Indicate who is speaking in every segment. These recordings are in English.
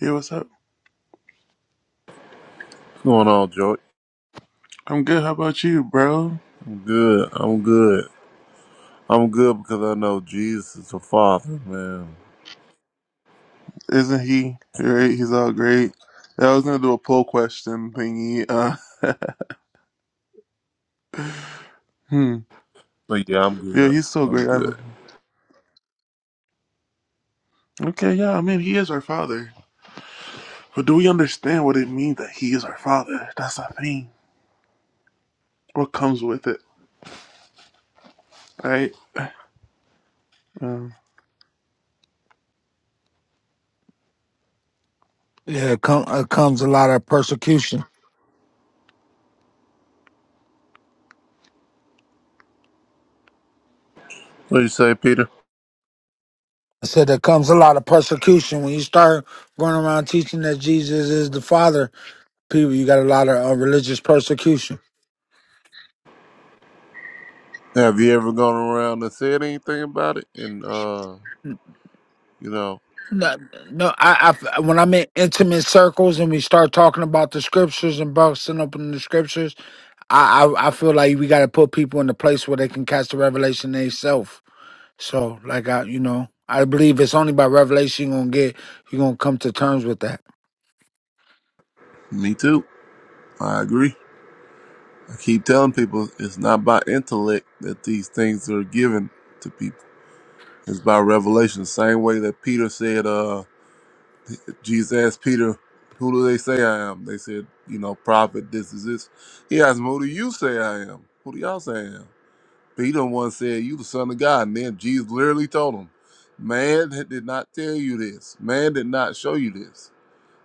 Speaker 1: Yeah, what's up?
Speaker 2: going on, Joy?
Speaker 1: I'm good. How about you, bro?
Speaker 2: I'm good. I'm good. I'm good because I know Jesus is the Father, man.
Speaker 1: Isn't he great? He's all great. Yeah, I was gonna do a poll question thingy. Uh, hmm.
Speaker 2: So yeah, I'm
Speaker 1: Yeah,
Speaker 2: good.
Speaker 1: he's so
Speaker 2: I'm
Speaker 1: great. I love
Speaker 2: good.
Speaker 1: him. Okay, yeah. I mean, he is our father, but do we understand what it means that he is our father? That's the thing. What comes with it, right? Um,
Speaker 3: Yeah, it, come, it comes a lot of persecution.
Speaker 2: What you say, Peter?
Speaker 3: I said there comes a lot of persecution when you start running around teaching that Jesus is the Father. People, you got a lot of uh, religious persecution.
Speaker 2: Have you ever gone around and said anything about it? And uh, you know,
Speaker 3: No, no. I, I when I'm in intimate circles and we start talking about the scriptures and busting open the scriptures, I, I, I feel like we got to put people in a place where they can catch the revelation themselves. So, like I, you know, I believe it's only by revelation you gonna get you gonna come to terms with that.
Speaker 2: me too. I agree. I keep telling people it's not by intellect that these things are given to people. It's by revelation. Same way that Peter said, uh, Jesus asked Peter, Who do they say I am? They said, You know, prophet, this is this. He asked him, Who do you say I am? Who do y'all say I am? Peter once said, You the Son of God. And then Jesus literally told him, Man did not tell you this. Man did not show you this.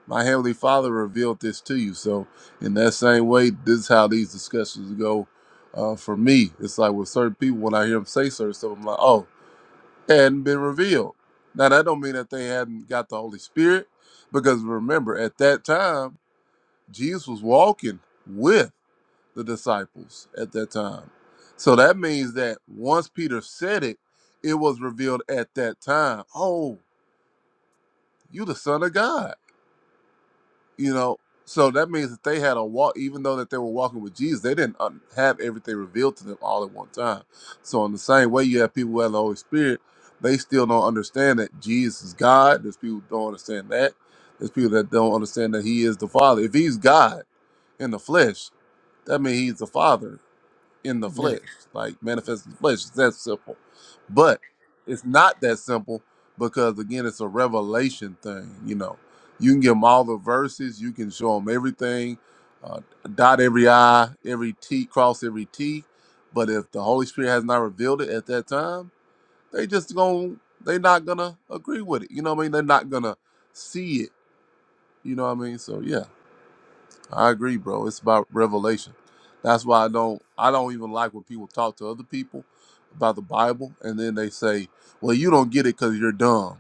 Speaker 2: My Heavenly Father revealed this to you. So, in that same way, this is how these discussions go uh, for me. It's like with certain people, when I hear them say certain stuff, I'm like, Oh, and been revealed. Now that don't mean that they hadn't got the Holy Spirit, because remember at that time Jesus was walking with the disciples at that time. So that means that once Peter said it, it was revealed at that time. Oh, you the Son of God. you know so that means that they had a walk even though that they were walking with jesus they didn't un- have everything revealed to them all at one time so in the same way you have people who have the holy spirit they still don't understand that jesus is god there's people who don't understand that there's people that don't understand that he is the father if he's god in the flesh that means he's the father in the
Speaker 3: Yeah,
Speaker 2: flesh, like manifest in the flesh. It's that simple. But it's not that simple because again, it's a revelation thing. You know, you can give them all the verses, you can show them everything, uh, dot every I, every T, cross every T. But if the Holy Spirit has not revealed it at that time, they just going they're not gonna agree with it. You know what I mean? They're not gonna see it. You know what I mean? So yeah. I agree, bro. It's about revelation. That's why I don't I don't even like when people talk to other people about the Bible and then they say, "Well, you don't get it cuz you're dumb."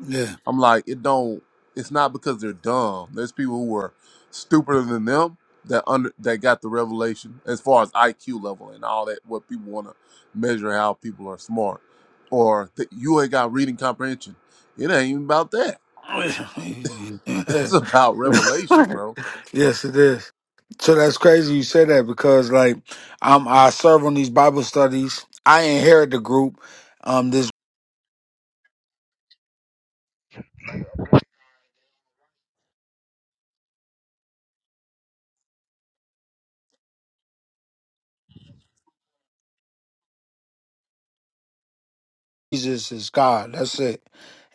Speaker 3: yeah.
Speaker 2: I'm like, "It don't it's not because they're dumb. There's people who are stupider than them that under that got the revelation as far as IQ level and all that what people want to measure how people are smart or that you ain't got reading comprehension. It ain't even about that. It's about revelation, bro.
Speaker 3: yes, it is. So that's crazy you say that because like um I serve on these Bible studies. I inherit the group. Um this Jesus is God. That's it.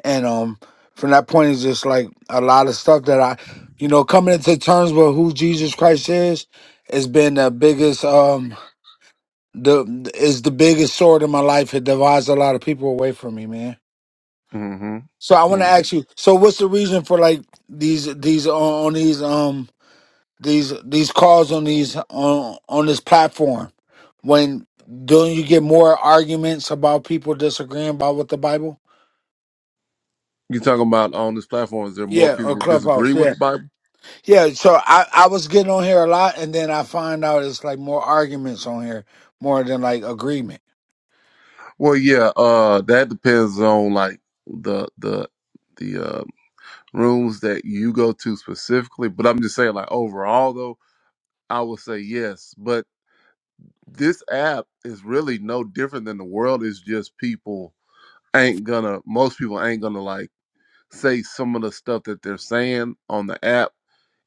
Speaker 3: And um from that point it's just like a lot of stuff that I you know, coming into terms with who Jesus Christ is has been the biggest um the is the biggest sword in my life. It divides a lot of people away from me, man.
Speaker 2: hmm
Speaker 3: So I want to
Speaker 2: Mm.
Speaker 3: ask you. So what's the reason for like these these uh, on, these um these these calls on these on on this platform? When don't you get more arguments about people disagreeing about what the Bible?
Speaker 2: You talking about on this platform? Is there more
Speaker 3: Yeah,
Speaker 2: people
Speaker 3: or
Speaker 2: who disagree
Speaker 3: clubhouse.
Speaker 2: with
Speaker 3: Yeah,
Speaker 2: the Bible?
Speaker 3: yeah. So I I was getting on here a lot, and then I find out it's like more arguments on here more than like agreement.
Speaker 2: Well, yeah. Uh, that depends on like the the the uh, rooms that you go to specifically. But I'm just saying, like overall, though, I would say yes. But this app is really no different than the world. It's just people ain't gonna. Most people ain't gonna like say some of the stuff that they're saying on the app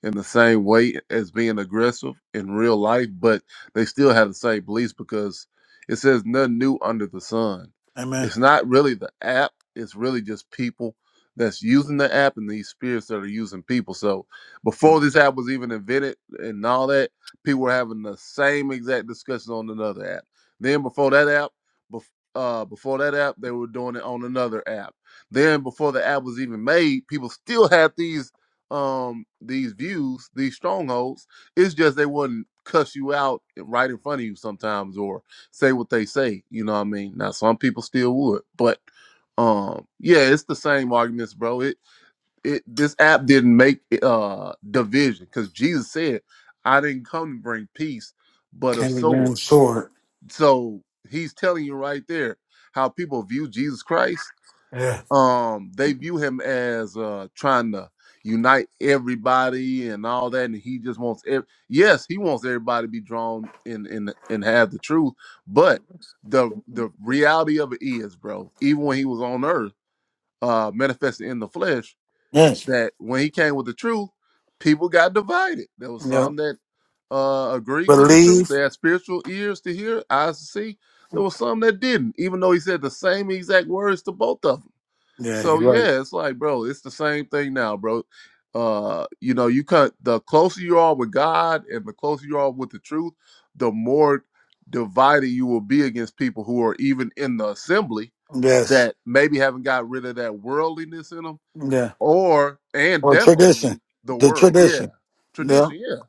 Speaker 2: in the same way as being aggressive in real life, but they still have the same beliefs because it says nothing new under the sun.
Speaker 3: Amen.
Speaker 2: It's not really the app, it's really just people that's using the app and these spirits that are using people. So before this app was even invented and all that, people were having the same exact discussion on another app. Then before that app, bef- uh, before that app, they were doing it on another app. Then before the app was even made, people still had these um these views, these strongholds. It's just they wouldn't cuss you out right in front of you sometimes or say what they say. You know what I mean? Now some people still would, but um yeah, it's the same arguments, bro. It it this app didn't make uh division because Jesus said, I didn't come to bring peace, but a
Speaker 3: Can't be man
Speaker 2: sword.
Speaker 3: short.
Speaker 2: So he's telling you right there how people view Jesus Christ
Speaker 3: Yeah.
Speaker 2: um they view him as uh trying to unite everybody and all that and he just wants ev- yes he wants everybody to be drawn in in and have the truth but the the reality of it is bro even when he was on earth uh manifested in the flesh
Speaker 3: Yes.
Speaker 2: that when he came with the truth people got divided there was
Speaker 3: Yeah.
Speaker 2: some that uh agreed with the truth
Speaker 3: Believe.
Speaker 2: they had spiritual ears to hear eyes to see there was some that didn't even though he said the same exact words to both of them
Speaker 3: Yeah,
Speaker 2: so
Speaker 3: you're right.
Speaker 2: yeah, it's like, bro, it's the same thing now, bro. Uh, you know, you cut the closer you are with God and the closer you are with the truth, the more divided you will be against people who are even in the assembly
Speaker 3: Yes.
Speaker 2: that maybe haven't got rid of that worldliness in them, or and
Speaker 3: Or
Speaker 2: definitely
Speaker 3: tradition.
Speaker 2: the
Speaker 3: The
Speaker 2: world. Yeah,
Speaker 3: tradition. Yeah.
Speaker 2: tradition. Yeah.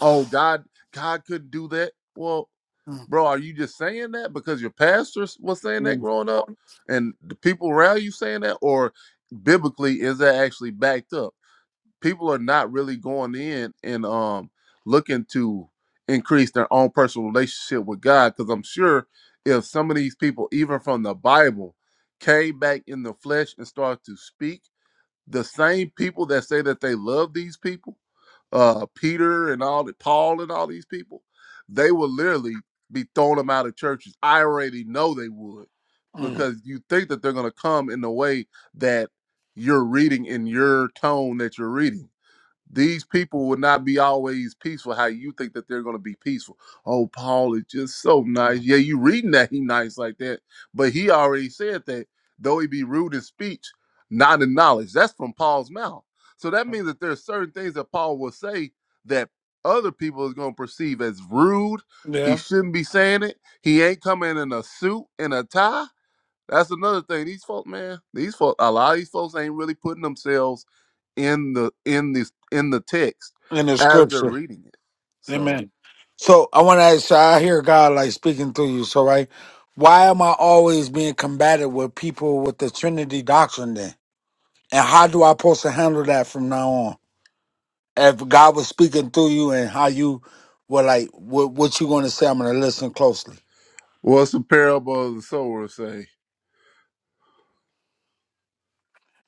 Speaker 2: Oh, God, God couldn't do that. Well,
Speaker 3: Mm,
Speaker 2: Bro, are you just saying that because your pastor was saying that
Speaker 3: mm,
Speaker 2: growing up and the people around you saying that? Or biblically, is that actually backed up? People are not really going in and um looking to increase their own personal relationship with God. Cause I'm sure if some of these people, even from the Bible, came back in the flesh and started to speak, the same people that say that they love these people uh, Peter and all the Paul and all these people, they will literally be throwing them out of churches. I already know they would
Speaker 3: mm.
Speaker 2: because you think that they're going to come in the way that you're reading in your tone that you're reading these people will not be always peaceful how you think that they're going to be peaceful oh paul is just so nice yeah you reading that he nice like that but he already said that though he be rude in speech not in knowledge that's from paul's mouth so that means that there's certain things that paul will say that other people is going to perceive as rude he
Speaker 3: Yeah.
Speaker 2: shouldn't be saying it he ain't coming in a suit and a tie that's another thing. These folks, man, these folks. a lot of these folks ain't really putting themselves in the in this in the text
Speaker 3: In the
Speaker 2: as they're
Speaker 3: scripture.
Speaker 2: reading it. So,
Speaker 3: Amen. So I want to ask you, I hear God like speaking through you. So, right? Why am I always being combated with people with the Trinity doctrine then? And how do I supposed to handle that from now on? If God was speaking through you and how you were like, what, what you going to say, I'm going to listen closely.
Speaker 2: what's the parable of the sower say?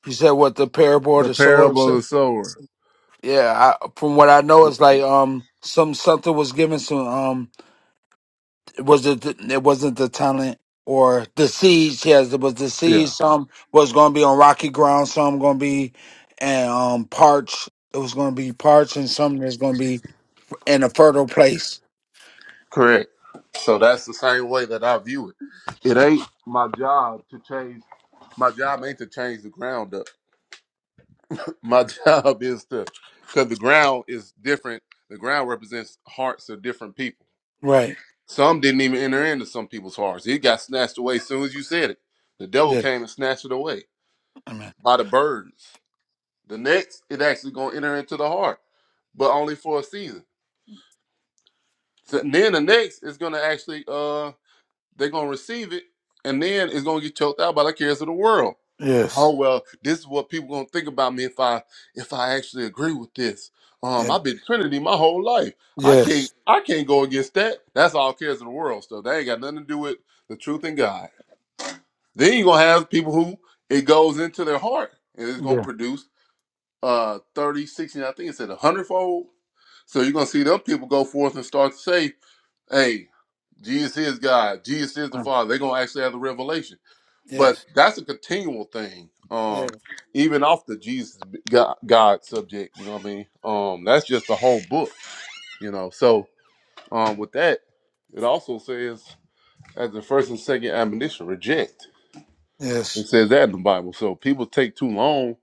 Speaker 3: You said what the parable of
Speaker 2: The
Speaker 3: the sower
Speaker 2: parable of
Speaker 3: said?
Speaker 2: the sower.
Speaker 3: Yeah, I, from what I know,
Speaker 2: W-
Speaker 3: it's like um, some something was given to um, it was the, it wasn't the talent or the seeds. Yes, it was the
Speaker 2: Yeah,
Speaker 3: seeds. Some was going to be on rocky ground. Some going to be and um parch. It was going to be parched, and some that's going to be in a fertile place.
Speaker 2: correct. So that's the same way that I view it. It ain't my job to change. My job ain't to change the ground up. My job is to, because the ground is different. The ground represents hearts of different people
Speaker 3: Right.
Speaker 2: Some didn't even enter into some people's hearts. It got snatched away as soon as you said it. The devil
Speaker 3: Yeah.
Speaker 2: came and snatched it away
Speaker 3: I mean.
Speaker 2: by the birds. The next, it actually gonna enter into the heart, but only for a season. So then the next is gonna actually uh they're gonna receive it, and then it's gonna get choked out by the cares of the world.
Speaker 3: Yes.
Speaker 2: Oh well, this is what people gonna think about me if I if I actually agree with this. Um,
Speaker 3: Yeah.
Speaker 2: I've been Trinity my whole life. I can't
Speaker 3: Yes.
Speaker 2: I can't go against that. That's all cares of the world stuff. That ain't got nothing to do with the truth in God. Then you're gonna have people who it goes into their heart and it's gonna
Speaker 3: Yeah.
Speaker 2: produce uh 30 60 I think it said a hundredfold. So you're gonna see them people go forth and start to say, Hey, Jesus is God, Jesus is the
Speaker 3: Uh,
Speaker 2: Father. They're gonna actually have the revelation. But
Speaker 3: Yes.
Speaker 2: that's a continual thing. Um,
Speaker 3: Yes.
Speaker 2: even off the Jesus God, God subject, you know what I mean? Um, that's just the whole book, you know. So um with that, it also says as the first and second admonition, reject.
Speaker 3: Yes.
Speaker 2: It says that in the Bible. So people take too long,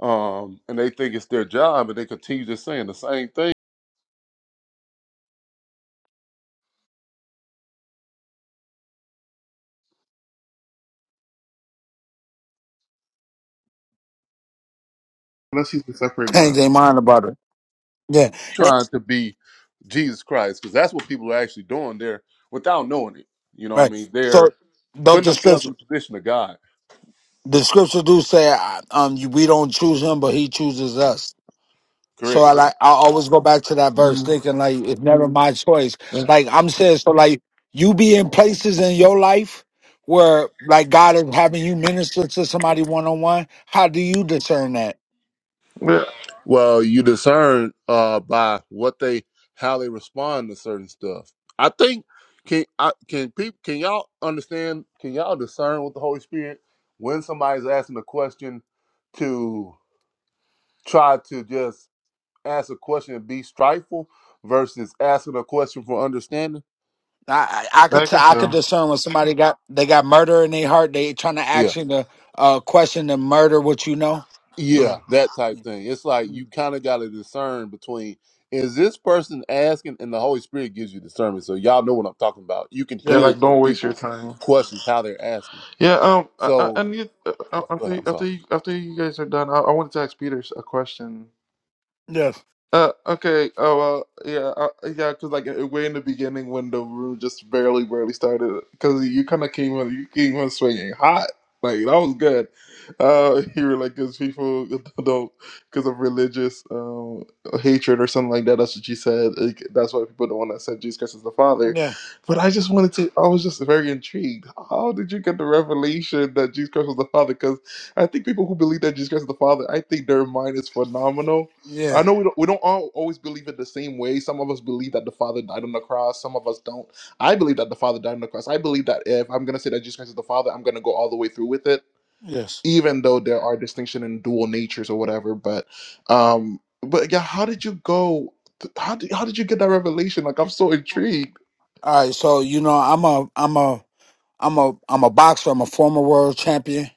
Speaker 2: um, and they think it's their job, and they continue just saying the same thing,
Speaker 1: Unless he's a separate God.
Speaker 3: Change their mind about it. Yeah.
Speaker 2: trying to be Jesus Christ, because that's what people are actually doing there without knowing it. You know, what I
Speaker 3: Right.
Speaker 2: mean,
Speaker 3: So,
Speaker 2: they're
Speaker 3: don't
Speaker 2: putting
Speaker 3: the
Speaker 2: themselves
Speaker 3: scripture.
Speaker 2: in the position of God.
Speaker 3: the scripture do say um you- we don't choose him but he chooses us so i
Speaker 2: Correct.
Speaker 3: like i always go back to that verse
Speaker 1: Mm.
Speaker 3: thinking like it's never my choice
Speaker 1: Yeah,
Speaker 3: like i'm saying so like you be in places in your life where like god is having you minister to somebody one-on-one how do you discern that
Speaker 1: Yeah,
Speaker 2: Well, you discern uh, by what they, how they respond to certain stuff. I think can I, can people can y'all understand? Can y'all discern with the Holy Spirit when somebody's asking a question? to? try to just ask a question and be strifeful versus asking a question for understanding.
Speaker 3: i i, I
Speaker 1: I
Speaker 3: could t-
Speaker 1: can
Speaker 3: i could
Speaker 1: tell.
Speaker 3: discern when somebody got they got murder in their heart they trying to ask
Speaker 2: Yeah.
Speaker 3: you to uh question and murder what you know
Speaker 1: Yeah,
Speaker 2: Yeah, that type thing. It's like you kind of got to discern between is this person asking and the Holy Spirit gives you discernment. So y'all know what I'm talking about. You can
Speaker 1: Yeah,
Speaker 2: hear
Speaker 3: yes
Speaker 2: it
Speaker 1: like
Speaker 2: in
Speaker 1: don't waste your
Speaker 2: people's
Speaker 1: time.
Speaker 2: questions how they're asking.
Speaker 1: Yeah. Um. I, I
Speaker 2: So,
Speaker 1: I need uh, uh,
Speaker 2: go ahead,
Speaker 1: after
Speaker 2: I'm
Speaker 1: after
Speaker 2: sorry.
Speaker 1: you, after you guys are done, I, I wanted to ask Peter a question.
Speaker 3: yes
Speaker 1: Uh, okay. Oh well, yeah, uh, yeah. Because like uh, way in the beginning, when the room just barely, barely started, because you kind of came on, you came on swinging hot. Like that was good. Uh, you were like, because people don't, because of religious um, hatred or something like that. That's what you said. Like, that's why people don't want to accept Jesus Christ as the Father.
Speaker 3: yeah
Speaker 1: But I just wanted to. I was just very intrigued. How did you get the revelation that Jesus Christ was the Father? Because I think people who believe that Jesus Christ is the Father, I think their mind is phenomenal
Speaker 3: yeah
Speaker 1: I know we don't, we don't all always believe it the same way. Some of us believe that the Father died on the cross. Some of us don't. I believe that the Father died on the cross. I believe that if I'm gonna say that Jesus Christ is the Father, I'm gonna go all the way through with it,
Speaker 3: yes
Speaker 1: even though there are distinction in dual natures or whatever. But, um, but yeah, how did you go? How did how did you get that revelation? Like I'm so intrigued.
Speaker 3: all right so you know i'm a i'm a I'm a I'm a boxer. I'm a former world champion,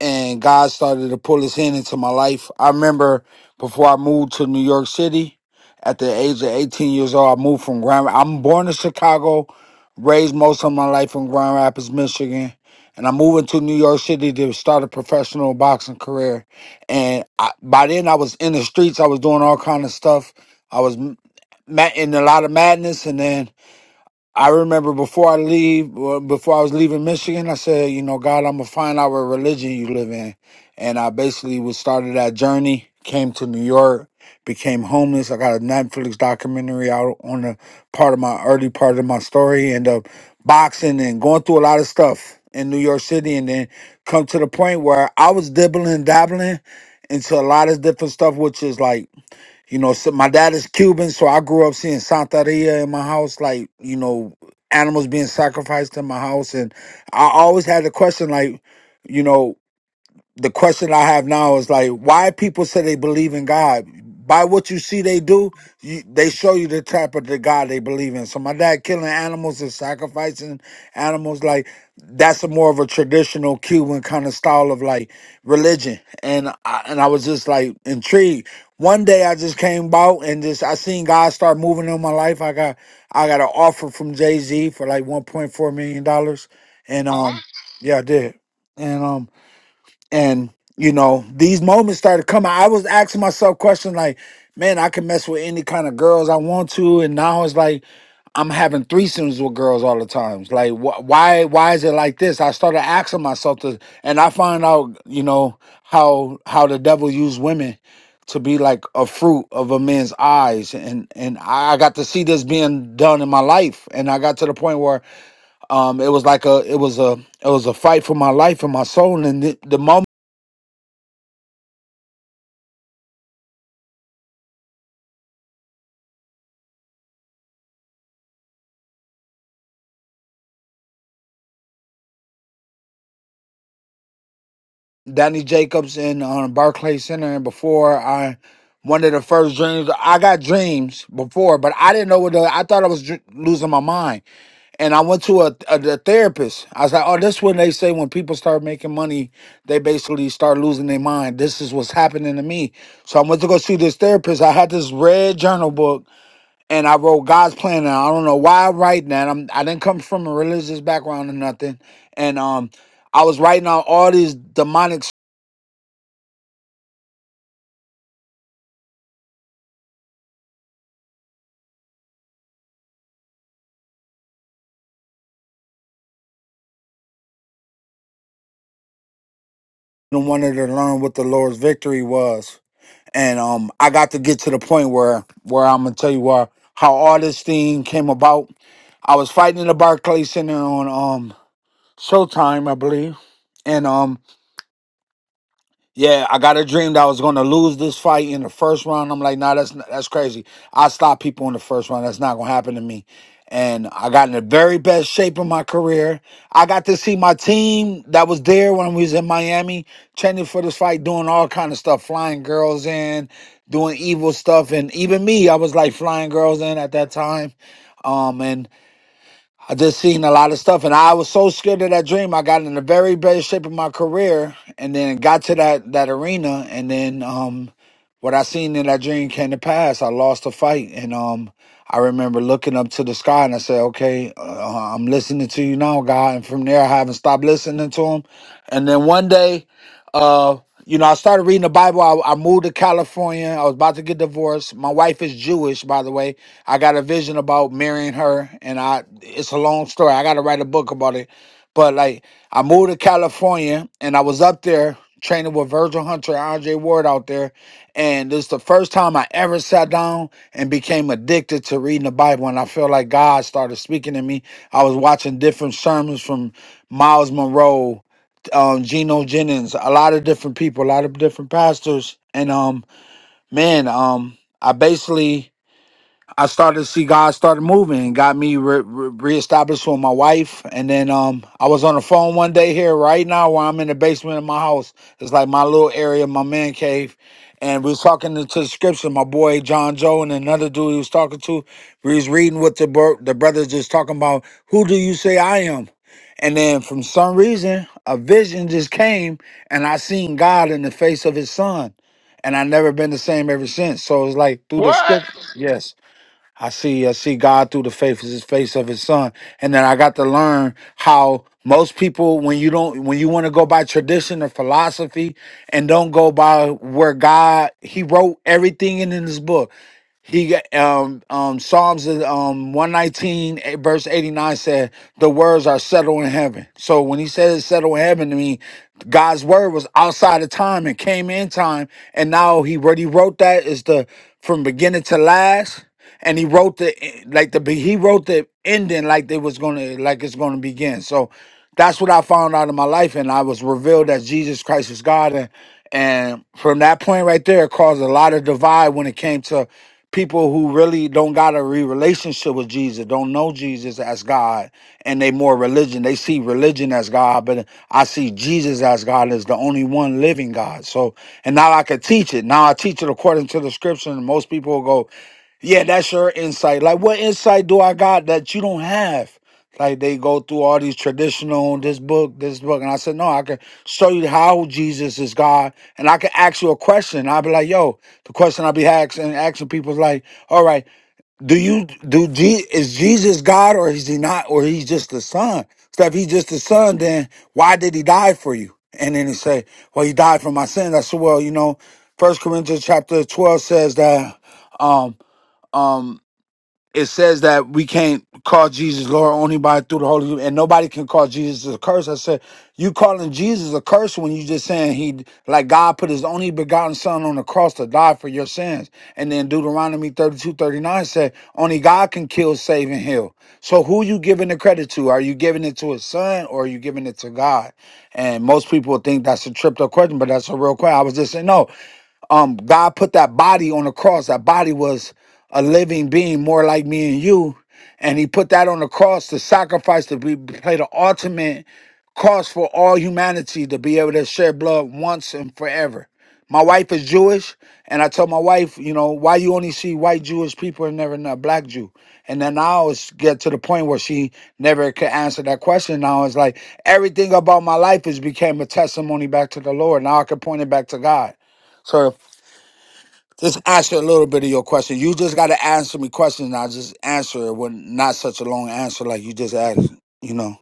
Speaker 3: and God started to pull His hand into my life. I remember before I moved to New York City, at the age of 18 years old, I moved from Grand. I'm born in Chicago, raised most of my life in Grand Rapids, Michigan, and I'm moving to New York City to start a professional boxing career. And I, by then, I was in the streets. I was doing all kind of stuff. I was m- ma- in a lot of madness, and then I remember before I leave, well, before I was leaving Michigan, I said, you know, God, I'm gonna find out what religion you live in, and I basically was started that journey. Came to New York, became homeless. I got a Netflix documentary out on the part of my early part of my story, and up boxing and going through a lot of stuff in New York City, and then come to the point where I was dibbling dabbling into a lot of different stuff, which is like you know, so my dad is Cuban, so I grew up seeing Santeria in my house, like, you know, animals being sacrificed in my house. And I always had the question, like, you know, the question I have now is like, why people say they believe in God? By what you see they do, you, they show you the type of the God they believe in. So my dad killing animals and sacrificing animals, like that's a more of a traditional Cuban kind of style of like religion. And I, and I was just like intrigued. One day I just came about and just I seen God start moving in my life. I got I got an offer from Jay Z for like one point four million dollars, and um yeah I did, and um and you know these moments started coming i was asking myself questions like man i can mess with any kind of girls i want to and now it's like i'm having threesomes with girls all the times like wh- why why is it like this i started asking myself this and i find out you know how how the devil used women to be like a fruit of a man's eyes and and i got to see this being done in my life and i got to the point where um it was like a it was a it was a fight for my life and my soul and the, the moment Danny Jacobs in um, Barclay Center, and before I, one of the first dreams I got dreams before, but I didn't know what the, I thought I was dr- losing my mind, and I went to a, a, the therapist. I was like, "Oh, this is when they say when people start making money, they basically start losing their mind. This is what's happening to me." So I went to go see this therapist. I had this red journal book, and I wrote God's plan. And I don't know why I write that. I'm I didn't come from a religious background or nothing, and um. I was writing out all these demonic and wanted to learn what the Lord's victory was. And um, I got to get to the point where where I'm gonna tell you where how all this thing came about. I was fighting in the Barclays Center on um Showtime, I believe, and um yeah, I got a dream that I was going to lose this fight in the first round. I'm like, nah, that's not, that's crazy. I stop people in the first round. That's not going to happen to me. And I got in the very best shape of my career. I got to see my team that was there when we was in Miami training for this fight, doing all kind of stuff, flying girls in, doing evil stuff, and even me, I was like flying girls in at that time. Um, and. I just seen a lot of stuff, and I was so scared of that dream. I got in the very best shape of my career, and then got to that that arena, and then um, what I seen in that dream came to pass. I lost a fight, and um, I remember looking up to the sky, and I said, "Okay, uh, I'm listening to you now, God." And from there, I haven't stopped listening to him. And then one day. Uh, you know, I started reading the Bible. I, I moved to California. I was about to get divorced. My wife is Jewish, by the way. I got a vision about marrying her, and I it's a long story. I got to write a book about it. But like, I moved to California, and I was up there training with Virgil Hunter and Andre Ward out there, and this is the first time I ever sat down and became addicted to reading the Bible. And I feel like God started speaking to me. I was watching different sermons from Miles Monroe um Geno Jennings, a lot of different people, a lot of different pastors. And um man, um I basically I started to see God started moving, got me re- re- reestablished with my wife, and then um, I was on the phone one day here right now where I'm in the basement of my house. It's like my little area, my man cave, and we was talking to, to the scripture. My boy John Joe and another dude he was talking to, we was reading what the bro- the brothers just talking about. Who do you say I am? And then from some reason, a vision just came, and I seen God in the face of His Son, and I never been the same ever since. So it's like through the
Speaker 1: What?
Speaker 3: scripture, yes I see, I see God through the faces, face of His Son, and then I got to learn how most people, when you don't, when you want to go by tradition or philosophy, and don't go by where God He wrote everything in, in His book. He got, um um Psalms um one nineteen eh, verse eighty nine said the words are settled in heaven. So when He said it's settled in heaven, to me, God's word was outside of time and came in time, and now He already wrote that is the from beginning to last and he wrote the like the be- he wrote the ending like they was gonna like it's gonna begin. So that's what I found out in my life, and I was revealed that Jesus Christ is God, and and from that point right there, it caused a lot of divide when it came to people who really don't got a re- relationship with Jesus, don't know Jesus as God, and they more religion. They see religion as God, but I see Jesus as God as the only one living God. So, and now I could teach it. Now I teach it according to the scripture, and most people will go, yeah, that's your insight. Like, what insight do I got that you don't have? Like, they go through all these traditional, this book, this book. And I said, no, I can show you how Jesus is God. And I can ask you a question. I'll be like, yo, the question I'll be asking, asking people is like, all right, do you, do, G? is Jesus God or is he not, or he's just the son? So if he's just the son, then why did he die for you? And then he say, well, he died for my sins. I said, well, you know, First Corinthians chapter 12 says that um, um it says that we can't call Jesus Lord only by through the Holy Ghost, and nobody can call Jesus a curse. I said, you calling Jesus a curse when you just saying he like God put his only begotten son on the cross to die for your sins. And then Deuteronomy 32 39 said, only God can kill, save, and heal. So who you giving the credit to? Are you giving it to his son or are you giving it to God? And most people think that's a tripped up question, but that's a real question. I was just saying, no, um, God put that body on the cross. That body was a living being, more like me and you. And he put that on the cross to sacrifice to be play the ultimate cross for all humanity to be able to shed blood once and forever. My wife is Jewish, and I told my wife, you know, why you only see white Jewish people and never not black Jew. And then I always get to the point where she never could answer that question. Now it's like everything about my life has became a testimony back to the Lord. Now I can point it back to God. So just answer a little bit of your question. You just got to answer me questions. I just answer it with not such a long answer like you just asked. You know.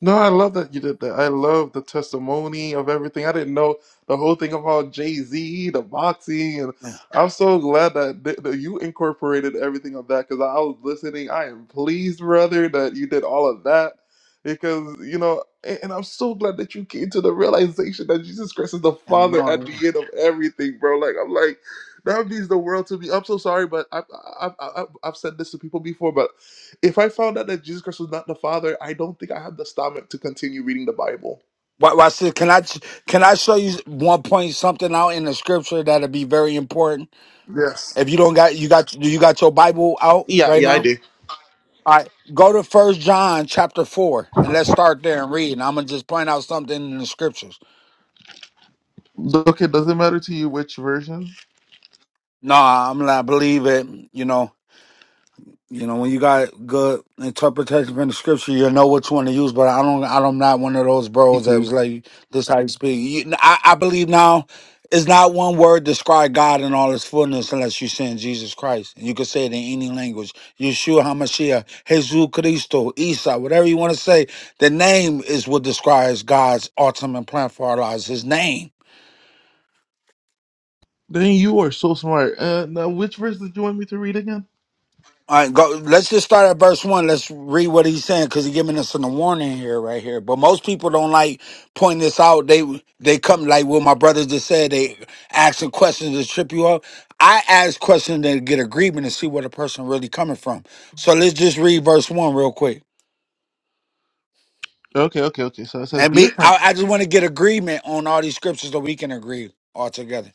Speaker 1: No, I love that you did that. I love the testimony of everything. I didn't know the whole thing about Jay Z, the boxing, and
Speaker 3: Yeah.
Speaker 1: I'm so glad that, th- that you incorporated everything of that because I was listening. I am pleased, brother, that you did all of that because you know, and, and I'm so glad that you came to the realization that Jesus Christ is the
Speaker 3: And
Speaker 1: Father at
Speaker 3: Lord,
Speaker 1: the
Speaker 3: yeah.
Speaker 1: end of everything, bro. Like I'm like. That means the world to me. I'm so sorry, but I, I, I, I- I've said this to people before, but if I found out that Jesus Christ was not the Father, I don't think I have the stomach to continue reading the Bible.
Speaker 3: Why? Why? see, Can I? Can I show you one point something out in the scripture that'll be very important?
Speaker 1: Yes.
Speaker 3: If you don't got, you got, do you got your Bible out
Speaker 1: Yeah,
Speaker 3: right
Speaker 1: yeah, I
Speaker 3: now?
Speaker 1: do.
Speaker 3: All right, go to First John chapter four, and let's start there and read. And I'm gonna just point out something in the scriptures.
Speaker 1: Okay, does it matter to you which version?
Speaker 3: No, I'm gonna believe it. You know, You know, when you got good interpretation from the scripture, you know which one to use. But I don't, I'm not one of those
Speaker 1: Me
Speaker 3: bros that
Speaker 1: too.
Speaker 3: was like, "This how you speak." You, I, I believe now, it's not one word describe God in all His fullness unless you send Jesus Christ. And you can say it in any language: Yeshua Hamashiach, Jesus Christo, Isa, whatever you want to say. The name is what describes God's ultimate plan for our lives. His name.
Speaker 1: Then you are so smart. Uh, now, which verse did you want me to read again?
Speaker 3: All right, go. Let's just start at verse one. Let's read what he's saying because he's giving us a warning here, right here. But most people don't like pointing this out. They they come like what my brothers just said. They asking questions to trip you up. I ask questions to get agreement and see where the person really coming from. So let's just read verse one real quick.
Speaker 1: Okay, okay, okay. So it says,
Speaker 3: And
Speaker 1: Dear
Speaker 3: be,
Speaker 1: friend.
Speaker 3: I, I just want to get agreement on all these scriptures so we can agree all together.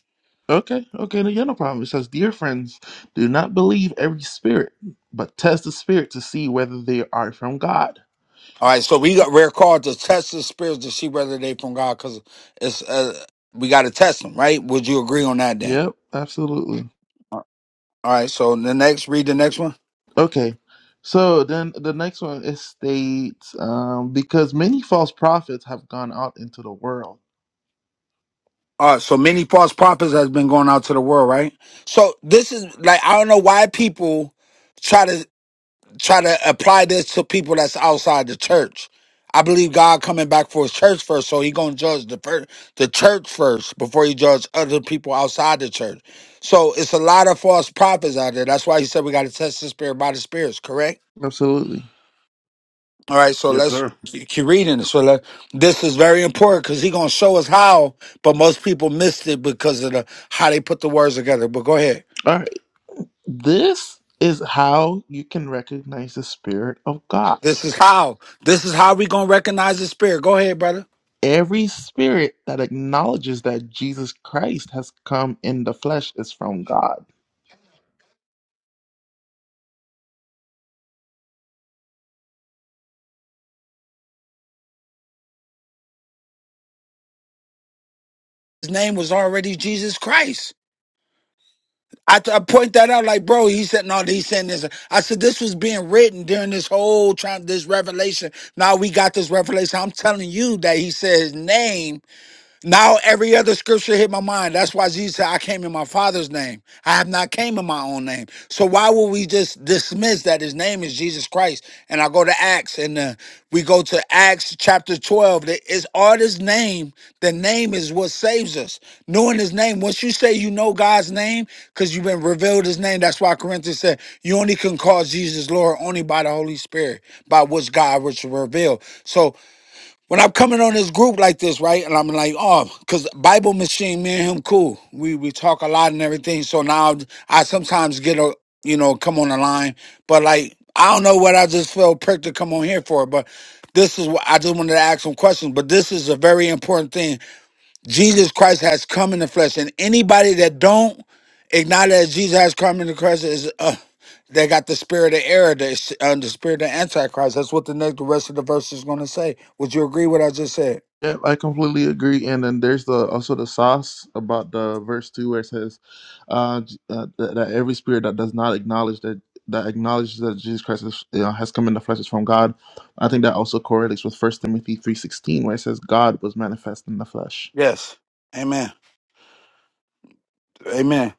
Speaker 1: Okay, okay, no, yeah, no problem. It says, Dear friends, do not believe every spirit, but test the spirit to see whether they are from God.
Speaker 3: All right, so we got, we're called to test the spirits to see whether they from God because it's uh, we got to test them, right? Would you agree on that, Dan?
Speaker 1: Yep, absolutely.
Speaker 3: All right, so the next, read the next one.
Speaker 1: Okay. So then the next one is states um, because many false prophets have gone out into the world.
Speaker 3: All right, so many false prophets has been going out to the world, right? So this is like I don't know why people try to try to apply this to people that's outside the church. I believe God coming back for His church first, so He gonna judge the per- the church first before He judge other people outside the church. So it's a lot of false prophets out there. That's why He said we got to test the spirit by the spirits,
Speaker 1: Absolutely.
Speaker 3: All right, so
Speaker 2: Yes,
Speaker 3: let's
Speaker 2: sir.
Speaker 3: keep keep reading. So let, this is very important because he's gonna show us how, but most people missed it because of the how they put the words together. But go ahead.
Speaker 1: All right. This is how you can recognize the Spirit of God.
Speaker 3: This is how. This is how we gonna recognize the spirit. Go ahead, brother.
Speaker 1: Every spirit that acknowledges that Jesus Christ has come in the flesh is from God.
Speaker 3: His name was already Jesus Christ. I, I point that out, like, bro, he said, no, he's saying this. I said, this was being written during this whole time, this revelation. Now we got this revelation. I'm telling you that he said his name Now every other scripture hit my mind. That's why Jesus said, I came in my father's name. I have not came in my own name. So why would we just dismiss that his name is Jesus Christ? And I go to Acts and uh, we go to Acts chapter 12. That It's all his name. The name is what saves us. Knowing his name. Once you say you know God's name, because you've been revealed his name, that's why Corinthians said, you only can call Jesus Lord only by the Holy Spirit, by which God was revealed. So when I'm coming on this group like this, right? And I'm like, oh, because Bible Machine, me and him, cool. We we talk a lot and everything. So now I sometimes get a, you know, come on the line. But like, I don't know what I just feel pricked to come on here for. But this is what I just wanted to ask some questions. But this is a very important thing Jesus Christ has come in the flesh, and anybody that don't acknowledge that Jesus has come in the flesh is uh, they got the spirit of error, the, uh, the spirit of antichrist. That's what the next the rest of the verse is going to say. Would you agree what I just said?
Speaker 1: Yeah, I completely agree. And then there's the also the sauce about the verse two where it says uh, J- uh, that, that every spirit that does not acknowledge that that acknowledges that Jesus Christ is, you know, has come in the flesh is from God. I think that also correlates with First Timothy three sixteen where it says God was manifest in the flesh.
Speaker 3: Yes. Amen. Amen.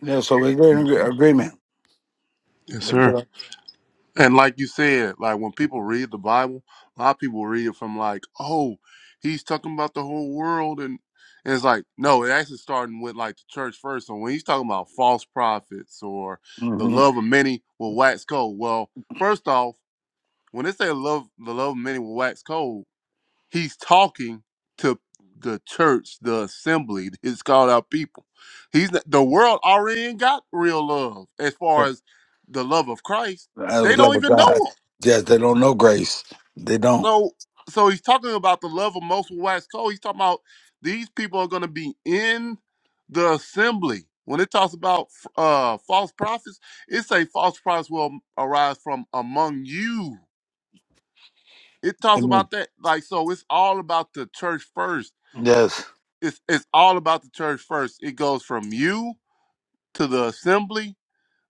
Speaker 3: Yeah. So we're in agree- agreement.
Speaker 2: Yes, sir.
Speaker 3: Mm-hmm.
Speaker 2: And like you said, like when people read the Bible, a lot of people read it from like, oh, he's talking about the whole world, and, and it's like, no, it actually starting with like the church first. So when he's talking about false prophets or the love of many will wax cold, well, first off, when they say love, the love of many will wax cold, he's talking to the church, the assembly, his called out people. He's not- the world already ain't got real love as far as the love of Christ
Speaker 3: I
Speaker 2: they
Speaker 3: was love
Speaker 2: don't
Speaker 3: of
Speaker 2: even know
Speaker 3: God.
Speaker 2: him.
Speaker 3: Yes, they don't know grace. They don't.
Speaker 2: So so he's talking about the love of most will wax cold. He's talking about these people are going to be in the assembly. When it talks about uh, false prophets, it say false prophets will arise from among you. It talks
Speaker 3: Amen.
Speaker 2: about that. Like so, it's all about the church first.
Speaker 3: Yes.
Speaker 2: It's it's all about the church first. It goes from you to the assembly,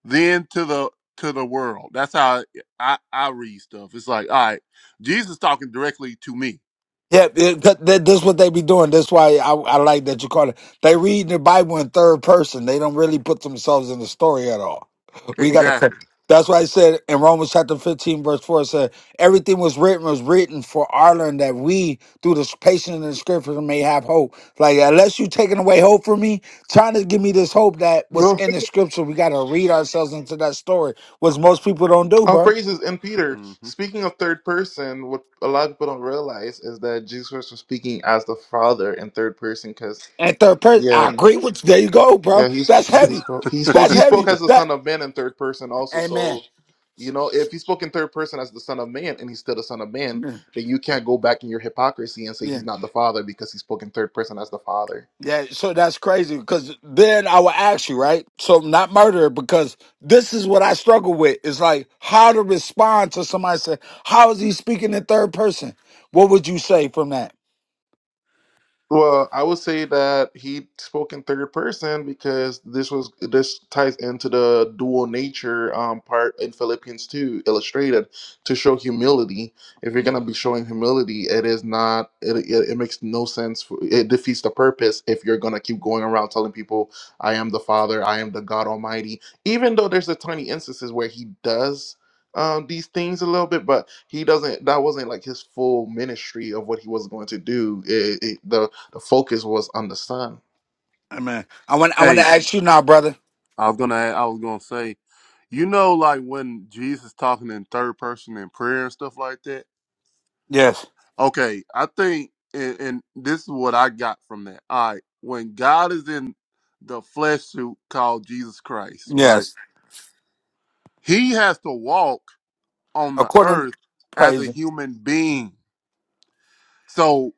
Speaker 2: then to the to the world. That's how I I read stuff. It's like all right, Jesus talking directly to me.
Speaker 3: Yeah, it, that, that, that's what they be doing. That's why I, I like that you call it. They read the Bible in third person. They don't really put themselves in the story at all. We got to.
Speaker 2: Exactly.
Speaker 3: That's why I said in Romans chapter fifteen, verse four, it said everything was written was written for our learning that we, through the patience in the Scripture, may have hope. Like unless you taking away hope from me, trying to give me this hope that was
Speaker 1: No,
Speaker 3: in the Scripture, we got to read ourselves into that story, which most people don't do,
Speaker 1: all
Speaker 3: bro.
Speaker 1: praises. And Peter,
Speaker 2: hmm
Speaker 1: speaking of third person, what a lot of people don't realize is that Jesus Christ was speaking as the Father in third person because,
Speaker 3: and third person. I
Speaker 1: yeah.
Speaker 3: agree with you. There you go,
Speaker 1: Yeah,
Speaker 3: bro.
Speaker 1: he
Speaker 3: That's
Speaker 1: sp- he
Speaker 3: heavy.
Speaker 1: spoke he spoke
Speaker 3: That's
Speaker 1: he spoke
Speaker 3: heavy.
Speaker 1: as the
Speaker 3: That
Speaker 1: son of man in third person also.
Speaker 3: amen.
Speaker 1: So, you know, if he spoke in third person as the son of man and he's still the son of man,
Speaker 3: Yeah,
Speaker 1: then you can't go back in your hypocrisy and say
Speaker 3: yeah.
Speaker 1: he's not the father because he spoke in third person as the father.
Speaker 3: yeah, So that's crazy because then I will ask you, right? So not murder because this is what I struggle with. It's like how to respond to somebody say, "How is he speaking in third person?" What would you say from that?
Speaker 1: Well, I would say that he spoke in third person because this was this ties into the dual nature um, part in Philippians two, illustrated to show humility. If you're
Speaker 3: Mm,
Speaker 1: gonna be showing humility, it is not it it, it makes no sense. For, it defeats the purpose if you're gonna keep going around telling people, "I am the Father, I am the God Almighty." Even though there's a tiny instances where he does um, these things a little bit, but he doesn't. That wasn't like his full ministry of what he was going to do. It, it, the the focus was on the son.
Speaker 3: Amen. I want. I want to
Speaker 2: Hey,
Speaker 3: ask you now, brother.
Speaker 2: I was gonna, I was gonna say, you know, like when Jesus talking in third person in prayer and stuff like that.
Speaker 3: Yes.
Speaker 2: Okay, I think, and, and this is what I got from that. All right, when God is in the flesh suit called Jesus Christ, right?
Speaker 3: Yes.
Speaker 2: He has to walk on the
Speaker 3: According,
Speaker 2: earth as a
Speaker 3: praise. Him.
Speaker 2: human being. So,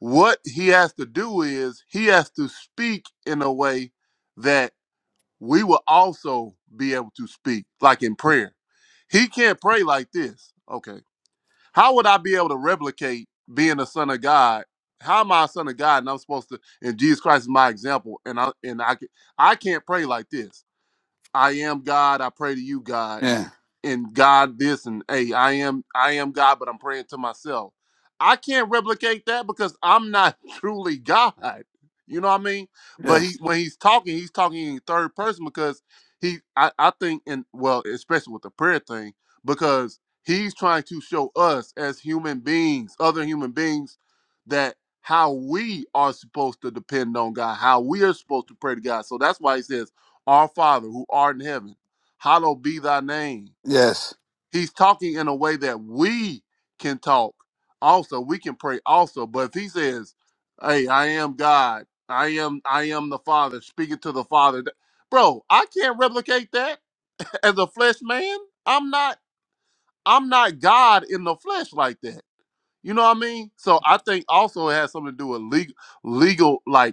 Speaker 2: what he has to do is he has to speak in a way that we will also be able to speak like in prayer. He can't pray like this. Okay. How would I be able to replicate being a son of God? How am I a son of God and I'm supposed to and Jesus Christ is my example and I and I can I can't pray like this. I am God, I pray to you, God
Speaker 3: Yeah.
Speaker 2: and God this and hey, I am I am God, but I'm praying to myself. I can't replicate that because I'm not truly God. You know what I mean? But he
Speaker 3: Yes.
Speaker 2: when he's talking, he's talking in third person because he I, I think and well, especially with the prayer thing, because he's trying to show us as human beings, other human beings, that how we are supposed to depend on God, how we are supposed to pray to God. So that's why he says, Our Father who art in heaven, hallowed be thy name
Speaker 3: Yes.
Speaker 2: He's talking in a way that we can talk also. We can pray also. But if he says, Hey, I am God, I am I am the Father, speaking to the Father. th- Bro, I can't replicate that as a flesh man. I'm not I'm not God in the flesh like that. You know what I mean? So I think also it has something to do with legal legal like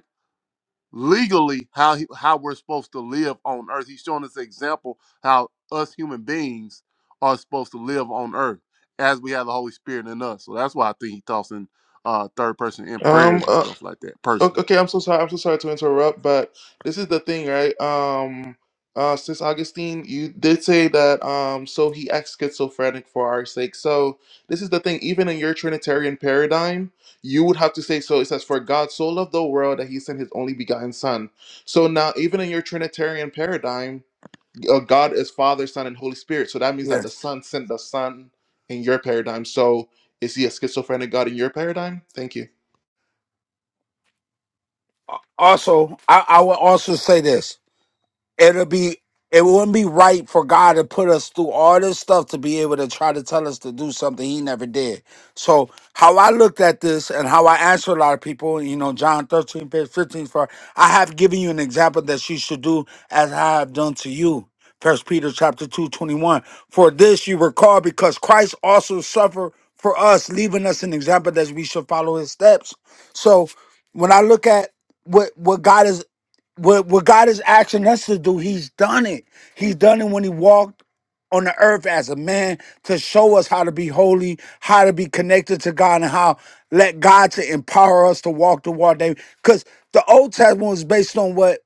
Speaker 2: legally how he, how we're supposed to live on earth. He's showing us an example how us human beings are supposed to live on earth as we have the Holy Spirit in us. So that's why I think he talks in uh, third person in
Speaker 1: Um,
Speaker 2: prayers and
Speaker 1: uh,
Speaker 2: stuff like that.
Speaker 1: Okay,
Speaker 2: Personally,
Speaker 1: okay, I'm so sorry. I'm so sorry to interrupt, but this is the thing, right? Um, uh, Sis Augustine, you did say that, um, so he acts schizophrenic for our sake. So this is the thing. Even in your Trinitarian paradigm, you would have to say so. It says, "For God so loved the world that He sent His only begotten Son." So now, even in your Trinitarian paradigm, uh, God is Father, Son, and Holy Spirit. So that means
Speaker 3: Yeah.
Speaker 1: that the Son sent the Son in your paradigm. So is He a schizophrenic God in your paradigm? Thank you.
Speaker 3: Uh, also, I, I will also say this it'll be it wouldn't be right for God to put us through all this stuff to be able to try to tell us to do something he never did. So how I looked at this and how I answer a lot of people, you know, John 13, page 15, for I have given you an example that you should do as I have done to you. First Peter chapter 2, 21. For this you were called because Christ also suffered for us, leaving us an example that we should follow his steps. So when I look at what what God is what what God is asking us to do, He's done it. He's done it when He walked on the earth as a man to show us how to be holy, how to be connected to God, and how let God to empower us to walk the walk. Because the Old Testament was based on what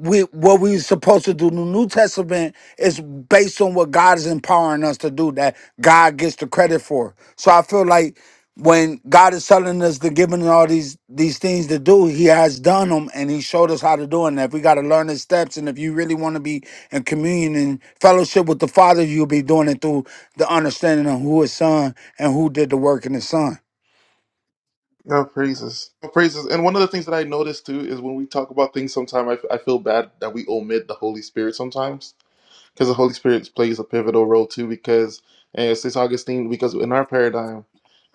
Speaker 3: we what we're supposed to do. The New Testament is based on what God is empowering us to do that God gets the credit for. So I feel like when God is telling us to give giving all these these things to do, He has done them and He showed us how to do it. And if we got to learn His steps, and if you really want to be in communion and fellowship with the Father, you'll be doing it through the understanding of who His Son and who did the work in His Son.
Speaker 1: No praises. No praises. And one of the things that I noticed too is when we talk about things, sometimes I, I feel bad that we omit the Holy Spirit sometimes because the Holy Spirit plays a pivotal role too. Because and since Augustine, because in our paradigm,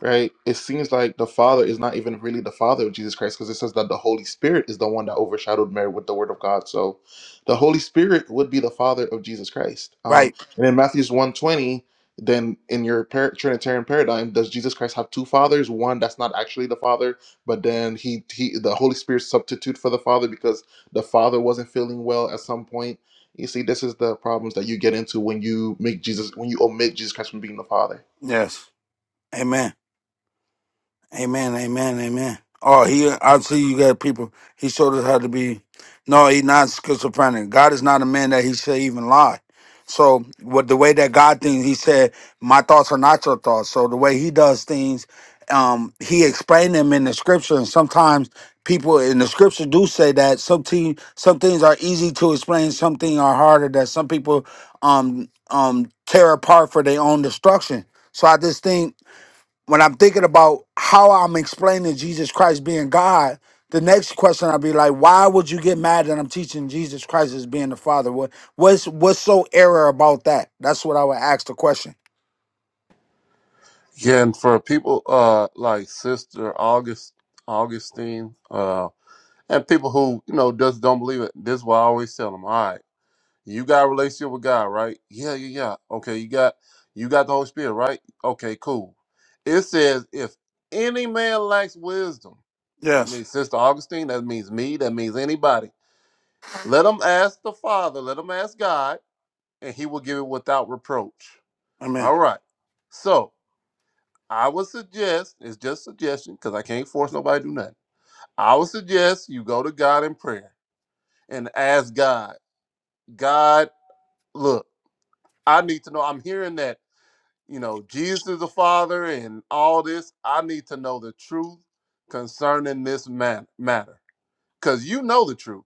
Speaker 1: right, it seems like the Father is not even really the Father of Jesus Christ, because it says that the Holy Spirit is the one that overshadowed Mary with the Word of God. So, the Holy Spirit would be the Father of Jesus Christ. Um,
Speaker 3: Right?
Speaker 1: and in Matthew's one twenty, then in your par- Trinitarian paradigm, does Jesus Christ have two fathers? One that's not actually the Father, but then he he the Holy Spirit substitute for the Father because the Father wasn't feeling well at some point you see, this is the problems that you get into when you make Jesus, when you omit Jesus Christ from being the Father.
Speaker 3: Yes. Amen. Amen, amen, amen. Oh, he I see you got people. He showed us how to be. No, he not schizophrenic. God is not a man that he should even lie. So what the way that God thinks, he said, "My thoughts are not your thoughts." So the way he does things, um, he explained them in the scripture, and sometimes people in the scripture do say that some te- some things are easy to explain, some things are harder. That some people um um tear apart for their own destruction. So I just think when I'm thinking about how I'm explaining Jesus Christ being God, the next question I'll be like, why would you get mad that I'm teaching Jesus Christ as being the Father? What what's what's so error about that? That's what I would ask the question.
Speaker 2: Yeah, and for people uh like Sister August Augustine, uh, and people who you know just don't believe it. This is why I always tell them. Alright. You got a relationship with God, right? Yeah, yeah, yeah. Okay, you got you got the Holy Spirit, right? Okay, cool. It says if any man lacks wisdom, that
Speaker 3: Yes.
Speaker 2: means Sister Augustine, that means me, that means anybody. Let him ask the Father, let him ask God, and he will give it without reproach.
Speaker 3: Amen.
Speaker 2: All right. So I would suggest, it's just suggestion, because I can't force nobody to do nothing. I would suggest you go to God in prayer and ask God, God, look, I need to know. I'm hearing that. you know, Jesus is the Father and all this. I need to know the truth concerning this man- matter because you know the truth.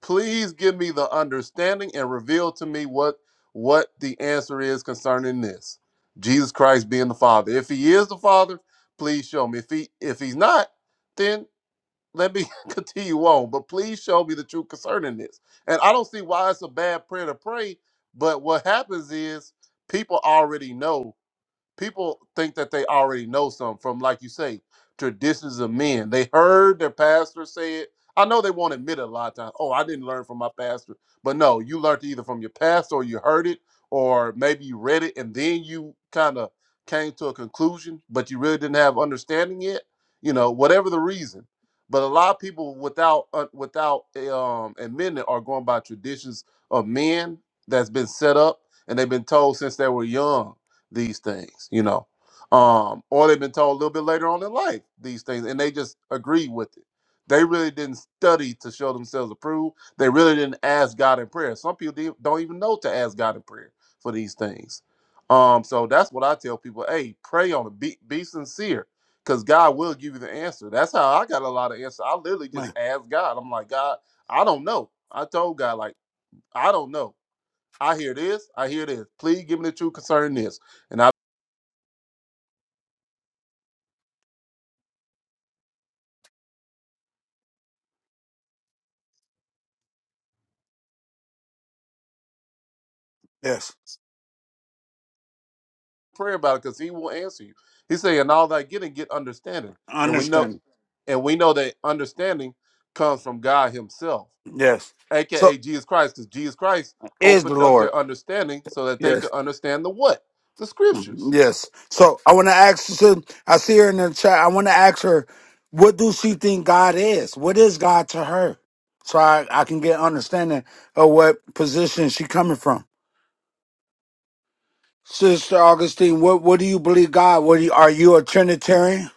Speaker 2: Please give me the understanding and reveal to me what what the answer is concerning this. Jesus Christ being the Father. If he is the Father, please show me. If he if he's not, then let me continue on. But please show me the truth concerning this. And I don't see why it's a bad prayer to pray, but what happens is people already know people think that they already know something from, like you say, traditions of men. They heard their pastor say it. I know they won't admit it a lot of times. Oh, I didn't learn from my pastor. But no, you learned either from your pastor or you heard it, or maybe you read it and then you kind of came to a conclusion, but you really didn't have understanding yet. You know, whatever the reason. But a lot of people, without uh, without um, admitting it, are going by traditions of men that's been set up and they've been told since they were young these things, you know. Um, or they've been told a little bit later on in life these things, and they just agree with it. They really didn't study to show themselves approved. They really didn't ask God in prayer. Some people didn't- don't even know to ask God in prayer for these things. Um, so that's what I tell people: Hey, pray on it. Be be sincere, because God will give you the answer. That's how I got a lot of answers. I literally just
Speaker 3: Amen.
Speaker 2: asked God. I'm like, God, I don't know. I told God like, I don't know. I hear this. I hear this. Please give me the truth concerning this. And I.
Speaker 3: Yes.
Speaker 2: prayer about it because he will answer you. He said, and all that getting, get understanding.
Speaker 3: I
Speaker 2: And we know
Speaker 3: understand.
Speaker 2: and we know that understanding comes from God Himself,
Speaker 3: Yes. So
Speaker 2: aka Jesus Christ, because Jesus Christ
Speaker 3: is the
Speaker 2: opened up
Speaker 3: Lord.
Speaker 2: their understanding so that
Speaker 3: Yes.
Speaker 2: they could understand the what? The
Speaker 3: Mm-hmm.
Speaker 2: scriptures.
Speaker 3: Yes. So I want to ask. So I see her in the chat. I want to ask her, what do she think God is? What is God to her? So I, I can get understanding of what position she coming from. Sister Augustine, what what do you believe God? What do you, are you a Trinitarian?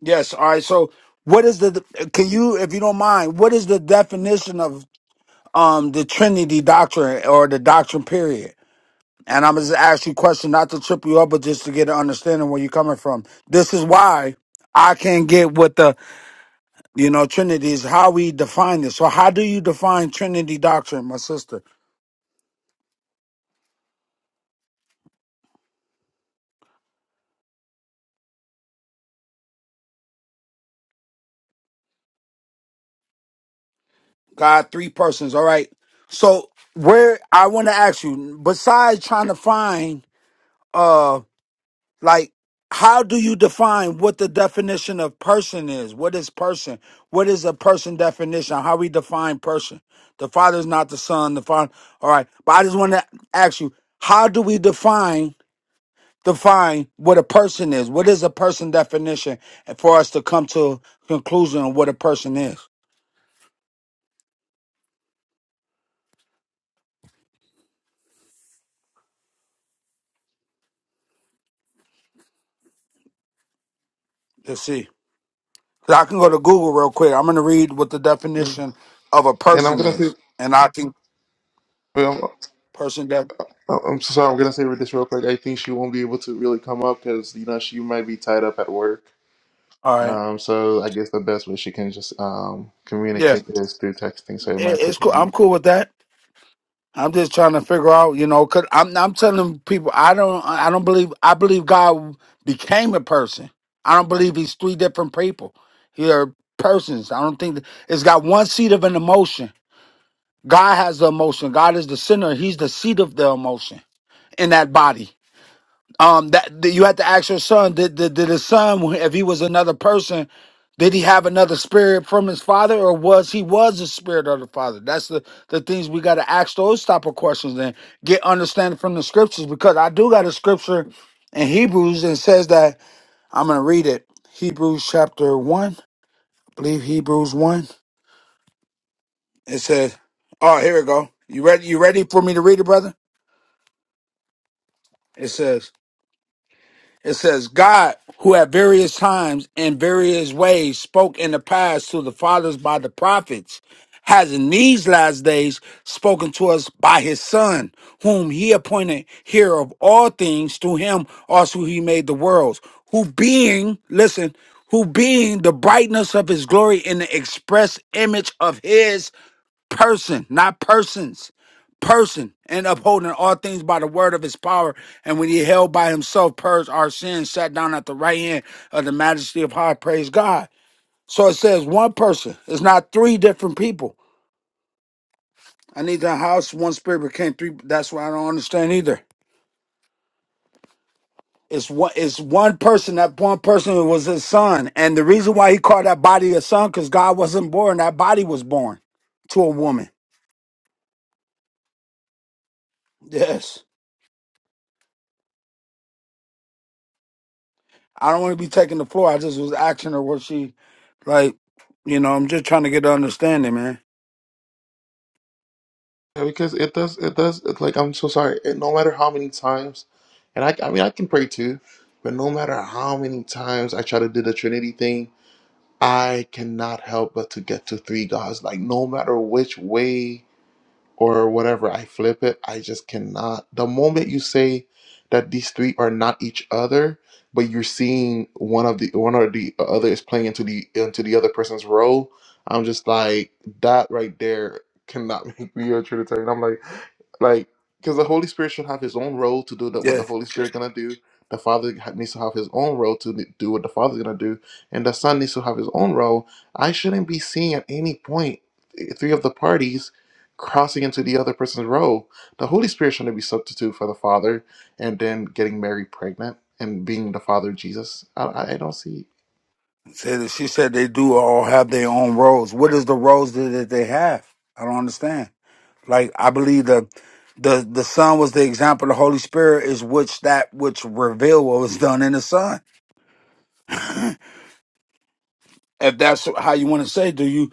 Speaker 3: Yes. All right. So what is the? Can you, if you don't mind, what is the definition of um the Trinity doctrine or the doctrine period? And I'm just ask you a question, not to trip you up, but just to get an understanding where you're coming from. This is why I can't get what the you know Trinity is. How we define this. So how do you define Trinity doctrine, my sister? God, three persons. All right. So where I want to ask you, besides trying to find uh, like how do you define what the definition of person is what is person what is a person definition how we define person the father is not the son the father all right but i just want to ask you how do we define define what a person is what is a person definition and for us to come to a conclusion on what a person is let's see 'Cause i can go to google real quick i'm going to read what the
Speaker 1: Mm.
Speaker 3: definition of a
Speaker 1: And I'm
Speaker 3: person
Speaker 1: gonna say,
Speaker 3: is and i can
Speaker 1: well,
Speaker 3: person that
Speaker 1: I'm I'm so sorry. I'm gonna say this real quick. I think she won't be able to really come up because you know she might be tied up at work.
Speaker 3: all right
Speaker 1: Um, so I guess the best way she can just um
Speaker 3: yeah
Speaker 1: communicate is through texting. So it
Speaker 3: it,
Speaker 1: might
Speaker 3: it's
Speaker 1: take
Speaker 3: cool
Speaker 1: long.
Speaker 3: i'm cool with that I'm just trying to figure out, you know, cause I'm I'm telling people I don't I don't believe I believe God became a person. I don't believe he's three different people. He are persons. I don't think that, it's got one seat of an emotion. God has the emotion. God is the center. He's the seat of the emotion in that body um that, that you had to ask your son did, did did his son if he was another person did he have another spirit from his father or was he was the spirit of the father that's the the things we got to ask those type of questions and get understanding from the scriptures because i do got a scripture in hebrews and says that i'm gonna read it hebrews chapter 1 I believe hebrews 1 it says oh here we go you ready you ready for me to read it brother it says It says, God, who at various times and various ways spoke in the past to the fathers by the prophets, has in these last days spoken to us by his Son, whom he appointed heir of all things, through him also he made the worlds, who being, listen, who being the brightness of his glory in the express image of his person, not persons, person, and upholding all things by the word of his power. And when he held by himself, purged our sins, sat down at the right hand of the majesty of high. Praise God. So it says one person. It's not three different people. I need the house. One spirit became three. That's what I don't understand either. It's one. It's one person. That one person was his son, and the reason why he called that body a son, because God wasn't born. That body was born to a woman. Yes. I don't want to be taking the floor. I just was asking her what she like. You know, I'm just trying to get an understanding, man.
Speaker 1: Yeah, because it does, it does. It's like I'm so sorry. It, no matter how many times, and I, I mean, I can pray too, but no matter how many times I try to do the Trinity thing. I cannot help but to get to three gods. Like no matter which way or whatever, I flip it. I just cannot. The moment you say that these three are not each other, but you're seeing one of the one or the other is playing into the into the other person's role, I'm just like that right there cannot make me a Trinitarian. I'm like like because the Holy Spirit should have his own role to do that what
Speaker 3: Yeah,
Speaker 1: the Holy Spirit gonna do. The Father ha- needs to have his own role to do what the Father's gonna do, and the Son needs to have his own role. I shouldn't be seeing at any point eh, three of the parties crossing into the other person's role. The Holy Spirit shouldn't be substitute for the Father, and then getting Mary pregnant and being the Father of Jesus. I, I I don't see.
Speaker 3: said she said they do all have their own roles. What is the roles that, that they have? I don't understand. Like I believe the the the Son was the example. The Holy Spirit is which that which revealed what was done in the Son. if that's how you want to say, do you?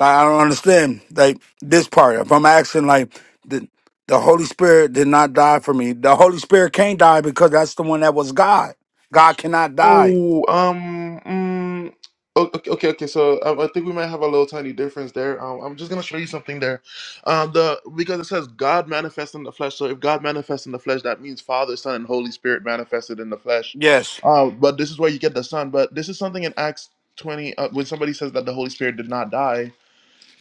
Speaker 3: Like, I don't understand like this part. If I'm asking like the the Holy Spirit did not die for me. The Holy Spirit can't die because that's the one that was God. God cannot die.
Speaker 1: Oh, um, mm, o- okay, okay, okay. So um, I think we might have a little tiny difference there. Um, I'm just gonna show you something there. Um, the because it says God manifests in the flesh. So if God manifests in the flesh, that means Father, Son, and Holy Spirit manifested in the flesh.
Speaker 3: Yes.
Speaker 1: Um, but this is where you get the Son. But this is something in Acts 20 uh, when somebody says that the Holy Spirit did not die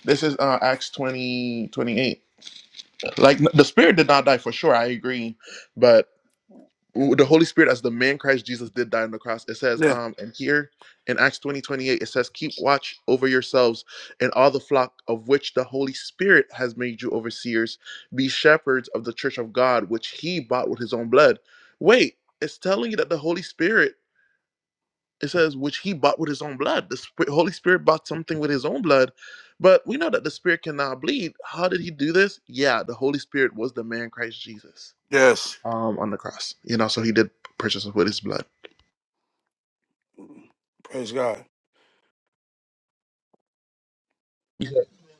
Speaker 1: This is uh, Acts 20 28. Like the Spirit did not die for sure. I agree, but the Holy Spirit, as the man Christ Jesus, did die on the cross. It says,
Speaker 3: Yeah.
Speaker 1: um, and here in Acts 20 28, it says, "Keep watch over yourselves and all the flock of which the Holy Spirit has made you overseers. Be shepherds of the church of God, which He bought with His own blood." Wait, it's telling you that the Holy Spirit it says which he bought with his own blood the Sp- holy spirit bought something with his own blood but we know that the spirit cannot bleed how did he do this yeah the holy spirit was the man christ jesus
Speaker 3: Yes.
Speaker 1: um on the cross you know so he did purchase us with his blood
Speaker 3: Praise God.
Speaker 1: yeah,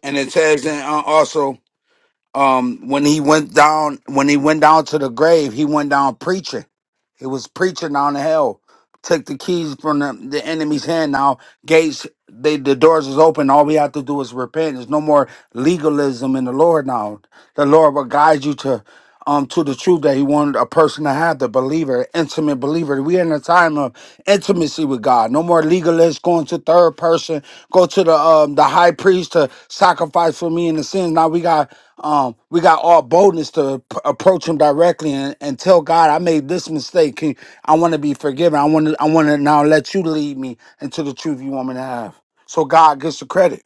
Speaker 3: And it says and uh, also um when he went down when he went down to the grave he went down preaching he was preaching down the hell took the keys from the, the enemy's hand now gates they the doors is open all we have to do is repent there's no more legalism in the lord now the lord will guide you to um to the truth that he wanted a person to have the believer intimate believer we in a time of intimacy with God. No more legalists going to third person, go to the um the high priest to sacrifice for me and the sins. Now we got um we got all boldness to p- approach him directly and, and tell God I made this mistake. Can, I want to be forgiven. I want to I want to now let you lead me into the truth you want me to have. So God gets the credit.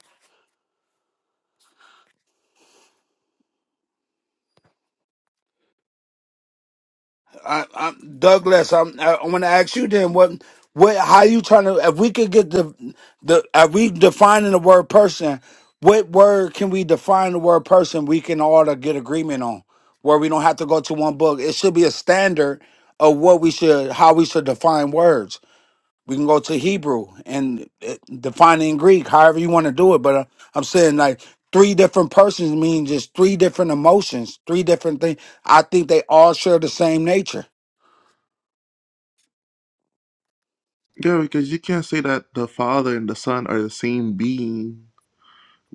Speaker 3: I, I, Douglas, I'm, I, I want to ask you then what, what, how you trying to? If we could get the, the, are we defining the word person? What word can we define the word person? We can all to get agreement on where we don't have to go to one book. It should be a standard of what we should, how we should define words. We can go to Hebrew and uh, define it in Greek, however you want to do it. But uh, I'm saying like three different persons mean just three different emotions, three different things. I think they all share the same nature.
Speaker 1: yeah because you can't say that the father and the son are the same being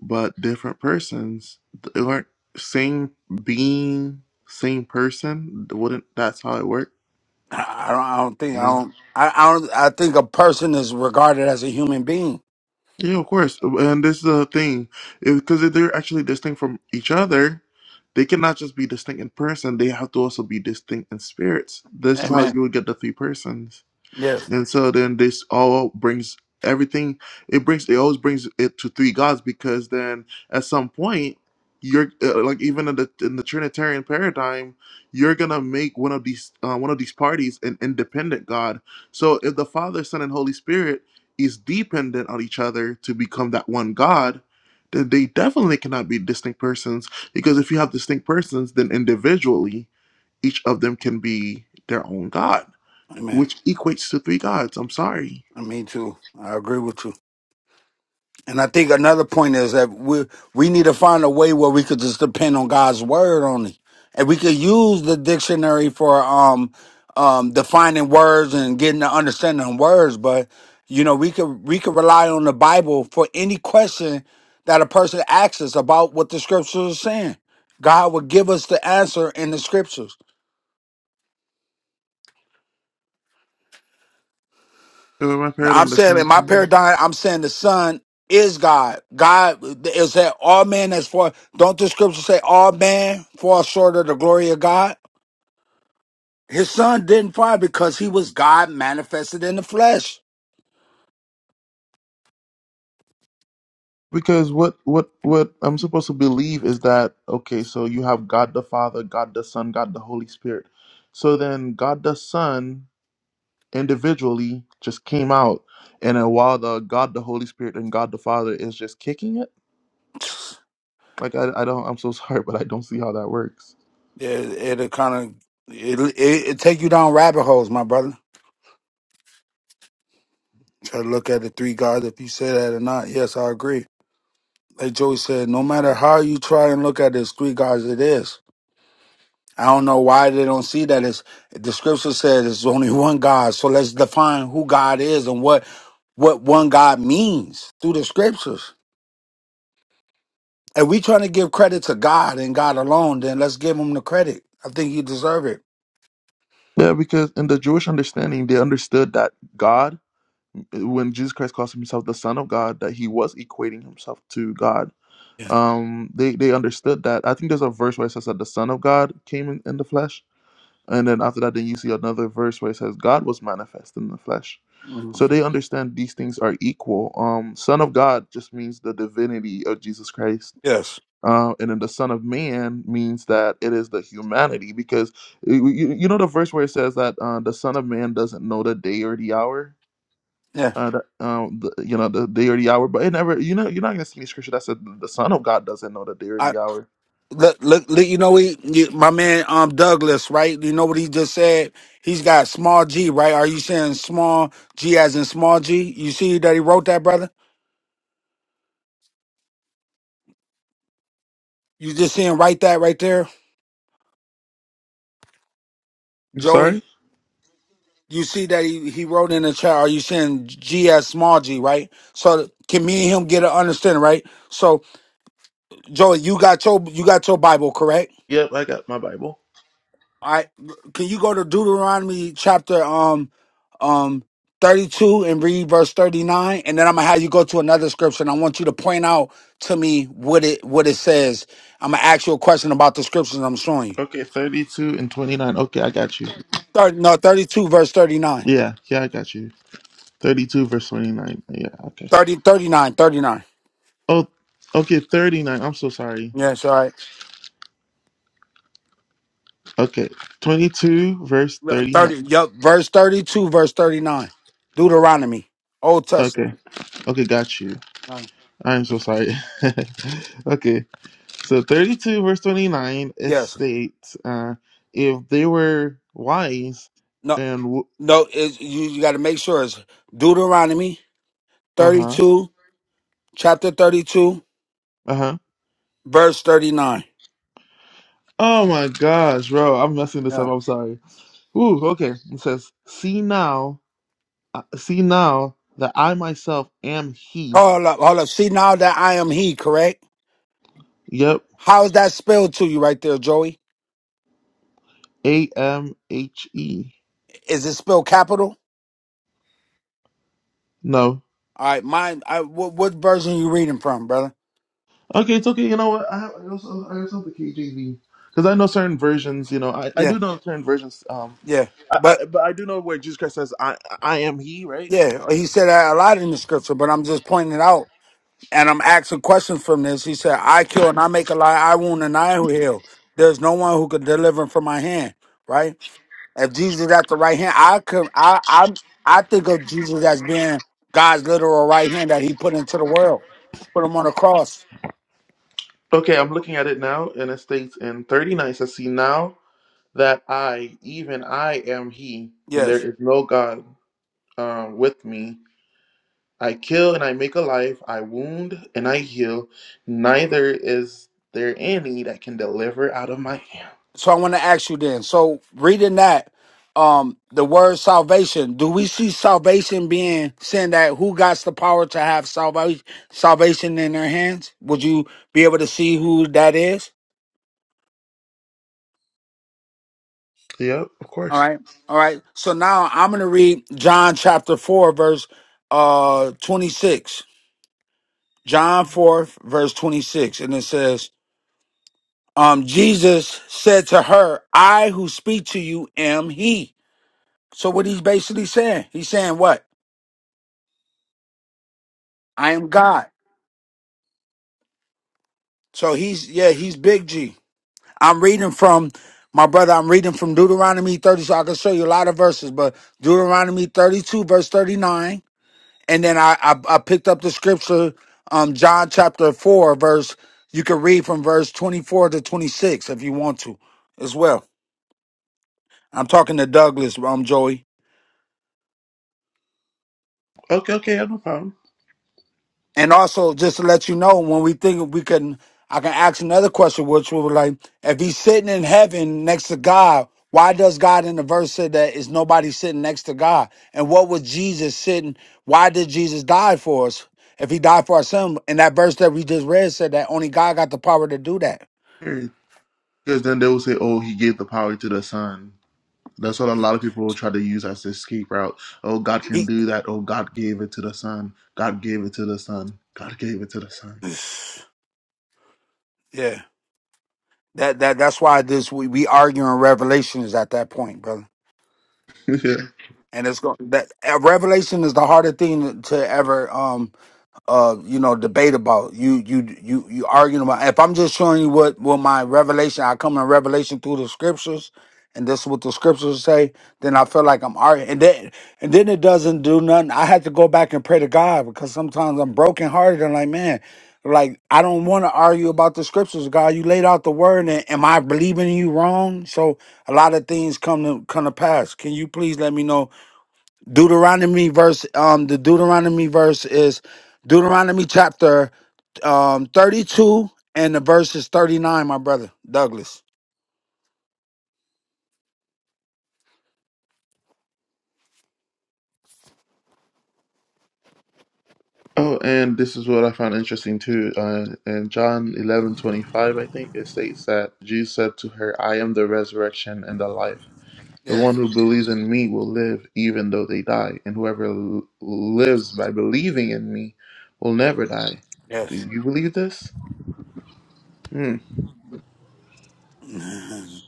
Speaker 1: but different persons they weren't same being same person wouldn't that's how it worked
Speaker 3: I don't, I don't think
Speaker 1: you
Speaker 3: I
Speaker 1: know
Speaker 3: don't. I, I don't. I think a person is regarded as a human being.
Speaker 1: Yeah, of course. And this is the thing, because if they're actually distinct from each other, they cannot just be distinct in person. They have to also be distinct in spirits. This is how
Speaker 3: Amen.
Speaker 1: you would get the three persons.
Speaker 3: Yes.
Speaker 1: And so then this all brings everything it brings it always brings it to three gods because then at some point you're uh, like even in the in the trinitarian paradigm you're going to make one of these uh, one of these parties an independent god. So if the Father, Son and Holy Spirit is dependent on each other to become that one god, then they definitely cannot be distinct persons because if you have distinct persons then individually each of them can be their own god
Speaker 3: Amen.
Speaker 1: which equates to three gods. I'm sorry.
Speaker 3: Me too. I agree with you. And I think another point is that we we need to find a way where we could just depend on God's word only, and we could use the dictionary for um um defining words and getting the understanding of words. But you know, we could we could rely on the Bible for any question that a person asks us about what the scriptures are saying. God will give us the answer in the scriptures.
Speaker 1: Am I
Speaker 3: Now,
Speaker 1: paired
Speaker 3: I'm
Speaker 1: under
Speaker 3: saying
Speaker 1: some
Speaker 3: in my
Speaker 1: kind of-
Speaker 3: paradigm, I'm saying the Son is God. God is that all men as far don't the scripture say all man fall short of the glory of God? His son didn't fall because he was God manifested in the flesh.
Speaker 1: Because what what what I'm supposed to believe is that okay, so you have God the Father, God the Son, God the Holy Spirit. So then God the Son individually just came out, and then while the God the Holy Spirit and God the Father is just kicking it. Like I, I don't I'm so sorry, but I don't see how that works.
Speaker 3: Yeah, It, it'll kind of it, it, it take you down rabbit holes, my brother. Try to look at the three gods if you say that or not. Yes, I agree. Like Joey said, no matter how you try and look at it, it's three gods it is. I don't know why they don't see that. It's, the scripture says there's only one God. So let's define who God is and what what one God means through the scriptures. If we trying to give credit to God and God alone, then let's give him the credit. I think you deserve it.
Speaker 1: Yeah, because in the Jewish understanding, they understood that God, when Jesus Christ calls himself the Son of God, that he was equating himself to God
Speaker 3: Yeah.
Speaker 1: um they they understood that i think there's a verse where it says that the son of god came in, in the flesh and then after that then you see another verse where it says god was manifest in the flesh
Speaker 3: Mhm.
Speaker 1: so they understand these things are equal um son of god just means the divinity of jesus christ
Speaker 3: Yes.
Speaker 1: uh, and then the son of man means that it is the humanity because you, you you know the verse where it says that uh, the son of man doesn't know the day or the hour
Speaker 3: Yeah.
Speaker 1: uh, that, um, the, you know, the day or the hour. But it never, you know, you're not gonna see any scripture that said the Son of God doesn't know the day or
Speaker 3: I
Speaker 1: the hour.
Speaker 3: look, look, look you know he, you, my man um Douglas, right? You know what he just said? He's got small G, right? Are you saying small G as in small G? You see that he wrote that, brother? You just seeing right that right there,
Speaker 1: I'm
Speaker 3: Joey?
Speaker 1: sorry.
Speaker 3: You see that he, he wrote in the chat, are you saying G as small G, right? So can me and him get an understanding, right? So Joey, you got your you got your Bible, correct?
Speaker 1: Yep, I got my Bible.
Speaker 3: All right. Can you go to Deuteronomy chapter um um 32 and read verse 39 and then I'm going to have you go to another scripture and I want you to point out to me what it what it says. I'm going to ask you a question about the scriptures I'm showing you.
Speaker 1: Okay, 32 and 29. Okay, I got you.
Speaker 3: 30, no, 32 verse 39.
Speaker 1: Yeah, yeah, I got you. 32 verse 29. Yeah, okay.
Speaker 3: 30 thirty-nine, thirty-nine.
Speaker 1: Oh, okay, 39. I'm so sorry.
Speaker 3: Yes, all right.
Speaker 1: Okay, 22 verse 39.
Speaker 3: Thirty. Yup. Verse thirty-two. Verse thirty-nine. Deuteronomy. Old
Speaker 1: Okay,
Speaker 3: Testament.
Speaker 1: okay, got you.
Speaker 3: Uh,
Speaker 1: I'm so sorry. okay, So 32 verse 29 it
Speaker 3: Yes.
Speaker 1: states, uh, if they were wise
Speaker 3: No.
Speaker 1: and w-
Speaker 3: No. It's, you you got to make sure it's Deuteronomy
Speaker 1: uh huh
Speaker 3: thirty-two, chapter thirty-two,
Speaker 1: uh huh.
Speaker 3: verse thirty-nine.
Speaker 1: Oh my gosh, bro, I'm messing this up.
Speaker 3: Yeah.
Speaker 1: I'm sorry. Ooh, okay. It says, see now, uh, see now that I myself am He.
Speaker 3: Hold up. Hold up. See now that I am He. Correct.
Speaker 1: Yep,
Speaker 3: How is that spelled to you right there, Joey?
Speaker 1: A M H E.
Speaker 3: Is it spelled capital?
Speaker 1: No.
Speaker 3: All right. Mine. I, what, what version you reading from, brother?
Speaker 1: Okay, it's okay. You know what? I have, I also I also have the KJV because I know certain versions. You know, I, I
Speaker 3: Yeah.
Speaker 1: do know certain versions. Um,
Speaker 3: Yeah.
Speaker 1: I,
Speaker 3: But
Speaker 1: I, but I do know where Jesus Christ says, "I I am He," right?
Speaker 3: yeah, he said that a lot in the scripture, but I'm just pointing it out and I'm asking questions from this. He said, I kill and I make alive, I wound and I heal. There's no one who could deliver from my hand, right? If Jesus is at the right hand, I can I I I think of Jesus as being God's literal right hand that he put into the world. Put him on the cross.
Speaker 1: Okay, I'm looking at it now, and it states in 39, it says, See now that I, even I am He, and there
Speaker 3: Yes.
Speaker 1: is no God um, with me. I kill and I make alive, I wound and I heal. Neither is there any that can deliver out of my hand.
Speaker 3: So I want to ask you then. So reading that, um, the word salvation, do we see salvation being saying that who got the power to have salvation salvation in their hands? Would you be able to see who that is?
Speaker 1: Yep, of
Speaker 3: All
Speaker 1: course.
Speaker 3: right. All right. So now I'm going to read John chapter 4, verse uh 26. John 4, verse 26. And it says, um, Jesus said to her, I who speak to you am he. So what he's basically saying, he's saying what? I am God. So he's, yeah, he's big G. I'm reading from my brother, I'm reading from Deuteronomy 30. So I can show you a lot of verses, but Deuteronomy 32, verse 39. and then I, I I picked up the scripture, um, John chapter four, verse. You can read from verse twenty four to twenty six if you want to, as well. I'm talking to Douglas, um, Joey,
Speaker 1: Okay, okay, no problem.
Speaker 3: and also just to let you know when we think we can, I can ask another question, which would be like, if he's sitting in heaven next to God, why does God in the verse say that is nobody sitting next to God? And what was Jesus sitting? Why did Jesus die for us? If he died for our sin, and that verse that we just read said that only God got the power to do that.
Speaker 1: Because then they will say, "Oh, he gave the power to the Son." That's what a lot of people try to use as the escape route. Oh, God can
Speaker 3: He,
Speaker 1: do that. Oh, God gave it to the Son. God gave it to the Son. God gave it to the Son.
Speaker 3: yeah, that that that's why this we, we arguing revelation is at that point, brother. And it's going that uh, revelation is the hardest thing to ever um uh, you know, debate about. You you you you arguing about. If I'm just showing you what what my revelation, I come in revelation through the scriptures, and this is what the scriptures say. Then I feel like I'm arguing, and then and then it doesn't do nothing. I have to go back and pray to God because sometimes I'm brokenhearted and like, man, like I don't want to argue about the scriptures. God, you laid out the word, and am I believing you wrong? So a lot of things come to come to pass. Can you please let me know? Deuteronomy verse um the Deuteronomy verse is Deuteronomy chapter um 32 and the verse is 39 my brother Douglas.
Speaker 1: Oh, and this is what I found interesting too. Uh, in John eleven twenty five, I think it states that Jesus said to her, I am the resurrection and the life. The one
Speaker 3: Yes,
Speaker 1: who believes in me will live even though they die, and whoever l- lives by believing in me will never die. Do
Speaker 3: yes,
Speaker 1: you believe this? Hmm.
Speaker 3: Mhm.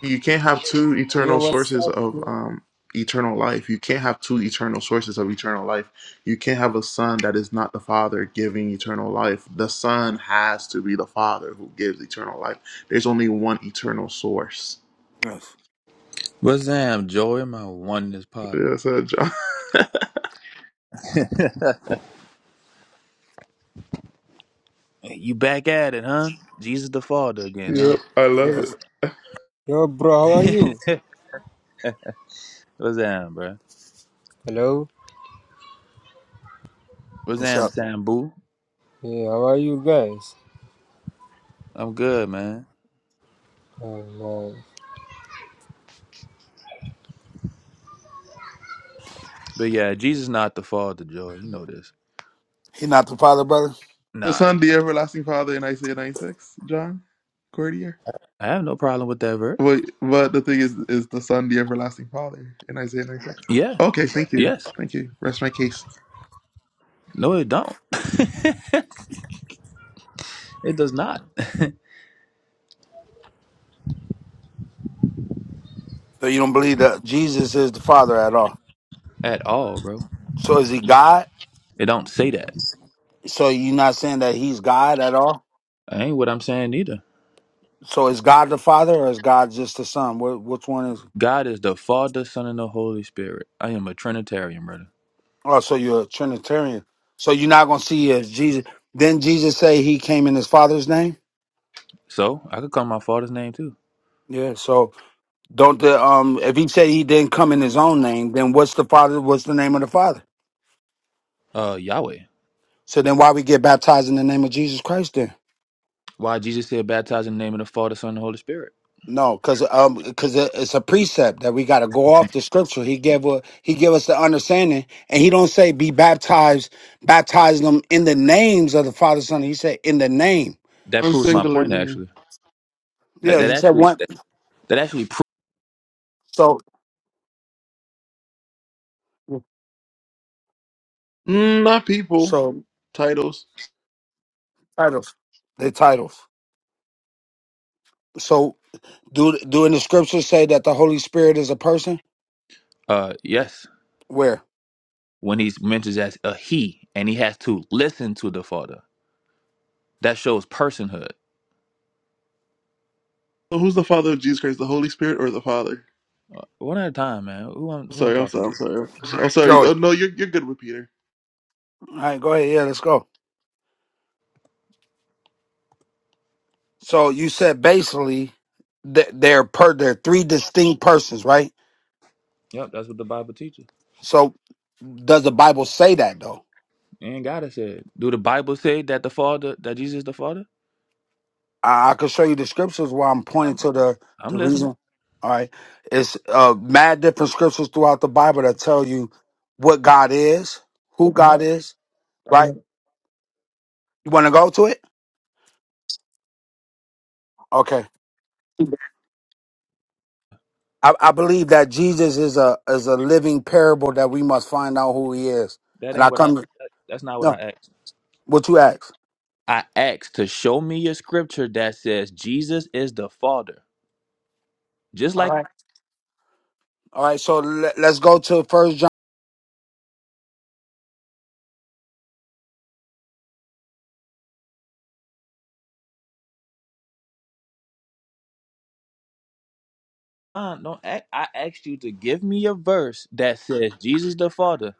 Speaker 1: You can't have two eternal
Speaker 4: Yo, what's
Speaker 1: sources
Speaker 4: up?
Speaker 1: of
Speaker 4: bro?
Speaker 1: um, eternal life. You can't have two eternal sources of eternal life. You can't have a son that is not the father giving eternal life. The son has to be the father who gives eternal life. There's only one eternal source.
Speaker 3: yes.
Speaker 5: What's up, Joey, my oneness partner?
Speaker 1: Yes, uh, John.
Speaker 5: Hey, You back at it, huh? Jesus the Father again, huh?
Speaker 1: Yep, I love
Speaker 3: yes.
Speaker 1: it.
Speaker 4: Yo, bro, how are you?
Speaker 5: What's up, bro?
Speaker 4: Hello?
Speaker 5: What's
Speaker 3: What's
Speaker 5: up,
Speaker 3: up?
Speaker 5: Sambu?
Speaker 4: Yeah, how are you guys?
Speaker 5: I'm good, man.
Speaker 4: Oh, man.
Speaker 5: But yeah, Jesus not the Father, Joy. You know this.
Speaker 3: He not the father brother?
Speaker 1: The
Speaker 5: Nah, he
Speaker 1: son, the
Speaker 5: not the Father.
Speaker 1: everlasting father in Isaiah 96, John Cordier.
Speaker 5: I have no problem with that verse.
Speaker 1: Wait, but the thing is, is the son the everlasting father in Isaiah 96?
Speaker 5: Yeah.
Speaker 1: Okay, thank you.
Speaker 5: Yes.
Speaker 1: Thank you. Rest my case.
Speaker 5: No, it don't. it does not
Speaker 3: So you don't believe that Jesus is the father at all.
Speaker 5: at all, bro.
Speaker 3: So is he God?
Speaker 5: It don't say that.
Speaker 3: So you not saying that he's God at all?
Speaker 5: I ain't what I'm saying either.
Speaker 3: So is God the father or is God just the son? What which one is
Speaker 5: God is the Father, Son, and the Holy Spirit. I am a Trinitarian, brother.
Speaker 3: Oh, so you're a Trinitarian. So you're not gonna see if Jesus. Then Jesus say he came in his Father's name.
Speaker 5: So I could call my Father's name too.
Speaker 3: Yeah. So don't the um if he said he didn't come in his own name, then what's the Father? What's the name of the Father?
Speaker 5: Uh, Yahweh.
Speaker 3: So then why we get baptized in the name of Jesus Christ then?
Speaker 5: Why Jesus said, "Baptize in the name of the Father, Son, and the Holy Spirit."
Speaker 3: No, because um because it's a precept that we got to go off the scripture. He gave a, he gave us the understanding, and he don't say be baptized, baptize them in the names of the Father, Son. He said in the name.
Speaker 5: That
Speaker 1: One
Speaker 5: proves
Speaker 3: So
Speaker 5: my
Speaker 1: singular
Speaker 5: point.
Speaker 1: name.
Speaker 5: Actually, that
Speaker 3: yeah,
Speaker 5: that
Speaker 3: he said
Speaker 5: actually
Speaker 3: one.
Speaker 5: that, that actually pro-
Speaker 3: So
Speaker 1: Mm, not people.
Speaker 3: so
Speaker 1: Titles.
Speaker 3: Titles. They titles. So do do in the scriptures say that the Holy Spirit is a person?
Speaker 5: uh yes,
Speaker 3: Where?
Speaker 5: when he's mentioned as a he, and he has to listen to the Father, that shows personhood.
Speaker 1: So who's the Father of Jesus Christ? The Holy Spirit or the Father?
Speaker 5: Uh, one at a time, man. Who I'm
Speaker 1: I'm
Speaker 5: who I'm
Speaker 1: sorry. I'm
Speaker 5: talking
Speaker 1: sorry. I'm
Speaker 5: to?
Speaker 1: sorry. I'm sorry.
Speaker 3: Joey.
Speaker 1: Oh no, you're you're good with Peter.
Speaker 3: All right, go ahead. Yeah, let's go. So you said basically that they're per they're three distinct persons, right?
Speaker 5: Yep, that's what the Bible teaches.
Speaker 3: So does the Bible say that though?
Speaker 5: And God has said. Do the Bible say that the Father that Jesus is the Father?
Speaker 3: I, I could show you the scriptures where I'm pointing
Speaker 5: I'm
Speaker 3: to the
Speaker 5: I'm
Speaker 3: the
Speaker 5: listening.
Speaker 3: reason. All right, it's uh mad different scriptures throughout the Bible that tell you what God is, who hmm God is, right? You want to go to it? Okay. I, I believe that Jesus is a is a living parable that we must find out who he is.
Speaker 5: That
Speaker 3: And
Speaker 5: ain't
Speaker 3: I
Speaker 5: what I.
Speaker 3: come to
Speaker 5: That, that's not what
Speaker 3: no
Speaker 5: I asked.
Speaker 3: what you ask.
Speaker 5: I asked to show me a scripture that says Jesus is the Father. Just
Speaker 3: All
Speaker 5: like
Speaker 3: right. All right. So let, let's go to First John.
Speaker 5: Uh, don't act, I asked you to give me a verse that says Jesus the Father.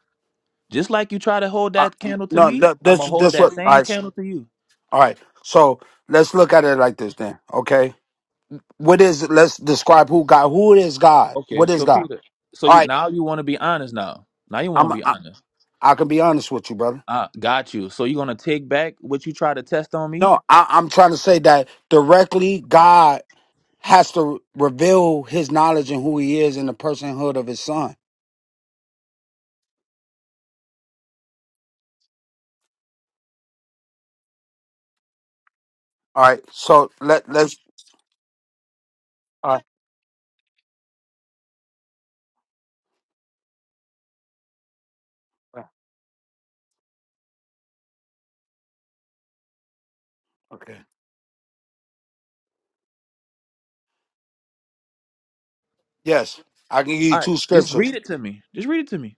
Speaker 5: Just like you try to hold
Speaker 3: Uh,
Speaker 5: that candle to
Speaker 3: no,
Speaker 5: me,
Speaker 3: th-
Speaker 5: I'm
Speaker 3: this
Speaker 5: gonna hold
Speaker 3: this
Speaker 5: that
Speaker 3: what. All
Speaker 5: same
Speaker 3: right.
Speaker 5: candle to you.
Speaker 3: All right. So let's look at it like this then. Okay. What is? Let's describe who God. Who is God?
Speaker 5: Okay,
Speaker 3: What is
Speaker 5: so
Speaker 3: God?
Speaker 5: Peter, so
Speaker 3: All
Speaker 5: you
Speaker 3: right.
Speaker 5: now you want to be honest now. Now you want
Speaker 3: I'm.
Speaker 5: to be
Speaker 3: I,
Speaker 5: honest.
Speaker 3: I can be honest with you, brother.
Speaker 5: Ah, got you. So you gonna take back what you try to test on me?
Speaker 3: No, I, I'm trying to say that directly. God has to reveal His knowledge and who He is in the personhood of His Son. All right. So let let's. All right. Okay. Yes, I can give you
Speaker 5: All right,
Speaker 3: two
Speaker 5: just
Speaker 3: scriptures.
Speaker 5: read it to me. Just read it to me.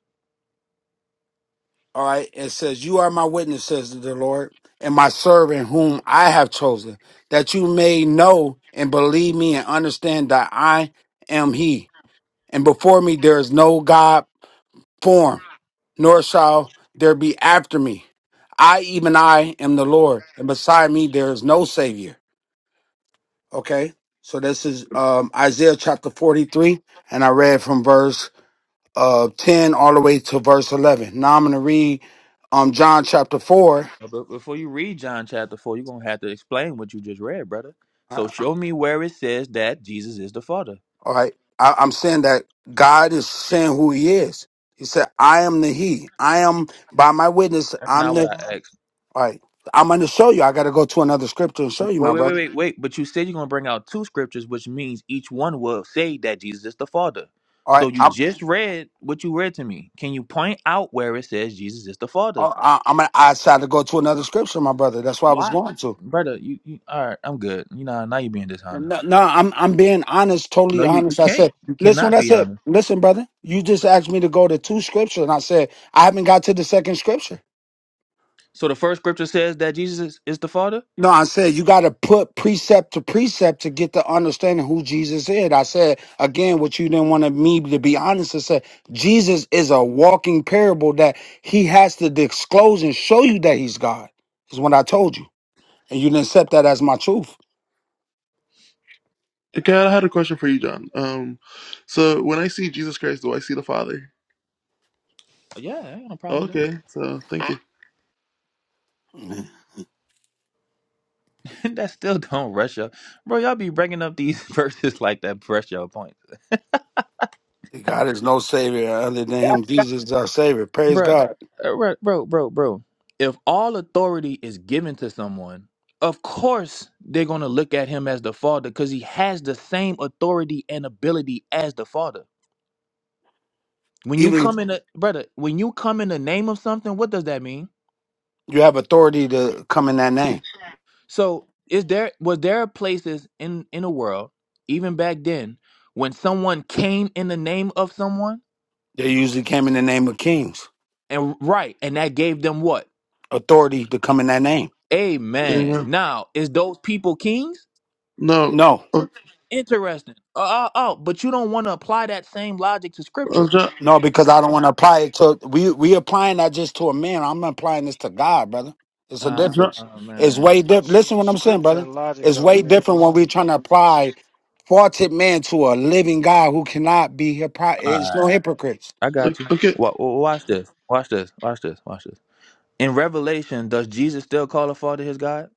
Speaker 3: All right. It says, "You are my witness," says the Lord, "and my servant whom I have chosen, that you may know and believe me and understand that I am He. And before me there is no God form, nor shall there be after me. I even I am the Lord, and beside me there is no Savior." Okay. So this is um, Isaiah chapter forty-three, and I read from verse uh, 10 all the way to verse 11. Now I'm going to read um, John chapter 4.
Speaker 5: Uh, But before you read John chapter four, you're gonna have to explain what you just read, brother.
Speaker 3: Uh,
Speaker 5: So show me where it says that Jesus is the Father.
Speaker 3: All right. I, I'm saying that God is saying who he is. He said, I am the he. I am by my witness.
Speaker 5: That's
Speaker 3: I'm
Speaker 5: not what
Speaker 3: the,
Speaker 5: I asked.
Speaker 3: all right. I'm going to show you. I got to go to another scripture and show you,
Speaker 5: Wait,
Speaker 3: my
Speaker 5: wait, wait,
Speaker 3: brother.
Speaker 5: wait, wait. But you said you're gonna bring out two scriptures, which means each one will say that Jesus is the Father.
Speaker 3: All
Speaker 5: So
Speaker 3: right.
Speaker 5: you
Speaker 3: I'm,
Speaker 5: just read what you read to me. Can you point out where it says Jesus is the Father?
Speaker 3: uh, I, I'm, I I decided to go to another scripture, my brother. That's where I was
Speaker 5: Why,
Speaker 3: going to.
Speaker 5: brother? You, you all right? I'm good. You know, now you're being dishonest.
Speaker 3: No, no, I'm I'm being honest, totally
Speaker 5: No, you, you
Speaker 3: honest. I
Speaker 5: can't.
Speaker 3: said,
Speaker 5: You
Speaker 3: listen what
Speaker 5: cannot
Speaker 3: I
Speaker 5: be
Speaker 3: said.
Speaker 5: honest.
Speaker 3: Listen, brother, you just asked me to go to two scriptures, and I said I haven't got to the second scripture.
Speaker 5: So the first scripture says that Jesus is, is the Father.
Speaker 3: No, I said you got to put precept to precept to get the understanding who Jesus is. I said again what you didn't want me to be honest. I said Jesus is a walking parable that he has to disclose and show you that he's God. Is what I told you, and you didn't accept that as my truth.
Speaker 1: Okay, I had a question for you, John. Um, so when I see Jesus Christ, do I see the Father?
Speaker 5: Yeah, I ain't no problem with
Speaker 1: Okay. So thank you.
Speaker 5: that. that still don't rush up, bro. Y'all be bringing up these verses like that. Press your point.
Speaker 3: God is no savior other than Him. Jesus is our savior. Praise
Speaker 5: Bruh,
Speaker 3: God.
Speaker 5: uh, bro, bro, bro, bro. If all authority is given to someone, of course they're gonna look at him as the father because he has the same authority and ability as the father. When you come in, a, brother, when you come in the name of something, what does that mean?
Speaker 3: You have authority to come in that name.
Speaker 5: So, is there was there places in in the world, even back then, when someone came in the name of someone
Speaker 3: They usually came in the name of kings.
Speaker 5: and right, and that gave them what?
Speaker 3: Authority to come in that name.
Speaker 1: There you
Speaker 5: Amen.
Speaker 1: go.
Speaker 5: Now, is those people kings?
Speaker 1: No.
Speaker 3: No,
Speaker 1: Oh,
Speaker 5: Interesting. Oh, oh, oh, but you don't want to apply that same logic to
Speaker 1: oh
Speaker 5: scripture.
Speaker 1: John,
Speaker 3: no, because I don't want to apply it to. We we applying that just to a man. I'm applying this to God, brother. It's a
Speaker 5: Uh,
Speaker 1: John.
Speaker 3: difference.
Speaker 5: oh
Speaker 3: It's
Speaker 5: man.
Speaker 3: way different.
Speaker 6: S-
Speaker 3: Listen, what I'm saying,
Speaker 6: Scripture
Speaker 3: brother.
Speaker 6: and logic
Speaker 3: It's
Speaker 6: don't
Speaker 3: way different
Speaker 6: mix.
Speaker 3: when we're trying to apply faulted man to a living God who cannot be hypocrite.
Speaker 5: All
Speaker 3: It's
Speaker 5: right,
Speaker 3: no hypocrites.
Speaker 5: I got you.
Speaker 1: Okay.
Speaker 5: Wa- wa- Watch this. Watch this. Watch this. Watch this. In Revelation, does Jesus still call the Father his God?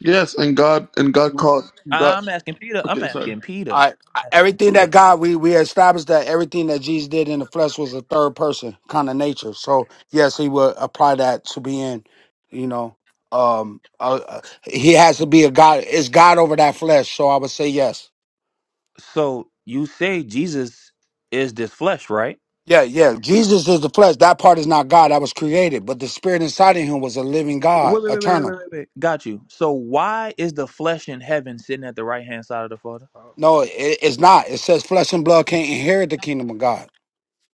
Speaker 1: Yes, and God and God called
Speaker 5: I-
Speaker 1: God.
Speaker 5: I'm asking Peter. I'm
Speaker 1: Okay, sorry.
Speaker 5: asking Peter.
Speaker 3: I, I-
Speaker 5: I'm asking
Speaker 3: everything that
Speaker 5: Peter.
Speaker 3: God we we established that everything that Jesus did in the flesh was a third person kind of nature. So yes, he would apply that to being, you know, um, uh, uh, he has to be a God. Is God over that flesh? So I would say yes.
Speaker 5: So you say Jesus is this flesh, right?
Speaker 3: Yeah, yeah. Jesus is the flesh. That part is not God. That was created, but the spirit inside of him was a living God,
Speaker 5: Wait, wait, wait, wait, wait, wait,
Speaker 3: eternal.
Speaker 5: wait. wait. Got you. So why is the flesh in heaven sitting at the right hand side of the Father?
Speaker 6: Uh,
Speaker 3: No, it, it's not. It says flesh and blood can't inherit the kingdom of God.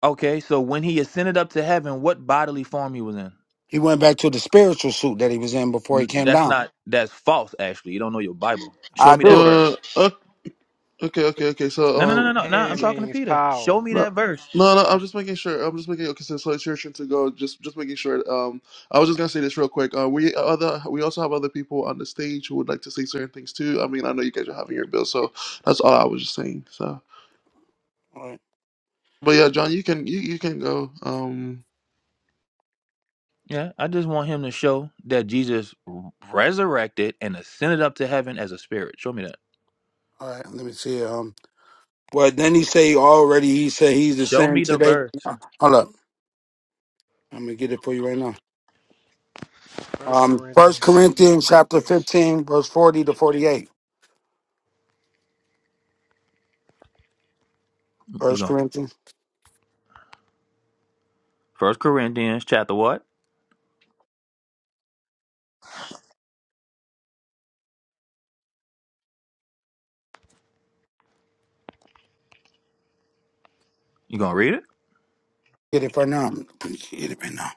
Speaker 5: Okay, so when he ascended up to heaven, what bodily form he was in?
Speaker 3: He went back to the spiritual suit that he was in before he
Speaker 5: N-
Speaker 3: came
Speaker 5: That's
Speaker 3: down.
Speaker 5: not that's false. Actually, you don't know your Bible. Show
Speaker 3: I
Speaker 5: me that
Speaker 3: do.
Speaker 5: verse.
Speaker 1: Uh. o- Okay. Okay. Okay. So
Speaker 5: No, no, no, no,
Speaker 1: um.
Speaker 5: no. no I'm
Speaker 6: hand
Speaker 5: talking to
Speaker 6: means
Speaker 5: Peter. Show
Speaker 6: power.
Speaker 5: me
Speaker 1: No,
Speaker 5: that verse.
Speaker 1: no, no, I'm just making sure. I'm just making okay. So, so it's your turn to go. Just, just making sure. Um, I was just gonna say this real quick. Uh, we other, we also have other people on the stage who would like to say certain things too. I mean, I know you guys are having your bill, so that's all I was just saying. So, but yeah, John, you can, you, you can go. Um,
Speaker 5: Yeah, I just want him to show that Jesus resurrected and ascended up to heaven as a spirit. Show me that.
Speaker 3: All right, let me see. Um, well, then he say already. He said he's the
Speaker 5: Show
Speaker 3: same
Speaker 5: me the
Speaker 3: today.
Speaker 5: verse.
Speaker 3: Hold up, I'm gonna get it for you right now.
Speaker 6: First
Speaker 3: Um, First
Speaker 6: Corinthians.
Speaker 3: Corinthians chapter fifteen, verse forty to forty-eight.
Speaker 5: You
Speaker 3: First
Speaker 5: going
Speaker 3: Corinthians,
Speaker 5: First Corinthians chapter what? You gonna read it,
Speaker 3: get it for now. Get it right now.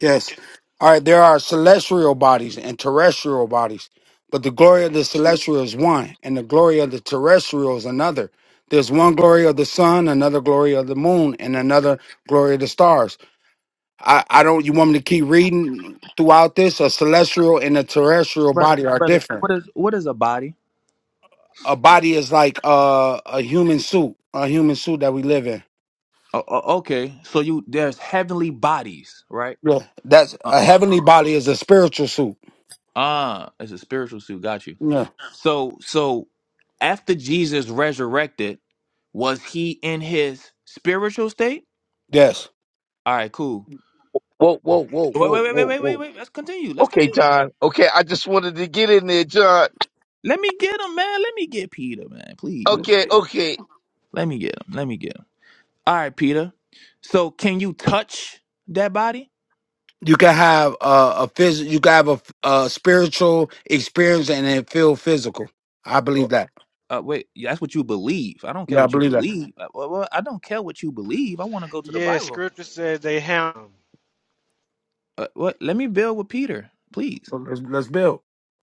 Speaker 3: Yes. All right. There are celestial bodies and terrestrial bodies, but the glory of the celestial is one, and the glory of the terrestrial is another. There's one glory of the sun, another glory of the moon, and another glory of the stars I, I don't. You want me to keep reading throughout this? A celestial and a terrestrial
Speaker 5: brother?
Speaker 3: body are
Speaker 5: Brother,
Speaker 3: different.
Speaker 5: what is what is a body?
Speaker 3: A body is like uh, a human suit, a human suit that we live in.
Speaker 5: Oh, oh, okay, so you there's heavenly bodies, right?
Speaker 3: Yeah, that's
Speaker 5: Uh,
Speaker 3: a heavenly body is a spiritual suit.
Speaker 5: ah, it's a spiritual suit. Got you.
Speaker 3: Yeah.
Speaker 5: So so after Jesus resurrected, was he in his spiritual state?
Speaker 3: Yes.
Speaker 5: All right, cool.
Speaker 7: Whoa, whoa, whoa,
Speaker 5: Wait, wait,
Speaker 7: whoa,
Speaker 5: wait, wait,
Speaker 7: whoa,
Speaker 5: wait, wait,
Speaker 7: whoa.
Speaker 5: wait. Let's continue. Let's
Speaker 7: Okay,
Speaker 5: continue.
Speaker 7: John. Okay, I just wanted to get in there, John.
Speaker 5: Let me get him, man. Let me get Peter, man. Please let me
Speaker 7: Okay,
Speaker 5: get.
Speaker 7: okay.
Speaker 5: Let me get him. Let me get him. All right, Peter. So can you touch that body?
Speaker 3: You can have uh, a phys- You can have a, a spiritual experience and it feel physical. I believe
Speaker 5: Or-
Speaker 3: that.
Speaker 5: Uh, wait, Yeah, that's what you believe. I don't care
Speaker 3: Yeah, I
Speaker 5: what you
Speaker 3: believe that.
Speaker 5: believe. Uh, Well, well, I don't care what you believe. I want to go to the
Speaker 6: Yes, Yeah,
Speaker 5: Bible.
Speaker 6: scripture says they have them.
Speaker 5: Uh, what? Let me build with Peter, please.
Speaker 3: Well, Let's, let's build.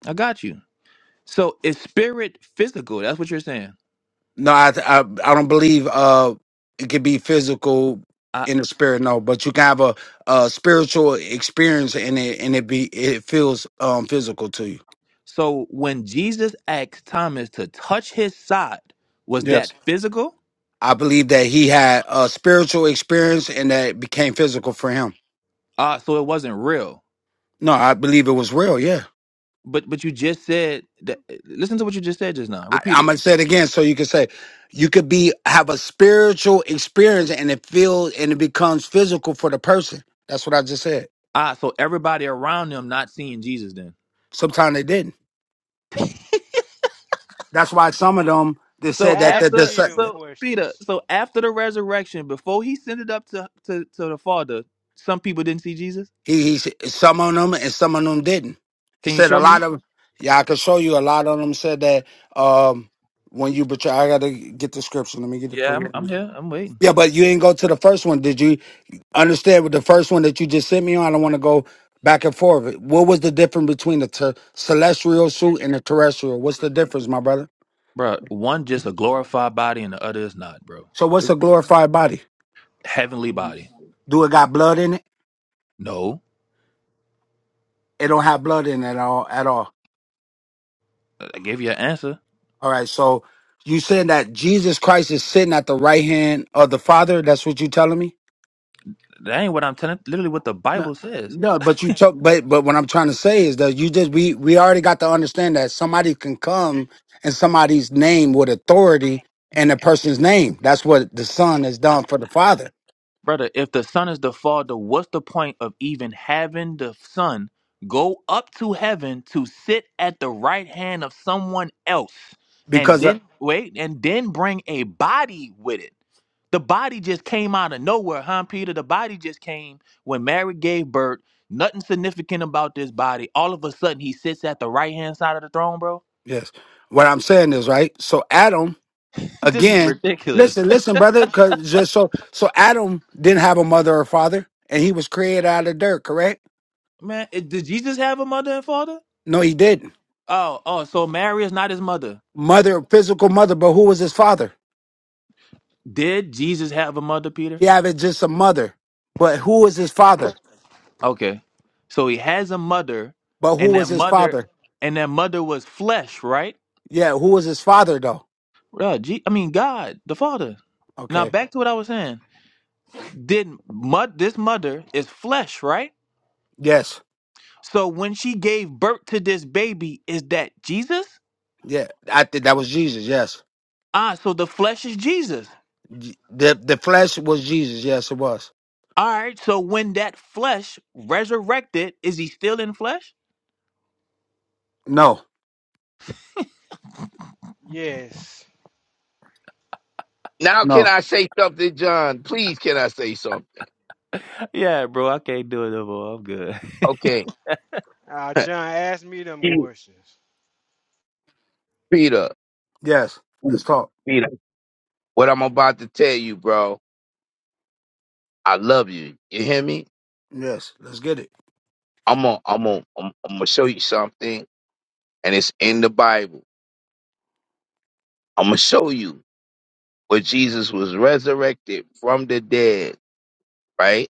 Speaker 5: I got you. So is spirit physical? That's what you're saying.
Speaker 3: No, I I, I don't believe uh it could be physical
Speaker 5: I,
Speaker 3: in the spirit. No, but you can have a, a spiritual experience and it and it be it feels um physical to you.
Speaker 5: so when Jesus asked Thomas to touch his side, was that
Speaker 3: Yes,
Speaker 5: physical?
Speaker 3: I believe that he had a spiritual experience and that it became physical for him.
Speaker 5: Ah, so it wasn't real.
Speaker 3: No, I believe it was real. Yeah,
Speaker 5: But but you just said that. Listen to what you just said just now.
Speaker 3: I,
Speaker 5: Repeat
Speaker 3: I'm
Speaker 5: it.
Speaker 3: gonna say it again so you can say you could be have a spiritual experience and it feels and it becomes physical for the person. That's what I just said.
Speaker 5: Ah, so everybody around them not seeing Jesus then.
Speaker 3: Sometimes they didn't. That's why some of them they
Speaker 5: So
Speaker 3: said that that
Speaker 6: Ask
Speaker 5: after
Speaker 6: me them
Speaker 3: the
Speaker 5: so Peter,
Speaker 6: questions.
Speaker 5: so after the resurrection, before he sent it up to to, to the Father, some people didn't see Jesus.
Speaker 3: he he some of them and some of them didn't. It
Speaker 5: Can you
Speaker 3: said a
Speaker 5: show me?
Speaker 3: lot of yeah, I could show you a lot of them said that um when you betray I gotta get the scripture. Let me get it for
Speaker 5: Yeah, I'm, I'm
Speaker 3: you.
Speaker 5: here. I'm waiting,
Speaker 3: Yeah, but you didn't go to the first one. Did you understand with the first one that you just sent me on? I don't want to go back and forth. What was the difference between the ter- celestial suit and the terrestrial? What's the difference, my brother?
Speaker 5: bro. One just a glorified body, and the other is not, bro.
Speaker 3: So what's a glorified body?
Speaker 5: heavenly body.
Speaker 3: Do it got blood in it?
Speaker 5: No,
Speaker 3: It don't have blood in it at all at all.
Speaker 5: I gave you an answer.
Speaker 3: All right. So you saying that Jesus Christ is sitting at the right hand of the Father? That's what you telling me?
Speaker 5: That ain't what I'm telling. Literally, what the
Speaker 3: No,
Speaker 5: Bible says,
Speaker 3: no. But you took. But but what I'm trying to say is that you just we we already got to understand that somebody can come in somebody's name with authority and a person's name. That's what the Son has done for the Father.
Speaker 5: brother. If the Son is the Father, what's the point of even having the Son go up to heaven to sit at the right hand of someone else, and
Speaker 3: Because uh,
Speaker 5: then wait, and then bring a body with it? The body just came out of nowhere, huh, Peter? The body just came when Mary gave birth. Nothing significant about this body. All of a sudden, he sits at the right hand side of the throne, bro.
Speaker 3: yes, what I'm saying is right. So Adam
Speaker 5: this is
Speaker 3: again.
Speaker 5: ridiculous.
Speaker 3: Listen, listen, brother. Cause just so so Adam didn't have a mother or father, and he was created out of dirt. Correct?
Speaker 5: Man, it- did Jesus have a mother and father?
Speaker 3: No, he didn't.
Speaker 5: Oh, oh, so Mary is not his mother.
Speaker 3: Mother, physical mother, but who was his father?
Speaker 5: Did Jesus have a mother, Peter?
Speaker 3: He had it just a mother, but who was his father?
Speaker 5: Okay. So he has a mother,
Speaker 3: But who
Speaker 5: and
Speaker 3: was
Speaker 5: that
Speaker 3: his
Speaker 5: mother
Speaker 3: father?
Speaker 5: and that mother was flesh, right?
Speaker 3: Yeah, who was his father though?
Speaker 5: Uh, G- I mean God, the Father. Now
Speaker 3: Okay.
Speaker 5: back to what I was saying. Did mud this mother is flesh, right?
Speaker 3: Yes.
Speaker 5: So when she gave birth to this baby, is that Jesus?
Speaker 3: Yeah, I think that was Jesus. Yes.
Speaker 5: Ah, so the flesh is Jesus.
Speaker 3: J- The the flesh was Jesus. Yes, it was.
Speaker 5: All right, so when that flesh resurrected, is he still in flesh?
Speaker 3: No.
Speaker 6: Yes.
Speaker 7: Now can
Speaker 3: No.
Speaker 7: I say something, John? Please, can I say something?
Speaker 5: Yeah, bro, I can't do it no more. I'm good.
Speaker 7: Okay.
Speaker 6: Uh, John, ask me them
Speaker 7: Peter,
Speaker 6: questions.
Speaker 7: Peter,
Speaker 3: Yes. Let's talk.
Speaker 7: Peter, what I'm about to tell you, bro, I love you. You hear me?
Speaker 3: Yes. Let's get it.
Speaker 7: I'm gonna, I'm gonna, I'm, I'm gonna show you something, and it's in the Bible. I'm gonna show you where Jesus was resurrected from the dead. Right?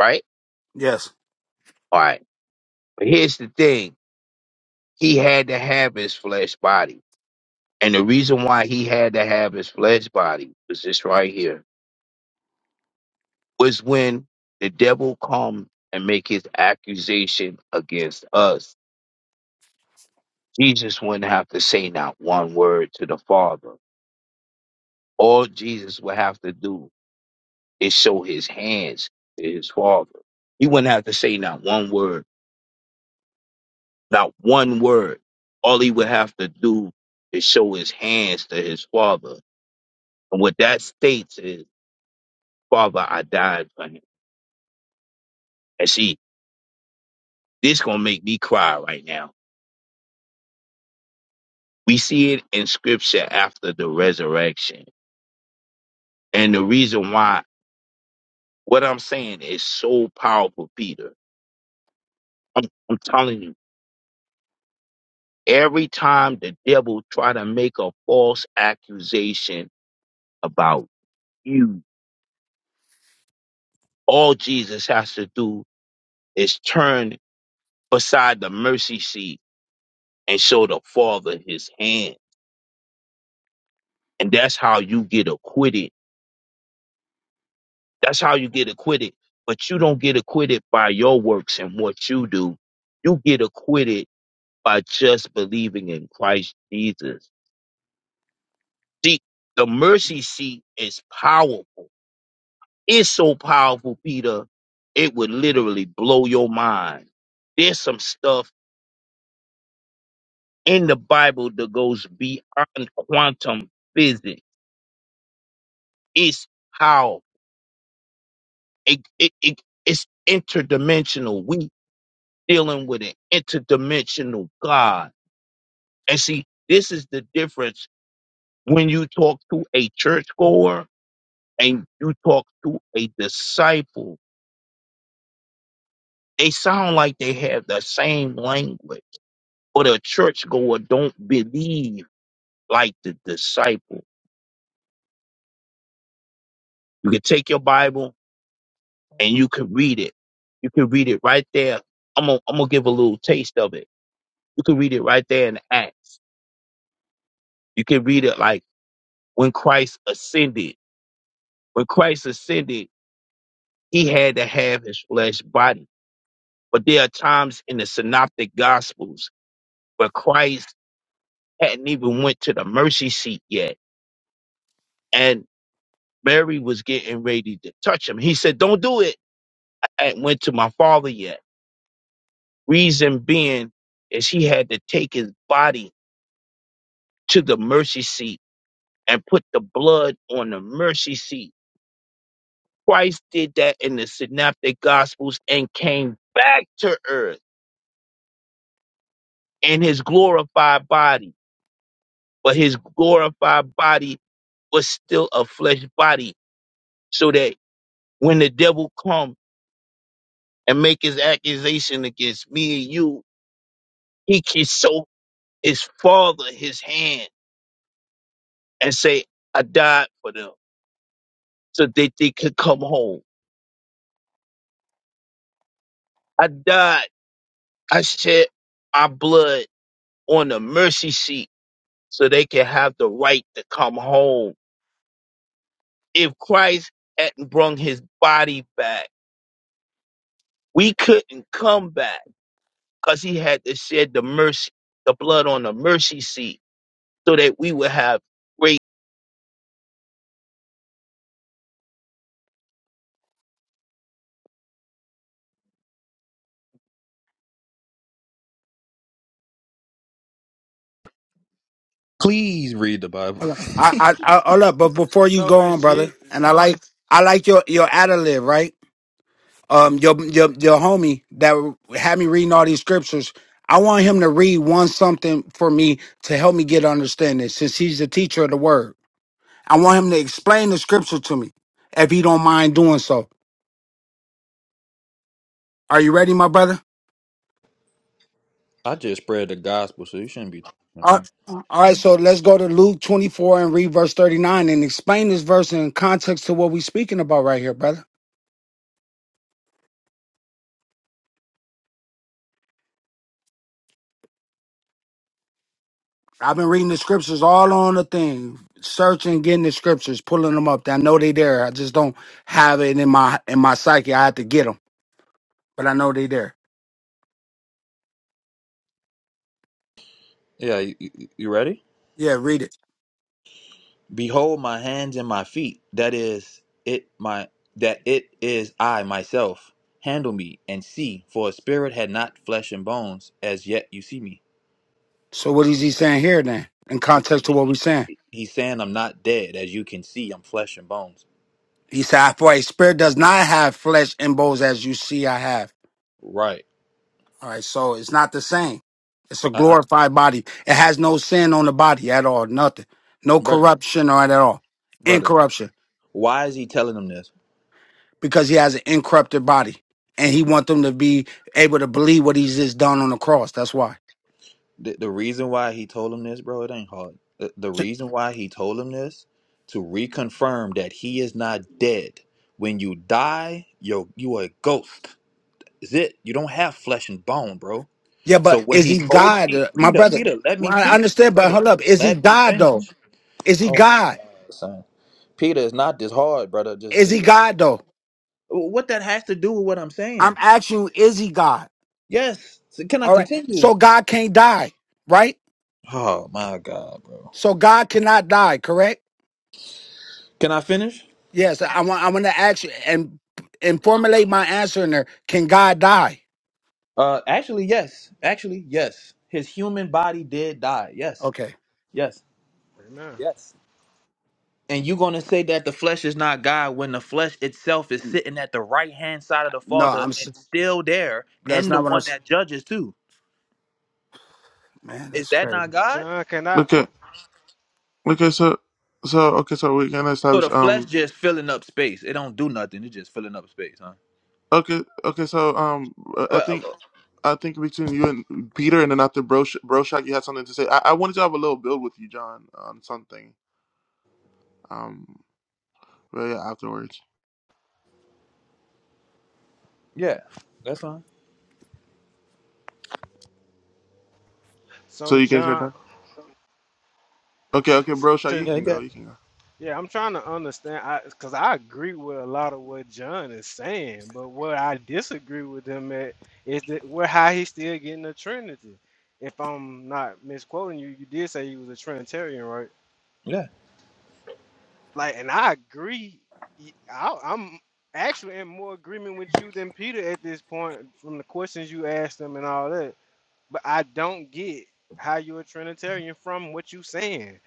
Speaker 7: Right?
Speaker 3: Yes.
Speaker 7: All right. But here's the thing. he had to have his flesh body. And the reason why he had to have his flesh body was this right here was when the devil come and make his accusation against us. Jesus wouldn't have to say not one word to the Father. All Jesus would have to do is show his hands to his Father. He wouldn't have to say not one word, not one word. All he would have to do is show his hands to his Father. And what that states is Father, I died for him. And see, this gonna make me cry right now. We see it in scripture after the resurrection. And the reason why what I'm saying is so powerful, Peter. I'm, I'm telling you, every time the devil try to make a false accusation about you, all Jesus has to do is turn beside the mercy seat and show the Father his hand. And that's how you get acquitted That's how you get acquitted. But you don't get acquitted by your works and what you do. You get acquitted by just believing in Christ Jesus. See, the mercy seat is powerful. It's so powerful, Peter, it would literally blow your mind. There's some stuff in the Bible that goes beyond quantum physics. It's powerful. It, it, it, it's interdimensional. We dealing with an interdimensional God And see, this is the difference when you talk to a churchgoer and you talk to a disciple. They sound like they have the same language, but a churchgoer don't believe like the disciple. You can take your Bible and you can read it. You can read it right there. I'm gonna, I'm gonna give a little taste of it. You can read it right there in Acts. You can read it like when Christ ascended. When Christ ascended, he had to have his flesh body. But there are times in the synoptic gospels where Christ hadn't even went to the mercy seat yet. And Mary was getting ready to touch him. He said, don't do it. I hadn't went to my father yet. Reason being is he had to take his body to the mercy seat and put the blood on the mercy seat. Christ did that in the synoptic gospels and came back to earth in his glorified body. But his glorified body was still a flesh body so that when the devil come and make his accusation against me and you, he can show his father his hand and say, I died for them so that they could come home. I died. I shed my blood on the mercy seat so they can have the right to come home. If Christ hadn't brung his body back, we couldn't come back because he had to shed the mercy, the blood on the mercy seat so that we would have grace
Speaker 5: Please read the Bible.
Speaker 3: I I, I hold up, but before you
Speaker 6: So
Speaker 3: go on,
Speaker 6: is G.
Speaker 3: brother, and I like I like your your ad lib, right? um your your your homie that had me reading all these scriptures. I want him to read one something for me to help me get understanding since he's the teacher of the word. I want him to explain the scripture to me if he don't mind doing so. Are you ready, my brother?
Speaker 5: I just spread the gospel, so you shouldn't be talking to
Speaker 3: All
Speaker 5: me.
Speaker 3: right, all right, so let's go to Luke 24 and read verse 39 and explain this verse in context to what we're speaking about right here, brother. I've been reading the scriptures all on the thing, searching, getting the scriptures, pulling them up. I know they there. I just don't have it in my in my psyche. I have to get them, but I know they there.
Speaker 5: Yeah, you, you you ready?
Speaker 3: Yeah, read it.
Speaker 5: Behold my hands and my feet. That is it my that it is I myself. Handle me and see, for a spirit had not flesh and bones, as yet you see me.
Speaker 3: So what is he saying here then? In
Speaker 5: He's
Speaker 3: context to
Speaker 5: saying,
Speaker 3: what we're saying,
Speaker 5: he's saying I'm not dead, as you can see, I'm flesh and bones.
Speaker 3: he said, "For a spirit does not have flesh and bones as you see I have."
Speaker 5: Right.
Speaker 3: All right, so it's not the same. It's a
Speaker 5: I, I,
Speaker 3: glorified body. It has no sin on the body at all. Nothing. No
Speaker 5: brother,
Speaker 3: corruption or at all.
Speaker 5: brother,
Speaker 3: Incorruption.
Speaker 5: why is he telling them this?
Speaker 3: because he has an incorrupted body and he want them to be able to believe what he's just done on the cross. That's why.
Speaker 5: The, the reason why he told him this, bro, it ain't hard. The, the
Speaker 3: So-
Speaker 5: reason why he told him this to reconfirm that he is not dead. When you die, you you are a ghost. Is it? You don't have flesh and bone, bro.
Speaker 3: yeah,
Speaker 5: So
Speaker 3: but
Speaker 5: when
Speaker 3: is
Speaker 5: he
Speaker 3: he
Speaker 5: told
Speaker 3: God,
Speaker 5: Pe-
Speaker 3: uh, my
Speaker 5: Peter,
Speaker 3: brother?
Speaker 5: Peter, let
Speaker 3: Well,
Speaker 5: me
Speaker 3: I
Speaker 5: finish,
Speaker 3: understand, but
Speaker 5: brother.
Speaker 3: hold up. Is he
Speaker 5: Let me
Speaker 3: God though?
Speaker 5: finish.
Speaker 3: Is he
Speaker 5: Oh, my
Speaker 3: God?
Speaker 5: son, Peter is not this hard, brother. Just,
Speaker 3: Is
Speaker 5: just.
Speaker 3: he
Speaker 5: Let,
Speaker 3: God though?
Speaker 5: what that has to do with what I'm
Speaker 3: I'm
Speaker 5: saying?
Speaker 3: asking you, is he God?
Speaker 5: Yes. So can I
Speaker 3: All right.
Speaker 5: continue?
Speaker 3: So God can't die, right?
Speaker 5: Oh my god, bro.
Speaker 3: So God cannot die, correct?
Speaker 5: Can I finish?
Speaker 3: Yes. I want I want to ask you and and formulate my answer in there. Can God die?
Speaker 5: Uh actually yes. Actually, yes. His human body did die. Yes.
Speaker 3: Okay.
Speaker 5: Yes.
Speaker 6: Amen.
Speaker 5: Yes. And you gonna say that the flesh is not God when the flesh itself is sitting at the right hand side of the
Speaker 3: No,
Speaker 5: Father
Speaker 3: I'm. s-
Speaker 5: and still there
Speaker 3: That's
Speaker 5: and the
Speaker 3: not what I'm.
Speaker 5: one
Speaker 3: s-
Speaker 5: that judges too.
Speaker 3: Man,
Speaker 5: Is
Speaker 3: that's
Speaker 5: that not
Speaker 3: crazy.
Speaker 5: God?
Speaker 6: John cannot.
Speaker 1: okay, okay, so, so okay, so we're gonna
Speaker 5: So
Speaker 1: establish.
Speaker 5: the flesh
Speaker 1: Um,
Speaker 5: just filling up space. It don't do nothing. It's just filling up space, huh?
Speaker 1: okay, okay, so um, I
Speaker 5: Well, uh,
Speaker 1: think
Speaker 5: uh,
Speaker 1: I think between you and Peter, and then after Brosh Broshak, you had something to say. I, I wanted to have a little build with you, John, on something. Um. But yeah, afterwards.
Speaker 5: Yeah, that's fine.
Speaker 1: So
Speaker 6: So
Speaker 1: you guys are
Speaker 6: John,
Speaker 1: done. Okay, okay, bro. Shaw,
Speaker 6: to.
Speaker 1: you
Speaker 5: Yeah, you
Speaker 1: can go.
Speaker 5: got
Speaker 1: You can go.
Speaker 6: Yeah, I'm trying to understand I because I agree with a lot of what John is saying, but what I disagree with him at is that where how he's still getting the Trinity. If I'm not misquoting you, you did say he was a Trinitarian, right?
Speaker 5: yeah.
Speaker 6: Like, and I agree. y- I, am actually in more agreement with you than Peter at this point from the questions you asked him and all that. But I don't get how you're a Trinitarian from what you're saying.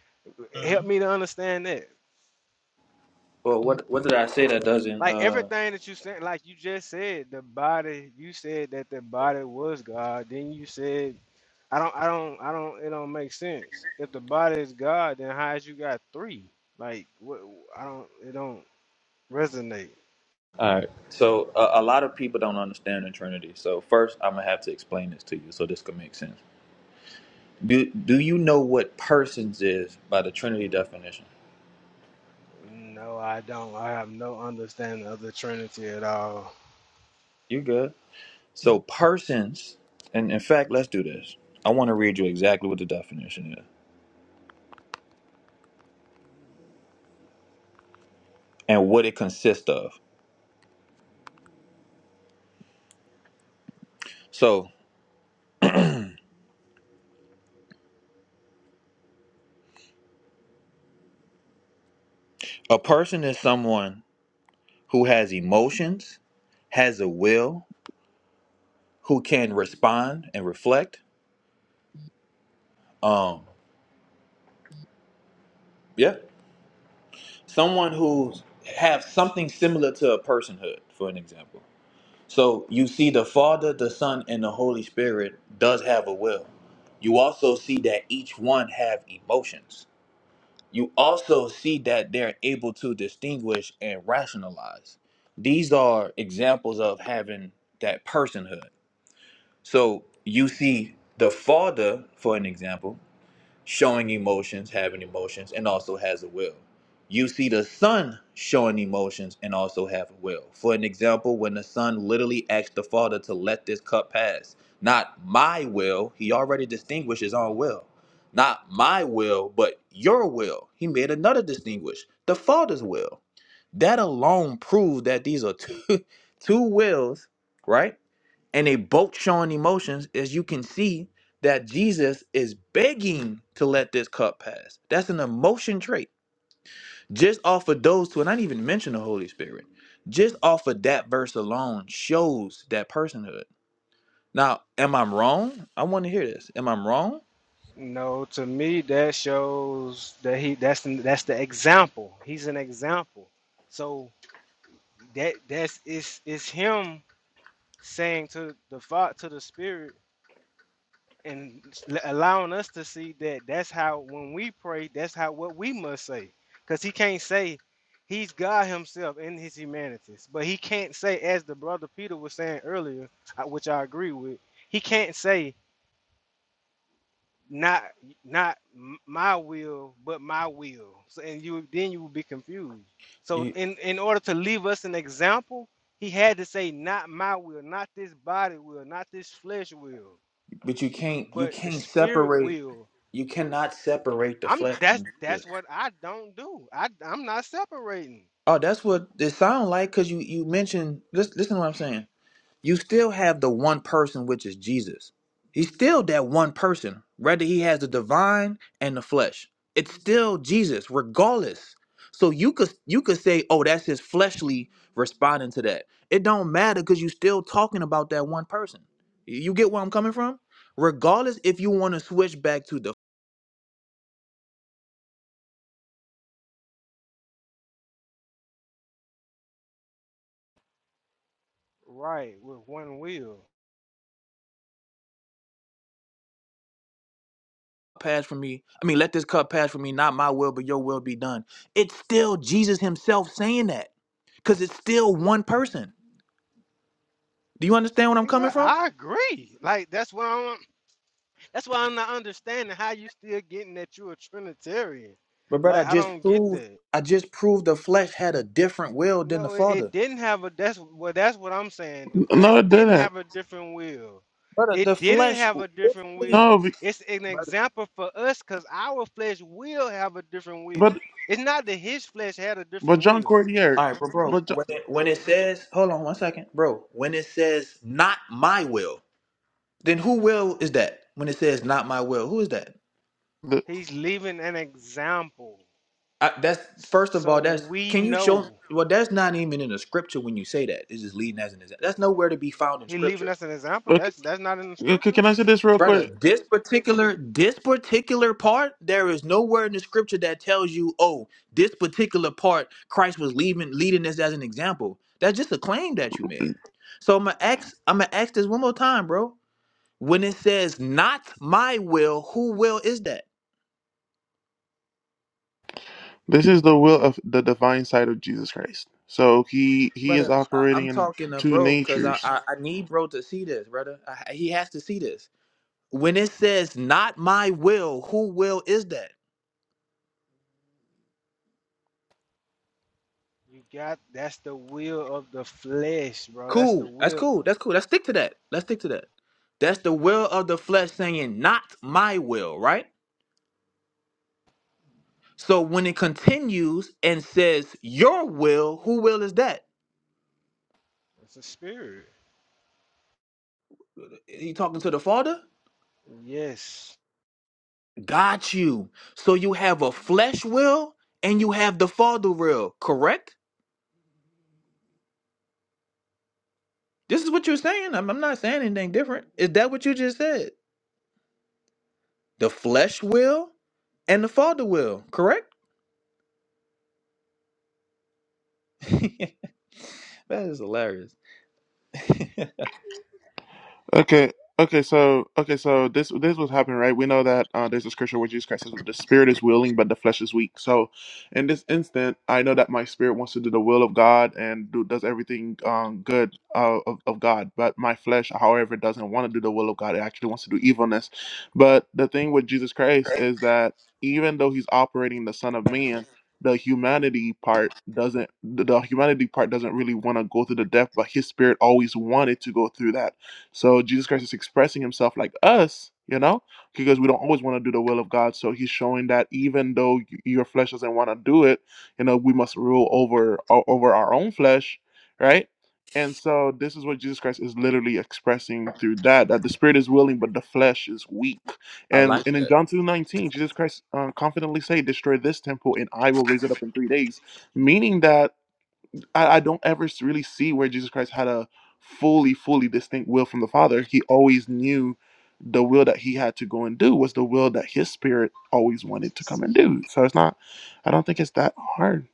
Speaker 6: Help
Speaker 5: hmm
Speaker 6: me to understand that.
Speaker 5: Well, what what did I say that doesn't?
Speaker 6: Like
Speaker 5: uh?
Speaker 6: everything that you said, like you just said, the body. You said that the body was God. Then you said, I don't, I don't, I don't. It don't make sense. If the body is God, then how is you got three? Like what? I don't. It don't resonate.
Speaker 5: All right. So a a lot of people don't understand the Trinity. So first, I'm gonna have to explain this to you, so this could make sense. Do Do you know what persons is by the Trinity definition?
Speaker 6: No, I don't. I have no understanding of the Trinity at all.
Speaker 5: You good? So persons, and in fact, let's do this. I want to read you exactly what the definition is and what it consists of. So a person is someone who has emotions, has a will, who can respond and reflect. Um, yeah. someone who's have something similar to a personhood for an example so you see the father the son and the holy spirit does have a will you also see that each one have emotions you also see that they're able to distinguish and rationalize these are examples of having that personhood so you see the father for an example showing emotions, having emotions, and also has a will. You see the son showing emotions and also have a will. For an example, when the son literally asks the father to let this cup pass, not my will, he already distinguished his own will. Not my will, but your will. He made another distinguish, the father's will. That alone proved that these are two, two wills, right? and they both showing emotions as you can see that jesus is begging to let this cup pass that's an emotion trait just off of those two and i didn't even mention the holy spirit just off of that verse alone shows that personhood now am i wrong i want to hear this am i wrong
Speaker 6: No, to me that shows that he that's that's the example. He's an example. So that that's it's it's him saying to the thought to the spirit and allowing us to see that that's how when we pray that's how what we must say because he can't say he's god himself in his humanity, but he can't say as the brother peter was saying earlier I- which i agree with he can't say not not m- my will but my will so and you then you will be confused so
Speaker 5: you
Speaker 6: in in order to leave us an example he had to say not my will not this body will not this flesh will
Speaker 5: but you can't you
Speaker 6: but the
Speaker 5: can't
Speaker 6: spirit
Speaker 5: separate
Speaker 6: will.
Speaker 5: you cannot separate the
Speaker 6: I'm
Speaker 5: flesh
Speaker 6: that's
Speaker 5: from jesus
Speaker 6: that's what I don't do. I I'm not separating
Speaker 5: oh that's what it sounds like because you you mentioned listen, listen to what i'm saying you still have the one person which is Jesus. He's still that one person, whether he has the divine and the flesh. It's still Jesus, regardless. So you could you could say, oh, that's his fleshly responding to that. It don't matter because you're still talking about that one person. Y- You get where I'm coming from? Regardless if you want to switch back to the
Speaker 6: right with one will.
Speaker 5: pass for me, I mean, let this cup pass for me, not my will, but your will be done. It's still Jesus himself saying that. Because it's still one person. Do you understand where I'm coming
Speaker 6: Yeah,
Speaker 5: from?
Speaker 6: I agree. Like that's what I'm that's why I'm not understanding how you still getting that you're a Trinitarian.
Speaker 5: But brother, I
Speaker 6: Like I
Speaker 5: just
Speaker 6: don't get
Speaker 5: proved
Speaker 6: that.
Speaker 5: I just proved the flesh had a different will than the
Speaker 6: No, it, it
Speaker 5: father.
Speaker 6: didn't have a. That's well. That's what I'm saying. The flesh
Speaker 1: No, it
Speaker 6: didn't
Speaker 1: didn't.
Speaker 6: have a different will.
Speaker 5: Brother, the
Speaker 6: It didn't
Speaker 5: flesh
Speaker 6: have a different
Speaker 5: literally
Speaker 6: will.
Speaker 1: No, be-
Speaker 6: It's an
Speaker 5: brother.
Speaker 6: example for us because our flesh will have a different
Speaker 1: but
Speaker 6: will. It's not that his flesh had a
Speaker 1: but
Speaker 6: different
Speaker 1: John
Speaker 6: will.
Speaker 1: Cordier,
Speaker 5: All right, but bro,
Speaker 1: but John,
Speaker 5: when it, when it says, hold on one second, bro. When it says not my will, then who will is that? When it says not my will, who is that?
Speaker 1: the,
Speaker 6: He's leaving an example,
Speaker 5: I, that's first of all,
Speaker 6: so
Speaker 5: that's
Speaker 6: we
Speaker 5: can you show?
Speaker 6: know
Speaker 5: Well, that's not even in the scripture when you say that. It's just leading as an example. That's nowhere to be found in
Speaker 6: he's leaving
Speaker 5: scripture.
Speaker 6: us an example.
Speaker 1: okay,
Speaker 6: That's that's not in the
Speaker 1: okay.
Speaker 6: scripture.
Speaker 1: Can I say this real quick?
Speaker 5: brother. This particular this particular part, there is nowhere in the scripture that tells you, oh, this particular part, Christ was leaving leading this as an example. That's just a claim that you made. So I'm gonna ask, I'm gonna ask this one more time, bro. When it says not my will, who will is that?
Speaker 1: This is the will of the divine side of Jesus Christ. So he he is
Speaker 5: Brother, I,
Speaker 1: operating
Speaker 5: I'm
Speaker 1: in
Speaker 5: talking to
Speaker 1: two
Speaker 5: bro because I,
Speaker 1: natures.
Speaker 5: I I need bro to see this, brother. I, he has to see this. When it says not my will, who will is that?
Speaker 6: You got that's the will of the flesh, bro. That's the
Speaker 5: Cool. That's
Speaker 6: will.
Speaker 5: cool. That's cool. Let's stick to that. Let's stick to that. That's the will of the flesh saying, not my will, right? So when it continues and says, your will, who will is that?
Speaker 6: It's a spirit.
Speaker 5: He talking to the Father?
Speaker 6: Yes.
Speaker 5: Got you. So you have a flesh will and you have the Father will, correct? This is what you're saying. I'm, I'm not saying anything different. Is that what you just said? The flesh will and the Father will, correct? that is hilarious.
Speaker 1: Okay. Okay. So okay. So this this was happening, right? We know that uh, there's a scripture where Jesus Christ says that the spirit is willing, but the flesh is weak. So, in this instant, I know that my spirit wants to do the will of God and do, does everything um, good uh, of of God, but my flesh, however, doesn't want to do the will of God. It actually wants to do evilness. But the thing with Jesus Christ is that even though he's operating the Son of Man. The humanity part doesn't. The the humanity part doesn't really want to go through the death, but his spirit always wanted to go through that so Jesus Christ is expressing himself like us, you know, because we don't always want to do the will of God. So he's showing that even though y- your flesh doesn't want to do it, you know, we must rule over o- over our own flesh, right? And so this is what Jesus Christ is literally expressing through that that the spirit is willing but the flesh is weak.
Speaker 5: I
Speaker 1: And
Speaker 5: like
Speaker 1: and
Speaker 5: that.
Speaker 1: in John 2:19, Jesus Christ uh, confidently say, "Destroy this temple and I will raise it up in 3 days," meaning that I, I don't ever s- really see where Jesus Christ had a fully, fully distinct will from the Father. He always knew the will that he had to go and do was the will that his spirit always wanted to come and do. So it's not, I don't think it's that hard.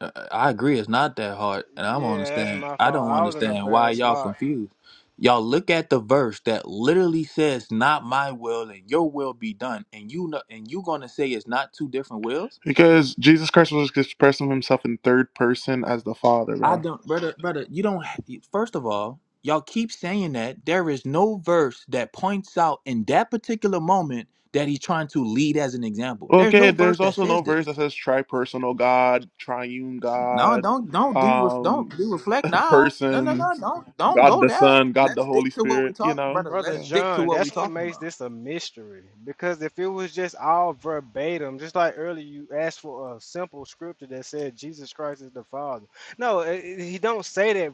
Speaker 5: I I agree. It's not that hard, and I don't
Speaker 6: Yeah, that's
Speaker 5: understand.
Speaker 6: my
Speaker 5: I
Speaker 6: fault.
Speaker 5: don't
Speaker 6: I was in a
Speaker 5: understand why
Speaker 6: bad
Speaker 5: y'all
Speaker 6: spot.
Speaker 5: confused. Y'all look at the verse that literally says, "Not my will and your will be done," and you know, and you gonna say it's not two different wills?
Speaker 1: Because Jesus Christ was expressing himself in third person as the Father,
Speaker 5: I
Speaker 1: bro.
Speaker 5: don't, brother, brother. You don't. ha- First of all, y'all keep saying that there is no verse that points out in that particular moment that he's trying to lead as an example. There's
Speaker 1: Okay,
Speaker 5: no verse
Speaker 1: there's
Speaker 5: that
Speaker 1: also no
Speaker 5: says this.
Speaker 1: verse that says tri-personal God, triune
Speaker 5: No,
Speaker 1: God,
Speaker 5: don't don't de- ref- don't
Speaker 1: um,
Speaker 5: de- reflect now. No, no, no,
Speaker 1: persons,
Speaker 5: don't don't
Speaker 1: God
Speaker 5: go
Speaker 1: the
Speaker 5: there.
Speaker 1: Son, God the
Speaker 5: Let's stick
Speaker 1: Holy
Speaker 5: to what we
Speaker 1: Spirit, you
Speaker 5: talk,
Speaker 1: know?
Speaker 5: brother.
Speaker 6: Brother
Speaker 5: Let's
Speaker 1: So,
Speaker 5: stick to
Speaker 6: John,
Speaker 5: what we
Speaker 6: that's what
Speaker 5: talking
Speaker 6: makes
Speaker 5: about,
Speaker 6: this a mystery. Because if it was just all verbatim, just like earlier you asked for a simple scripture that said Jesus Christ is the Father. No, i- i- he don't say that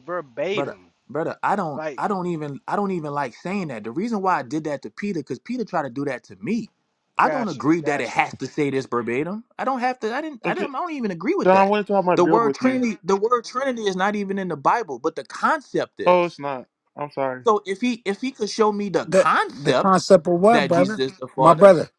Speaker 5: brother.
Speaker 6: verbatim.
Speaker 5: Brother, I don't
Speaker 6: Like,
Speaker 5: I don't even I don't even like saying that. The reason why I did that to Peter, because Peter tried to do that to me. I don't
Speaker 6: gotcha,
Speaker 5: agree that it
Speaker 6: gotcha.
Speaker 5: has to say this verbatim. I don't have to. I didn't. I
Speaker 1: okay.
Speaker 5: don't. I don't even agree with
Speaker 1: John, I
Speaker 5: that.
Speaker 1: wanted to have my
Speaker 5: The
Speaker 1: build
Speaker 5: word
Speaker 1: with you.
Speaker 5: Trinity. The word Trinity is not even in the Bible, but the concept
Speaker 1: Oh,
Speaker 5: is.
Speaker 1: it's not. I'm sorry.
Speaker 5: So if he if he could show me the
Speaker 3: The the
Speaker 5: concept
Speaker 3: concept of what,
Speaker 5: that
Speaker 3: brother?
Speaker 5: Jesus is the
Speaker 3: My
Speaker 5: Father,
Speaker 3: brother,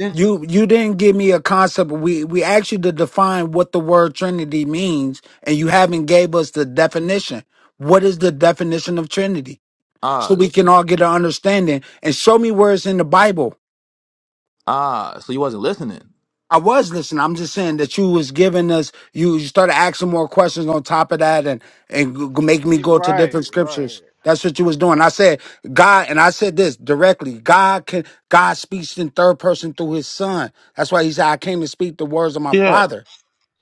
Speaker 5: then
Speaker 3: you you didn't give me a concept. We we asked you to define what the word Trinity means, and you haven't gave us the definition. What is the definition of Trinity?
Speaker 5: uh,
Speaker 3: So we can all get an understanding and show me where it's in the Bible.
Speaker 5: Ah, so you wasn't listening.
Speaker 3: I was listening. I'm just saying that you was giving us you, you started asking more questions on top of that and and g- g- make me
Speaker 6: Yeah,
Speaker 3: go to
Speaker 6: right,
Speaker 3: different
Speaker 6: right.
Speaker 3: scriptures. That's what you was doing. I said God, and I said this directly. God can God speaks in third person through His Son. That's why He said, "I came to speak the words of my
Speaker 1: Yeah.
Speaker 3: Father."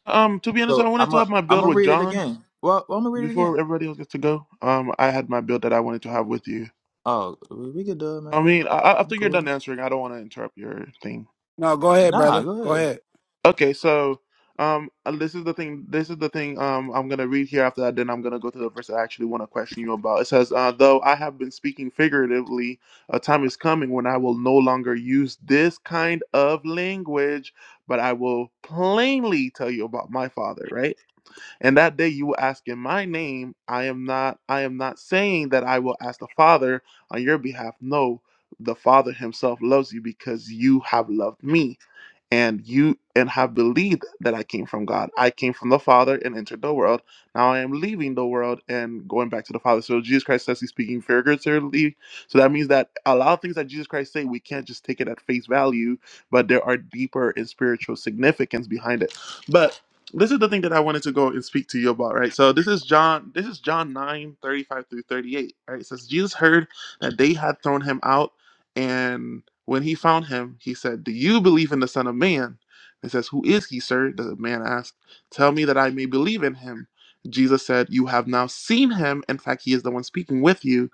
Speaker 1: Um, to be honest, I
Speaker 5: So
Speaker 1: wanted
Speaker 5: I'm
Speaker 1: to
Speaker 5: a
Speaker 1: have my
Speaker 5: I'm
Speaker 1: build
Speaker 5: gonna
Speaker 1: with
Speaker 5: read it
Speaker 1: John
Speaker 5: again. Well, I'm gonna read it again.
Speaker 1: before everybody else gets to go. Um, I had my build that I wanted to have with you.
Speaker 5: Oh, we we could do it,
Speaker 1: I
Speaker 5: man. I'm,
Speaker 1: mean, I, I- after
Speaker 5: I'm
Speaker 1: you're done
Speaker 5: cool.
Speaker 1: answering, I don't want to interrupt your thing.
Speaker 3: No, go ahead,
Speaker 5: Nah,
Speaker 3: brother.
Speaker 5: go
Speaker 3: Go
Speaker 5: ahead.
Speaker 3: ahead.
Speaker 1: Okay, so um, and this is the thing. This is the thing. Um, I'm gonna read here after that. Then I'm gonna go to the verse I actually want to question you about. It says, uh, "Though I have been speaking figuratively, a time is coming when I will no longer use this kind of language, but I will plainly tell you about my Father." Right, and that day you will ask in my name. I am not. I am not saying that I will ask the Father on your behalf. No, the Father Himself loves you because you have loved me and you and have believed that I came from God. I came from the Father and entered the world. Now I am leaving the world and going back to the Father. So Jesus Christ says he's speaking figuratively. So that means that a lot of things that Jesus Christ say, we can't just take it at face value, but there are deeper and spiritual significance behind it. But this is the thing that I wanted to go and speak to you about, right? So this is John, this is John 9 35 through 38. Right. It says Jesus heard that they had thrown him out and when he found him, he said, Do you believe in the Son of Man? He says, Who is he, sir? The man asked, Tell me that I may believe in him. Jesus said, You have now seen him. In fact, he is the one speaking with you.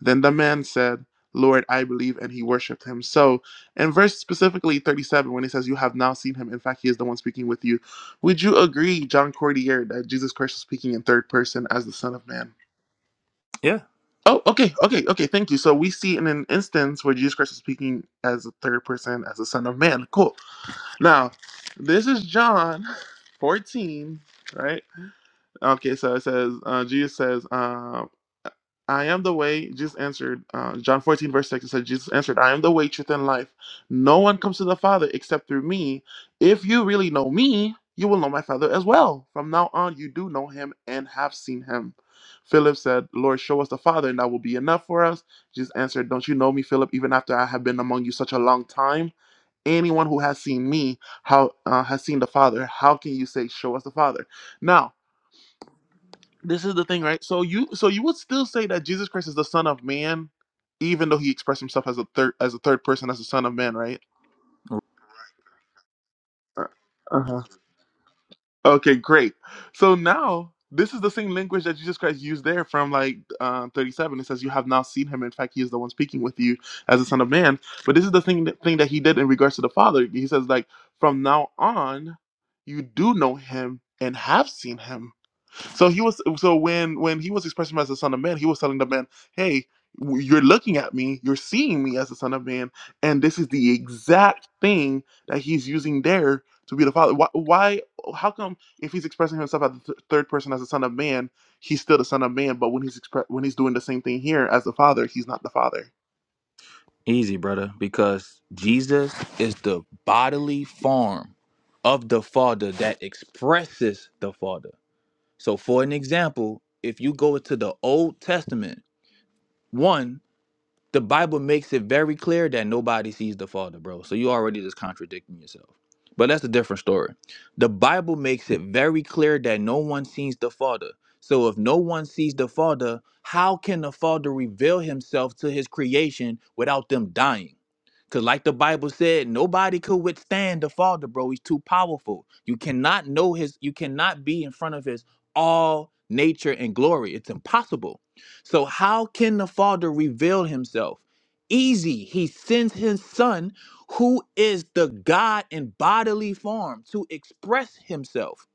Speaker 1: Then the man said, Lord, I believe, and he worshiped him. So, in verse specifically 37, when he says, You have now seen him, in fact, he is the one speaking with you, would you agree, John Cordier, that Jesus Christ was speaking in third person as the Son of Man?
Speaker 5: Yeah,
Speaker 1: Oh, okay, okay, okay. Thank you. So we see in an instance where Jesus Christ is speaking as a third person, as a Son of Man. Cool. Now, this is John 14, right? Okay, so it says, uh, Jesus says, uh, I am the way. Jesus answered, uh, John 14, verse 6, it says, Jesus answered, I am the way, truth, and life. No one comes to the Father except through me. If you really know me, you will know my Father as well. From now on, you do know him and have seen him. Philip said, Lord, show us the Father, and that will be enough for us. Jesus answered, Don't you know me, Philip, even after I have been among you such a long time? Anyone who has seen me how uh, has seen the Father. How can you say, Show us the Father? Now, this is the thing, right? So you so you would still say that Jesus Christ is the Son of Man, even though he expressed himself as a third as a third person as the Son of Man, right? Uh huh. Okay, great. So now this is the same language that Jesus Christ used there from like uh, 37. It says, "You have now seen him. In fact, he is the one speaking with you as the Son of Man." But this is the thing that, thing that he did in regards to the Father. He says, like, from now on, you do know him and have seen him. So he was so when when he was expressing him as the son of man, he was telling the man, "Hey, w- you're looking at me, you're seeing me as the son of man, and this is the exact thing that he's using there to be the father. Why? why how come if he's expressing himself as the th- third person as the son of man, he's still the son of man, but when he's expre- when he's doing the same thing here as the father, he's not the father?
Speaker 5: easy, brother. Because Jesus is the bodily form of the Father that expresses the Father. So, for an example, if you go to the Old Testament, one The Bible makes it very clear that nobody sees the Father, bro. So you already just contradicting yourself. But that's a different story. The Bible makes it very clear that no one sees the Father. So if no one sees the Father, how can the Father reveal himself to his creation without them dying? Because, like the Bible said, nobody could withstand the Father, bro. He's too powerful. You cannot know his, you cannot be in front of his all nature and glory. It's impossible. So, how can the Father reveal himself? Easy. He sends his Son, who is the God in bodily form, to express himself.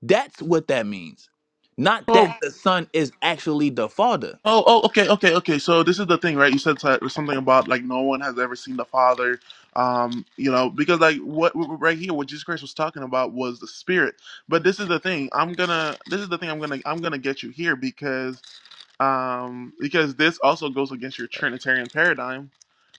Speaker 5: That's what that means. Not
Speaker 1: Oh."
Speaker 5: that the Son is actually the Father.
Speaker 1: Oh, oh, okay, okay, okay. So this is the thing, right? You said so- something about like no one has ever seen the Father, um, you know, because like what what- right here, what Jesus Christ was talking about was the Spirit. But this is the thing. I'm gonna. This is the thing. I'm gonna. I'm gonna get you here because um because this also goes against your Trinitarian paradigm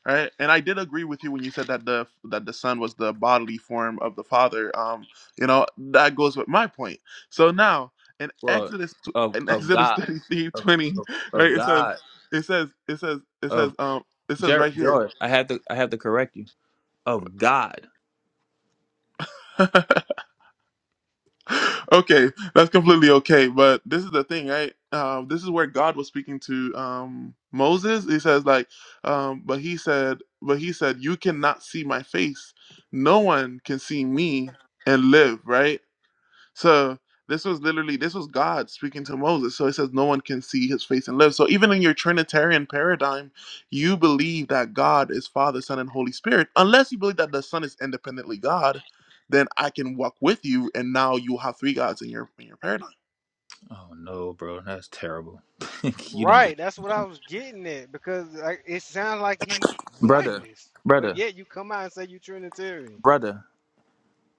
Speaker 1: Right, and I did agree with you when you said that the that the son was the bodily form of the father. Um, you know that goes with my point. So now in
Speaker 5: Well,
Speaker 1: Exodus tw-
Speaker 5: of,
Speaker 1: in
Speaker 5: of
Speaker 1: Exodus
Speaker 5: God,
Speaker 1: thirty three twenty, right?
Speaker 5: of
Speaker 1: It says,
Speaker 5: God.
Speaker 1: it says, it says, it says, um, it says
Speaker 5: Jer-
Speaker 1: right here.
Speaker 5: George, I have to I have to correct you. Of God.
Speaker 1: okay, that's completely okay. But this is the thing, right? Um, this is where God was speaking to um, Moses. He says, like, um, but he said, but he said, you cannot see my face. No one can see me and live, right? So this was literally this was God speaking to Moses. So it says no one can see his face and live. So even in your Trinitarian paradigm, you believe that God is Father, Son, and Holy Spirit. Unless you believe that the Son is independently God, then I can walk with you and now you have three gods in your in your paradigm.
Speaker 5: Oh no, bro, that's terrible. you didn't get
Speaker 6: Right, that's what I was getting at. Because like, it sounds like he won
Speaker 5: Brother,
Speaker 6: this. But
Speaker 5: brother,
Speaker 6: yet you come out and say you Trinitarian.
Speaker 5: brother,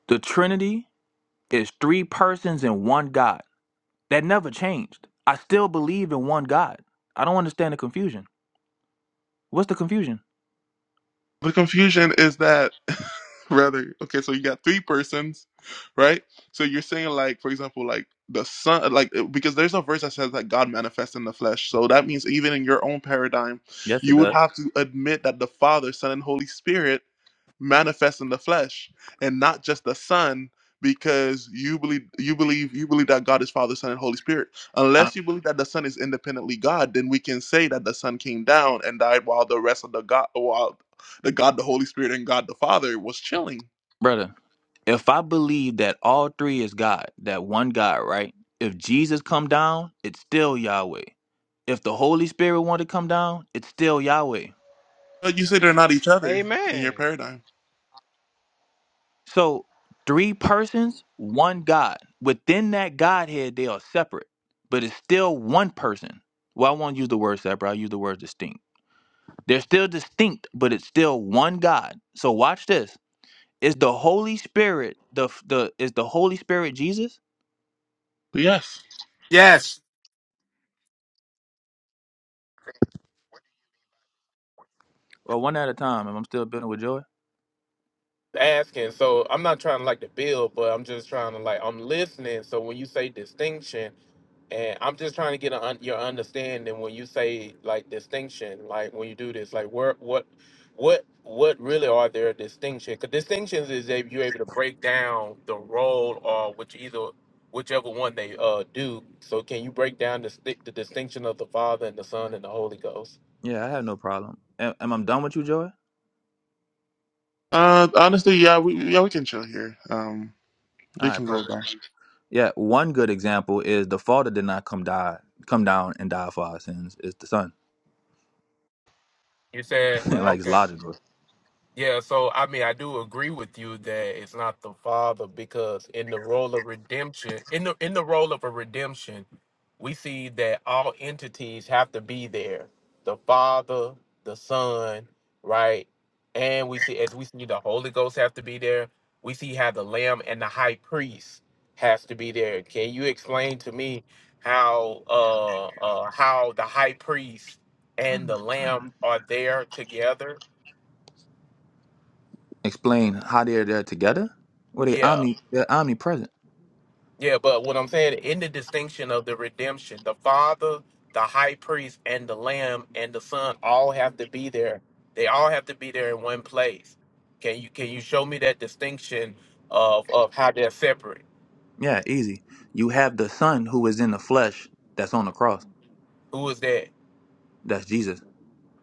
Speaker 5: the Trinity is three persons in one God. That never changed. I still believe in one God. I don't understand the confusion. What's the confusion?
Speaker 1: The confusion is that rather okay, so you got three persons, right? So you're saying like, for example, like the son, like uh, because there's a verse that says that God manifests in the flesh. So that means even in your own paradigm,
Speaker 5: Yes, it
Speaker 1: you would
Speaker 5: does.
Speaker 1: have to admit that the Father, Son, and Holy Spirit manifest in the flesh and not just the son because you believe you believe you believe that god is father son and holy spirit
Speaker 5: I,
Speaker 1: unless you believe that the son is independently god then we can say that the son came down and died while the rest of the god while the God the Holy Spirit and God the Father was chilling.
Speaker 5: brother, if I believe that all three is God, that one God, right? If Jesus come down, it's still Yahweh. If the Holy Spirit want to come down, it's still Yahweh.
Speaker 1: But you say they're not each other in your
Speaker 6: Amen.
Speaker 1: paradigm.
Speaker 5: So three persons, one God. Within that Godhead, they are separate, but it's still one person. Well, I won't use the word separate. I'll use the word distinct. They're still distinct, but it's still one God. So watch this. Is the Holy Spirit the the is the Holy Spirit Jesus?
Speaker 1: But yes.
Speaker 3: Yes.
Speaker 5: Well, one at a time. Am I'm still building with Joy?
Speaker 8: asking. So I'm not trying to like to build, but I'm just trying to like I'm listening. So when you say distinction, and I'm just trying to get a, un, your understanding when you say like distinction, like when you do this, like where what what what really are there distinction? Because distinctions is if you're able to break down the role or which either whichever one they uh do. So can you break down the sti- the distinction of the Father and the Son and the Holy Ghost?
Speaker 5: Yeah, I have no problem. Am, am I done with you, Joy?
Speaker 1: Uh honestly, yeah, we yeah, we can chill here. Um
Speaker 5: All
Speaker 1: we
Speaker 5: right,
Speaker 1: can go
Speaker 5: perfect.
Speaker 1: back.
Speaker 5: Yeah, one good example is the Father did not come die come down and die for our sins. It's the Son.
Speaker 8: You said
Speaker 6: What?
Speaker 5: like it's
Speaker 8: okay.
Speaker 5: logical.
Speaker 8: Yeah, so I mean, I do agree with you that it's not the father because in the role of redemption, in the in the role of a redemption, we see that all entities have to be there. The father, the son, right? And we see as we see the Holy Ghost have to be there. We see how the lamb and the high priest has to be there. Can you explain to me how uh uh how the high priest and the lamb are there together?
Speaker 5: explain how they're there together? Well, they
Speaker 8: Yeah.
Speaker 5: omni they're omnipresent.
Speaker 8: Yeah, but what I'm saying in the distinction of the redemption, the Father, the High Priest, and the Lamb and the Son all have to be there. They all have to be there in one place. Can you can you show me that distinction of of how they're separate?
Speaker 5: Yeah, easy. You have the Son who is in the flesh that's on the cross.
Speaker 8: Who is that?
Speaker 5: That's Jesus.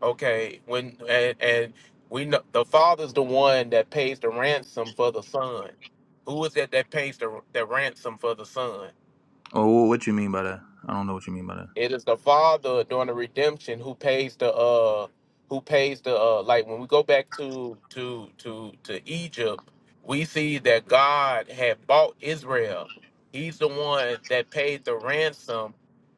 Speaker 8: Okay, when and, and we know the Father's the one that pays the ransom for the Son. Who is that that pays the the ransom for the Son?
Speaker 5: Oh, what you mean by that? I don't know what you mean by that.
Speaker 8: It is the Father during the redemption who pays the uh who pays the uh like when we go back to to to to Egypt, we see that God had bought Israel. He's the one that paid the ransom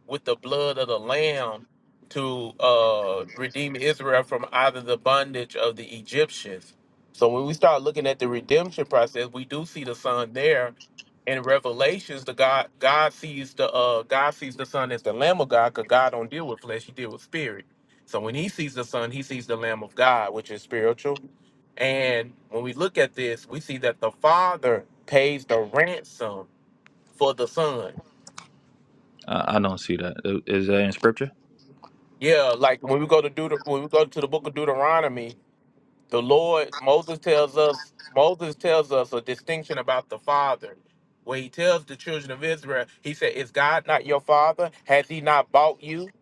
Speaker 8: with the blood of the lamb to uh redeem Israel from either the bondage of the Egyptians. So when we start looking at the redemption process, we do see the son there in Revelations, the God God sees the uh God sees the Son as the Lamb of God, because God don't deal with flesh, he deal with spirit. So when he sees the Son, he sees the Lamb of God, which is spiritual. And when we look at this, we see that the Father pays the ransom for the Son.
Speaker 5: I, I don't see that. I- Is that in scripture?
Speaker 8: Yeah, like when we go to Deut- when we go to the book of Deuteronomy, The Lord, Moses tells us, Moses tells us a distinction about the Father. Where he tells the children of Israel, he said, Is God not your father? Has he not bought you?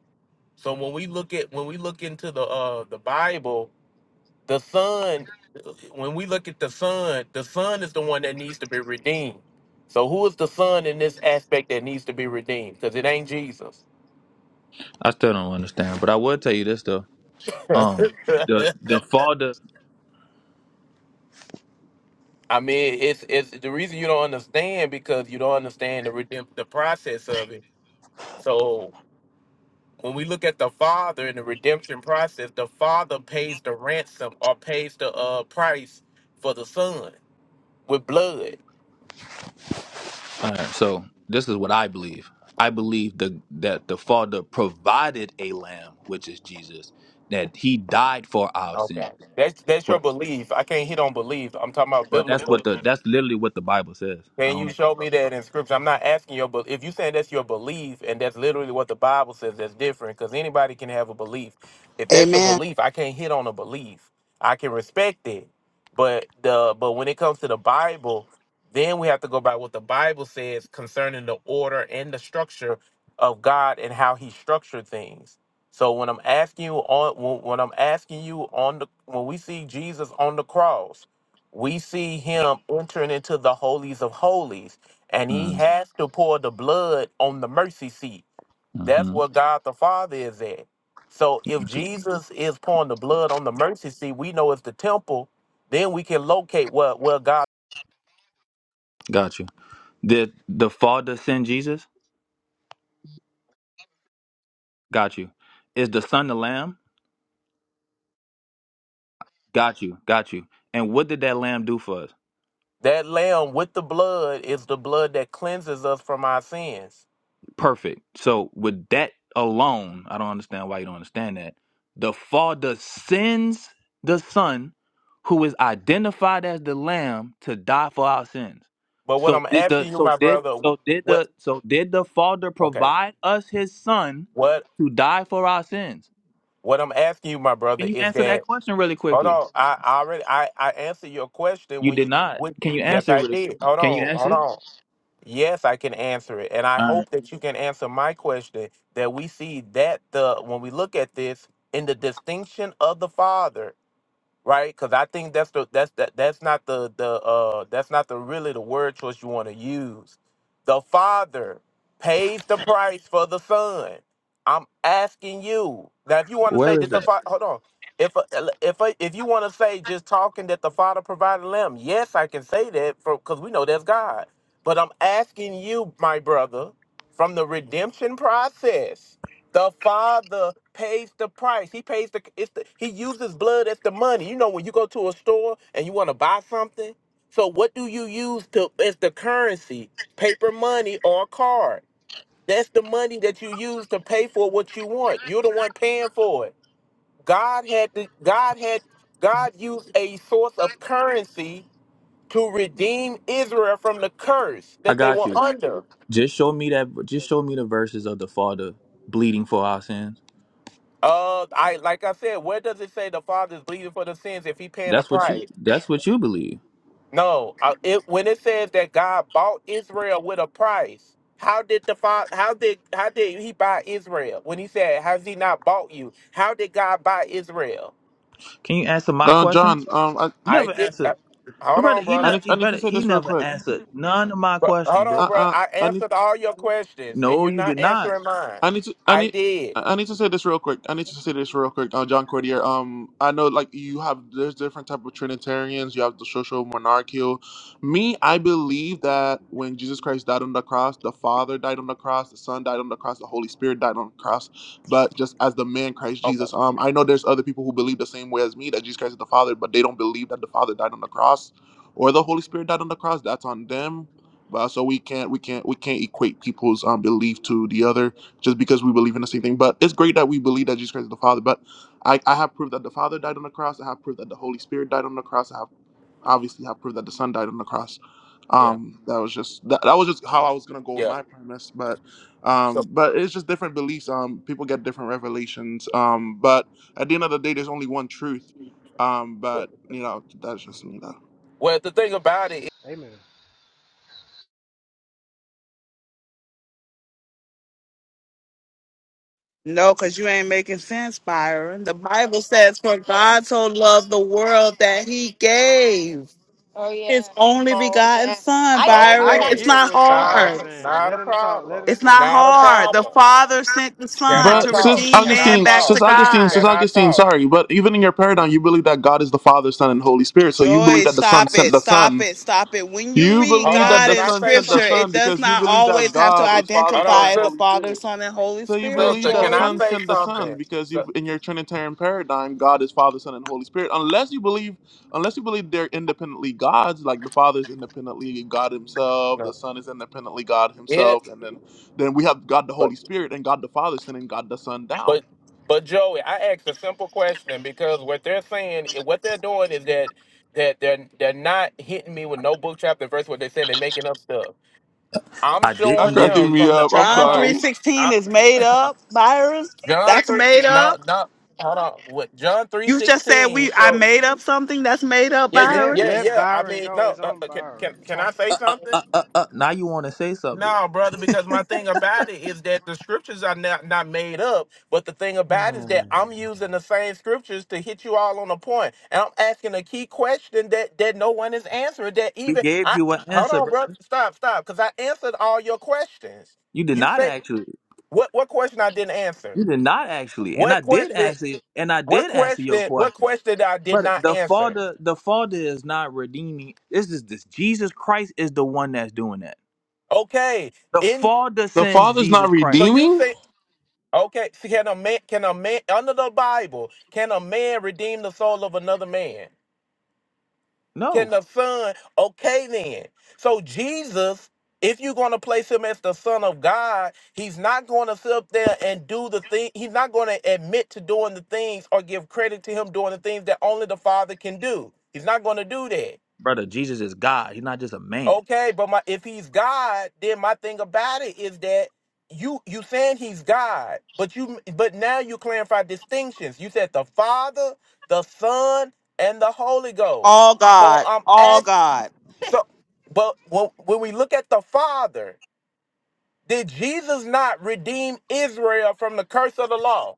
Speaker 8: So when we look at when we look into the uh the Bible, the son when we look at the son, the son is the one that needs to be redeemed. So who is the son in this aspect that needs to be redeemed? Because it ain't Jesus.
Speaker 5: I still don't understand. But I will tell you this though. Um, the the Father.
Speaker 8: I mean, it's it's the reason you don't understand because you don't understand the redemp- the process of it So when we look at the Father in the redemption process, the Father pays the ransom or pays the uh, price for the Son with blood.
Speaker 5: All right. So this is what I believe. I believe the that the Father provided a lamb, which is Jesus, that He died for our
Speaker 8: Okay,
Speaker 5: sins.
Speaker 8: that's that's your belief. I can't hit on belief. I'm talking about
Speaker 5: But that's
Speaker 8: biblical.
Speaker 5: what the that's literally what the Bible says. I
Speaker 8: Can you
Speaker 5: don't.
Speaker 8: show me that in scripture? I'm not asking your, but if you saying that's your belief and that's literally what the Bible says, that's different. Because anybody can have a belief. If that's your
Speaker 9: Amen.
Speaker 8: belief, I can't hit on a belief. I can respect it, but the but when it comes to the Bible, then we have to go by what the Bible says concerning the order and the structure of God and how He structured things. So when I'm asking you on when, when I'm asking you on the when we see Jesus on the cross we see him entering into the holies of holies and he
Speaker 5: Mm-hmm.
Speaker 8: has to pour the blood on the mercy seat that's
Speaker 5: Mm-hmm.
Speaker 8: where god the father is at so if
Speaker 5: Got you.
Speaker 8: jesus is pouring the blood on the mercy seat we know it's the temple then we can locate where, where god
Speaker 5: Got you. Did the Father send Jesus? Got you. Is the Son the Lamb? Got you. Got you. And what did that Lamb do for us?
Speaker 8: that lamb with the blood is the blood that cleanses us from our sins
Speaker 5: Perfect. So with that alone, I don't understand why you don't understand that. The Father sends the Son, who is identified as the Lamb, to die for our sins.
Speaker 8: but what
Speaker 5: So
Speaker 8: i'm
Speaker 5: did the
Speaker 8: asking you
Speaker 5: so
Speaker 8: my
Speaker 5: did
Speaker 8: brother
Speaker 5: so did
Speaker 8: wh- what
Speaker 5: the so did the Father
Speaker 8: okay
Speaker 5: provide us his son
Speaker 8: what
Speaker 5: to die for our sins?
Speaker 8: what i'm asking you my brother
Speaker 5: Can you
Speaker 8: is
Speaker 5: answer
Speaker 8: that
Speaker 5: that question really
Speaker 8: Hold
Speaker 5: quickly?
Speaker 8: on. I, I already I, I answered your question
Speaker 5: You
Speaker 8: when
Speaker 5: did
Speaker 8: you
Speaker 5: not.
Speaker 8: when
Speaker 5: Can you
Speaker 8: yes
Speaker 5: answer it
Speaker 8: I
Speaker 5: really
Speaker 8: did.
Speaker 5: quick?
Speaker 8: Hold
Speaker 5: Can you
Speaker 8: on, hold
Speaker 5: answer it?
Speaker 8: on. Yes, I can answer it. And I
Speaker 5: All right.
Speaker 8: hope that you can answer my question that we see that the when we look at this in the distinction of the Father right? Because I think that's the that's that that's not the the uh that's not the really the word choice you want to use. The Father pays the price for the Son. I'm asking you now if you want to say
Speaker 5: Where
Speaker 8: that
Speaker 5: is
Speaker 8: the
Speaker 5: that?
Speaker 8: Father. Hold on. If a, if a, if you want to say just talking that the Father provided lamb, yes, I can say that because we know that's God. But I'm asking you, my brother, from the redemption process. The Father pays the price. He pays the it's the he uses blood as the money. You know when you go to a store and you want to buy something, so what do you use to as the currency? Paper money or a card. That's the money that you use to pay for what you want. You're the one paying for it. God had to God had God used a source of currency to redeem Israel from the curse
Speaker 5: I
Speaker 8: that they
Speaker 5: got
Speaker 8: were
Speaker 5: you.
Speaker 8: under.
Speaker 5: Just show me that. Just show me the verses of the Father bleeding for our sins.
Speaker 8: Uh, I like I said, where does it say the Father is bleeding for the sins if he paying the
Speaker 5: That's what you.
Speaker 8: price?
Speaker 5: That's what you believe.
Speaker 8: No, uh, it when it says that God bought Israel with a price, how did the father? How did how did he buy Israel? When he said, "Has he not bought you?" How did God buy Israel?
Speaker 5: Can you answer my
Speaker 1: Uh
Speaker 5: questions?
Speaker 1: John, um I,
Speaker 5: You
Speaker 8: I
Speaker 5: never
Speaker 8: did. Uh,
Speaker 5: answered, my
Speaker 8: hold
Speaker 5: brother.
Speaker 8: on,
Speaker 5: He
Speaker 1: I
Speaker 8: brother.
Speaker 5: not.
Speaker 1: need
Speaker 5: He
Speaker 1: I need
Speaker 5: brother.
Speaker 1: to say
Speaker 5: He
Speaker 1: this real
Speaker 5: never
Speaker 1: quick.
Speaker 5: answered none of my
Speaker 8: Bro,
Speaker 5: questions,
Speaker 8: hold on,
Speaker 5: bro.
Speaker 1: Uh
Speaker 8: bro.
Speaker 1: uh
Speaker 8: I
Speaker 1: I need
Speaker 8: answered all your questions, and
Speaker 5: No,
Speaker 8: you're
Speaker 5: you did
Speaker 8: not
Speaker 5: not.
Speaker 8: answering mine.
Speaker 1: I need to I
Speaker 8: I
Speaker 1: need I
Speaker 8: did.
Speaker 1: I need to say this real quick. I need to say this real quick, uh, John Cordier. Um, I know like you have there's different type of Trinitarians. You have the social monarchical. Me, I believe that when Jesus Christ died on the cross, the Father died on the cross, the Son died on the cross, the Holy Spirit died on the cross. But just as the man Christ
Speaker 8: Okay.
Speaker 1: Jesus, um, I know there's other people who believe the same way as me that Jesus Christ is the Father, but they don't believe that the Father died on the cross or the Holy Spirit died on the cross. That's on them. But so we can't we can't we can't equate people's um belief to the other just because we believe in the same thing. But it's great that we believe that Jesus Christ is the Father. But I, I have proof that the Father died on the cross. I have proof that the Holy Spirit died on the cross. I have obviously have proof that the Son died on the cross.
Speaker 8: Yeah.
Speaker 1: Um, that was just that, that was just how I was gonna go with
Speaker 8: Yeah.
Speaker 1: my premise. But
Speaker 8: So,
Speaker 1: um, but it's just different beliefs. Um, people get different revelations. Um, but at the end of the day, there's only one truth. Um,
Speaker 8: well,
Speaker 1: but you know, that's just me though.
Speaker 8: well, the thing about it.
Speaker 6: Amen.
Speaker 9: No, because you ain't making sense, Byron. The Bible says, For God so loved the world that he gave oh, yeah. his only begotten Yeah. son, I-
Speaker 6: I
Speaker 9: Byron.
Speaker 8: Okay.
Speaker 9: It's
Speaker 6: get
Speaker 9: not
Speaker 6: what
Speaker 8: Not
Speaker 6: Byron's
Speaker 9: hard.
Speaker 8: a,
Speaker 6: saying.
Speaker 8: not
Speaker 6: Let
Speaker 8: a
Speaker 6: him talk. Let
Speaker 8: problem.
Speaker 6: him
Speaker 9: It's
Speaker 6: cook.
Speaker 9: not
Speaker 8: Not a
Speaker 9: hard. The
Speaker 8: problem.
Speaker 9: Father sent the
Speaker 8: Can
Speaker 9: Son
Speaker 8: I
Speaker 9: to
Speaker 1: But sis
Speaker 8: talk?
Speaker 9: redeem
Speaker 8: Can I
Speaker 9: man
Speaker 1: Augustine,
Speaker 9: back to
Speaker 1: sis
Speaker 8: talk?
Speaker 1: Augustine,
Speaker 9: God.
Speaker 1: sis
Speaker 8: Can I
Speaker 1: Augustine,
Speaker 8: talk?
Speaker 1: sorry, but even in your paradigm, you believe that God is the Father, Son, and Holy Spirit. So you believe
Speaker 9: Joy,
Speaker 1: that the Son
Speaker 9: stop
Speaker 1: sent
Speaker 9: it,
Speaker 1: the
Speaker 9: stop
Speaker 1: Son.
Speaker 9: it, stop it. When you
Speaker 1: You
Speaker 9: read
Speaker 8: Hold
Speaker 1: believe
Speaker 8: on.
Speaker 1: that
Speaker 9: God
Speaker 1: the
Speaker 8: Can
Speaker 9: in
Speaker 8: I
Speaker 1: Son
Speaker 8: say
Speaker 1: sent the
Speaker 9: Scripture,
Speaker 8: something?
Speaker 9: it
Speaker 1: Son
Speaker 9: does
Speaker 1: because you
Speaker 9: not
Speaker 1: believe that
Speaker 9: always have to
Speaker 1: God is Father,
Speaker 8: Hold
Speaker 1: Son,
Speaker 8: on,
Speaker 9: identify
Speaker 1: and
Speaker 9: as the
Speaker 1: Holy
Speaker 8: sister.
Speaker 9: Father,
Speaker 1: Spirit.
Speaker 9: Son, and Holy
Speaker 1: So you
Speaker 9: Spirit,
Speaker 1: believe
Speaker 8: Sister,
Speaker 1: that
Speaker 8: can I
Speaker 9: Joy.
Speaker 1: Son
Speaker 8: say
Speaker 1: sent the Son
Speaker 8: something?
Speaker 1: because
Speaker 8: So,
Speaker 1: you, in your Trinitarian paradigm, God is Father, Son, and Holy Spirit. Unless you believe, unless you believe they're independently gods, like the Father is independently God Himself, the
Speaker 8: no.
Speaker 1: Son is independently God Himself,
Speaker 8: It,
Speaker 1: and then then we have God the
Speaker 8: but,
Speaker 1: Holy Spirit and God the Father sending God the Son down.
Speaker 8: but, but Joey, I asked a simple question because what they're saying, what they're doing is that that they're they're not hitting me with no book chapter and verse. What they're saying, they're making up stuff. I'm
Speaker 5: I
Speaker 1: Not
Speaker 8: showing
Speaker 5: didn't give
Speaker 1: cracking
Speaker 8: them
Speaker 5: you.
Speaker 1: me
Speaker 8: from the.
Speaker 1: up. I'm
Speaker 8: Hold
Speaker 9: John three
Speaker 1: sorry.
Speaker 8: on.
Speaker 9: sixteen is made up, Byron.
Speaker 8: John
Speaker 9: That's
Speaker 8: three.
Speaker 9: made
Speaker 8: No,
Speaker 9: up.
Speaker 8: no. Hold on. What John three
Speaker 9: You just said
Speaker 8: sixteen
Speaker 9: we. I
Speaker 8: shows?
Speaker 9: made up something. That's made up,
Speaker 8: Yeah, you.
Speaker 6: Let
Speaker 8: Yeah,
Speaker 9: Byron.
Speaker 6: let
Speaker 8: yeah. I
Speaker 6: Byron
Speaker 8: mean,
Speaker 6: go.
Speaker 8: no.
Speaker 6: It's
Speaker 8: Uh,
Speaker 6: on
Speaker 8: uh, can
Speaker 6: Byron.
Speaker 8: can can I say
Speaker 5: Uh, uh,
Speaker 8: something?
Speaker 5: uh, uh, uh, now you want to say something?
Speaker 8: No, brother, because my thing about it is that the scriptures are not, not made up, but the thing about it is
Speaker 5: Hmm.
Speaker 8: that I'm using the same scriptures to hit you all on a point, and I'm asking a key question that that no one is answering. That
Speaker 5: We
Speaker 8: even
Speaker 5: gave
Speaker 8: I
Speaker 5: you an
Speaker 8: hold
Speaker 5: answer,
Speaker 8: on, brother,
Speaker 5: brother.
Speaker 8: stop, stop, because I answered all your questions.
Speaker 5: You did
Speaker 8: You
Speaker 5: not
Speaker 8: say
Speaker 5: actually.
Speaker 8: what? What question I didn't answer?
Speaker 5: You did not actually, and
Speaker 8: What
Speaker 5: I did
Speaker 8: question?
Speaker 5: answer. And I
Speaker 8: What
Speaker 5: did answer your
Speaker 8: question? What
Speaker 5: question.
Speaker 8: question that I did
Speaker 5: But
Speaker 8: not
Speaker 5: the
Speaker 8: answer?
Speaker 5: father, the father is not redeeming. This is this. Jesus Christ is the one that's doing that.
Speaker 8: Okay.
Speaker 5: The
Speaker 8: In
Speaker 5: father
Speaker 1: The
Speaker 5: sends
Speaker 1: father's not
Speaker 5: Jesus
Speaker 8: so
Speaker 5: Christ.
Speaker 8: you
Speaker 1: redeeming
Speaker 8: think okay? So can a man? Can a man under the Bible? Can a man redeem the soul of another man? Can
Speaker 5: No,
Speaker 8: the son? Okay, then. So Jesus, if you're going to place him as the son of God, he's not going to sit up there and do the thing. He's not going to admit to doing the things or give credit to him doing the things that only the Father can do. He's not going to do that.
Speaker 5: brother, Jesus is God. He's not just a man.
Speaker 8: Okay, but my if he's God, then my thing about it is that you you saying he's God, but you but now you clarify distinctions. You said the Father, the Son, and the Holy Ghost.
Speaker 9: All
Speaker 8: So
Speaker 9: God,
Speaker 8: I'm
Speaker 9: all
Speaker 8: asked.
Speaker 9: God.
Speaker 8: So, but when, when we look at the Father, did Jesus not redeem Israel from the curse of the law?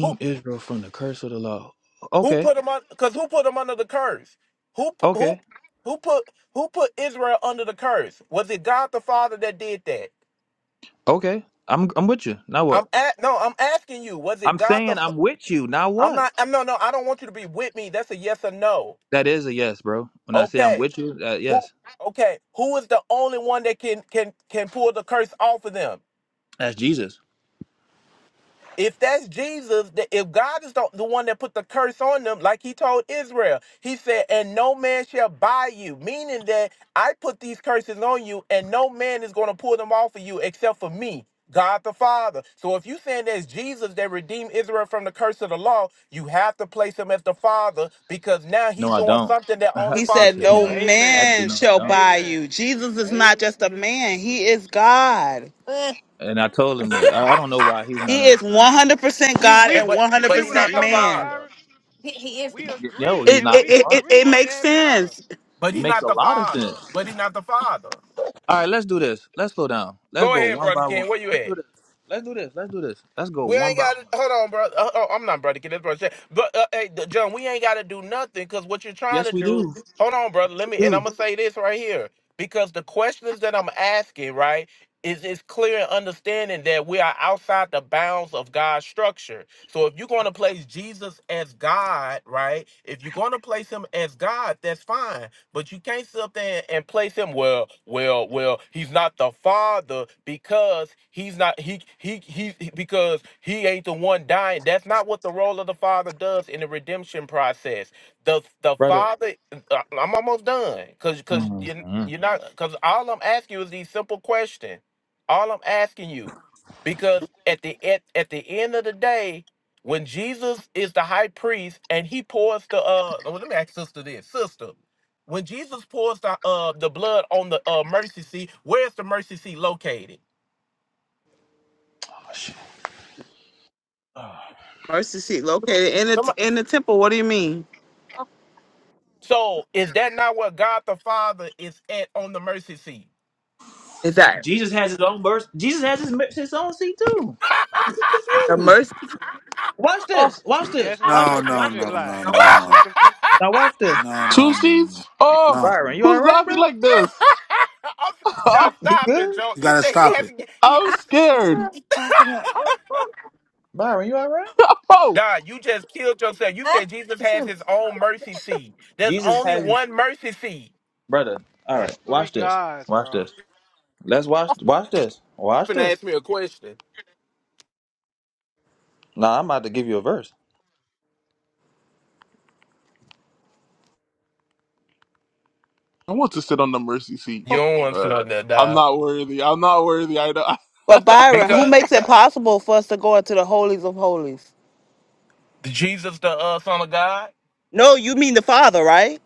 Speaker 8: Who
Speaker 5: Israel from the curse of the law.
Speaker 8: who
Speaker 5: Okay,
Speaker 8: put him on? Because who put him under the curse? Who pu- who
Speaker 5: okay,
Speaker 8: who put who put Israel under the curse? Was it God the Father that did that?
Speaker 5: okay. I'm I'm with you. Now
Speaker 8: I'm
Speaker 5: what?
Speaker 8: at no. I'm asking you. Was it
Speaker 5: I'm
Speaker 8: God the?
Speaker 5: saying
Speaker 8: fa-
Speaker 5: I'm with you. Now
Speaker 8: I'm
Speaker 5: what?
Speaker 8: not. I'm no. No. I don't want you to be with me. That's a yes or no.
Speaker 5: That is a yes, bro. When I say I'm
Speaker 8: Okay.
Speaker 5: with you, uh,
Speaker 8: Who?
Speaker 5: yes,
Speaker 8: Okay. Who is the only one that can can can pull the curse off of them?
Speaker 5: that's Jesus.
Speaker 8: If that's Jesus, th- if God is the, the one that put the curse on them, like he told Israel, he said, and no man shall buy you, meaning that I put these curses on you and no man is going to pull them off of you except for me, God the Father. So if you saying there's Jesus that redeemed Israel from the curse of the law, you have to place him as the Father because now
Speaker 5: No,
Speaker 8: he's
Speaker 5: I
Speaker 8: doing
Speaker 5: don't.
Speaker 8: something that only
Speaker 9: He
Speaker 8: Father
Speaker 9: said,
Speaker 5: actually,
Speaker 8: can
Speaker 5: no,
Speaker 9: "No
Speaker 8: do.
Speaker 5: I,
Speaker 6: Amen.
Speaker 5: actually,
Speaker 9: man
Speaker 5: no, I
Speaker 9: shall
Speaker 5: don't.
Speaker 9: buy
Speaker 6: Amen.
Speaker 9: you." Jesus is not
Speaker 6: Amen.
Speaker 9: just a man; he is God.
Speaker 5: And I told him that I, I don't know why he's not
Speaker 9: He is one
Speaker 5: understanding that.
Speaker 9: hundred percent
Speaker 6: See,
Speaker 9: God
Speaker 8: And,
Speaker 6: we
Speaker 9: and
Speaker 8: but
Speaker 9: one
Speaker 6: you
Speaker 9: hundred
Speaker 8: but
Speaker 6: see
Speaker 8: he
Speaker 6: what I'm
Speaker 8: not
Speaker 9: percent
Speaker 8: the
Speaker 6: talking about,
Speaker 9: man.
Speaker 8: Father.
Speaker 6: Byron? We
Speaker 5: No,
Speaker 6: agree,
Speaker 5: he's
Speaker 9: It
Speaker 6: and
Speaker 5: not
Speaker 9: it,
Speaker 6: we
Speaker 5: the
Speaker 9: it
Speaker 5: father.
Speaker 9: it it
Speaker 6: agree in
Speaker 9: makes
Speaker 6: that matter.
Speaker 9: sense.
Speaker 8: But
Speaker 5: It
Speaker 8: he
Speaker 5: makes
Speaker 8: not
Speaker 5: a
Speaker 8: the
Speaker 5: lot of sense.
Speaker 8: Father. But he not the Father.
Speaker 5: All right, let's do this. Let's slow down. Let's
Speaker 8: Go
Speaker 5: go
Speaker 8: ahead,
Speaker 5: one
Speaker 8: Brother
Speaker 5: by
Speaker 8: King.
Speaker 5: one.
Speaker 8: Where you
Speaker 5: Let's
Speaker 8: at?
Speaker 5: do this. Let's do this. Let's do this. Let's go
Speaker 8: We
Speaker 5: one
Speaker 8: ain't
Speaker 5: by
Speaker 8: got
Speaker 5: one.
Speaker 8: to hold on, bro. Uh, oh, I'm not brother. Get this brother. shit. But uh, hey, the- John, we ain't got to do nothing because what you're trying
Speaker 5: Yes,
Speaker 8: to
Speaker 5: we
Speaker 8: do.
Speaker 5: do.
Speaker 8: Hold on, brother.
Speaker 5: Yes,
Speaker 8: Let
Speaker 5: we
Speaker 8: me, and I'm
Speaker 5: do,
Speaker 8: gonna say this right here because the questions that I'm asking, right, is is clear and understanding that we are outside the bounds of God's structure. So if you're going to place Jesus as God, right, if you're going to place him as God, that's fine. But you can't sit up there and place him. Well, well, well. He's not the father because he's not he he he because he ain't the one dying. That's not what the role of the father does in the redemption process. The the
Speaker 5: brother.
Speaker 8: father. I- I'm almost done because because you
Speaker 5: Mhm.
Speaker 8: you're not because all I'm asking you is these simple questions. All I'm asking you because at the at, at the end of the day, when Jesus is the high priest and he pours the uh well, let me ask sister this. Sister, when Jesus pours the uh the blood on the uh mercy seat, where's the mercy seat located?
Speaker 5: Gosh.
Speaker 9: Mercy seat located in the
Speaker 8: Somebody.
Speaker 9: in the temple. What do you mean?
Speaker 8: So is that not where God the Father is at on the mercy seat?
Speaker 9: Is that
Speaker 5: Jesus has his own verse. Jesus has his, his own seat too. I'm just
Speaker 9: a
Speaker 5: confused.
Speaker 9: mercy?
Speaker 5: Watch this. Watch
Speaker 6: See,
Speaker 5: this.
Speaker 6: that's where the
Speaker 5: Watch
Speaker 3: No,
Speaker 5: this.
Speaker 3: no,
Speaker 5: Watch
Speaker 6: confusion
Speaker 3: no,
Speaker 5: this.
Speaker 6: lies.
Speaker 3: no,
Speaker 5: Now
Speaker 3: no,
Speaker 5: watch
Speaker 6: That's
Speaker 5: this.
Speaker 6: just
Speaker 3: no,
Speaker 6: confusion.
Speaker 5: Now watch this.
Speaker 8: I'm-
Speaker 3: no, no, no,
Speaker 1: two
Speaker 3: no.
Speaker 1: seats. Oh,
Speaker 3: No.
Speaker 5: Byron, you all
Speaker 1: who's
Speaker 5: right,
Speaker 1: laughing
Speaker 5: bro?
Speaker 1: like this?
Speaker 8: Dog,
Speaker 5: You
Speaker 8: stop it,
Speaker 5: good?
Speaker 8: Joe.
Speaker 3: You
Speaker 8: You
Speaker 3: gotta
Speaker 8: say he
Speaker 3: stop it.
Speaker 8: hasn't. Get, he,
Speaker 1: I'm
Speaker 8: you,
Speaker 1: scared.
Speaker 5: Byron, you all right?
Speaker 1: Oh,
Speaker 8: Dog, you just killed yourself. You said Jesus has his own mercy seat. There's
Speaker 5: Jesus
Speaker 8: only
Speaker 5: has
Speaker 8: one mercy seat.
Speaker 5: brother. All right.
Speaker 6: That's three
Speaker 5: Watch this.
Speaker 6: gods,
Speaker 5: Watch
Speaker 6: bro.
Speaker 5: this. Let's watch. Watch this. Watch
Speaker 8: Finna
Speaker 5: this.
Speaker 8: ask me a question.
Speaker 5: Now I'm about to give you a verse.
Speaker 1: I want to sit on the mercy seat,
Speaker 8: You don't want to
Speaker 1: but
Speaker 8: know that,
Speaker 1: I'm
Speaker 8: dog.
Speaker 1: not worthy. I'm not worthy. I know.
Speaker 9: But Byron, who
Speaker 8: Because
Speaker 9: makes it possible for us to go into the holies of holies?
Speaker 8: Jesus, the uh, Son of God,
Speaker 9: No, you mean the Father, right?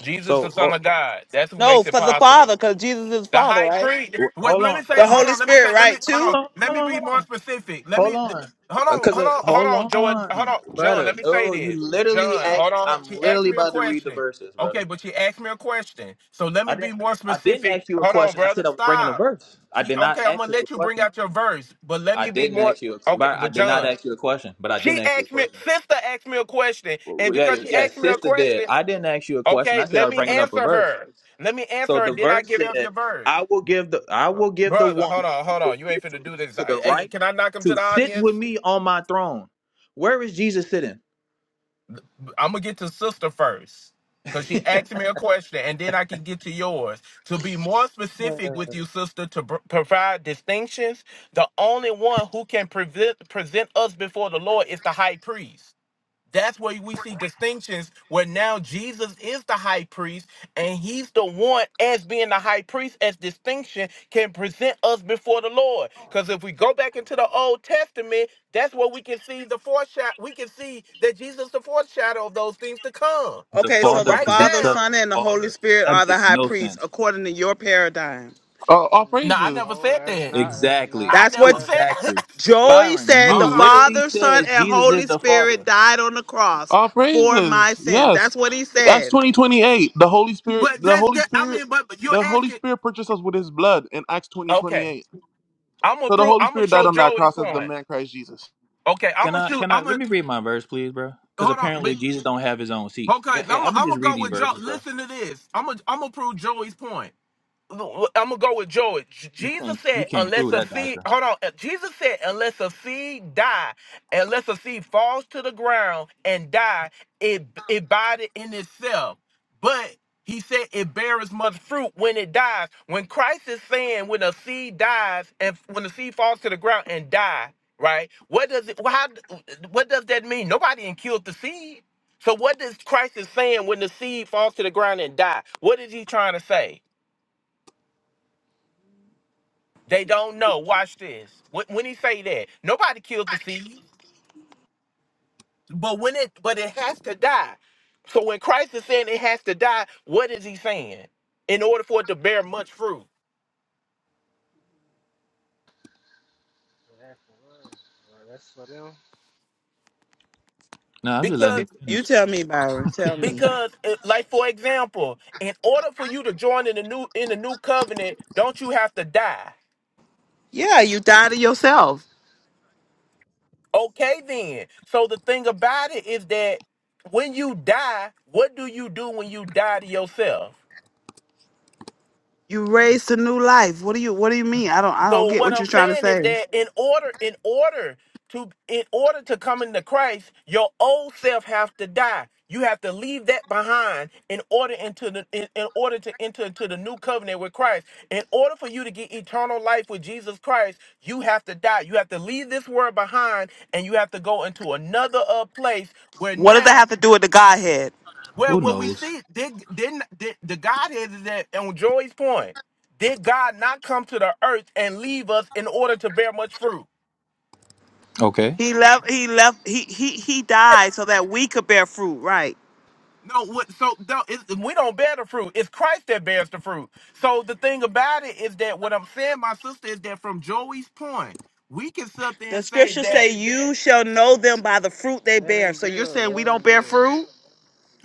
Speaker 8: Jesus, the
Speaker 5: So
Speaker 8: Son
Speaker 5: oh,
Speaker 8: of God. That's who
Speaker 9: No,
Speaker 8: makes it
Speaker 9: for the
Speaker 8: possible.
Speaker 9: Father, because Jesus is
Speaker 8: The
Speaker 9: Father,
Speaker 8: high
Speaker 9: right?
Speaker 8: priest.
Speaker 5: wh-
Speaker 8: Wait,
Speaker 5: hold
Speaker 8: let me
Speaker 5: on,
Speaker 8: say.
Speaker 9: The
Speaker 5: hold on,
Speaker 8: Hold
Speaker 9: Holy
Speaker 8: on. Let me say.
Speaker 9: Spirit,
Speaker 8: Let me
Speaker 9: right,
Speaker 8: hold
Speaker 9: too?
Speaker 8: on.
Speaker 5: hold on,
Speaker 8: Let
Speaker 5: hold
Speaker 8: me
Speaker 5: on,
Speaker 8: be
Speaker 5: hold
Speaker 8: more
Speaker 5: on,
Speaker 8: specific. Let
Speaker 5: hold
Speaker 8: me
Speaker 5: on.
Speaker 8: hold
Speaker 5: Uh,
Speaker 8: on.
Speaker 5: Cause
Speaker 8: Hold
Speaker 5: uh,
Speaker 8: on. Hold
Speaker 5: hold
Speaker 8: on, Joy. Hold
Speaker 5: on,
Speaker 8: on, John.
Speaker 5: brother.
Speaker 8: Let me say
Speaker 5: No, you
Speaker 8: this,
Speaker 5: literally
Speaker 8: John.
Speaker 5: act.
Speaker 8: Hold on.
Speaker 5: I'm
Speaker 8: She asked
Speaker 5: literally
Speaker 8: me a
Speaker 5: about to read the
Speaker 8: question.
Speaker 5: verses, brother.
Speaker 8: Okay, but she asked me a question. So let me
Speaker 5: I
Speaker 8: be
Speaker 5: didn't.
Speaker 8: more
Speaker 5: I didn't
Speaker 8: specific.
Speaker 5: ask you a
Speaker 8: Hold on,
Speaker 5: question. I
Speaker 8: brother.
Speaker 5: said I was bringing a
Speaker 8: Stop.
Speaker 5: verse. I
Speaker 8: She
Speaker 5: did not
Speaker 8: okay. I'm
Speaker 5: ask
Speaker 8: gonna
Speaker 5: you a
Speaker 8: let you bring
Speaker 5: question.
Speaker 8: out your verse, but let
Speaker 5: I
Speaker 8: me be
Speaker 5: didn't
Speaker 8: more.
Speaker 5: ask you. A,
Speaker 8: Okay,
Speaker 5: but I
Speaker 8: but
Speaker 5: did not
Speaker 8: John.
Speaker 5: ask you a question. But I
Speaker 8: She
Speaker 5: didn't ask you a
Speaker 8: asked me.
Speaker 5: question.
Speaker 8: Sister asked me a question, and
Speaker 5: Yeah,
Speaker 8: because
Speaker 5: you-
Speaker 8: she
Speaker 5: yeah.
Speaker 8: asked me a
Speaker 5: Sister did.
Speaker 8: question,
Speaker 5: I didn't ask you a question. I
Speaker 8: okay,
Speaker 5: said I
Speaker 8: let
Speaker 5: was
Speaker 8: me
Speaker 5: bringing up a
Speaker 8: answer
Speaker 5: verse.
Speaker 8: her. Let me
Speaker 5: So
Speaker 8: answer her.
Speaker 5: the
Speaker 8: Then I
Speaker 5: verse
Speaker 8: give her
Speaker 5: says,
Speaker 8: your verse.
Speaker 5: "I will give the I will give the
Speaker 8: Brother,
Speaker 5: one
Speaker 8: hold on, hold
Speaker 5: who is
Speaker 8: on. You ain't finna do
Speaker 5: victorious
Speaker 8: this.
Speaker 5: to the
Speaker 8: Hey,
Speaker 5: right
Speaker 8: can I knock him to
Speaker 5: to
Speaker 8: the
Speaker 5: sit with
Speaker 8: audience?
Speaker 5: me on my throne." Where is Jesus sitting?
Speaker 8: I'm gonna get to sister first. Cause she asked me a question, and then I can get to yours. To be more specific with you, sister, to br- provide distinctions, the only one who can prevent, present us before the Lord is the high priest. That's where we see distinctions where now Jesus is the high priest and he's the one as being the high priest as distinction can present us before the Lord. Because if we go back into the Old Testament, that's where we can see the foreshadow. We can see that Jesus is the foreshadow of those things to come.
Speaker 5: The
Speaker 9: Okay,
Speaker 8: So
Speaker 9: so
Speaker 5: Father
Speaker 9: the
Speaker 8: right
Speaker 9: Father,
Speaker 5: presents us
Speaker 8: now,
Speaker 5: to
Speaker 9: Son,
Speaker 5: the
Speaker 9: and the Holy
Speaker 5: Father.
Speaker 9: Spirit
Speaker 5: That
Speaker 9: are the
Speaker 5: makes
Speaker 9: high
Speaker 5: no
Speaker 9: priests,
Speaker 5: sense.
Speaker 9: according to your paradigm.
Speaker 1: Uh, all
Speaker 8: no, I
Speaker 6: N-
Speaker 1: praises.
Speaker 8: never
Speaker 6: No,
Speaker 8: said
Speaker 6: that's
Speaker 8: that.
Speaker 6: not. That's
Speaker 5: Exactly.
Speaker 6: not.
Speaker 8: I
Speaker 9: That's
Speaker 8: never
Speaker 9: what
Speaker 6: That's
Speaker 8: said.
Speaker 5: Exactly.
Speaker 9: Joey
Speaker 5: Byron,
Speaker 9: said.
Speaker 5: you
Speaker 9: The
Speaker 8: Hold on.
Speaker 5: literally
Speaker 9: Father, Son,
Speaker 5: says
Speaker 9: and
Speaker 5: Jesus is
Speaker 9: Holy
Speaker 5: the
Speaker 9: Spirit
Speaker 5: Father.
Speaker 9: died on the cross
Speaker 1: All
Speaker 9: for my
Speaker 1: praises.
Speaker 9: sins.
Speaker 1: Yes.
Speaker 9: That's what he
Speaker 1: Acts
Speaker 9: said.
Speaker 1: twenty twenty eight. The Holy Spirit.
Speaker 8: But
Speaker 1: The
Speaker 8: that's
Speaker 1: Holy
Speaker 8: that. I
Speaker 1: Spirit.
Speaker 8: mean, but, but you're
Speaker 1: The Holy
Speaker 8: asking.
Speaker 1: Spirit purchased us with His blood in Acts twenty twenty
Speaker 8: Okay,
Speaker 1: eight.
Speaker 8: I'm gonna
Speaker 1: So the
Speaker 8: prove.
Speaker 1: Holy
Speaker 8: I'm gonna
Speaker 1: Spirit died
Speaker 8: show
Speaker 1: on that
Speaker 8: Joey's
Speaker 1: cross as the
Speaker 8: point.
Speaker 1: man Christ Jesus.
Speaker 8: Okay, I'm
Speaker 5: Can
Speaker 8: gonna
Speaker 5: I?
Speaker 8: shoot.
Speaker 5: Can I?
Speaker 8: I'm
Speaker 5: Let
Speaker 8: gonna.
Speaker 5: me read my verse, please, bro. Because
Speaker 8: hold on,
Speaker 5: apparently
Speaker 8: but
Speaker 5: Jesus don't have his own seat.
Speaker 8: okay,
Speaker 5: Yeah, yeah,
Speaker 8: I'm
Speaker 5: I'm gonna
Speaker 8: I'm
Speaker 5: just
Speaker 8: gonna
Speaker 5: read
Speaker 8: go
Speaker 5: these
Speaker 8: with Joe.
Speaker 5: verses, bro.
Speaker 8: Listen to this. I'm gonna I'm gonna prove Joey's point. I'm gonna go with Joey. J-
Speaker 5: You
Speaker 8: Jesus
Speaker 5: can't. You
Speaker 8: said,
Speaker 5: can't
Speaker 8: "Unless
Speaker 5: prove
Speaker 8: a
Speaker 5: that,
Speaker 8: seed,
Speaker 5: doctor.
Speaker 8: hold on." Uh, Jesus said, "Unless a seed die, unless a seed falls to the ground and die, it it abideth in itself." But he said it bears much fruit when it dies. When Christ is saying, "When a seed dies, and when the seed falls to the ground and die," right? What does it? How? What does that mean? Nobody did kill the seed. So what does Christ is saying when the seed falls to the ground and die? What is he trying to say? They don't know. Watch this. When, when he say that, nobody kills the seed, but when it but it has to die. So when Christ is saying it has to die, what is he saying? In order for it to bear much fruit,
Speaker 6: that's, for them.
Speaker 5: No, I'm just letting
Speaker 8: because
Speaker 9: You,
Speaker 5: him finish.
Speaker 9: you tell me, Byron. Tell me.
Speaker 8: because uh, like for example, in order for you to join in the new in the new covenant, don't you have to die?
Speaker 9: Yeah, you died to yourself.
Speaker 8: Okay, then. So the thing about it is that when you die, what do you do when you die to yourself?
Speaker 9: You raised to new life. What do you What do you mean? I don't I don't
Speaker 8: So
Speaker 9: get
Speaker 8: what
Speaker 9: what you're
Speaker 8: I'm
Speaker 9: trying to
Speaker 8: saying is
Speaker 9: say.
Speaker 8: that in order, in order to, in order to come into Christ, your old self have to die. You have to leave that behind in order into the in, in order to enter into the new covenant with Christ. In order for you to get eternal life with Jesus Christ, you have to die. You have to leave this world behind, and you have to go into another uh, place where
Speaker 9: What does that
Speaker 8: now
Speaker 9: have to do with the Godhead?
Speaker 8: well,
Speaker 5: Who
Speaker 8: what we
Speaker 5: knows?
Speaker 8: see, did didn't did, the Godhead is that on Joy's point, did God not come to the earth and leave us in order to bear much fruit?
Speaker 5: Okay.
Speaker 9: He left. He left. He he he died so that we could bear fruit. Right.
Speaker 8: No, what so no, it's, we don't bear the fruit. It's Christ that bears the fruit. So the thing about it is that what I'm saying, my sister, is that from Joey's point, we can sit there
Speaker 9: The
Speaker 8: and say
Speaker 9: scriptures
Speaker 8: that
Speaker 9: say, "You shall know them by the fruit they
Speaker 6: Let
Speaker 9: bear."
Speaker 6: him
Speaker 9: So you're
Speaker 6: build.
Speaker 9: saying we
Speaker 6: Let him
Speaker 9: don't bear
Speaker 6: build.
Speaker 9: fruit?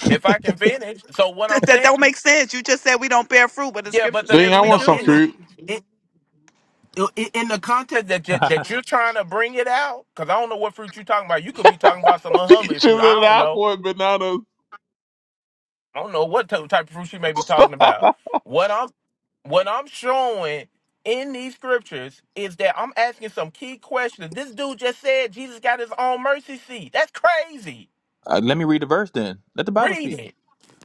Speaker 8: if I can finish. So what I'm
Speaker 9: That, that
Speaker 8: saying,
Speaker 9: don't make sense. You just said we don't bear fruit, but the
Speaker 8: yeah,
Speaker 9: scripture
Speaker 8: but the
Speaker 1: Dang,
Speaker 9: says
Speaker 1: I
Speaker 9: we
Speaker 1: want
Speaker 8: no
Speaker 1: some
Speaker 8: in
Speaker 9: do.
Speaker 1: fruit.
Speaker 8: the i- in the context that you, that you're trying to bring it out, because I don't know what fruit you're talking about. You could be talking about some
Speaker 1: He
Speaker 8: unholy fruit. I
Speaker 1: chiseled it
Speaker 8: don't
Speaker 1: out
Speaker 8: know.
Speaker 1: for bananas.
Speaker 8: I don't know what type type of fruit you may be talking about. What I'm what I'm showing in these scriptures is that I'm asking some key questions. This dude just said Jesus got his own mercy seat. That's crazy.
Speaker 5: Uh, let me read the verse then. Let the Bible
Speaker 8: Read
Speaker 5: speak.
Speaker 8: it.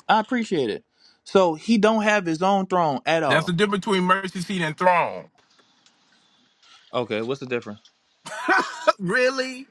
Speaker 5: I appreciate it. So he don't have his own throne at
Speaker 8: That's the
Speaker 5: all.
Speaker 8: difference between mercy seat and throne.
Speaker 5: Okay, what's the difference?
Speaker 8: C- Really?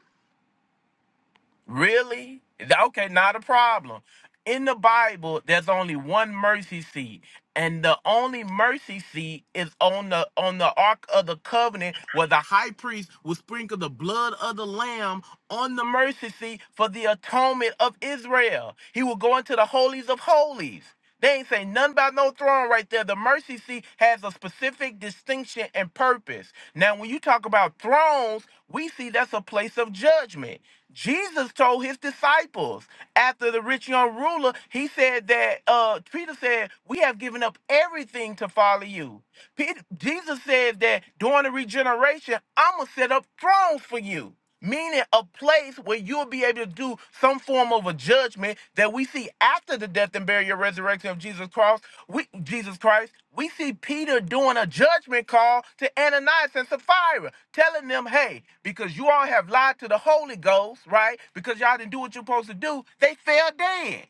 Speaker 8: Really? Okay, not a problem. In the Bible, there's only one mercy seat, and the only mercy seat is on the on the Ark of the Covenant, where the high priest will sprinkle the blood of the lamb on the mercy seat for the atonement of Israel. He will go into the holies of holies. They ain't say nothing about no throne right there. The mercy seat has a specific distinction and purpose. Now, when you talk about thrones, we see that's a place of judgment. Jesus told his disciples after the rich young ruler, he said that uh, Peter said, "We have given up everything to follow you." Peter, Jesus says that during the regeneration, I'm going to set up thrones for you, meaning a place where you'll be able to do some form of a judgment that we see after the death and burial and resurrection of Jesus Christ. We, Jesus Christ, we see Peter doing a judgment call to Ananias and Sapphira, telling them, hey, because you all have lied to the Holy Ghost, right? Because y'all didn't do what you're supposed to do, they fell dead.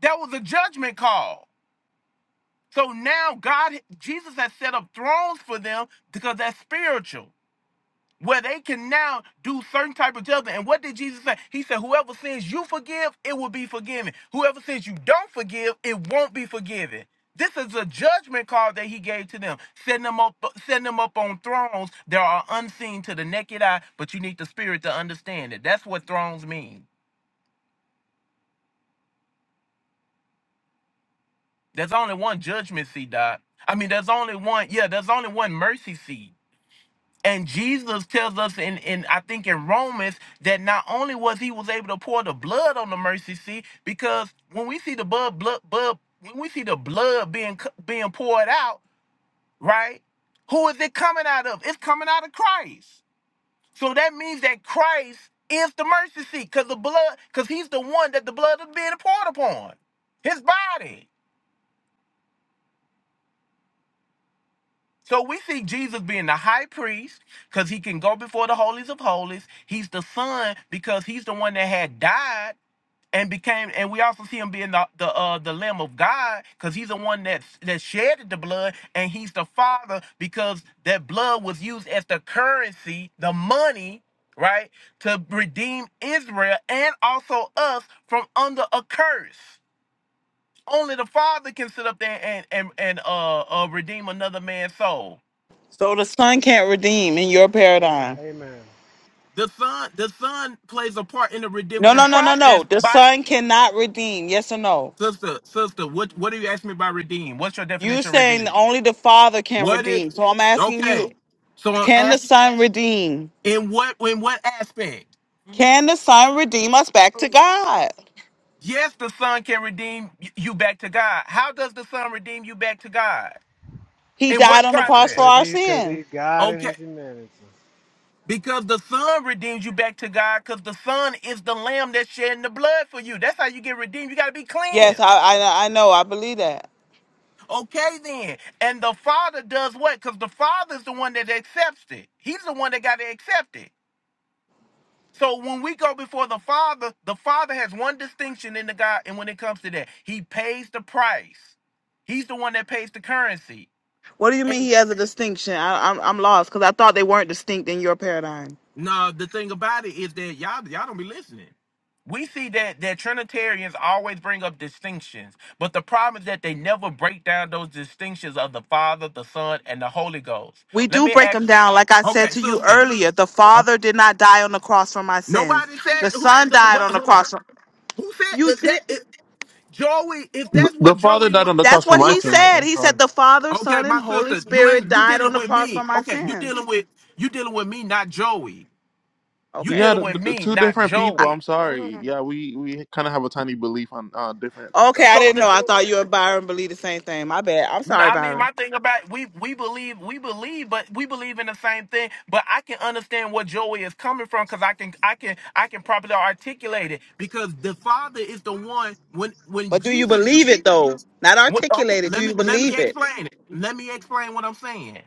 Speaker 8: That was a judgment call. So now God, Jesus has set up thrones for them because that's spiritual, where they can now do certain type of judgment. And what did Jesus say? He said, "Whoever sins you forgive, it will be forgiven. Whoever sins you don't forgive, it won't be forgiven." This is a judgment call that he gave to them, setting them up, setting them up on thrones that are unseen to the naked eye, but you need the spirit to understand it. That's what thrones mean. There's only one judgment seat, Doc. I mean, there's only one, yeah, there's only one mercy seat. And Jesus tells us in, in I think in Romans that not only was he was able to pour the blood on the mercy seat, because when we see the blood, blood, blood when we see the blood being c- being poured out, right? Who is it coming out of? It's coming out of Christ. So that means that Christ is the mercy seat, because the blood, because he's the one that the blood is being poured upon. His body. So we see Jesus being the high priest because he can go before the holies of holies. He's the son because he's the one that had died and became. And we also see him being the the uh, the Lamb of God because he's the one that that shedded the blood, and he's the Father because that blood was used as the currency, the money, right, to redeem Israel and also us from under a curse. Only the Father can sit up there and and and uh, uh redeem another man's soul
Speaker 9: So the son can't redeem in your paradigm.
Speaker 6: Amen.
Speaker 8: The son, the son plays a part in the
Speaker 9: No,
Speaker 8: redemption
Speaker 9: no, no, no, no.
Speaker 8: process.
Speaker 9: The
Speaker 8: By
Speaker 9: son cannot redeem. Yes or no?
Speaker 8: sister, sister, what what do you ask me by redeem? What's your
Speaker 9: You
Speaker 8: definition of
Speaker 9: saying
Speaker 8: redeem?
Speaker 9: only the father can
Speaker 8: What is
Speaker 9: redeem. So I'm asking you,
Speaker 8: okay? So I'm
Speaker 9: Can the
Speaker 8: asking
Speaker 9: Son redeem?
Speaker 8: in what in what aspect?
Speaker 9: Can the Son redeem us back to God?
Speaker 8: Yes, the son can redeem y- you back to God. How does the son redeem you back to God?
Speaker 9: He
Speaker 8: In
Speaker 9: died
Speaker 8: what
Speaker 9: on the
Speaker 6: Cause,
Speaker 9: cross for
Speaker 8: process?
Speaker 6: cause
Speaker 9: our
Speaker 6: he's cause
Speaker 9: sins.
Speaker 6: he's God in
Speaker 8: Okay,
Speaker 6: his humanity.
Speaker 8: because the son redeems you back to God. Because the son is the lamb that's shedding the blood for you. That's how you get redeemed. You got to be
Speaker 9: Yes,
Speaker 8: cleansed.
Speaker 9: I, I, I know. I believe that.
Speaker 8: Okay, then. And the father does what? Because the Father is the one that accepts it. He's the one that got to accept it. So when we go before the father, the father has one distinction in the God, and when it comes to that, he pays the price. He's the one that pays the currency.
Speaker 9: What do you mean
Speaker 8: And
Speaker 9: he has a distinction? I, I'm, I'm lost because I thought they weren't distinct in your paradigm.
Speaker 8: no, the thing about it is that y'all y'all don't be listening. We see that that Trinitarians always bring up distinctions, but the problem is that they never break down those distinctions of the Father, the Son, and the Holy Ghost.
Speaker 9: We
Speaker 8: Let
Speaker 9: do
Speaker 8: me
Speaker 9: break
Speaker 8: ask.
Speaker 9: them down. Like I said
Speaker 8: Okay,
Speaker 9: to you
Speaker 8: sister.
Speaker 9: earlier, the
Speaker 8: Um,
Speaker 9: Father did not die on the cross for my sins.
Speaker 8: Nobody said
Speaker 9: The
Speaker 8: who.
Speaker 9: Son died
Speaker 8: But,
Speaker 9: on the
Speaker 8: hold on.
Speaker 9: cross. For,
Speaker 8: Who said
Speaker 9: you
Speaker 8: that? that
Speaker 9: did.
Speaker 8: it, Joey. If
Speaker 1: The
Speaker 8: that's
Speaker 1: the
Speaker 8: what
Speaker 1: father
Speaker 8: Joey
Speaker 1: died
Speaker 8: was.
Speaker 1: on the cross
Speaker 9: That's
Speaker 1: for
Speaker 9: what
Speaker 1: my
Speaker 9: he
Speaker 1: sins.
Speaker 8: Okay.
Speaker 9: said.
Speaker 1: I'm
Speaker 9: He
Speaker 1: sorry.
Speaker 9: said the Father,
Speaker 8: Okay,
Speaker 9: Son, and
Speaker 8: my
Speaker 9: Holy
Speaker 8: sister. You
Speaker 9: Spirit
Speaker 8: ain't. You
Speaker 9: died on
Speaker 8: dealing
Speaker 9: the
Speaker 8: with
Speaker 9: cross for
Speaker 8: me.
Speaker 9: my
Speaker 8: Okay. You
Speaker 9: sins.
Speaker 8: dealing with. You dealing with me, not Joey. You
Speaker 9: Okay.
Speaker 1: Yeah,
Speaker 8: dealing
Speaker 1: the,
Speaker 8: with
Speaker 1: the
Speaker 8: me,
Speaker 1: two
Speaker 8: not
Speaker 1: different people. I'm
Speaker 8: Joey.
Speaker 1: sorry. Yeah, we we kind of have a tiny belief on uh different
Speaker 9: Okay,
Speaker 1: uh,
Speaker 9: I
Speaker 8: So
Speaker 9: didn't
Speaker 1: on
Speaker 8: the.
Speaker 9: know.
Speaker 1: that.
Speaker 9: I
Speaker 8: thing-
Speaker 9: thought you and Byron believe the same thing. My bad. I'm
Speaker 8: No,
Speaker 9: sorry,
Speaker 8: I mean,
Speaker 9: Byron.
Speaker 8: my thing about we we believe we believe, but we believe in the same thing. But I can understand what Joey is coming from because I can I can I can properly articulate it because the Father is the one when when
Speaker 9: But do you
Speaker 8: Jesus uses.
Speaker 9: believe it though? Not
Speaker 8: What, okay,
Speaker 9: articulated. Do
Speaker 8: let me
Speaker 9: you
Speaker 8: let
Speaker 9: believe
Speaker 8: me
Speaker 9: it?
Speaker 8: explain it. Let me explain what I'm saying.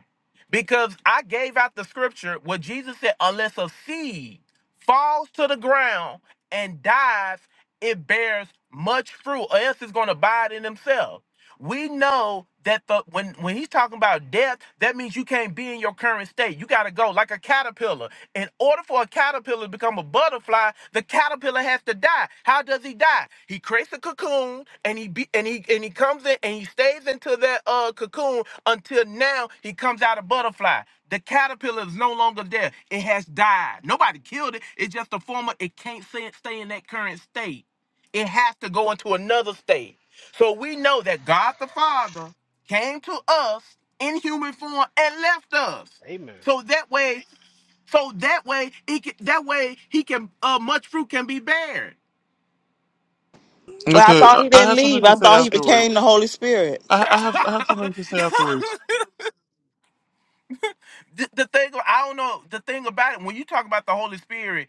Speaker 8: Because I gave out the scripture where Jesus said, unless a seed falls to the ground and dies, it bears much fruit, or else it's gonna abide in himself we know that the when when he's talking about death, that means you can't be in your current state. You gotta go like a caterpillar. In order for a caterpillar to become a butterfly, the caterpillar has to die. How does he die? He creates a cocoon and he be, and he and he comes in and he stays into that uh cocoon until now he comes out a butterfly. The caterpillar is no longer there. It has died. Nobody killed it. It's just a form of it can't stay stay in that current state. It has to go into another state. So we know that God the Father came to us in human form and left us.
Speaker 6: Amen.
Speaker 8: So that way, so that way he can, that way he can uh, much fruit can be bared.
Speaker 9: Well, I
Speaker 1: Okay,
Speaker 9: thought
Speaker 1: I
Speaker 9: he
Speaker 1: I
Speaker 9: didn't
Speaker 1: have something
Speaker 9: leave. I
Speaker 1: to say
Speaker 9: thought he became the
Speaker 1: afterwards.
Speaker 9: Holy Spirit.
Speaker 1: I, I have I have something to say afterwards.
Speaker 8: the, the thing I don't know the thing about it when you talk about the Holy Spirit.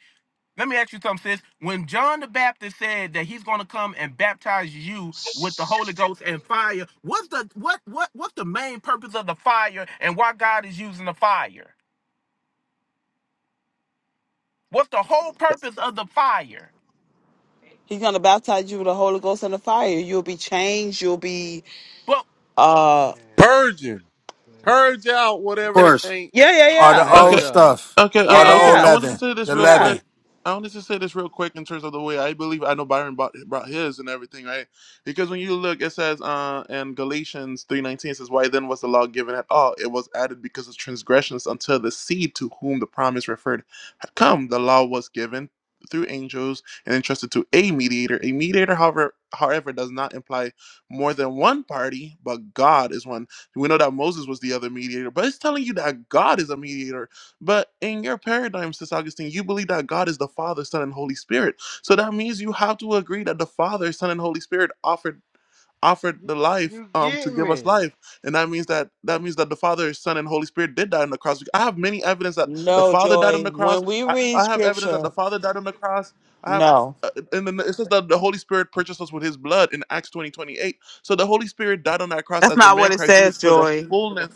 Speaker 8: Let me ask you something, sis. When John the Baptist said that he's going to come and baptize you with the Holy Ghost and fire, what's the what what what's the main purpose of the fire and why God is using the fire? What's the whole purpose of the fire?
Speaker 9: He's gonna baptize you with the Holy Ghost and the fire. You'll be changed. You'll be
Speaker 8: Well,
Speaker 9: uh
Speaker 6: Clarence,
Speaker 2: Purging. Purge
Speaker 6: Clarence,
Speaker 2: out
Speaker 3: Of
Speaker 2: whatever
Speaker 8: that,
Speaker 3: course,
Speaker 2: ain't
Speaker 9: yeah, yeah,
Speaker 3: all the
Speaker 9: yeah.
Speaker 2: ain't a
Speaker 3: old
Speaker 1: Okay,
Speaker 2: God.
Speaker 3: stuff,
Speaker 1: okay,
Speaker 9: Yeah,
Speaker 3: all the
Speaker 1: uh, uh,
Speaker 9: yeah,
Speaker 1: okay.
Speaker 3: old
Speaker 1: I
Speaker 9: yeah.
Speaker 1: wanted to
Speaker 3: leaven,
Speaker 1: say this
Speaker 3: the
Speaker 1: real
Speaker 9: Yeah.
Speaker 3: leaven.
Speaker 1: quick. I wanted to say this real quick in terms of the way I believe I know Byron bought, brought his and everything, right? Because when you look, it says uh, in Galatians three nineteen it says, "Why then was the law given at all? It was added because of transgressions until the seed to whom the promise referred had come. The law was given." through angels and entrusted to a mediator a mediator however however does not imply more than one party but god is one we know that Moses was the other mediator, but it's telling you that God is a mediator. But in your paradigm, Sis Augustine, you believe that God is the Father, Son, and Holy Spirit. So that means you have to agree that the Father, Son, and Holy Spirit offered offered
Speaker 6: you,
Speaker 1: the life
Speaker 6: you
Speaker 1: um to
Speaker 6: get
Speaker 1: give us
Speaker 6: me?
Speaker 1: life and that means that that means that the father son and holy spirit did die on the cross i have many evidence that the
Speaker 9: No,
Speaker 1: father died on
Speaker 9: Joy.
Speaker 1: the cross
Speaker 9: When we
Speaker 1: i,
Speaker 9: read
Speaker 1: I have evidence that the
Speaker 9: scripture,
Speaker 1: father died on the cross i have
Speaker 9: no.
Speaker 1: uh, and then it says that the holy spirit purchased us with his blood in acts 20:28. so the holy spirit died on that cross
Speaker 9: That's
Speaker 1: as the
Speaker 9: not
Speaker 1: man
Speaker 9: what it
Speaker 1: christ jesus
Speaker 9: says,
Speaker 1: for the
Speaker 9: Joy.
Speaker 1: fullness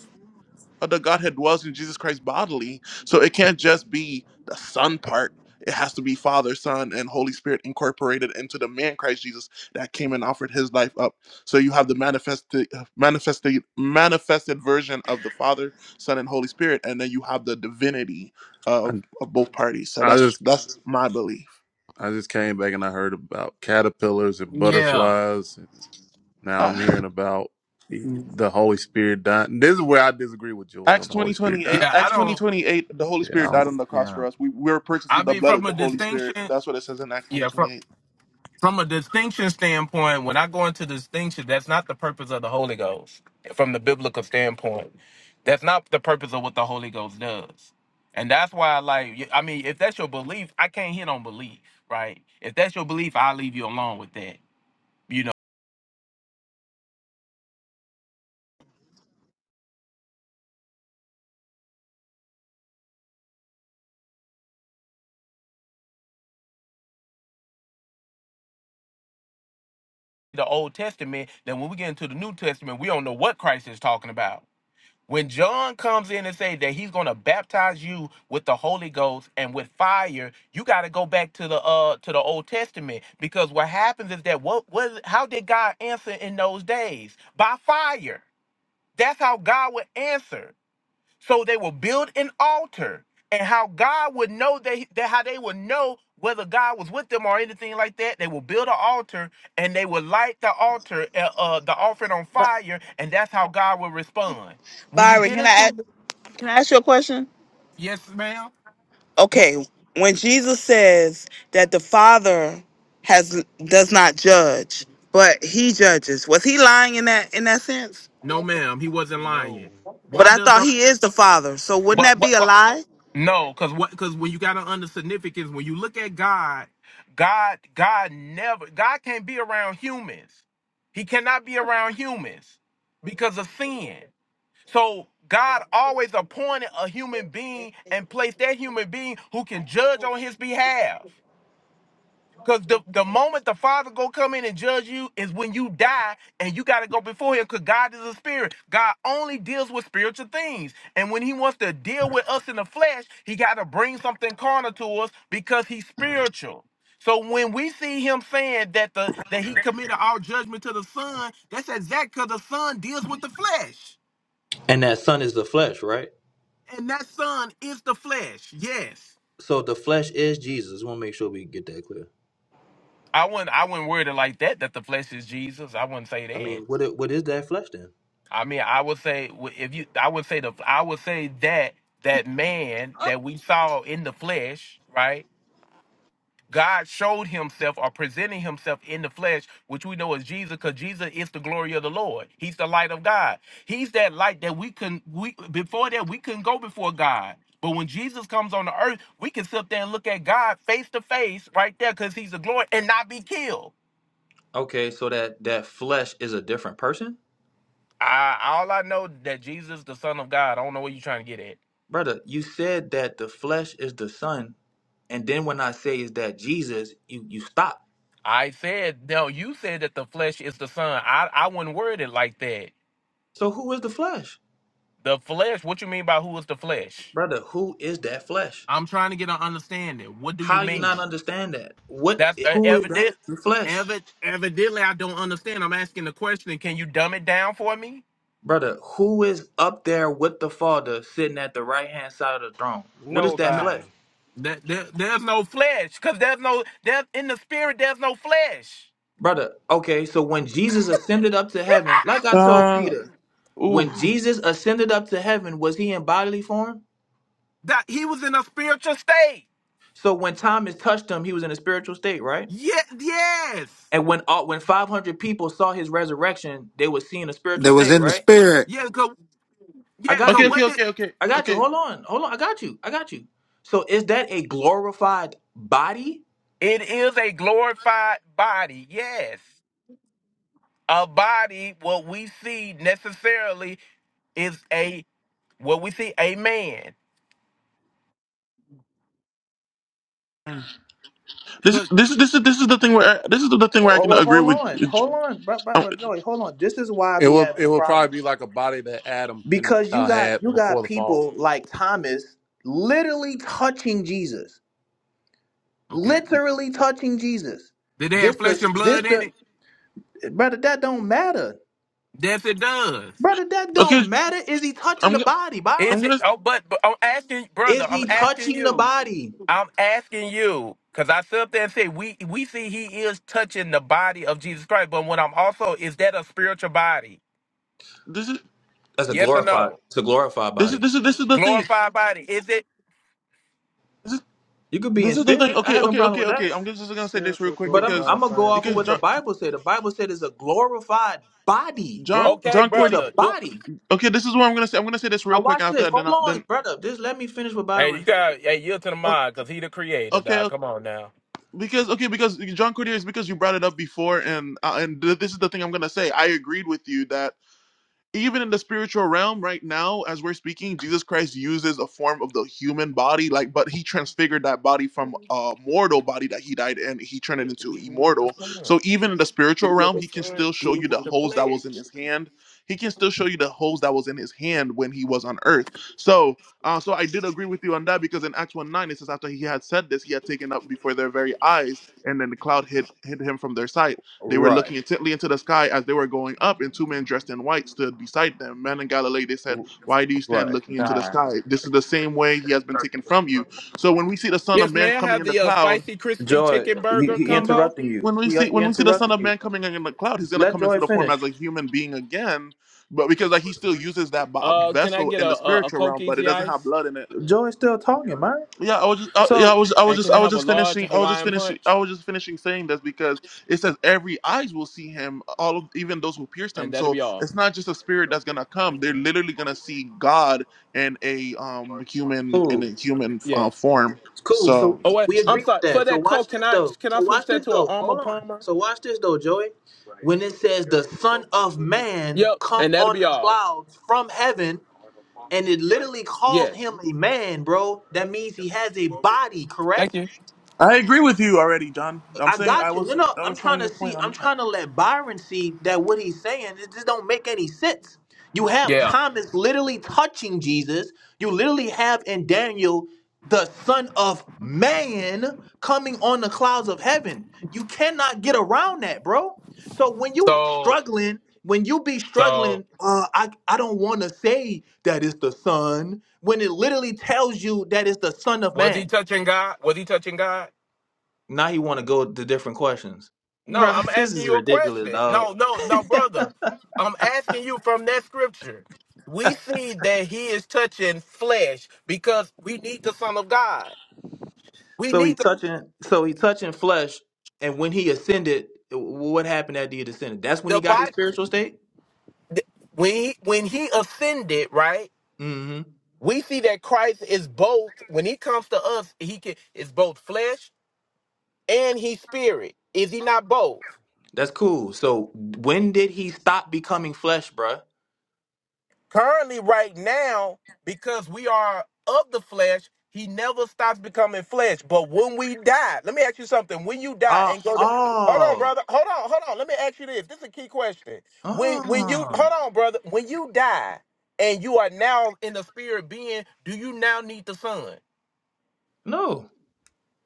Speaker 1: of the Godhead dwells in Jesus Christ bodily. So it can't just be the Son part. It has to be Father, Son, and Holy Spirit incorporated into the man Christ Jesus that came and offered his life up. So you have the manifested, manifested, manifested version of the Father, Son, and Holy Spirit, and then you have the divinity
Speaker 2: I,
Speaker 1: of, of both parties. So
Speaker 2: I
Speaker 1: that's
Speaker 2: just
Speaker 1: that's my belief.
Speaker 2: I just came back and I heard about caterpillars and
Speaker 8: yeah,
Speaker 2: butterflies and now I'm
Speaker 1: Uh,
Speaker 2: hearing about the the Holy Spirit dying. This is where I disagree with Joy on
Speaker 1: Acts
Speaker 2: the Holy
Speaker 1: twenty
Speaker 2: Spirit
Speaker 1: twenty eight.
Speaker 2: dying
Speaker 8: yeah. I
Speaker 2: part
Speaker 1: Acts twenty
Speaker 8: don't.
Speaker 1: twenty eight. The Holy
Speaker 2: Yeah, I
Speaker 1: Spirit died on
Speaker 2: don't,
Speaker 1: the cross for
Speaker 8: Yeah,
Speaker 1: us. We, we were purchased
Speaker 8: I
Speaker 1: with the
Speaker 8: mean,
Speaker 1: blood
Speaker 8: from
Speaker 1: of
Speaker 8: a
Speaker 1: the Holy Spirit.
Speaker 8: distinction.
Speaker 1: That's what it says in Acts twenty
Speaker 8: Yeah,
Speaker 1: twenty
Speaker 8: from
Speaker 1: eight.
Speaker 8: from a distinction standpoint, when I go into distinction, that's not the purpose of the Holy Ghost. From the biblical standpoint, that's not the purpose of what the Holy Ghost does. And that's why, I like, y- I mean, if that's your belief, I can't hit on belief, right? If that's your belief, I'll leave you alone with that. You know, the Old Testament, then when we get into the New Testament, we don't know what Christ is talking about. When John comes in and say that he's going to baptize you with the Holy Ghost and with fire, you got to go back to the uh to the Old Testament because what happens is that what was how did God answer in those days? By fire. That's how God would answer. So they will build an altar, and how God would know they, that how they would know whether God was with them or anything like that. They will build an altar, and they will light the altar, uh, uh, the offering on fire, and that's how God will respond. When you
Speaker 9: Byron,
Speaker 8: get
Speaker 9: can I
Speaker 8: into
Speaker 9: a- can I ask you a question?
Speaker 8: yes, ma'am. Wh-
Speaker 9: okay, when Jesus says that the Father has does not judge, but he judges, was he lying in that in that sense?
Speaker 8: No, ma'am. He wasn't
Speaker 6: No,
Speaker 8: lying.
Speaker 9: But
Speaker 8: Why
Speaker 9: I
Speaker 8: does
Speaker 9: thought
Speaker 8: the
Speaker 9: he is the Father, so wouldn't
Speaker 8: but
Speaker 9: that be
Speaker 8: what?
Speaker 9: a lie?
Speaker 8: No, because what? Because when you got to under significance, when you look at God, God, God never, God can't be around humans. He cannot be around humans because of sin. So God always appointed a human being and placed that human being who can judge on His behalf. Cause the, the moment the Father gonna come in and judge you is when you die and you gotta go before him. Cause God is a spirit. God only deals with spiritual things. And when he wants to deal with us in the flesh, he gotta bring something carnal to us because he's spiritual. So when we see him saying that the that he committed our judgment to the Son, that's exact because the Son deals with the flesh.
Speaker 5: And that son is the flesh, right?
Speaker 8: And that Son is the flesh. Yes.
Speaker 5: So the flesh is Jesus. We want to make sure we get that clear.
Speaker 8: I wouldn't I wouldn't word it like that, that the flesh is Jesus. I wouldn't say
Speaker 5: I
Speaker 8: that.
Speaker 5: mean, what it, what is that flesh then?
Speaker 8: I mean, I would say w- if you, I would say the, I would say that that man that we saw in the flesh, right? God showed Himself or presenting Himself in the flesh, which we know is Jesus, because Jesus is the glory of the Lord. He's the light of God. He's that light that we can we before that we couldn't go before God. But when Jesus comes on the earth, we can sit there and look at God face to face, right there, because He's the glory, and not be killed.
Speaker 5: Okay, so that that flesh is a different person?
Speaker 8: I, all I know that Jesus, the Son of God, I don't know what you're trying to get at.
Speaker 5: Brother, you said that the flesh is the son, and then when I say is that Jesus, you you stop.
Speaker 8: I said, no, you said that the flesh is the son. I, I wouldn't word it like that.
Speaker 5: So who is the flesh?
Speaker 8: The flesh, what you mean by who is the flesh?
Speaker 5: Brother, who is that flesh?
Speaker 8: I'm trying to get an understanding. What do you
Speaker 5: How you not
Speaker 8: mean?
Speaker 5: understand that? What?
Speaker 8: That's uh,
Speaker 5: Who is that?
Speaker 8: evident.
Speaker 5: The flesh,
Speaker 8: Evid- evidently, I don't understand. I'm asking the question. Can you dumb it down for me?
Speaker 5: brother. Who is up there with the Father, sitting at the right hand side of the throne? What is that
Speaker 8: No,
Speaker 6: nobody.
Speaker 5: flesh,
Speaker 8: that, there, there's no flesh because there's no there's in the spirit. There's no flesh.
Speaker 5: brother? Okay, so when Jesus ascended up to heaven, like I told
Speaker 1: Uh,
Speaker 5: Peter,
Speaker 1: Ooh.
Speaker 5: when Jesus ascended up to heaven, was he in bodily form?
Speaker 8: That he was in a spiritual state.
Speaker 5: So when Thomas touched him, he was in a spiritual state, right?
Speaker 8: Yeah, yes,
Speaker 5: And when all, when five hundred people saw his resurrection, they were seeing a spiritual
Speaker 3: that was
Speaker 5: state,
Speaker 3: in the
Speaker 5: right?
Speaker 3: spirit,
Speaker 8: yeah. Cause
Speaker 5: I
Speaker 8: yeah,
Speaker 5: got
Speaker 8: cause
Speaker 1: Okay,
Speaker 5: you.
Speaker 1: okay,
Speaker 8: what did
Speaker 1: okay, okay,
Speaker 5: I got you.
Speaker 1: okay.
Speaker 5: Hold on. Hold on. I got you. I got you. So is that a glorified body?
Speaker 8: It is a glorified body, yes. A body, what we see necessarily is a what we see, a man.
Speaker 1: This,
Speaker 8: Good.
Speaker 1: this, this is this is the thing where I, this is the thing where I
Speaker 5: Oh,
Speaker 1: can
Speaker 5: well,
Speaker 1: agree
Speaker 5: hold
Speaker 1: with.
Speaker 5: on. Hold on. But, but,
Speaker 1: um,
Speaker 5: but Joey, hold on. This is why I
Speaker 2: it
Speaker 5: be
Speaker 2: will.
Speaker 5: having
Speaker 2: It
Speaker 5: a
Speaker 2: will
Speaker 5: problem.
Speaker 2: probably be like a body that Adam and
Speaker 5: Because you
Speaker 2: uh, had
Speaker 5: got you
Speaker 2: before
Speaker 5: got
Speaker 2: the fall.
Speaker 5: people like Thomas literally touching Jesus.
Speaker 8: Okay.
Speaker 5: Literally touching Jesus.
Speaker 8: Did they
Speaker 5: This
Speaker 8: have
Speaker 5: the
Speaker 8: flesh and
Speaker 5: this
Speaker 8: blood in
Speaker 5: the
Speaker 8: it?
Speaker 5: brother, that don't matter.
Speaker 8: Yes, it does.
Speaker 5: Brother, that
Speaker 1: Okay,
Speaker 5: don't matter. Is he touching
Speaker 1: I'm
Speaker 5: the
Speaker 1: go-
Speaker 5: body, Byron?
Speaker 1: I'm
Speaker 8: Is it?
Speaker 1: gonna.
Speaker 8: Oh, but, but I'm asking, brother.
Speaker 5: Is
Speaker 8: I'm
Speaker 5: he
Speaker 8: asking
Speaker 5: touching the
Speaker 8: you.
Speaker 5: body?
Speaker 8: I'm asking you because I sit up there and say we we see he is touching the body of Jesus Christ. But what I'm also is that a spiritual body?
Speaker 1: This is
Speaker 5: That's a
Speaker 8: Yes or
Speaker 5: glorified.
Speaker 8: no?
Speaker 5: It's a glorified
Speaker 1: this is
Speaker 5: body.
Speaker 1: this is this is the thing.
Speaker 8: Glorified body? Is it?
Speaker 1: This is
Speaker 5: You could be in
Speaker 1: this is the thing.
Speaker 5: spirit. I
Speaker 1: Okay,
Speaker 5: have no
Speaker 1: okay,
Speaker 5: problem
Speaker 1: okay,
Speaker 5: with that.
Speaker 1: okay. I'm just gonna say this real
Speaker 6: Spiritual
Speaker 1: quick
Speaker 5: But I'm
Speaker 1: because
Speaker 5: I'm
Speaker 6: glorified
Speaker 5: gonna go
Speaker 6: same
Speaker 5: off of
Speaker 6: thing.
Speaker 1: because
Speaker 5: what the
Speaker 1: John
Speaker 5: Bible said. The Bible said it's a glorified body,
Speaker 1: John
Speaker 5: bro.
Speaker 8: Okay,
Speaker 1: John
Speaker 5: It's
Speaker 1: Cordy.
Speaker 5: a
Speaker 8: brother. Do
Speaker 5: body.
Speaker 1: Okay, this is what I'm gonna say. I'm gonna say this real
Speaker 5: Now
Speaker 1: quick
Speaker 5: watch
Speaker 1: And after
Speaker 5: this.
Speaker 1: that. Then
Speaker 5: Hold
Speaker 1: I,
Speaker 5: on,
Speaker 1: then
Speaker 5: brother. Just let me finish with Byron
Speaker 8: Hey,
Speaker 5: real
Speaker 8: you
Speaker 5: quickly.
Speaker 8: got hey yield to the
Speaker 1: o-
Speaker 8: mind because he the creator,
Speaker 1: okay
Speaker 8: dog. Come on now.
Speaker 1: because okay because John Cordy is because you brought it up before and uh, and th- this is the thing I'm gonna say. I agreed with you that even in the spiritual realm right now as we're speaking jesus christ uses a form of the human body like but he transfigured that body from a mortal body that he died in he turned it
Speaker 8: Yeah,
Speaker 1: into
Speaker 8: we need the
Speaker 1: immortal
Speaker 8: son
Speaker 1: so even in the spiritual
Speaker 8: because
Speaker 1: realm
Speaker 8: the
Speaker 1: he can
Speaker 8: son
Speaker 1: still show
Speaker 8: deals
Speaker 1: you the
Speaker 8: with the
Speaker 1: hose that was in
Speaker 8: flesh.
Speaker 1: his hand he can still show you the hose that was in his hand when he was on earth so uh, so i did agree with you on that because in acts 1 9 it says after he had said this he had taken up before their very eyes and then the cloud hid hid him from their sight they were
Speaker 5: Right,
Speaker 1: looking intently into the sky as they were going up, and two men dressed in white stood beside them. Man in Galilee, they said, Why do you stand
Speaker 5: right.
Speaker 1: looking into the
Speaker 8: Nah.
Speaker 1: sky? This is the same way he has been taken from you. So when we see the Son of
Speaker 8: Yes,
Speaker 1: Man
Speaker 8: may I
Speaker 1: coming
Speaker 8: have
Speaker 1: in the
Speaker 8: the uh,
Speaker 1: cloud,
Speaker 8: spicy crispy
Speaker 5: Joy,
Speaker 8: chicken
Speaker 5: he,
Speaker 8: burger
Speaker 1: w-
Speaker 5: he
Speaker 1: when we
Speaker 8: combo.
Speaker 5: interrupting you.
Speaker 1: when we
Speaker 5: He,
Speaker 1: see
Speaker 5: he
Speaker 1: when we see the Son
Speaker 5: interrupting
Speaker 1: of
Speaker 5: you.
Speaker 1: Man coming in the cloud, he's gonna
Speaker 5: Let
Speaker 1: come into
Speaker 5: Joy
Speaker 1: the form
Speaker 5: finish.
Speaker 1: as a human being again, but because like he still uses that bo-
Speaker 8: Uh, can I
Speaker 1: vessel
Speaker 8: get
Speaker 1: in
Speaker 8: a,
Speaker 1: the
Speaker 8: a a
Speaker 1: spiritual
Speaker 8: Coke
Speaker 1: realm, but it
Speaker 8: Easy
Speaker 1: doesn't have
Speaker 8: Ice
Speaker 1: blood in it
Speaker 5: Joy's still talking, man.
Speaker 1: yeah, I was just, I, yeah, I
Speaker 5: So
Speaker 1: was, I was
Speaker 8: and
Speaker 1: just,
Speaker 8: can
Speaker 1: I
Speaker 8: I
Speaker 1: was
Speaker 8: have a
Speaker 1: just
Speaker 8: large
Speaker 1: finishing, I was just
Speaker 8: Hawaiian
Speaker 1: finishing, I
Speaker 8: punch
Speaker 1: was just finishing saying this because it says every eyes will see him, all of even those who pierced
Speaker 8: and
Speaker 1: him.
Speaker 8: that'll
Speaker 1: So
Speaker 8: be all.
Speaker 1: it's not just a spirit that's gonna come; they're literally gonna see God in a um human in
Speaker 5: cool,
Speaker 1: a human uh,
Speaker 8: Yes.
Speaker 1: form.
Speaker 5: cool.
Speaker 1: So
Speaker 5: So
Speaker 8: Oh
Speaker 5: we,
Speaker 1: that's what
Speaker 8: wait,
Speaker 1: I'm
Speaker 5: we
Speaker 8: I'm
Speaker 1: saying.
Speaker 5: agree with
Speaker 8: sorry. For
Speaker 5: that. So
Speaker 8: that
Speaker 5: watch
Speaker 8: Coke, can
Speaker 5: this
Speaker 8: I
Speaker 5: though.
Speaker 8: can I
Speaker 5: So
Speaker 8: switch
Speaker 5: watch
Speaker 8: that
Speaker 5: this
Speaker 8: to an
Speaker 5: though.
Speaker 8: Armour
Speaker 5: Hold on.
Speaker 8: Palmer?
Speaker 5: So watch this though, Joy. When it says the Son of Man
Speaker 8: Yep,
Speaker 5: come
Speaker 8: and that'll
Speaker 5: on
Speaker 8: be
Speaker 5: the
Speaker 8: all.
Speaker 5: clouds from heaven. and it literally calls
Speaker 8: Yes.
Speaker 5: him a man, bro. That means he has a body,
Speaker 8: Thank
Speaker 5: correct?
Speaker 8: you.
Speaker 1: I agree with you already, John. I'm
Speaker 5: I
Speaker 1: saying I
Speaker 5: got you. No,
Speaker 1: was,
Speaker 5: no,
Speaker 1: I
Speaker 5: I'm
Speaker 1: was showing
Speaker 5: trying to
Speaker 1: your
Speaker 5: see.
Speaker 1: point
Speaker 5: I'm
Speaker 1: on that.
Speaker 5: trying to let Byron see that what he's saying it just don't make any sense. You have
Speaker 8: Yeah.
Speaker 5: Thomas literally touching Jesus. You literally have in Daniel the Son of Man coming on the clouds of heaven. You cannot get around that, bro. So when you
Speaker 8: So
Speaker 5: struggling, when you be
Speaker 8: so
Speaker 5: struggling, uh, I I don't want to say that it's the Son when it literally tells you that it's the Son of
Speaker 8: Was he
Speaker 5: Man.
Speaker 8: touching God? Was he touching God?
Speaker 5: Now he want to go to different questions,
Speaker 8: No, I'm
Speaker 5: Bruh, This
Speaker 8: asking
Speaker 5: is
Speaker 8: you a
Speaker 5: ridiculous,
Speaker 8: question.
Speaker 5: dog.
Speaker 8: No, no, no, brother. I'm asking you from that scripture. We see that he is touching flesh because we need the Son of God. We
Speaker 5: So he
Speaker 8: need the,
Speaker 5: touching, so he touching flesh, and when he ascended, w- what happened after he descended? That's when
Speaker 8: the
Speaker 5: he got his
Speaker 8: Bible.
Speaker 5: spiritual state.
Speaker 8: When he, when he ascended, right?
Speaker 5: hmm
Speaker 8: We see that Christ is both. When he comes to us, he can is both flesh and he's spirit. Is he not both?
Speaker 5: That's cool. So when did he stop becoming flesh, bruh?
Speaker 8: currently right now because we are of the flesh he never stops becoming flesh but when we die let me ask you something when you die
Speaker 5: Uh,
Speaker 8: and go to hold on
Speaker 5: oh,
Speaker 8: brother hold on hold on let me ask you this this is a key question when when you
Speaker 5: oh,
Speaker 8: hold on brother when you die and you are now in the spirit being do you now need the son
Speaker 5: no,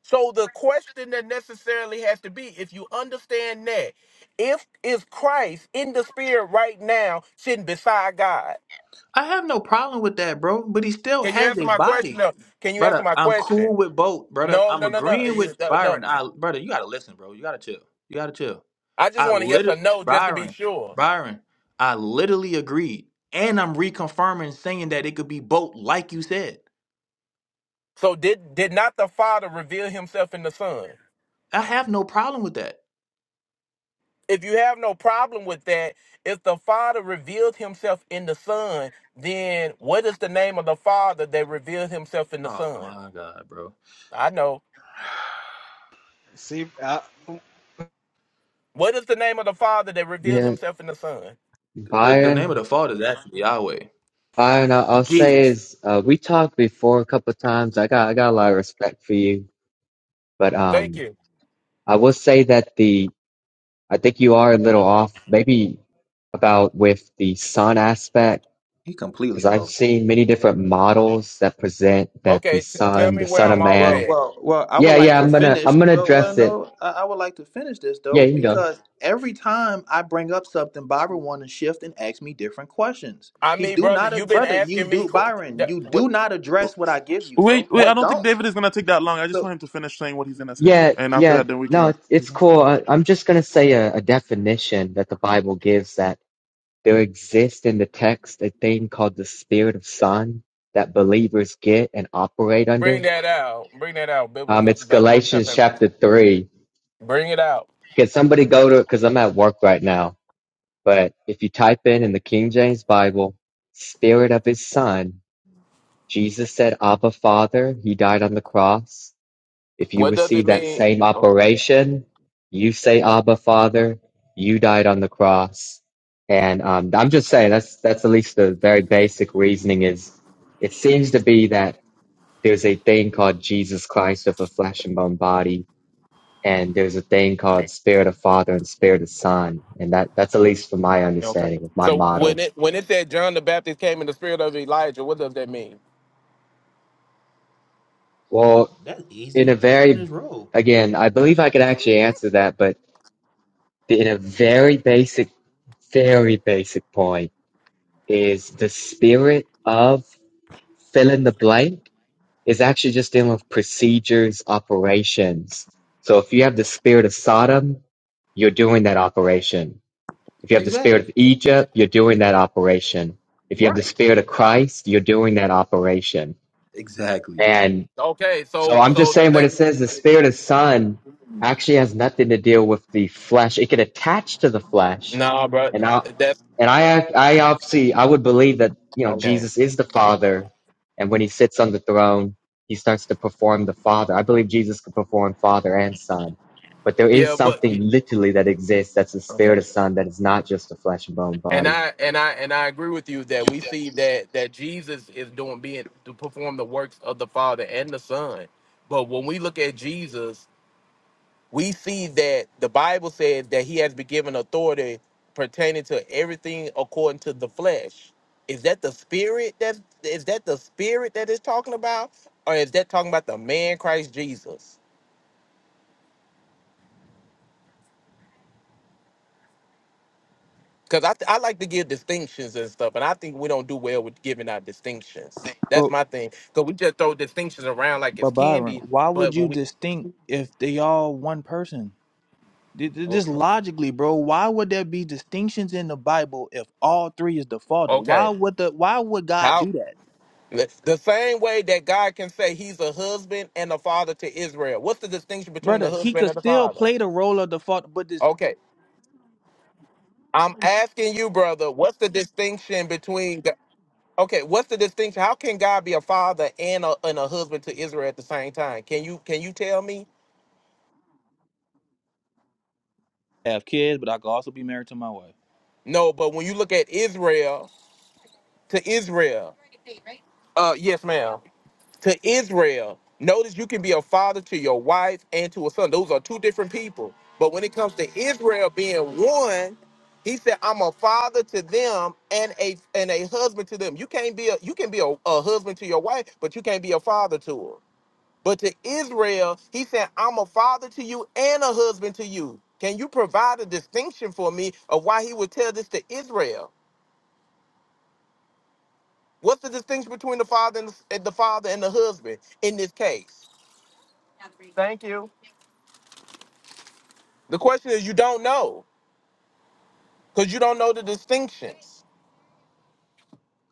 Speaker 8: so the question that necessarily has to be if you understand that if is christ in the spirit right now sitting beside god
Speaker 5: I have no problem with that, bro. But he still
Speaker 8: Can you
Speaker 5: has
Speaker 8: answer
Speaker 5: a
Speaker 8: my question
Speaker 5: body,
Speaker 8: though? Can you answer
Speaker 5: brother.
Speaker 8: my
Speaker 5: I'm cool
Speaker 8: question?
Speaker 5: with both, brother.
Speaker 8: No,
Speaker 5: I'm
Speaker 8: no, no, no, uh,
Speaker 5: agreeing
Speaker 8: You-
Speaker 5: with
Speaker 8: no.
Speaker 5: Byron.
Speaker 8: no.
Speaker 5: I, brother, you gotta listen, bro. You gotta chill. You gotta chill.
Speaker 8: I just
Speaker 5: I
Speaker 8: want a yes or
Speaker 5: literally,
Speaker 8: no, just to be
Speaker 5: Byron,
Speaker 8: sure.
Speaker 5: Byron, I literally agreed. And I'm reconfirming saying that it could be both, like you said.
Speaker 8: So did did not the Father reveal Himself in the Son?
Speaker 5: I have no problem with that.
Speaker 8: If you have no problem with that, if the Father revealed Himself in the Son, then what is the name of the Father that revealed Himself in the
Speaker 5: Oh
Speaker 8: Son?
Speaker 5: my God, bro.
Speaker 8: I know.
Speaker 6: See, I,
Speaker 8: What is the name of the Father that revealed
Speaker 10: Yeah,
Speaker 8: Himself in the Son?
Speaker 5: The, the name of
Speaker 10: Byron.
Speaker 5: the fault is actually Yahweh.
Speaker 10: Byron, I- I'll say
Speaker 3: Jesus.
Speaker 10: is uh, we talked before a couple of times. I got I got a lot of respect for you, but
Speaker 8: Thank
Speaker 10: um,
Speaker 8: you.
Speaker 10: I will say that the I think you are a little off, maybe about with the sun aspect,
Speaker 5: He completely
Speaker 10: because I've
Speaker 5: off.
Speaker 10: seen many different models that present that the
Speaker 8: Okay, t- tell
Speaker 10: sun,
Speaker 8: me
Speaker 10: the
Speaker 8: where
Speaker 10: son
Speaker 8: I'm
Speaker 10: of
Speaker 8: off
Speaker 5: Well,
Speaker 10: man.
Speaker 8: at.
Speaker 5: well, well. I would
Speaker 10: Yeah,
Speaker 5: like
Speaker 10: yeah,
Speaker 5: to
Speaker 10: I'm gonna
Speaker 5: finish,
Speaker 10: I'm gonna
Speaker 5: but well,
Speaker 10: address it.
Speaker 5: no, I, I would like to finish this
Speaker 10: Yeah,
Speaker 5: though
Speaker 10: you can go.
Speaker 5: because every time I bring up something, Byron want to shift and ask me different questions.
Speaker 8: I
Speaker 5: He
Speaker 8: mean,
Speaker 5: do
Speaker 8: brother,
Speaker 5: not,
Speaker 8: you've been
Speaker 5: brother. You
Speaker 8: asking me
Speaker 5: do,
Speaker 8: qu-
Speaker 5: Byron.
Speaker 8: that,
Speaker 5: You
Speaker 8: what.
Speaker 5: do not address what I give you,
Speaker 1: Wait,
Speaker 5: bro.
Speaker 1: wait,
Speaker 5: You
Speaker 1: I
Speaker 8: What
Speaker 1: don't think
Speaker 5: don't.
Speaker 1: David is gonna take that long. I just
Speaker 5: So.
Speaker 1: want him to finish saying what he's gonna say,
Speaker 10: Yeah,
Speaker 1: and after
Speaker 10: yeah.
Speaker 1: that, then we
Speaker 10: No,
Speaker 1: can.
Speaker 10: it's it's cool. I, I'm just gonna say a, a definition that the Bible gives that. There exists in the text a thing called the Spirit of Son that believers get and operate
Speaker 8: Bring
Speaker 10: under.
Speaker 8: that out. Bring that out.
Speaker 10: Um,
Speaker 8: Biblical
Speaker 10: it's
Speaker 8: Bi- book
Speaker 10: Galatians
Speaker 8: chapter.
Speaker 10: chapter three.
Speaker 8: Bring it out.
Speaker 10: Can somebody go to? Because I'm at work right now. But if you type in in the King James Bible, Spirit of His Son, Jesus said, "Abba, Father." He died on the cross. If you
Speaker 8: What does it
Speaker 10: receive that
Speaker 8: mean?
Speaker 10: same
Speaker 8: Oh,
Speaker 10: operation, you say Abba Father, you died on the cross. And um, I'm just saying that's that's at least the very basic reasoning is it seems to be that there's a thing called Jesus Christ with a flesh and bone body, and there's a thing called Spirit of Father and Spirit of Son, and that that's at least from my
Speaker 8: okay.
Speaker 10: understanding of my
Speaker 8: So
Speaker 10: model.
Speaker 8: when it when it said John the Baptist came in the spirit of Elijah, what does that mean?
Speaker 5: That,
Speaker 10: Well,
Speaker 5: that's
Speaker 10: in
Speaker 5: easy.
Speaker 10: a
Speaker 5: Just on his
Speaker 10: very
Speaker 5: roll.
Speaker 10: again, I believe I could actually answer that, but in a very basic, very basic point is the spirit of fill in the blank is actually just dealing with procedures, operations. So if you have the spirit of Sodom, you're doing that operation. If you have the spirit of
Speaker 5: Exactly.
Speaker 10: Egypt, you're doing that operation. If you have the
Speaker 5: Right.
Speaker 10: spirit of Christ, you're doing that operation.
Speaker 5: Exactly.
Speaker 10: And.
Speaker 8: Okay.
Speaker 10: So
Speaker 8: So
Speaker 10: I'm
Speaker 8: so
Speaker 10: just
Speaker 8: the
Speaker 10: saying when it
Speaker 8: thing.
Speaker 10: says the spirit of son actually has nothing to deal with the flesh. It can attach to the flesh.
Speaker 8: Nah, bro.
Speaker 10: And I
Speaker 8: That's
Speaker 10: and I I obviously I would believe that, you know,
Speaker 8: okay.
Speaker 10: Jesus is the Father and when he sits on the throne, he starts to perform the Father. I believe Jesus could perform Father and Son. But there is
Speaker 8: Yeah, but
Speaker 10: something literally that exists that's the spirit
Speaker 8: okay.
Speaker 10: of son that is not just a flesh and bone
Speaker 8: And
Speaker 10: body.
Speaker 8: I and I and I agree with you that we see that that Jesus is doing being to perform the works of the Father and the Son. But when we look at Jesus, we see that the Bible says that he has been given authority pertaining to everything according to the flesh. Is that the spirit that is that the spirit that is talking about, or is that talking about the man Christ Jesus? Because I, th- I like to give distinctions and stuff, and I think we don't do well with giving out distinctions. That's
Speaker 5: But
Speaker 8: my thing. Because we just throw distinctions around like
Speaker 5: but
Speaker 8: it's
Speaker 5: Byron,
Speaker 8: candy,
Speaker 5: why would
Speaker 8: but
Speaker 5: you
Speaker 8: when we
Speaker 5: distinct if they all one person? Th- th-
Speaker 8: well,
Speaker 5: Just logically, bro. Why would there be distinctions in the Bible if all three is the Father? Why
Speaker 8: okay,
Speaker 5: would the Why would God
Speaker 8: how?
Speaker 5: do that,
Speaker 8: The the same way that God can say he's a husband and a father to Israel. What's the distinction between
Speaker 5: brother?
Speaker 8: the
Speaker 5: He
Speaker 8: husband
Speaker 5: could
Speaker 8: and the
Speaker 5: still
Speaker 8: father?
Speaker 5: play the role of the Father, but this
Speaker 8: Okay. I'm asking you, brother, what's the distinction between the, Okay, what's the distinction? How can God be a father and a and a husband to Israel at the same time? Can you can you tell me?
Speaker 5: have kids, but I could also be married to my wife.
Speaker 8: No, but when you look at Israel to Israel, uh yes, ma'am. to Israel. Notice you can be a father to your wife and to a son. Those are two different people. But when it comes to Israel being one, he said, "I'm a father to them and a and a husband to them." You can't be a you can be a, a husband to your wife, but you can't be a father to her. But to Israel, he said, "I'm a father to you and a husband to you." Can you provide a distinction for me of why he would tell this to Israel? What's the distinction between the father and the, and the father and the husband in this case? The question is, you don't know because you don't know the distinctions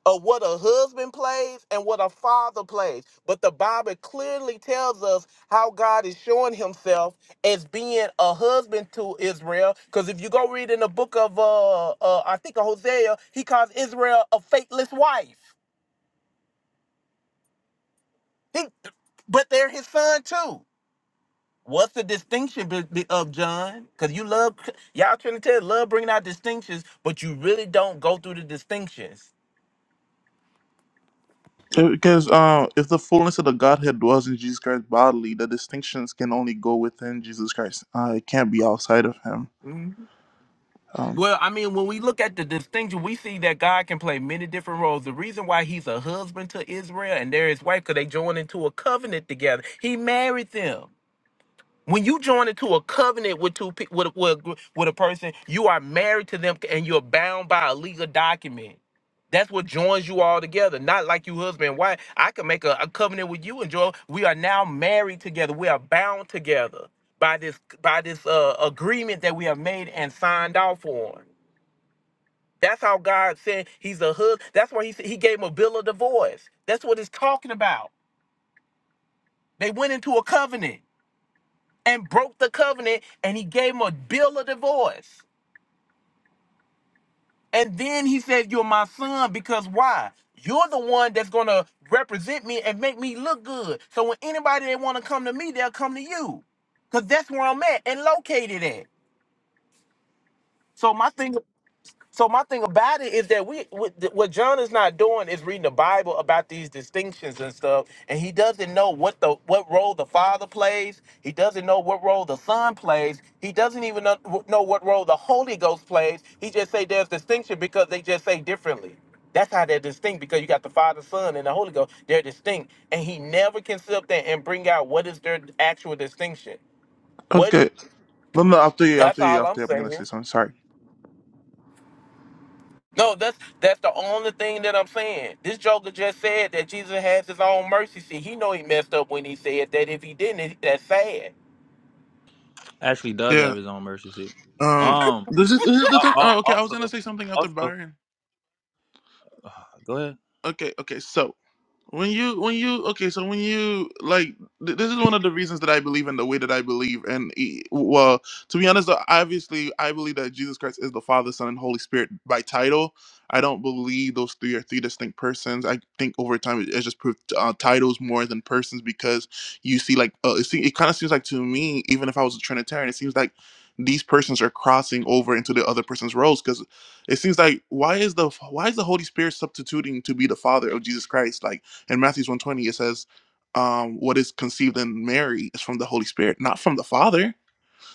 Speaker 8: of what a husband plays and what a father plays. But the Bible clearly tells us how God is showing Himself as being a husband to Israel. Because if you go read in the book of, uh, uh, I think of Hosea, He calls Israel a faithless wife. He, but they're His son too. What's the distinction be- be- of John? Because you love y'all Trinitarians love bringing out distinctions, but you really don't go through the distinctions
Speaker 1: Because uh, if the fullness of the Godhead dwells in Jesus Christ bodily, the distinctions can only go within Jesus Christ. Uh, it can't be outside of Him. Um,
Speaker 8: Well, I mean, when we look at the distinction, we see that God can play many different roles. The reason why he's a husband to Israel and they're his wife, because they joined into a covenant together. He married them. When you join into a covenant with two pe- with, a- with, a gr- with a person, you are married to them and you're bound by a legal document. That's what joins you all together. Not like you husband and wife. I can make a, a covenant with you and Joel. We are now married together. We are bound together by this by this uh, agreement that we have made and signed off on. That's how God said he's a hood. That's why he said he gave him a bill of divorce. That's what it's talking about. They went into a covenant and broke the covenant and he gave him a bill of divorce. And then he said, You're my son because why? You're the one that's gonna represent me and make me look good. So when anybody they wanna come to me, they'll come to you. Cause that's where I'm at and located at. So my thing So my thing about it is that we what what John is not doing is reading the Bible about these distinctions and stuff, and he doesn't know what the what role the Father plays. He doesn't know what role the Son plays. He doesn't even know, know what role the Holy Ghost plays. He just say there's distinction because they just say differently. That's how they're distinct because you got the Father, Son, and the Holy Ghost. They're distinct, and he never can sit up there and bring out what is their actual distinction. What
Speaker 1: okay, no, no, after you,
Speaker 8: that's
Speaker 1: after you,
Speaker 8: all I'm
Speaker 1: after you, I'm gonna
Speaker 8: saying.
Speaker 1: say something. Sorry.
Speaker 8: No, that's that's the only thing that I'm saying. This Joker just said that Jesus has his own mercy seat. He know he messed up when he said that. If he didn't, that's sad.
Speaker 5: Actually, does
Speaker 1: Yeah.
Speaker 5: have his own mercy seat.
Speaker 1: Um.
Speaker 5: Um.
Speaker 1: This is, this is the
Speaker 5: al-
Speaker 1: thing.
Speaker 5: al-
Speaker 1: Oh, okay. I was
Speaker 5: Also,
Speaker 1: gonna say something after
Speaker 5: also,
Speaker 1: Byron.
Speaker 5: go ahead.
Speaker 1: Okay. Okay. So. When you, when you, okay, so when you like, th- this is one of the reasons that I believe in the way that I believe, and e- well, to be honest, though, obviously, I believe that Jesus Christ is the Father, Son, and Holy Spirit by title. I don't believe those three are three distinct persons. I think over time it- it's just proved uh, titles more than persons because you see, like, uh, it, see, it kind of seems like to me, even if I was a Trinitarian, it seems like these persons are crossing over into the other person's roles because it seems like why is the why is the Holy Spirit substituting to be the Father of Jesus Christ like? In Matthew's 120, it says, um, what is conceived in Mary is from the Holy Spirit, not from the Father.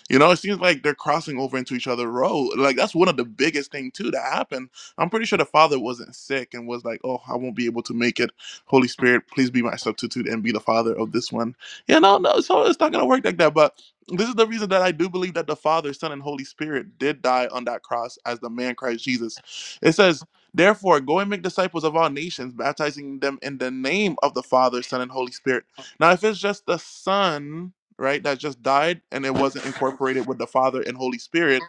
Speaker 1: You know, it seems like they're crossing over into each other's role. Like that's one of the biggest thing too that happened. I'm pretty sure the father wasn't sick and was like, "Oh, I won't be able to make it. Holy Spirit, please be my substitute and be the father of this one." You know, no, so it's not gonna work like that. But this is the reason that I do believe that the Father, Son, and Holy Spirit did die on that cross as the man Christ Jesus. It says. Therefore, go and make disciples of all nations, baptizing them in the name of the Father, Son, and Holy Spirit. Now, if it's just the Son, right, that just died and it wasn't incorporated with the Father and Holy Spirit,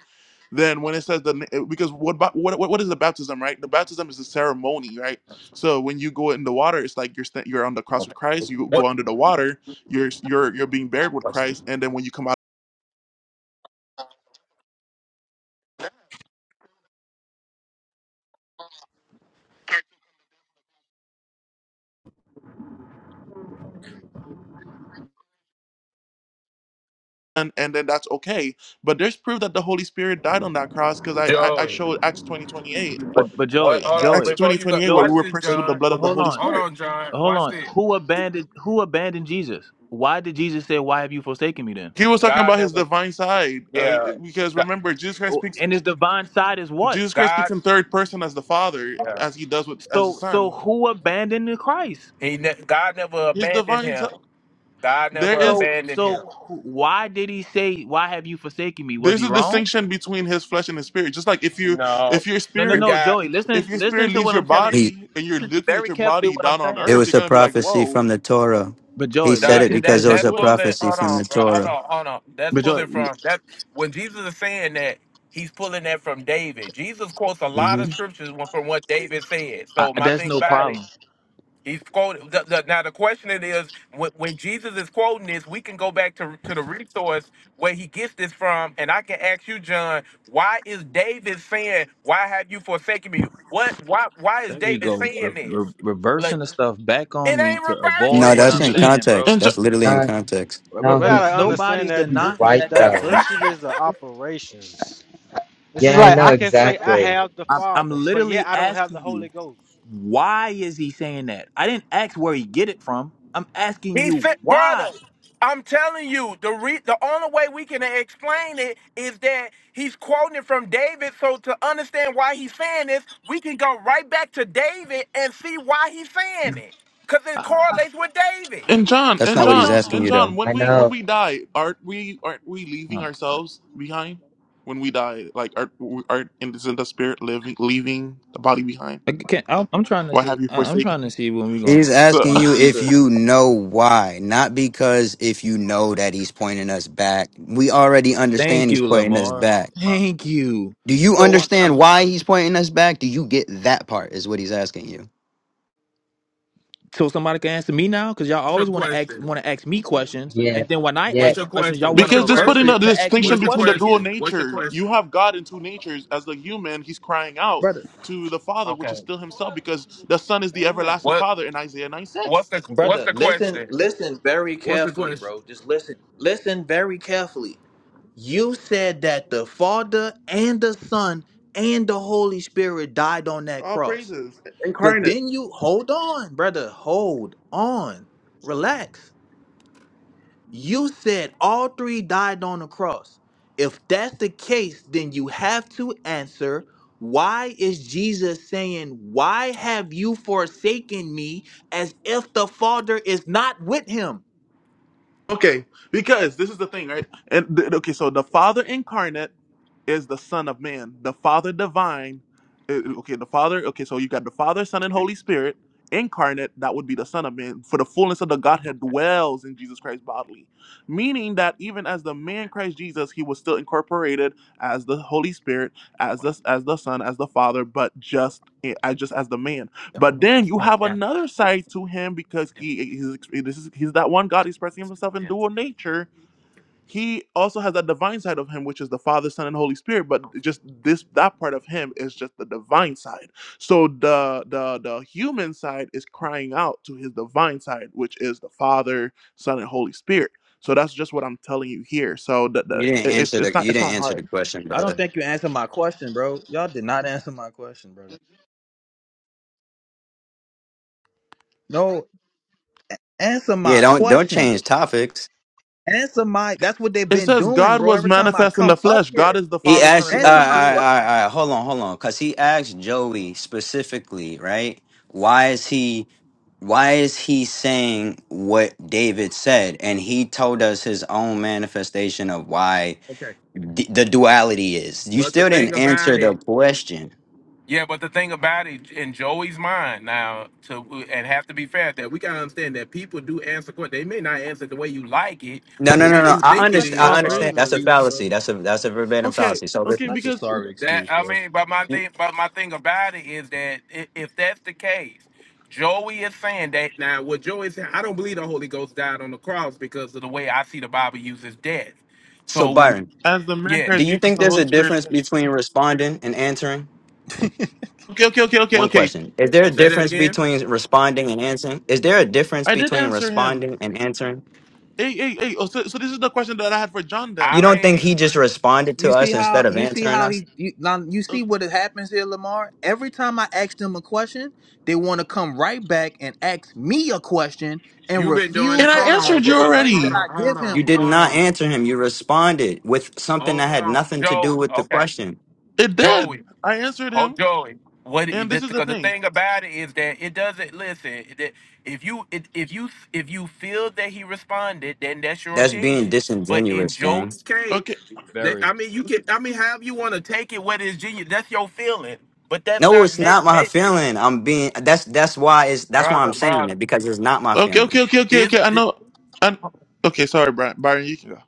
Speaker 1: then when it says the because what ba- what what what is the baptism, right? The baptism is a ceremony, right? So when you go in the water, it's like you're st- you're on the cross with Christ. You go under the water, you're you're you're being buried with Christ, and then when you come out. And, and then that's okay. But there's proof that the Holy Spirit died on that cross because I, I, I
Speaker 8: Joey,
Speaker 1: showed Acts 20 28
Speaker 8: what?
Speaker 5: But but
Speaker 8: What?
Speaker 5: Joey,
Speaker 8: Hold on.
Speaker 1: Acts
Speaker 5: Joey,
Speaker 8: Before
Speaker 1: 20
Speaker 8: you
Speaker 1: twenty
Speaker 8: go,
Speaker 1: eight where we
Speaker 5: Joey.
Speaker 8: watch
Speaker 1: were
Speaker 8: this,
Speaker 1: purchased
Speaker 5: But
Speaker 1: with the
Speaker 8: John.
Speaker 1: blood
Speaker 5: but
Speaker 1: of the
Speaker 5: hold
Speaker 1: Holy
Speaker 5: on,
Speaker 8: Hold
Speaker 1: Spirit.
Speaker 8: on, John.
Speaker 5: hold
Speaker 8: Watch
Speaker 5: on.
Speaker 8: this.
Speaker 5: Who abandoned who abandoned Jesus? Why did Jesus say, "Why have you forsaken me?" Then,
Speaker 1: He was talking
Speaker 8: God
Speaker 1: about his
Speaker 8: never,
Speaker 1: divine side uh,
Speaker 8: yeah,
Speaker 1: because
Speaker 8: G-
Speaker 1: remember, Jesus Christ
Speaker 5: Oh,
Speaker 1: speaks
Speaker 5: and his divine side is what?
Speaker 1: Jesus Christ speaks
Speaker 8: God,
Speaker 1: in third person as the Father,
Speaker 8: yeah.
Speaker 1: as he does with as the
Speaker 5: So so
Speaker 1: Son.
Speaker 5: who abandoned the Christ?
Speaker 8: he ne- God never
Speaker 1: His
Speaker 8: abandoned
Speaker 1: divine se-
Speaker 8: him. God
Speaker 1: there
Speaker 8: never
Speaker 1: is
Speaker 5: So
Speaker 8: abandoned
Speaker 5: so
Speaker 8: him.
Speaker 5: who- why did he say, "Why have you forsaken me"? Was
Speaker 1: there's
Speaker 5: he
Speaker 1: a
Speaker 5: wrong?
Speaker 1: distinction between his flesh and his spirit. Just like if you
Speaker 8: No,
Speaker 1: if your
Speaker 5: No no
Speaker 1: spirit
Speaker 8: you
Speaker 5: no,
Speaker 8: got.
Speaker 5: Joey.
Speaker 1: if
Speaker 5: Listen
Speaker 1: your
Speaker 5: listen
Speaker 1: spirit
Speaker 5: to
Speaker 1: leaves
Speaker 5: what
Speaker 1: your
Speaker 5: I'm telling you.
Speaker 11: He
Speaker 1: body and you're
Speaker 5: Listen to me
Speaker 1: looking at
Speaker 5: very
Speaker 1: your
Speaker 5: carefully.
Speaker 1: body
Speaker 5: What I'm
Speaker 1: down on
Speaker 5: saying.
Speaker 11: it
Speaker 1: earth, you're
Speaker 11: was a
Speaker 1: gonna be like,
Speaker 11: prophecy
Speaker 1: whoa,
Speaker 11: from the Torah.
Speaker 5: But
Speaker 11: He
Speaker 5: Joey,
Speaker 11: said
Speaker 8: Dog,
Speaker 11: it
Speaker 5: listen
Speaker 11: because
Speaker 5: to
Speaker 8: that
Speaker 11: it
Speaker 5: me.
Speaker 11: was
Speaker 8: that's
Speaker 11: a
Speaker 1: what?
Speaker 8: pulling.
Speaker 11: prophecy
Speaker 8: Hold
Speaker 11: from
Speaker 8: on,
Speaker 11: the
Speaker 8: bro. Hold
Speaker 11: Torah.
Speaker 8: on, hold on. That's
Speaker 5: But Joey,
Speaker 8: pulling
Speaker 5: l-
Speaker 8: from that. When Jesus is saying that, he's pulling that from David. Jesus quotes a lot of
Speaker 11: hmm
Speaker 8: scriptures from what David said.
Speaker 5: I,
Speaker 8: So my
Speaker 5: that's
Speaker 8: thing
Speaker 5: no
Speaker 8: about
Speaker 5: problem.
Speaker 8: it, he's quoted. The, the, now the question it is, when, when Jesus is quoting this, we can go back to to the resource where he gets this from, and I can ask you, John, why is David saying, "Why have you forsaken me"? What? Why? Why is
Speaker 5: There we
Speaker 8: David
Speaker 5: go. Re-
Speaker 8: saying
Speaker 5: re-
Speaker 8: this? Like
Speaker 5: reversing the stuff back
Speaker 8: it
Speaker 5: on me to
Speaker 8: ain't
Speaker 11: No,
Speaker 5: avoid
Speaker 8: reversing.
Speaker 5: what
Speaker 11: that's
Speaker 5: I'm
Speaker 1: J-
Speaker 11: in
Speaker 1: j-
Speaker 5: saying, bro.
Speaker 11: context.
Speaker 1: And Jo-
Speaker 11: That's literally in
Speaker 10: No,
Speaker 11: context.
Speaker 5: Bro-
Speaker 6: we
Speaker 5: bro-
Speaker 10: no,
Speaker 5: Brother,
Speaker 10: he's
Speaker 6: gotta
Speaker 10: he's
Speaker 6: understand
Speaker 5: nobody's
Speaker 6: that
Speaker 10: he's
Speaker 6: di-
Speaker 5: denying
Speaker 6: that's
Speaker 10: right
Speaker 5: that that
Speaker 10: though.
Speaker 5: came from
Speaker 6: diversity of
Speaker 5: that, bro.
Speaker 6: operations. It's just
Speaker 10: Yeah, I
Speaker 6: like
Speaker 10: know
Speaker 6: I can say I
Speaker 10: exactly.
Speaker 6: have the
Speaker 5: I'm, I'm
Speaker 6: Father, but yet
Speaker 5: literally
Speaker 6: I don't have the
Speaker 5: asking you,
Speaker 6: Holy Ghost.
Speaker 5: why is he saying that? I didn't ask where he get it from. I'm asking
Speaker 8: He
Speaker 5: you
Speaker 8: said, brother,
Speaker 5: why.
Speaker 8: I'm telling you, the re- the only way we can explain it is that he's quoting it from David. So to understand why he's saying this, we can go right back to David and see why he's saying it. Because it
Speaker 5: How, how
Speaker 8: correlates with David.
Speaker 1: and John
Speaker 11: That's
Speaker 1: and
Speaker 5: how
Speaker 11: not what
Speaker 5: you
Speaker 11: he's
Speaker 1: John
Speaker 5: don't?
Speaker 11: asking
Speaker 1: and
Speaker 11: you
Speaker 5: Uh,
Speaker 1: John,
Speaker 11: though.
Speaker 1: when
Speaker 10: I
Speaker 1: we
Speaker 10: know.
Speaker 1: when we die, aren't we aren't we leaving ourselves behind? When we die, like aren't we- aren't isn't the spirit living leaving the body behind?
Speaker 5: I can't, I'm, I'm trying to
Speaker 1: Why
Speaker 5: see.
Speaker 1: have you
Speaker 5: I- I'm
Speaker 1: forsaken
Speaker 5: trying to
Speaker 1: me?
Speaker 5: see when we're gonna
Speaker 11: He's
Speaker 1: So.
Speaker 11: asking
Speaker 5: gonna
Speaker 11: you if
Speaker 5: answer.
Speaker 11: you know why, not because if you know that he's pointing us back. We already understand
Speaker 5: Thank
Speaker 11: he's
Speaker 5: you,
Speaker 11: pointing us
Speaker 5: Lamar.
Speaker 11: back.
Speaker 5: Thank you.
Speaker 11: Do you
Speaker 5: So I'm, I'm
Speaker 11: understand why he's pointing us back? Do you get that part? Is what he's asking you.
Speaker 5: So somebody can answer me now, because y'all always want to ask want to ask me questions,
Speaker 10: Yeah,
Speaker 5: and then when I
Speaker 10: yeah.
Speaker 5: ask questions, y'all
Speaker 8: What's
Speaker 5: want
Speaker 8: your
Speaker 5: to
Speaker 1: Because just
Speaker 5: reverse
Speaker 1: putting the
Speaker 8: question?
Speaker 5: it to ask me a
Speaker 1: distinction
Speaker 8: What's your
Speaker 1: between the
Speaker 5: question
Speaker 1: dual
Speaker 5: again,
Speaker 8: question? What's your
Speaker 1: nature, you
Speaker 8: question?
Speaker 1: have God in two natures. As the human, he's crying out
Speaker 5: brother.
Speaker 1: to the Father, which
Speaker 8: Okay.
Speaker 1: is still himself, because the Son is the
Speaker 6: Amen.
Speaker 1: everlasting
Speaker 8: What
Speaker 1: Father in Isaiah 9
Speaker 8: what's
Speaker 1: 6.
Speaker 8: the what's
Speaker 5: Brother,
Speaker 8: the
Speaker 5: listen,
Speaker 8: question?
Speaker 5: listen very carefully,
Speaker 8: It's-
Speaker 5: bro. Just listen, listen very carefully. You said that the Father and the Son and the Holy Spirit died on that
Speaker 1: All
Speaker 5: cross,
Speaker 1: praises,
Speaker 5: but
Speaker 1: incarnate.
Speaker 5: then you hold on, brother. Hold on, relax. You said all three died on the cross. If that's the case, then you have to answer why is Jesus saying, Why have you forsaken me as if the Father is not with him?
Speaker 1: Okay, because this is the thing, right? And th- okay, so the Father incarnate is the Son of Man. The Father divine, uh, okay, the Father. Okay, so you got the Father, Son, and Holy Spirit incarnate. That would be the Son of Man. For the fullness of the Godhead dwells in Jesus Christ bodily, meaning that even as the man Christ Jesus, he was still incorporated as the Holy Spirit, as the as the Son, as the Father, but just eh, as just as the man. But then you have another side to him because he he's, ex- this is he's that one God expressing himself in dual nature. He also has that divine side of him, which is the Father, Son, and Holy Spirit. But just this that part of him is just the divine side. So the the the human side is crying out to his divine side, which is the Father, Son, and Holy Spirit. So that's just what I'm telling you here. So the, the,
Speaker 11: You didn't
Speaker 1: it- it's
Speaker 11: answer the.
Speaker 1: it's not
Speaker 11: You
Speaker 1: it's not
Speaker 11: didn't answer the
Speaker 1: hard.
Speaker 11: question,
Speaker 5: I don't
Speaker 11: brother.
Speaker 5: think you answered my question, bro. Y'all did not answer my question, brother. No, answer
Speaker 11: Yeah,
Speaker 5: my
Speaker 11: don't don't
Speaker 5: question.
Speaker 11: change topics.
Speaker 5: Answer my that's what they've
Speaker 1: It
Speaker 5: been
Speaker 1: says
Speaker 5: doing,
Speaker 1: God
Speaker 5: bro.
Speaker 1: was
Speaker 5: Every time I
Speaker 1: manifest in the
Speaker 5: come up
Speaker 1: flesh. God
Speaker 5: here,
Speaker 1: is the
Speaker 11: He
Speaker 1: Father, Son,
Speaker 11: asked
Speaker 1: and
Speaker 11: you. All
Speaker 5: answer
Speaker 1: Holy
Speaker 11: right,
Speaker 5: my
Speaker 11: all right, all
Speaker 1: Spirit.
Speaker 11: right, all
Speaker 5: question.
Speaker 11: right. Hold on, hold on. Because he asked Joey specifically, right? Why is he? Why is he saying what David said? And he told us his own manifestation of why
Speaker 8: Okay.
Speaker 11: d- the duality is. You
Speaker 8: But the
Speaker 11: still
Speaker 8: thing
Speaker 11: didn't
Speaker 8: about
Speaker 11: answer
Speaker 8: it
Speaker 11: the question.
Speaker 8: Yeah, but the thing about it, in Joey's mind now, to and have to be fair, that we gotta understand that people do answer questions. They may not answer the way you like it
Speaker 11: No,
Speaker 8: or the
Speaker 11: no, no,
Speaker 8: way
Speaker 11: no.
Speaker 8: you
Speaker 11: I
Speaker 8: think it
Speaker 5: Such
Speaker 11: understand.
Speaker 5: a
Speaker 11: I
Speaker 1: Oh,
Speaker 8: is.
Speaker 5: sorry
Speaker 11: understand. That's
Speaker 1: praises.
Speaker 11: a
Speaker 5: excuse, bro.
Speaker 11: fallacy. That's a that's a verbatim
Speaker 1: Okay,
Speaker 11: fallacy. So,
Speaker 1: okay,
Speaker 11: listen.
Speaker 5: Such a
Speaker 1: because
Speaker 5: sorry
Speaker 8: That
Speaker 5: excuse,
Speaker 8: I
Speaker 5: bro.
Speaker 8: mean, but my
Speaker 11: You-
Speaker 8: thing, but my thing about it is that i- if that's the case, Joey is saying that now. What Joey said, I don't believe the Holy Ghost died on the cross because of the way I see the Bible uses death.
Speaker 11: so
Speaker 8: So when
Speaker 11: Byron,
Speaker 1: as the man
Speaker 11: do
Speaker 1: Christ
Speaker 8: yes,
Speaker 11: you
Speaker 1: Jesus,
Speaker 11: think
Speaker 1: the
Speaker 11: there's a
Speaker 1: Holy Spirit
Speaker 11: difference
Speaker 1: did.
Speaker 11: between responding and answering?
Speaker 1: Okay, okay, okay, okay,
Speaker 11: One
Speaker 1: okay.
Speaker 11: question. Is there a
Speaker 8: say that
Speaker 11: difference
Speaker 8: again.
Speaker 11: between responding and answering? Is there a difference
Speaker 1: I did
Speaker 11: between
Speaker 1: answer him.
Speaker 11: responding and answering?
Speaker 1: Hey, hey, hey. Oh, so, so this is the question that I had for John then,
Speaker 8: I
Speaker 11: You don't
Speaker 1: right?
Speaker 11: think
Speaker 8: mean,
Speaker 11: he just responded
Speaker 5: You
Speaker 11: to
Speaker 5: see
Speaker 11: us instead
Speaker 5: how
Speaker 11: of
Speaker 5: you see
Speaker 11: answering
Speaker 5: how
Speaker 11: us?
Speaker 5: he you, now you
Speaker 1: Uh,
Speaker 5: see what happens here, Lamar. Every time I ask them a question, they want to come right back and ask me a question and
Speaker 8: you've been doing
Speaker 5: refuse
Speaker 1: And
Speaker 8: it.
Speaker 1: I
Speaker 5: to
Speaker 8: Hold on,
Speaker 1: answered
Speaker 5: answer
Speaker 1: you
Speaker 5: the
Speaker 8: brother.
Speaker 5: things that
Speaker 8: Hold
Speaker 1: already.
Speaker 5: I
Speaker 8: on. Hold
Speaker 5: give him,
Speaker 11: You
Speaker 8: on.
Speaker 11: did
Speaker 5: bro.
Speaker 8: Hold
Speaker 11: not
Speaker 8: on.
Speaker 11: answer him. You responded with something that
Speaker 8: Hold
Speaker 11: had
Speaker 8: on,
Speaker 11: nothing to do
Speaker 8: Joey.
Speaker 11: with the
Speaker 8: Okay,
Speaker 11: question.
Speaker 1: It did.
Speaker 8: Joey.
Speaker 1: I answered
Speaker 8: Oh,
Speaker 1: him,
Speaker 8: Joey. What?
Speaker 1: and this is the
Speaker 8: Because the
Speaker 1: thing.
Speaker 8: thing about it is that it doesn't listen. That if you it, if you if you feel that he responded, then that's your
Speaker 11: That's being
Speaker 8: opinion. But in
Speaker 11: disingenuous, gang.
Speaker 8: Joey's,
Speaker 1: Okay,
Speaker 8: that,
Speaker 5: Barry,
Speaker 8: I mean, you can. I mean, however you want to take it, whether it's genius, that's your feeling. But that's
Speaker 11: No,
Speaker 8: not
Speaker 11: it's
Speaker 8: meant,
Speaker 11: not my
Speaker 8: meant-
Speaker 11: feeling. I'm being that's that's why it's that's why I'm
Speaker 8: brother,
Speaker 11: saying
Speaker 8: brother.
Speaker 11: it because it's not my
Speaker 1: okay,
Speaker 11: feeling.
Speaker 1: okay, okay, okay,
Speaker 8: This
Speaker 1: okay. I know. I okay. Sorry, Brian. Byron, you can go.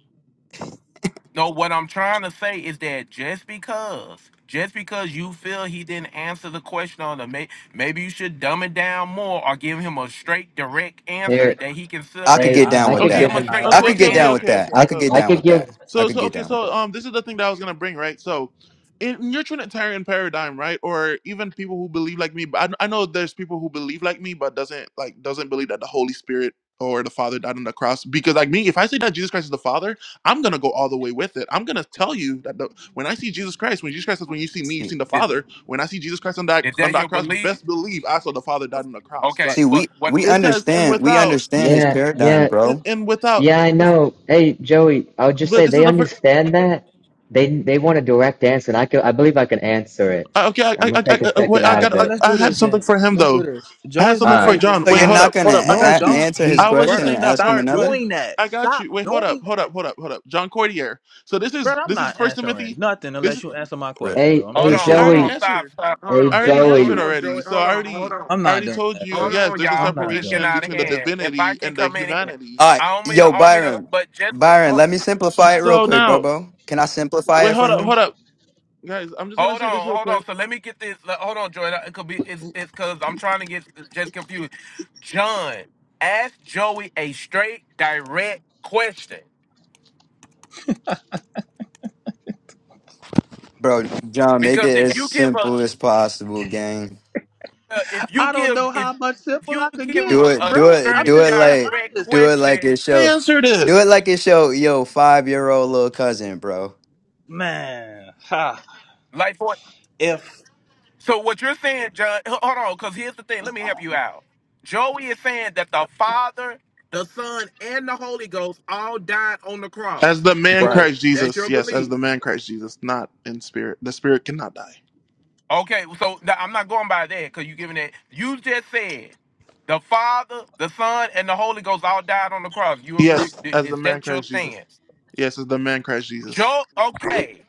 Speaker 8: No, what I'm trying to say is that just because, just because you feel he didn't answer the question on the may, maybe you should dumb it down more or give him a straight, direct answer
Speaker 10: Here,
Speaker 8: that he can sit up
Speaker 11: I could
Speaker 10: hey,
Speaker 11: get
Speaker 8: there.
Speaker 5: I
Speaker 11: down
Speaker 5: don't
Speaker 10: I
Speaker 11: with
Speaker 10: could
Speaker 1: Okay,
Speaker 8: Give
Speaker 11: that.
Speaker 10: give
Speaker 8: him a
Speaker 5: understand
Speaker 10: him.
Speaker 5: how
Speaker 8: straight,
Speaker 11: I
Speaker 5: else
Speaker 1: okay,
Speaker 5: you
Speaker 11: could
Speaker 8: direct
Speaker 1: okay,
Speaker 11: get
Speaker 1: okay,
Speaker 5: can't.
Speaker 11: down
Speaker 8: answer.
Speaker 11: with
Speaker 1: okay,
Speaker 5: uh,
Speaker 11: that.
Speaker 1: okay.
Speaker 11: I
Speaker 10: I
Speaker 1: So
Speaker 11: could get
Speaker 10: I
Speaker 11: down
Speaker 10: could
Speaker 11: with
Speaker 10: give.
Speaker 11: that. I
Speaker 1: So
Speaker 11: could
Speaker 1: so
Speaker 11: get
Speaker 1: okay,
Speaker 11: down with
Speaker 1: so um this is the thing that I was gonna bring, right? So in in your Trinitarian paradigm, right? Or even people who believe like me, but I, I know there's people who believe like me, but doesn't like doesn't believe that the Holy Spirit or the Father died on the cross. Because like me, if I say that Jesus Christ is the Father, I'm gonna go all the way with it. I'm gonna tell you that the, when I see Jesus Christ, when Jesus Christ says, "When you see me, you
Speaker 11: that.
Speaker 1: see the
Speaker 8: Is,
Speaker 1: Father." When I see Jesus Christ on that
Speaker 8: is
Speaker 1: on
Speaker 8: that
Speaker 1: that
Speaker 8: your
Speaker 1: cross,
Speaker 8: belief?
Speaker 1: best believe I saw the Father died on the cross.
Speaker 8: Okay,
Speaker 1: But
Speaker 11: See,
Speaker 8: but
Speaker 11: we
Speaker 8: what?
Speaker 11: we
Speaker 1: it says, "And
Speaker 11: understand we
Speaker 1: without
Speaker 11: understand his
Speaker 10: Yeah,
Speaker 11: paradigm,
Speaker 1: and
Speaker 10: yeah,
Speaker 1: and,
Speaker 11: bro.
Speaker 1: and without
Speaker 10: yeah.
Speaker 1: uh,
Speaker 10: I
Speaker 1: this."
Speaker 10: know. Hey, Joey, I would just
Speaker 1: But
Speaker 10: say
Speaker 1: this is
Speaker 10: they
Speaker 1: the first.
Speaker 10: understand that. They they want a direct answer, and I could. I believe I can answer it.
Speaker 1: Uh, Okay, I,
Speaker 10: I'm
Speaker 1: I,
Speaker 10: gonna take
Speaker 1: I,
Speaker 10: a
Speaker 1: I, wait,
Speaker 10: second
Speaker 5: All
Speaker 1: I
Speaker 10: out
Speaker 5: right,
Speaker 10: of
Speaker 1: got,
Speaker 5: well
Speaker 1: I,
Speaker 10: it.
Speaker 5: let's
Speaker 1: I
Speaker 5: do
Speaker 1: had
Speaker 5: this
Speaker 1: something
Speaker 5: then.
Speaker 1: for him
Speaker 5: Let's do
Speaker 1: though.
Speaker 5: this.
Speaker 1: I had
Speaker 5: Joey's
Speaker 10: All
Speaker 1: something
Speaker 5: not
Speaker 1: for
Speaker 10: right,
Speaker 5: able.
Speaker 1: John.
Speaker 11: So
Speaker 10: all
Speaker 1: Wait,
Speaker 11: you're
Speaker 1: hold
Speaker 10: right.
Speaker 11: not
Speaker 1: up,
Speaker 11: gonna
Speaker 1: hold up. I
Speaker 5: No,
Speaker 1: got
Speaker 11: a-
Speaker 1: you.
Speaker 5: don't.
Speaker 11: answer his
Speaker 5: He's
Speaker 1: I was just
Speaker 11: question and
Speaker 5: brother.
Speaker 1: saying that
Speaker 11: ask him
Speaker 5: Stop
Speaker 1: part, but
Speaker 11: another?
Speaker 5: doing that.
Speaker 1: I got
Speaker 5: Stop
Speaker 1: you. Wait, hold up,
Speaker 5: doing
Speaker 1: hold up,
Speaker 5: that,
Speaker 1: hold up, hold up. John Cordier. So this
Speaker 5: bro.
Speaker 1: is
Speaker 5: I'm
Speaker 1: this is
Speaker 5: not
Speaker 1: First
Speaker 5: answering
Speaker 1: Timothy.
Speaker 5: nothing
Speaker 1: This
Speaker 5: unless
Speaker 1: is,
Speaker 5: you answer my
Speaker 11: Rip.
Speaker 5: question,
Speaker 10: Hey,
Speaker 5: bro. I'm
Speaker 8: Hold
Speaker 10: hey,
Speaker 11: Good
Speaker 5: sorry.
Speaker 8: on,
Speaker 1: I
Speaker 11: shit,
Speaker 8: hold
Speaker 1: already
Speaker 11: yeah.
Speaker 8: on,
Speaker 10: Joey.
Speaker 8: stop,
Speaker 1: answered.
Speaker 8: stop, hold
Speaker 10: Hey,
Speaker 8: on.
Speaker 1: I
Speaker 8: If
Speaker 1: already
Speaker 8: I- hold
Speaker 10: Joey.
Speaker 1: answered
Speaker 8: on,
Speaker 1: already.
Speaker 8: Joey,
Speaker 1: So
Speaker 8: hold
Speaker 1: I
Speaker 8: on, hold
Speaker 1: already,
Speaker 8: on,
Speaker 5: I'm
Speaker 1: I
Speaker 5: not
Speaker 1: already
Speaker 5: doing
Speaker 1: told
Speaker 5: that,
Speaker 1: you.
Speaker 8: hold
Speaker 5: bro.
Speaker 1: Yes,
Speaker 8: on,
Speaker 1: there's a
Speaker 8: y'all,
Speaker 5: I'm
Speaker 8: because
Speaker 5: not
Speaker 8: it's
Speaker 5: doing
Speaker 8: getting
Speaker 5: that.
Speaker 1: separation
Speaker 8: out of
Speaker 1: between
Speaker 5: bro.
Speaker 1: the
Speaker 8: hand. If I
Speaker 1: divinity
Speaker 8: can
Speaker 1: and the
Speaker 8: come in here,
Speaker 1: humanity.
Speaker 11: All right,
Speaker 8: I don't mean
Speaker 11: yo,
Speaker 8: to, I don't mean to,
Speaker 11: Byron,
Speaker 8: but just
Speaker 11: Byron,
Speaker 8: oh,
Speaker 11: let me simplify it real
Speaker 1: So
Speaker 11: quick, bro.
Speaker 1: now,
Speaker 11: bro. Can I simplify
Speaker 1: wait,
Speaker 11: it for
Speaker 1: hold up, hold
Speaker 11: him,
Speaker 1: up, guys. I'm just gonna
Speaker 8: Hold
Speaker 1: say this
Speaker 8: on,
Speaker 1: real
Speaker 8: hold
Speaker 1: quick.
Speaker 8: on. So let me get this. le- Hold on, Joy. It could be. It's it's because I'm trying to get just confused. John, ask Joey a straight, direct question.
Speaker 11: bro? John, make
Speaker 8: Because
Speaker 11: it
Speaker 8: if
Speaker 11: as
Speaker 8: you give a,
Speaker 11: simple as possible, gang.
Speaker 8: uh, if you
Speaker 5: I don't
Speaker 8: give,
Speaker 5: know
Speaker 8: if
Speaker 5: how much
Speaker 8: if
Speaker 5: simple
Speaker 8: you
Speaker 5: I could
Speaker 8: give him
Speaker 5: get,
Speaker 11: Do
Speaker 8: a,
Speaker 11: it,
Speaker 8: a
Speaker 11: do
Speaker 5: bro.
Speaker 11: it,
Speaker 5: I'm
Speaker 11: do
Speaker 8: straight,
Speaker 5: just
Speaker 11: it
Speaker 5: being
Speaker 11: like,
Speaker 8: direct
Speaker 5: honest.
Speaker 11: do it like
Speaker 8: question,
Speaker 11: it
Speaker 1: I
Speaker 11: show,
Speaker 1: answered it.
Speaker 11: do it like it show, yo, five year old little cousin, bro.
Speaker 5: Man, ha.
Speaker 8: like for
Speaker 5: If
Speaker 8: so what you're saying, John. h- Hold on, because here's the thing. Let me help you out. Joey is saying that the Father, the Son, and the Holy Ghost all died on the
Speaker 1: As
Speaker 8: cross.
Speaker 1: the man
Speaker 5: right.
Speaker 8: Joey,
Speaker 1: Christ
Speaker 8: that's
Speaker 1: Jesus,
Speaker 8: your
Speaker 1: yes, as
Speaker 8: belief.
Speaker 1: the man Christ Jesus, not in spirit. The spirit cannot die.
Speaker 8: Okay, so th- I'm not going by that because you're giving it. You just said the Father, the Son, and the Holy Ghost all died on the cross. You agree?
Speaker 1: Yes,
Speaker 8: I-
Speaker 1: as the
Speaker 8: Is
Speaker 1: man
Speaker 8: that your
Speaker 1: Christ Jesus.
Speaker 8: stance?
Speaker 1: Yes, as the man Christ Jesus.
Speaker 8: Joe? okay,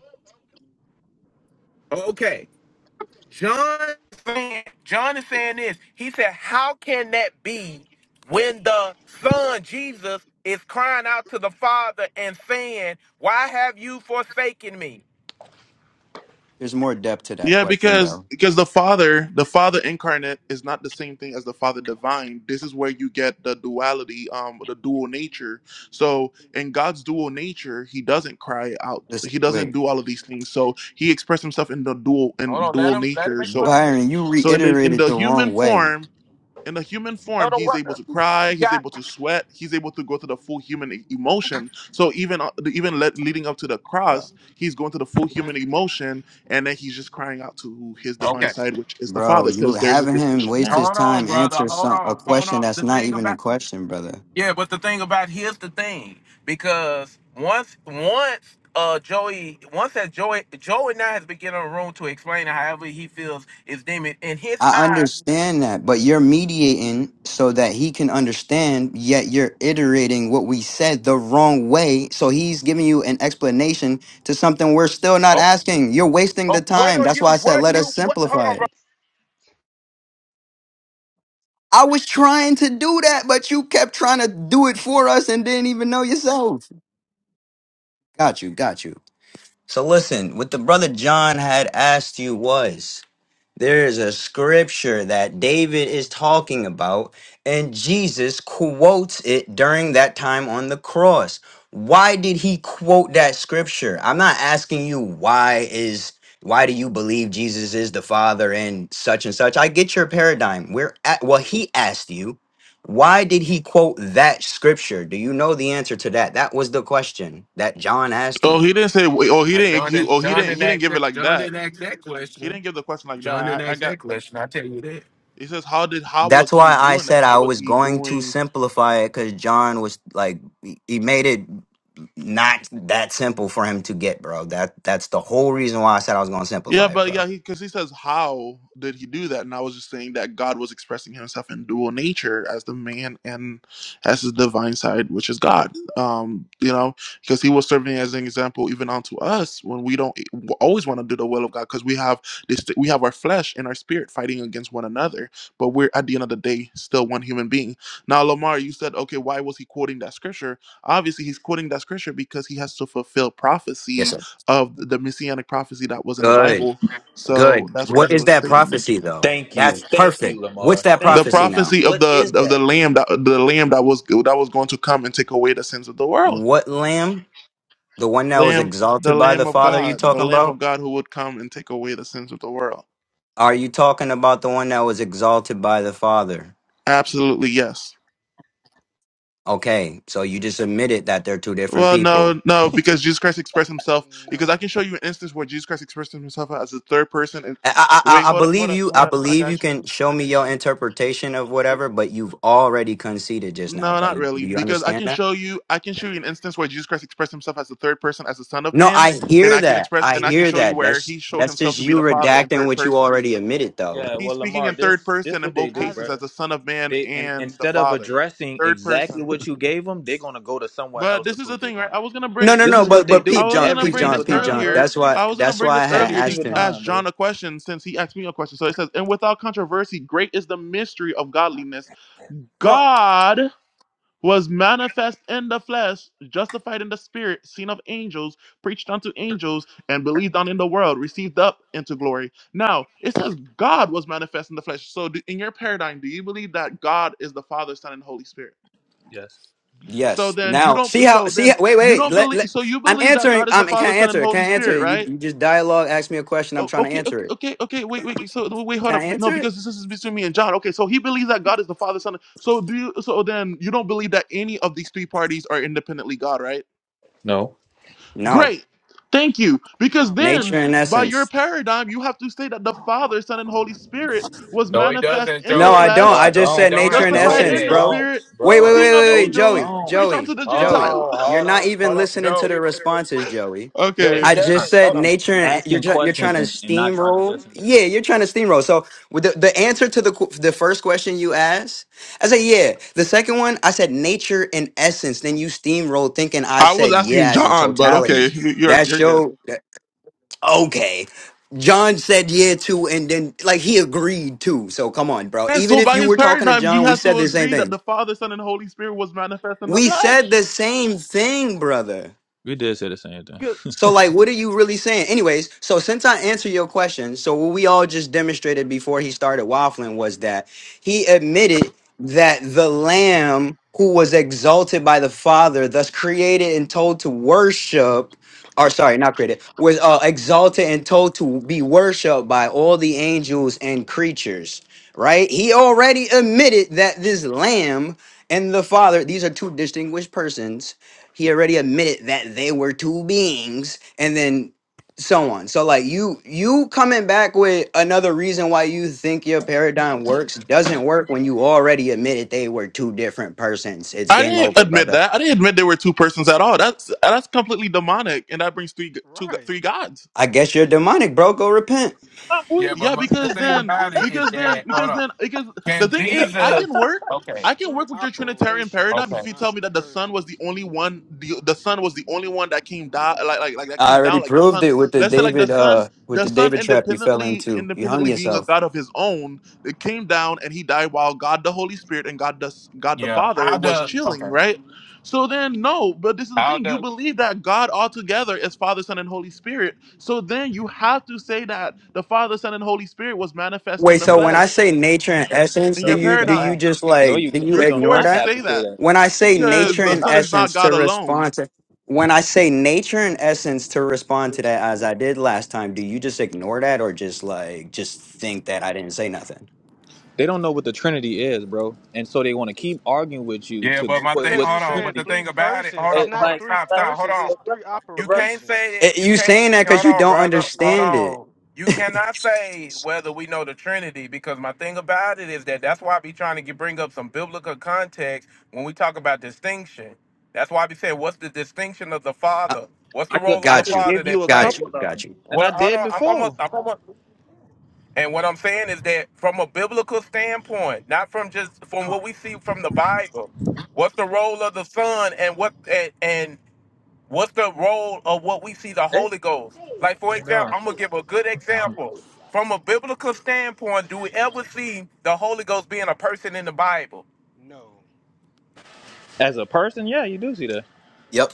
Speaker 8: okay. John, saying- John is saying this. He said, "How can that be when the Son Jesus is crying out to the Father and saying, 'Why have you forsaken me?"
Speaker 11: There's more depth to that
Speaker 1: Yeah,
Speaker 11: question,
Speaker 1: because
Speaker 11: though.
Speaker 1: because the Father, the Father incarnate is not the same thing as the Father divine. This is where you get the duality, um, the dual nature. So in God's dual nature, He doesn't cry out.
Speaker 11: Listen,
Speaker 1: He
Speaker 11: wait.
Speaker 1: doesn't do all of these things. So He expressed Himself in the dual
Speaker 8: Hold
Speaker 1: in
Speaker 8: on, let
Speaker 1: dual
Speaker 8: him let him
Speaker 1: nature. So
Speaker 8: explain it.
Speaker 11: Byron, you
Speaker 1: so in the in
Speaker 11: reiterated
Speaker 1: the
Speaker 11: the
Speaker 1: human
Speaker 11: wrong way,
Speaker 1: form, in the human form, he's able to cry, he's able to sweat, he's able to go through the full human e- emotion. So even uh, even le- leading up to the
Speaker 11: bro.
Speaker 1: cross, he's going through the full human emotion, and then he's just crying out to his divine
Speaker 8: Okay,
Speaker 1: side, which is the
Speaker 11: Bro,
Speaker 1: Father,
Speaker 11: you
Speaker 1: because there's a
Speaker 11: having him
Speaker 1: distinction
Speaker 11: waste
Speaker 1: there.
Speaker 11: his
Speaker 8: hold on,
Speaker 11: time
Speaker 8: brother.
Speaker 11: answer
Speaker 8: Hold
Speaker 11: some a
Speaker 8: on, hold
Speaker 11: question
Speaker 8: on.
Speaker 11: that's
Speaker 8: The
Speaker 11: not
Speaker 8: thing
Speaker 11: even
Speaker 8: about
Speaker 11: a question, brother.
Speaker 8: Yeah, but the thing about here's the thing because once once uh Joey once that Joey Joey now has been given a room to explain it however he feels is demon in his
Speaker 11: I
Speaker 8: eyes.
Speaker 11: understand that, but you're mediating so that he can understand, yet you're iterating what we said the wrong way. So he's giving you an explanation to something we're still not
Speaker 8: Oh,
Speaker 11: asking. You're wasting the
Speaker 8: oh, what
Speaker 11: time.
Speaker 8: are
Speaker 11: That's
Speaker 8: you?
Speaker 11: why I said
Speaker 8: What do
Speaker 11: let us
Speaker 8: you?
Speaker 11: simplify it. I was trying to do that, but you kept trying to do it for us and didn't even know yourself. Got you, got you. So listen, what the brother John had asked you was there is a scripture that David is talking about, and Jesus quotes it during that time on the cross. Why did he quote that scripture? I'm not asking you why is why do you believe Jesus is the Father and such and such. I get your paradigm. We're at well, he asked you, why did he quote that scripture? Do you know the answer to that? That was the question that John asked you.
Speaker 1: Oh, he didn't say. Oh, he
Speaker 8: Uh,
Speaker 1: didn't.
Speaker 8: John
Speaker 1: He,
Speaker 8: didn't
Speaker 1: oh, he
Speaker 8: John
Speaker 1: didn't.
Speaker 8: didn't
Speaker 1: He didn't
Speaker 8: ask
Speaker 1: give it
Speaker 8: that
Speaker 1: like
Speaker 8: John
Speaker 1: that.
Speaker 8: didn't ask that
Speaker 1: He
Speaker 8: question.
Speaker 1: didn't give the question like
Speaker 8: John didn't
Speaker 1: that. I, I
Speaker 8: ask
Speaker 1: got.
Speaker 8: that question. I tell you that.
Speaker 1: It says, how did how was
Speaker 11: That's
Speaker 1: he
Speaker 11: why I
Speaker 1: doing that?
Speaker 11: said
Speaker 1: How
Speaker 11: I
Speaker 1: was
Speaker 11: was
Speaker 1: he
Speaker 11: going to
Speaker 1: doing?
Speaker 11: simplify it because John was like he he made it not that simple for him to get, bro. That that's the whole reason why I said I was going to
Speaker 1: Yeah,
Speaker 11: simplify it,
Speaker 1: but yeah,
Speaker 11: bro.
Speaker 1: he because he says, How did he do that? And I was just saying that God was expressing himself in dual nature as the man and as his divine side, which is God. Um, you know, because he was serving as an example even unto us when we don't always want to do the will of God because we have this we have our flesh and our spirit fighting against one another, but we're at the end of the day still one human being. Now, Lamar, you said, okay, why was he quoting that scripture? Obviously, he's quoting that scripture because he has to fulfill
Speaker 11: Yes,
Speaker 1: prophecy
Speaker 11: sir.
Speaker 1: of the messianic prophecy that was in the
Speaker 11: Good,
Speaker 1: Bible. So
Speaker 11: good.
Speaker 1: that's why
Speaker 11: What
Speaker 1: he
Speaker 11: is
Speaker 1: was
Speaker 11: that
Speaker 1: stating that.
Speaker 11: prophecy though?
Speaker 5: Thank you.
Speaker 11: That's
Speaker 5: Thank
Speaker 11: perfect.
Speaker 5: you,
Speaker 11: What's
Speaker 5: Lamar.
Speaker 11: that
Speaker 1: The
Speaker 5: Thank
Speaker 11: prophecy
Speaker 5: you.
Speaker 11: now?
Speaker 1: prophecy of
Speaker 5: What
Speaker 1: the
Speaker 5: is
Speaker 1: of the
Speaker 5: that?
Speaker 1: lamb that the lamb that was that was going to come and take away the sins of the world.
Speaker 11: What lamb? The one that was
Speaker 1: Lamb the
Speaker 11: exalted by the
Speaker 1: lamb of
Speaker 11: Father? You
Speaker 1: God, the
Speaker 11: talking
Speaker 1: lamb of
Speaker 11: about?
Speaker 1: God who would come and take away the sins of the world.
Speaker 11: Are you talking about the one that was exalted by the Father?
Speaker 1: Absolutely yes.
Speaker 11: Okay, so you just admitted that they're two different
Speaker 1: Well,
Speaker 11: people.
Speaker 1: no, no, because Jesus Christ expressed himself. Because I
Speaker 6: No.
Speaker 1: can show you an instance where Jesus Christ expressed himself as a third person. And
Speaker 11: I, I,
Speaker 1: wait,
Speaker 11: I I
Speaker 1: hold up, hold
Speaker 11: believe
Speaker 1: up,
Speaker 11: you.
Speaker 1: hold
Speaker 11: I
Speaker 1: up. I
Speaker 11: believe you
Speaker 1: got you.
Speaker 11: can show me your interpretation of whatever, but you've already conceded just now,
Speaker 1: No,
Speaker 11: bro.
Speaker 1: not
Speaker 11: You,
Speaker 1: really,
Speaker 11: do you
Speaker 1: because I
Speaker 11: understand
Speaker 1: can
Speaker 11: that?
Speaker 1: show you. I can show you an instance where Jesus Christ expressed himself as the third person, as the Son of
Speaker 11: No,
Speaker 1: Man,
Speaker 11: I
Speaker 1: and
Speaker 11: hear
Speaker 1: I can
Speaker 11: that.
Speaker 1: express
Speaker 11: I
Speaker 1: and I can
Speaker 11: hear
Speaker 1: show you
Speaker 11: that.
Speaker 1: where
Speaker 11: That's
Speaker 1: he showed
Speaker 11: that's
Speaker 1: himself
Speaker 11: just
Speaker 1: to be
Speaker 11: you
Speaker 1: the Father in
Speaker 11: redacting
Speaker 1: third
Speaker 11: what you
Speaker 1: person.
Speaker 11: already admitted, though.
Speaker 5: Yeah,
Speaker 1: He's
Speaker 5: well,
Speaker 1: speaking
Speaker 5: Lamar,
Speaker 1: in third
Speaker 5: this this
Speaker 1: person in
Speaker 5: what they
Speaker 1: both
Speaker 5: do,
Speaker 6: How's
Speaker 1: cases
Speaker 6: it
Speaker 1: as
Speaker 5: brother.
Speaker 1: the Son of Man
Speaker 5: They in,
Speaker 1: and the
Speaker 5: instead of
Speaker 1: Father,
Speaker 5: addressing
Speaker 1: third
Speaker 5: exactly
Speaker 1: person.
Speaker 5: what you gave them, they're gonna go to somewhere
Speaker 1: But
Speaker 5: else to
Speaker 1: this is the
Speaker 5: prove their
Speaker 1: thing, right?
Speaker 5: point.
Speaker 1: I was gonna
Speaker 11: No,
Speaker 1: bring,
Speaker 11: no,
Speaker 5: This
Speaker 11: no.
Speaker 5: is what
Speaker 11: But
Speaker 5: they
Speaker 11: but
Speaker 1: I
Speaker 5: do
Speaker 11: peep
Speaker 1: was
Speaker 11: John,
Speaker 1: gonna
Speaker 5: every
Speaker 11: peep
Speaker 1: bring
Speaker 11: John,
Speaker 5: single
Speaker 1: this
Speaker 11: peep
Speaker 5: time,
Speaker 11: John.
Speaker 5: bro.
Speaker 1: earlier.
Speaker 11: That's why.
Speaker 1: I was gonna
Speaker 11: That's
Speaker 1: bring
Speaker 11: why I
Speaker 1: this
Speaker 11: had
Speaker 5: Every
Speaker 1: earlier to
Speaker 11: asked
Speaker 5: single
Speaker 11: him.
Speaker 1: ask
Speaker 5: time, bro.
Speaker 1: John a question since he asked me a question. So it says, "And without controversy, great is the mystery of godliness.
Speaker 5: Come on.
Speaker 1: God." was manifest in the flesh, justified in the spirit, seen of angels, preached unto angels, and believed on in the world, received up into glory. Now, it says God was manifest in the flesh. So, do, in your paradigm, do you believe that God is the Father, Son, and Holy Spirit?
Speaker 5: Yes.
Speaker 1: So
Speaker 11: Yes.
Speaker 1: then you
Speaker 11: Now see
Speaker 1: don't,
Speaker 11: how
Speaker 1: so
Speaker 11: see. How,
Speaker 1: then
Speaker 11: wait,
Speaker 1: you
Speaker 11: wait.
Speaker 1: don't
Speaker 11: Let,
Speaker 1: believe,
Speaker 11: let
Speaker 1: so you
Speaker 11: I'm
Speaker 1: believe that
Speaker 11: answering.
Speaker 1: God is the
Speaker 11: I'm can
Speaker 1: Father,
Speaker 11: not
Speaker 1: Son, and
Speaker 11: answer it? Can
Speaker 1: Holy
Speaker 11: not answer
Speaker 1: Spirit,
Speaker 11: it? You,
Speaker 1: right?
Speaker 11: you just dialogue. Ask me a question. I'm
Speaker 1: O-
Speaker 11: trying to
Speaker 1: okay, okay,
Speaker 11: answer it.
Speaker 1: okay, okay. Wait, wait, wait. So wait, hold
Speaker 11: Can
Speaker 1: up.
Speaker 11: I
Speaker 1: No,
Speaker 11: answer it?
Speaker 1: because this is between me and John. Okay, so he believes that God is the Father, Son. and- So do you? So then you don't believe that any of these three parties are independently God, right?
Speaker 5: No.
Speaker 11: No.
Speaker 1: Great, thank you. Because
Speaker 6: my
Speaker 11: Nature
Speaker 1: then,
Speaker 6: point
Speaker 11: and
Speaker 6: exact?
Speaker 1: by your
Speaker 11: essence.
Speaker 1: paradigm, you have to say that the Father, Son, and Holy Spirit was
Speaker 8: No, he
Speaker 1: manifest
Speaker 8: doesn't,
Speaker 1: in the
Speaker 11: No, I
Speaker 8: Joey.
Speaker 11: don't.
Speaker 5: No, I
Speaker 1: flesh,
Speaker 11: I
Speaker 8: No,
Speaker 11: just
Speaker 8: he
Speaker 5: don't.
Speaker 11: said
Speaker 8: don't
Speaker 11: nature
Speaker 8: have
Speaker 11: and
Speaker 8: to
Speaker 1: justified
Speaker 5: No,
Speaker 8: say
Speaker 5: you
Speaker 11: essence,
Speaker 1: in the
Speaker 8: that.
Speaker 11: bro.
Speaker 5: don't,
Speaker 1: Spirit,
Speaker 11: Wait,
Speaker 5: bro.
Speaker 11: wait,
Speaker 8: Hold on.
Speaker 11: wait,
Speaker 1: seen of
Speaker 11: wait,
Speaker 5: No,
Speaker 11: wait,
Speaker 5: you
Speaker 1: angels,
Speaker 11: Joey,
Speaker 5: don't.
Speaker 1: preached
Speaker 11: Joey,
Speaker 1: unto the
Speaker 8: Hold
Speaker 11: Joey.
Speaker 1: Gentiles.
Speaker 8: on,
Speaker 11: You're not
Speaker 8: hold
Speaker 11: even
Speaker 8: on,
Speaker 11: listening
Speaker 8: Joe.
Speaker 11: to the responses, Joey.
Speaker 8: Joe,
Speaker 5: Yeah,
Speaker 8: he
Speaker 5: he's
Speaker 1: okay,
Speaker 11: I just
Speaker 5: not.
Speaker 8: doesn't.
Speaker 11: said
Speaker 8: Hold on.
Speaker 5: He's
Speaker 11: nature, and you're
Speaker 5: asking
Speaker 11: try- you're trying
Speaker 5: questions
Speaker 11: to
Speaker 5: and, and not trying to
Speaker 11: steamroll.
Speaker 5: listen.
Speaker 11: Yeah, you're trying to steamroll. So with the, the answer to the qu- the first question you asked, I said yeah. The second one, I said nature and essence. Then you steamroll thinking I
Speaker 1: I was
Speaker 11: said
Speaker 1: asking
Speaker 11: yeah as in
Speaker 1: John, but
Speaker 11: totality.
Speaker 1: okay, you're
Speaker 11: That
Speaker 1: you're good.
Speaker 11: show. okay. John said yeah too, and then like he agreed too. So come on, bro.
Speaker 1: And
Speaker 11: Even
Speaker 1: so
Speaker 11: if
Speaker 1: by
Speaker 11: you
Speaker 1: his
Speaker 11: were talking to
Speaker 1: paradigm, he
Speaker 11: John, we
Speaker 1: has to
Speaker 11: said the same
Speaker 1: agree that
Speaker 11: thing.
Speaker 1: the Father, Son, and Holy Spirit was manifest in the
Speaker 11: We said
Speaker 1: flesh.
Speaker 11: the same thing, brother.
Speaker 5: We did say the same thing.
Speaker 1: Good.
Speaker 11: So, like, what are you really saying? Anyways, so since I answered your question, so what we all just demonstrated before he started waffling was that he admitted that the lamb who was exalted by the Father, thus created and told to worship, or sorry, not created, was uh, exalted and told to be worshiped by all the angels and creatures, right? He already admitted that this lamb and the Father, these are two distinguished persons he already admitted that they were two beings and then so on so like you you coming back with another reason why you think your paradigm works doesn't work when you already admitted they were two different persons it's
Speaker 1: I
Speaker 11: game
Speaker 1: didn't
Speaker 11: over
Speaker 1: admit
Speaker 11: brother
Speaker 1: that. I didn't admit there were two persons at all. That's that's completely demonic, and that brings three two
Speaker 6: Right.
Speaker 1: three gods.
Speaker 11: i guess you're demonic bro go repent
Speaker 5: I'm
Speaker 8: Yeah, but
Speaker 1: Yeah,
Speaker 8: my, the
Speaker 1: because
Speaker 8: thing
Speaker 1: then,
Speaker 8: about it is
Speaker 1: because then,
Speaker 8: that hold
Speaker 1: because
Speaker 8: on.
Speaker 1: then, because the
Speaker 8: Can
Speaker 1: thing is, I
Speaker 8: Jesus?
Speaker 1: can work.
Speaker 8: Okay,
Speaker 6: It's
Speaker 1: I can
Speaker 6: three
Speaker 1: work with your Trinitarian paradigm
Speaker 6: operations,
Speaker 8: okay,
Speaker 1: if you
Speaker 6: not
Speaker 1: tell me that the sun was the
Speaker 6: persons.
Speaker 1: only one. The, the sun was the only one that came down, like like like that
Speaker 11: i
Speaker 1: came
Speaker 11: already
Speaker 1: down, like the
Speaker 11: proved
Speaker 1: sun.
Speaker 11: it with the
Speaker 1: Let's say like the
Speaker 11: david
Speaker 1: sun,
Speaker 11: uh with
Speaker 1: the
Speaker 11: the
Speaker 1: sun
Speaker 11: david trap you fell
Speaker 1: independently,
Speaker 11: into you hung
Speaker 1: independently being a
Speaker 11: yourself
Speaker 1: god of his own, it came down and he died while God the Holy Spirit and God the God the
Speaker 8: yeah.
Speaker 1: Father
Speaker 8: How
Speaker 1: was
Speaker 8: does?
Speaker 1: chilling,
Speaker 8: Okay,
Speaker 1: right? So then, no, but this is the
Speaker 8: how,
Speaker 1: thing. You believe that God altogether is Father, Son, and Holy Spirit. So then you have to say that the Father, Son, and Holy Spirit was manifest in
Speaker 11: Wait,
Speaker 1: the
Speaker 11: so when I
Speaker 1: flesh
Speaker 11: say nature and
Speaker 5: No,
Speaker 11: essence,
Speaker 1: in
Speaker 11: do
Speaker 5: no,
Speaker 1: your
Speaker 5: you
Speaker 11: you do you
Speaker 5: cannot.
Speaker 1: paradigm.
Speaker 11: just
Speaker 5: No,
Speaker 11: like
Speaker 5: you
Speaker 11: do
Speaker 5: can.
Speaker 11: you
Speaker 1: You're
Speaker 5: You do
Speaker 11: ignore
Speaker 1: forced
Speaker 5: not
Speaker 1: to
Speaker 11: that?
Speaker 5: have
Speaker 1: say
Speaker 5: to say
Speaker 1: that
Speaker 5: that.
Speaker 11: When I say
Speaker 5: You, you, no,
Speaker 1: because
Speaker 11: nature
Speaker 5: you
Speaker 1: the
Speaker 5: do
Speaker 11: and
Speaker 1: Son
Speaker 5: not.
Speaker 1: is not
Speaker 11: essence to
Speaker 1: God alone.
Speaker 11: respond to when I say nature and essence to respond to that as I did last time, do you just ignore that or just like just think that I didn't say nothing?
Speaker 5: They don't know what the Trinity is, bro, and so they want to keep arguing with you
Speaker 8: yeah.
Speaker 5: to go
Speaker 8: But my
Speaker 5: with
Speaker 8: thing,
Speaker 6: Because
Speaker 5: what
Speaker 6: you're
Speaker 8: hold
Speaker 5: the
Speaker 8: on.
Speaker 6: saying
Speaker 8: But
Speaker 5: Trinity
Speaker 8: the
Speaker 5: is.
Speaker 6: three
Speaker 8: thing about it,
Speaker 6: persons.
Speaker 8: hold
Speaker 6: It's
Speaker 8: on,
Speaker 5: Hey,
Speaker 6: not
Speaker 8: hold on,
Speaker 5: like,
Speaker 6: three
Speaker 8: stop,
Speaker 5: like,
Speaker 8: stop, hold
Speaker 6: persons, it's
Speaker 5: but brother,
Speaker 6: three
Speaker 8: on.
Speaker 5: but
Speaker 8: You
Speaker 5: brother,
Speaker 8: can't say
Speaker 6: operations.
Speaker 11: Eh,
Speaker 8: that. You
Speaker 11: you
Speaker 8: can't.
Speaker 11: saying that cuz
Speaker 8: Hold
Speaker 11: you
Speaker 8: on,
Speaker 11: don't
Speaker 8: brother. Hold
Speaker 11: understand it.
Speaker 8: on. You cannot say whether we know the Trinity because my thing about it is that that's why I be trying to get, bring up some biblical context when we talk about distinction. That's why I be saying, what's the distinction of the
Speaker 11: Uh,
Speaker 8: Father? What's the
Speaker 5: I could,
Speaker 8: role of
Speaker 5: I
Speaker 8: the
Speaker 11: got
Speaker 5: could
Speaker 11: you.
Speaker 8: Father
Speaker 5: give
Speaker 8: that
Speaker 5: you a
Speaker 11: Got
Speaker 8: played?
Speaker 5: couple
Speaker 11: you.
Speaker 5: of
Speaker 11: Got
Speaker 5: them,
Speaker 11: you.
Speaker 5: and I
Speaker 8: What? Hold
Speaker 5: did
Speaker 8: on. I'm almost.
Speaker 5: before.
Speaker 8: I'm almost. And what I'm saying is that from a biblical standpoint, not from just from what we see from the Bible, what's the role of the Son and what and, and what's the role of what we see the
Speaker 5: Hey,
Speaker 8: Holy Ghost? Like for example,
Speaker 5: no.
Speaker 8: I'm gonna give a good example. From a biblical standpoint, do we ever see the Holy Ghost being a person in the Bible?
Speaker 6: No.
Speaker 5: As a person, yeah, you do see that.
Speaker 11: Yep.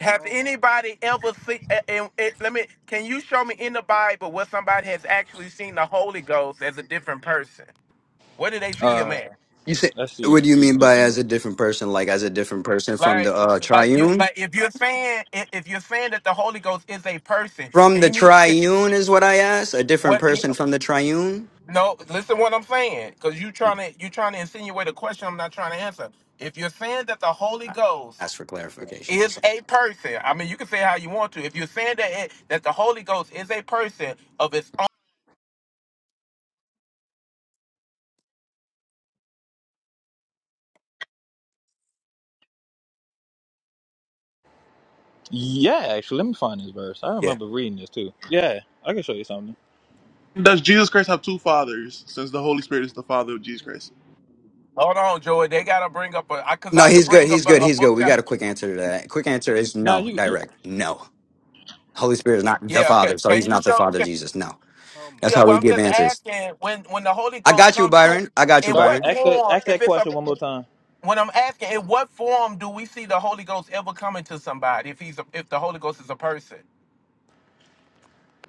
Speaker 8: Have
Speaker 6: Oh my
Speaker 8: anybody ever seen? And, and- and let me. Can you show me in the Bible where somebody has actually seen the Holy Ghost as a different person? Where did they see him
Speaker 5: Uh,
Speaker 8: at?
Speaker 11: You say
Speaker 5: let's see.
Speaker 11: what do you
Speaker 5: I'll
Speaker 11: mean
Speaker 5: Do
Speaker 11: by
Speaker 5: something.
Speaker 11: as a different person like as a different person from
Speaker 8: Like,
Speaker 11: the uh
Speaker 8: like you,
Speaker 11: triune?
Speaker 8: like if you're saying if if you're saying that the Holy Ghost is a person,
Speaker 11: From
Speaker 8: can
Speaker 11: the
Speaker 8: you mean
Speaker 11: triune is what I asked. A different
Speaker 8: what? yeah.
Speaker 11: person from the triune.
Speaker 8: No, listen what I'm saying, because you trying to you trying to insinuate a question I'm not trying to answer. If you're saying that the Holy
Speaker 11: I
Speaker 8: Ghost
Speaker 11: asked for clarification.
Speaker 8: is
Speaker 11: That's all.
Speaker 8: a person, I mean you can say how you want to. If you're saying that it, that the Holy Ghost is a person of its own,
Speaker 5: Yeah, actually, let me find this verse. I
Speaker 11: Yeah.
Speaker 5: remember reading this too. Yeah, I can show you something.
Speaker 1: Does Jesus Christ have two fathers since the Holy Spirit is the Father of Jesus Christ?
Speaker 8: hold on, Joey, they gotta bring up a because
Speaker 11: No,
Speaker 8: I could
Speaker 11: he's good.
Speaker 8: bring
Speaker 11: He's
Speaker 8: up a,
Speaker 11: good.
Speaker 8: a
Speaker 11: He's good.
Speaker 8: book
Speaker 11: We
Speaker 8: chapter.
Speaker 11: got a quick answer to that. Quick answer is
Speaker 5: Now
Speaker 11: no.
Speaker 5: you, you
Speaker 11: Direct. No. Holy Spirit is not the
Speaker 8: Yeah, okay.
Speaker 11: Father, so
Speaker 8: Can
Speaker 11: he's
Speaker 8: you
Speaker 11: not the
Speaker 8: show?
Speaker 11: Father of Jesus. No.
Speaker 6: oh my
Speaker 11: That's
Speaker 8: Yeah,
Speaker 11: how
Speaker 8: well,
Speaker 11: we
Speaker 8: I'm
Speaker 11: give
Speaker 6: god.
Speaker 8: just
Speaker 11: answers.
Speaker 8: asking when when the Holy
Speaker 11: I
Speaker 8: Ghost
Speaker 11: got you,
Speaker 8: comes to,
Speaker 11: Byron. I got you,
Speaker 8: in
Speaker 5: Byron,
Speaker 8: what
Speaker 11: Byron.
Speaker 5: ask that
Speaker 8: form?
Speaker 5: ask
Speaker 8: If
Speaker 5: that
Speaker 8: it's a,
Speaker 5: question one more time.
Speaker 8: when I'm asking, in what form do we see the Holy Ghost ever coming to somebody? If he's a, if the Holy Ghost is a person,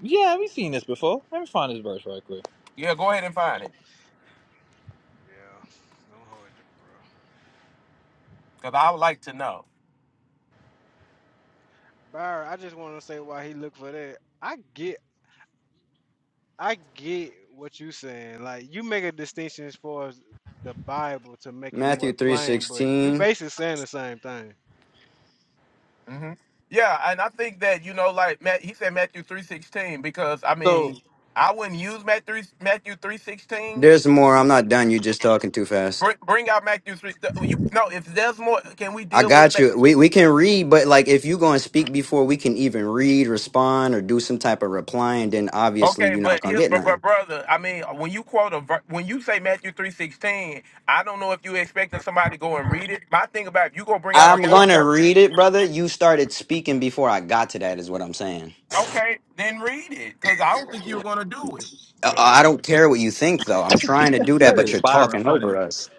Speaker 5: Yeah, we've seen this before. Let me find this verse right quick.
Speaker 8: yeah, go ahead and find it,
Speaker 6: Yeah. Don't hold your bro.
Speaker 8: cause I would like to know.
Speaker 6: Byron, I just wanna say why he looked for that. I get I get what you saying. Like you make a distinction as far as the Bible to make it
Speaker 11: Matthew
Speaker 6: more
Speaker 11: three
Speaker 6: plain, but we
Speaker 11: sixteen.
Speaker 6: basically saying the same thing.
Speaker 8: hmm Yeah, and I think that you know, like Matt, he said Matthew three sixteen, because I
Speaker 5: So
Speaker 8: mean, I wouldn't use Matt three Matthew three sixteen.
Speaker 11: There's more. I'm not done. You're just talking too fast.
Speaker 8: Bring, bring out Matthew three. You no, if there's more, can we
Speaker 11: I
Speaker 8: deal with?
Speaker 11: got you. We we can read, but like if you going to speak before we can even read, respond, or do some type of replying, then obviously
Speaker 8: Okay,
Speaker 11: you're not
Speaker 8: but
Speaker 11: gonna
Speaker 8: his
Speaker 11: get
Speaker 8: but, but
Speaker 11: nothing.
Speaker 8: brother, I mean, uh, when you quote a ver- when you say Matthew three sixteen, I don't know if you expecting somebody to go and read it. My thing about if you gonna bring out a
Speaker 11: I'm
Speaker 8: book
Speaker 11: gonna
Speaker 8: chapter,
Speaker 11: read it, brother. You started speaking before I got to that, is what I'm saying.
Speaker 8: okay, then read it, cause I don't think you're gonna do it.
Speaker 11: I, I don't care what you think, though. I'm trying to do that,
Speaker 5: that
Speaker 11: but
Speaker 5: is
Speaker 11: you're
Speaker 5: Byron
Speaker 11: talking over
Speaker 5: funny.
Speaker 11: us.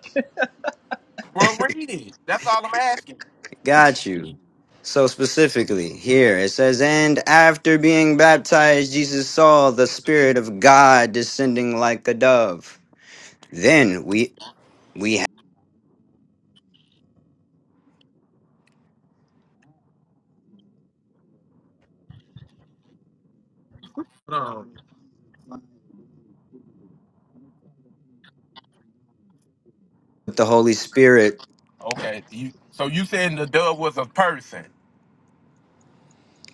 Speaker 8: Well, read it. That's all I'm asking.
Speaker 11: Got you. So specifically here it says, and after being baptized, Jesus saw the Spirit of God descending like a dove. Then we we have
Speaker 8: Um,
Speaker 11: the Holy Spirit
Speaker 8: okay, you so you saying the dove was a person?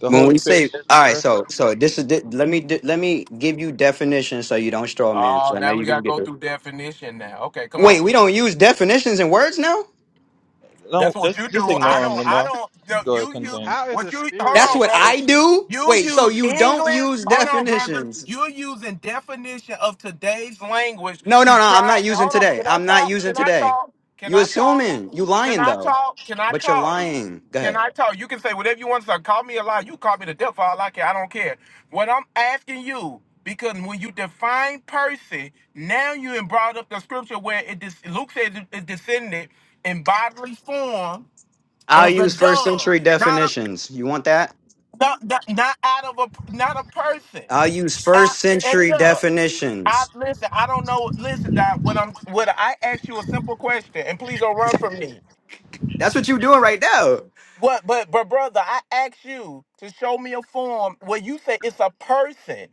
Speaker 5: The
Speaker 11: when
Speaker 5: Holy
Speaker 11: we
Speaker 5: Spirit
Speaker 11: say
Speaker 5: is
Speaker 11: all
Speaker 5: a
Speaker 11: right
Speaker 5: person.
Speaker 11: so so this is thi- let me di- let me give you definitions so you don't straw man
Speaker 8: Oh,
Speaker 11: so i know
Speaker 8: now we
Speaker 11: you're gonna
Speaker 8: gotta
Speaker 11: get
Speaker 8: go
Speaker 11: the
Speaker 8: through definition now. Okay, come on.
Speaker 11: wait we don't use definitions and words now
Speaker 8: That's
Speaker 5: Don't
Speaker 8: what
Speaker 5: just
Speaker 8: you do.
Speaker 5: just
Speaker 8: I
Speaker 5: ignore him,
Speaker 8: don't. I
Speaker 5: Lamar.
Speaker 8: don't. yo,
Speaker 5: Go ahead,
Speaker 8: You. You.
Speaker 5: continue.
Speaker 6: How is
Speaker 8: What
Speaker 6: the
Speaker 8: you? Hold
Speaker 6: spirit
Speaker 11: that's
Speaker 6: a
Speaker 8: on,
Speaker 11: what
Speaker 8: brother.
Speaker 11: i
Speaker 6: person?
Speaker 11: do
Speaker 8: You
Speaker 11: wait so
Speaker 8: use
Speaker 11: you don't
Speaker 8: English.
Speaker 11: use
Speaker 8: Hold on, brother.
Speaker 11: definitions
Speaker 8: You're using definition of today's language
Speaker 11: no
Speaker 8: to
Speaker 11: no no i'm
Speaker 8: try.
Speaker 11: not using
Speaker 8: Hold on.
Speaker 11: today
Speaker 8: Can I
Speaker 11: i'm not
Speaker 8: talk?
Speaker 11: using
Speaker 8: Can I
Speaker 11: today
Speaker 8: talk? Can
Speaker 11: you
Speaker 8: I talk?
Speaker 11: assuming you
Speaker 8: Can
Speaker 11: lying
Speaker 8: I
Speaker 11: though
Speaker 8: talk? Can I
Speaker 11: but you're
Speaker 8: talk?
Speaker 11: lying go
Speaker 8: Can
Speaker 11: ahead
Speaker 8: I talk? You can say whatever you want to say. Call me a lie. You call me the devil. for All I care. I don't care. What I'm asking you, because when you define person, now you have brought up the scripture where it dis- Luke says it, it descended in bodily form
Speaker 11: i'll
Speaker 8: as a
Speaker 11: use first
Speaker 8: dove,
Speaker 11: century
Speaker 8: not a
Speaker 11: definitions you want that
Speaker 8: not, not, not out of a not a person.
Speaker 11: i'll use
Speaker 8: I,
Speaker 11: first
Speaker 8: a
Speaker 11: century
Speaker 8: dove. I
Speaker 11: definitions
Speaker 8: listen. I don't know. Listen, Doc. What I'm what I asked you a simple question, and please don't run from me.
Speaker 11: that's what you doing right now
Speaker 8: What? But but brother, I asked you to show me a form where you say it's a person.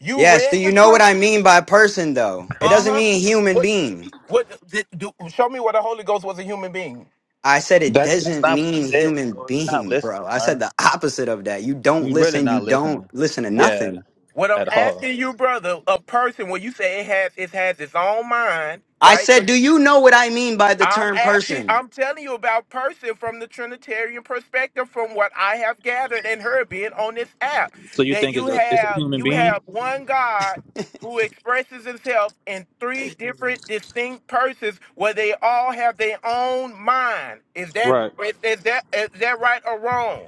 Speaker 8: You
Speaker 11: Yes,
Speaker 8: read
Speaker 11: do
Speaker 8: the
Speaker 11: you know what I
Speaker 8: scripture.
Speaker 11: mean by person though? It
Speaker 8: Uh
Speaker 11: doesn't
Speaker 8: huh.
Speaker 11: mean human
Speaker 8: What?
Speaker 11: being.
Speaker 8: What? Did, do, show me where the Holy Ghost was a human being.
Speaker 11: I said it
Speaker 5: That that's
Speaker 11: doesn't
Speaker 5: not what he
Speaker 11: mean
Speaker 5: said,
Speaker 11: human
Speaker 5: bro. You're not
Speaker 11: being,
Speaker 5: listening,
Speaker 11: bro. I said
Speaker 5: Byron.
Speaker 11: the opposite of that. You don't
Speaker 5: You're really
Speaker 11: listen, you
Speaker 5: not
Speaker 11: don't
Speaker 5: listening.
Speaker 11: listen to
Speaker 5: Yeah,
Speaker 11: nothing.
Speaker 8: What I'm
Speaker 5: at all.
Speaker 8: asking you, brother, a person when you say it has it has its own mind,
Speaker 11: I
Speaker 8: right? 'Cause
Speaker 11: said, do you know what I mean by the
Speaker 8: I'm
Speaker 11: term
Speaker 8: asking,
Speaker 11: person?
Speaker 8: I'm telling you about person from the Trinitarian perspective, from what I have gathered and heard being on this app,
Speaker 5: So you
Speaker 8: that
Speaker 5: think
Speaker 8: you
Speaker 5: it's a it's a
Speaker 8: have
Speaker 5: human
Speaker 8: you
Speaker 5: being?
Speaker 8: have one God who expresses himself in three different distinct persons where they all have their own mind. Is that
Speaker 5: Right.
Speaker 8: is that is that right or wrong?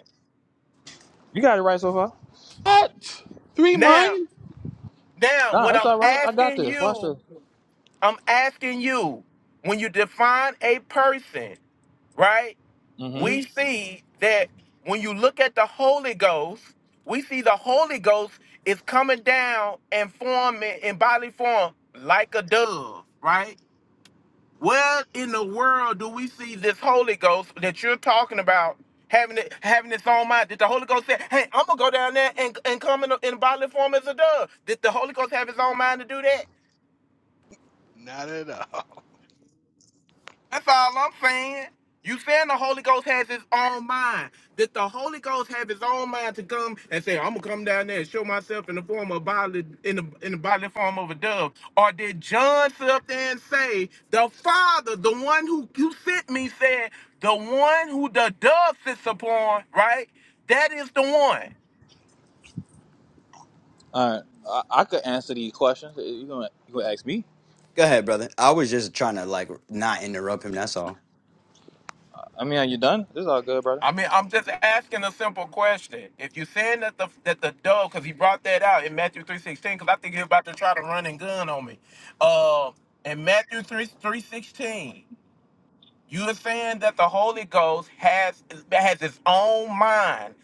Speaker 5: You got it right so far.
Speaker 1: What? Three minds?
Speaker 8: Now, now,
Speaker 5: Nah,
Speaker 8: what
Speaker 5: it's
Speaker 8: I'm
Speaker 5: all right. I got
Speaker 8: asking
Speaker 5: this. Watch
Speaker 8: you
Speaker 5: this.
Speaker 8: I'm asking you, when you define a person, right?
Speaker 11: Hmm?
Speaker 8: We see that when you look at the Holy Ghost, we see the Holy Ghost is coming down and forming in bodily form like a dove, right? Where in the world do we see this Holy Ghost that you're talking about having it, having its own mind? Did the Holy Ghost say, "Hey, I'm gonna go down there and, and come in, in bodily form as a dove"? Did the Holy Ghost have his own mind to do that?
Speaker 6: Not at all.
Speaker 8: That's all I'm saying. You saying the Holy Ghost has his own mind. Did the Holy Ghost have his own mind to come and say, I'm gonna come down there and show myself in the form of bodily in the in the bodily form of a dove? Or did John sit up there and say, the Father, the one who, who sent me, said, the one who the dove sits upon, right? That is the one.
Speaker 5: All right, I, I could answer these questions. You gonna you gonna ask me?
Speaker 11: Go ahead, brother. I was just trying to like not interrupt him, that's all.
Speaker 5: I mean, are you done? This is all good, brother.
Speaker 8: I mean, I'm just asking a simple question. If you're saying that the that the dove, because he brought that out in Matthew three sixteen, because I think he's about to try to run and gun on me. Uh, in Matthew three three sixteen, you are saying that the Holy Ghost has has its own mind.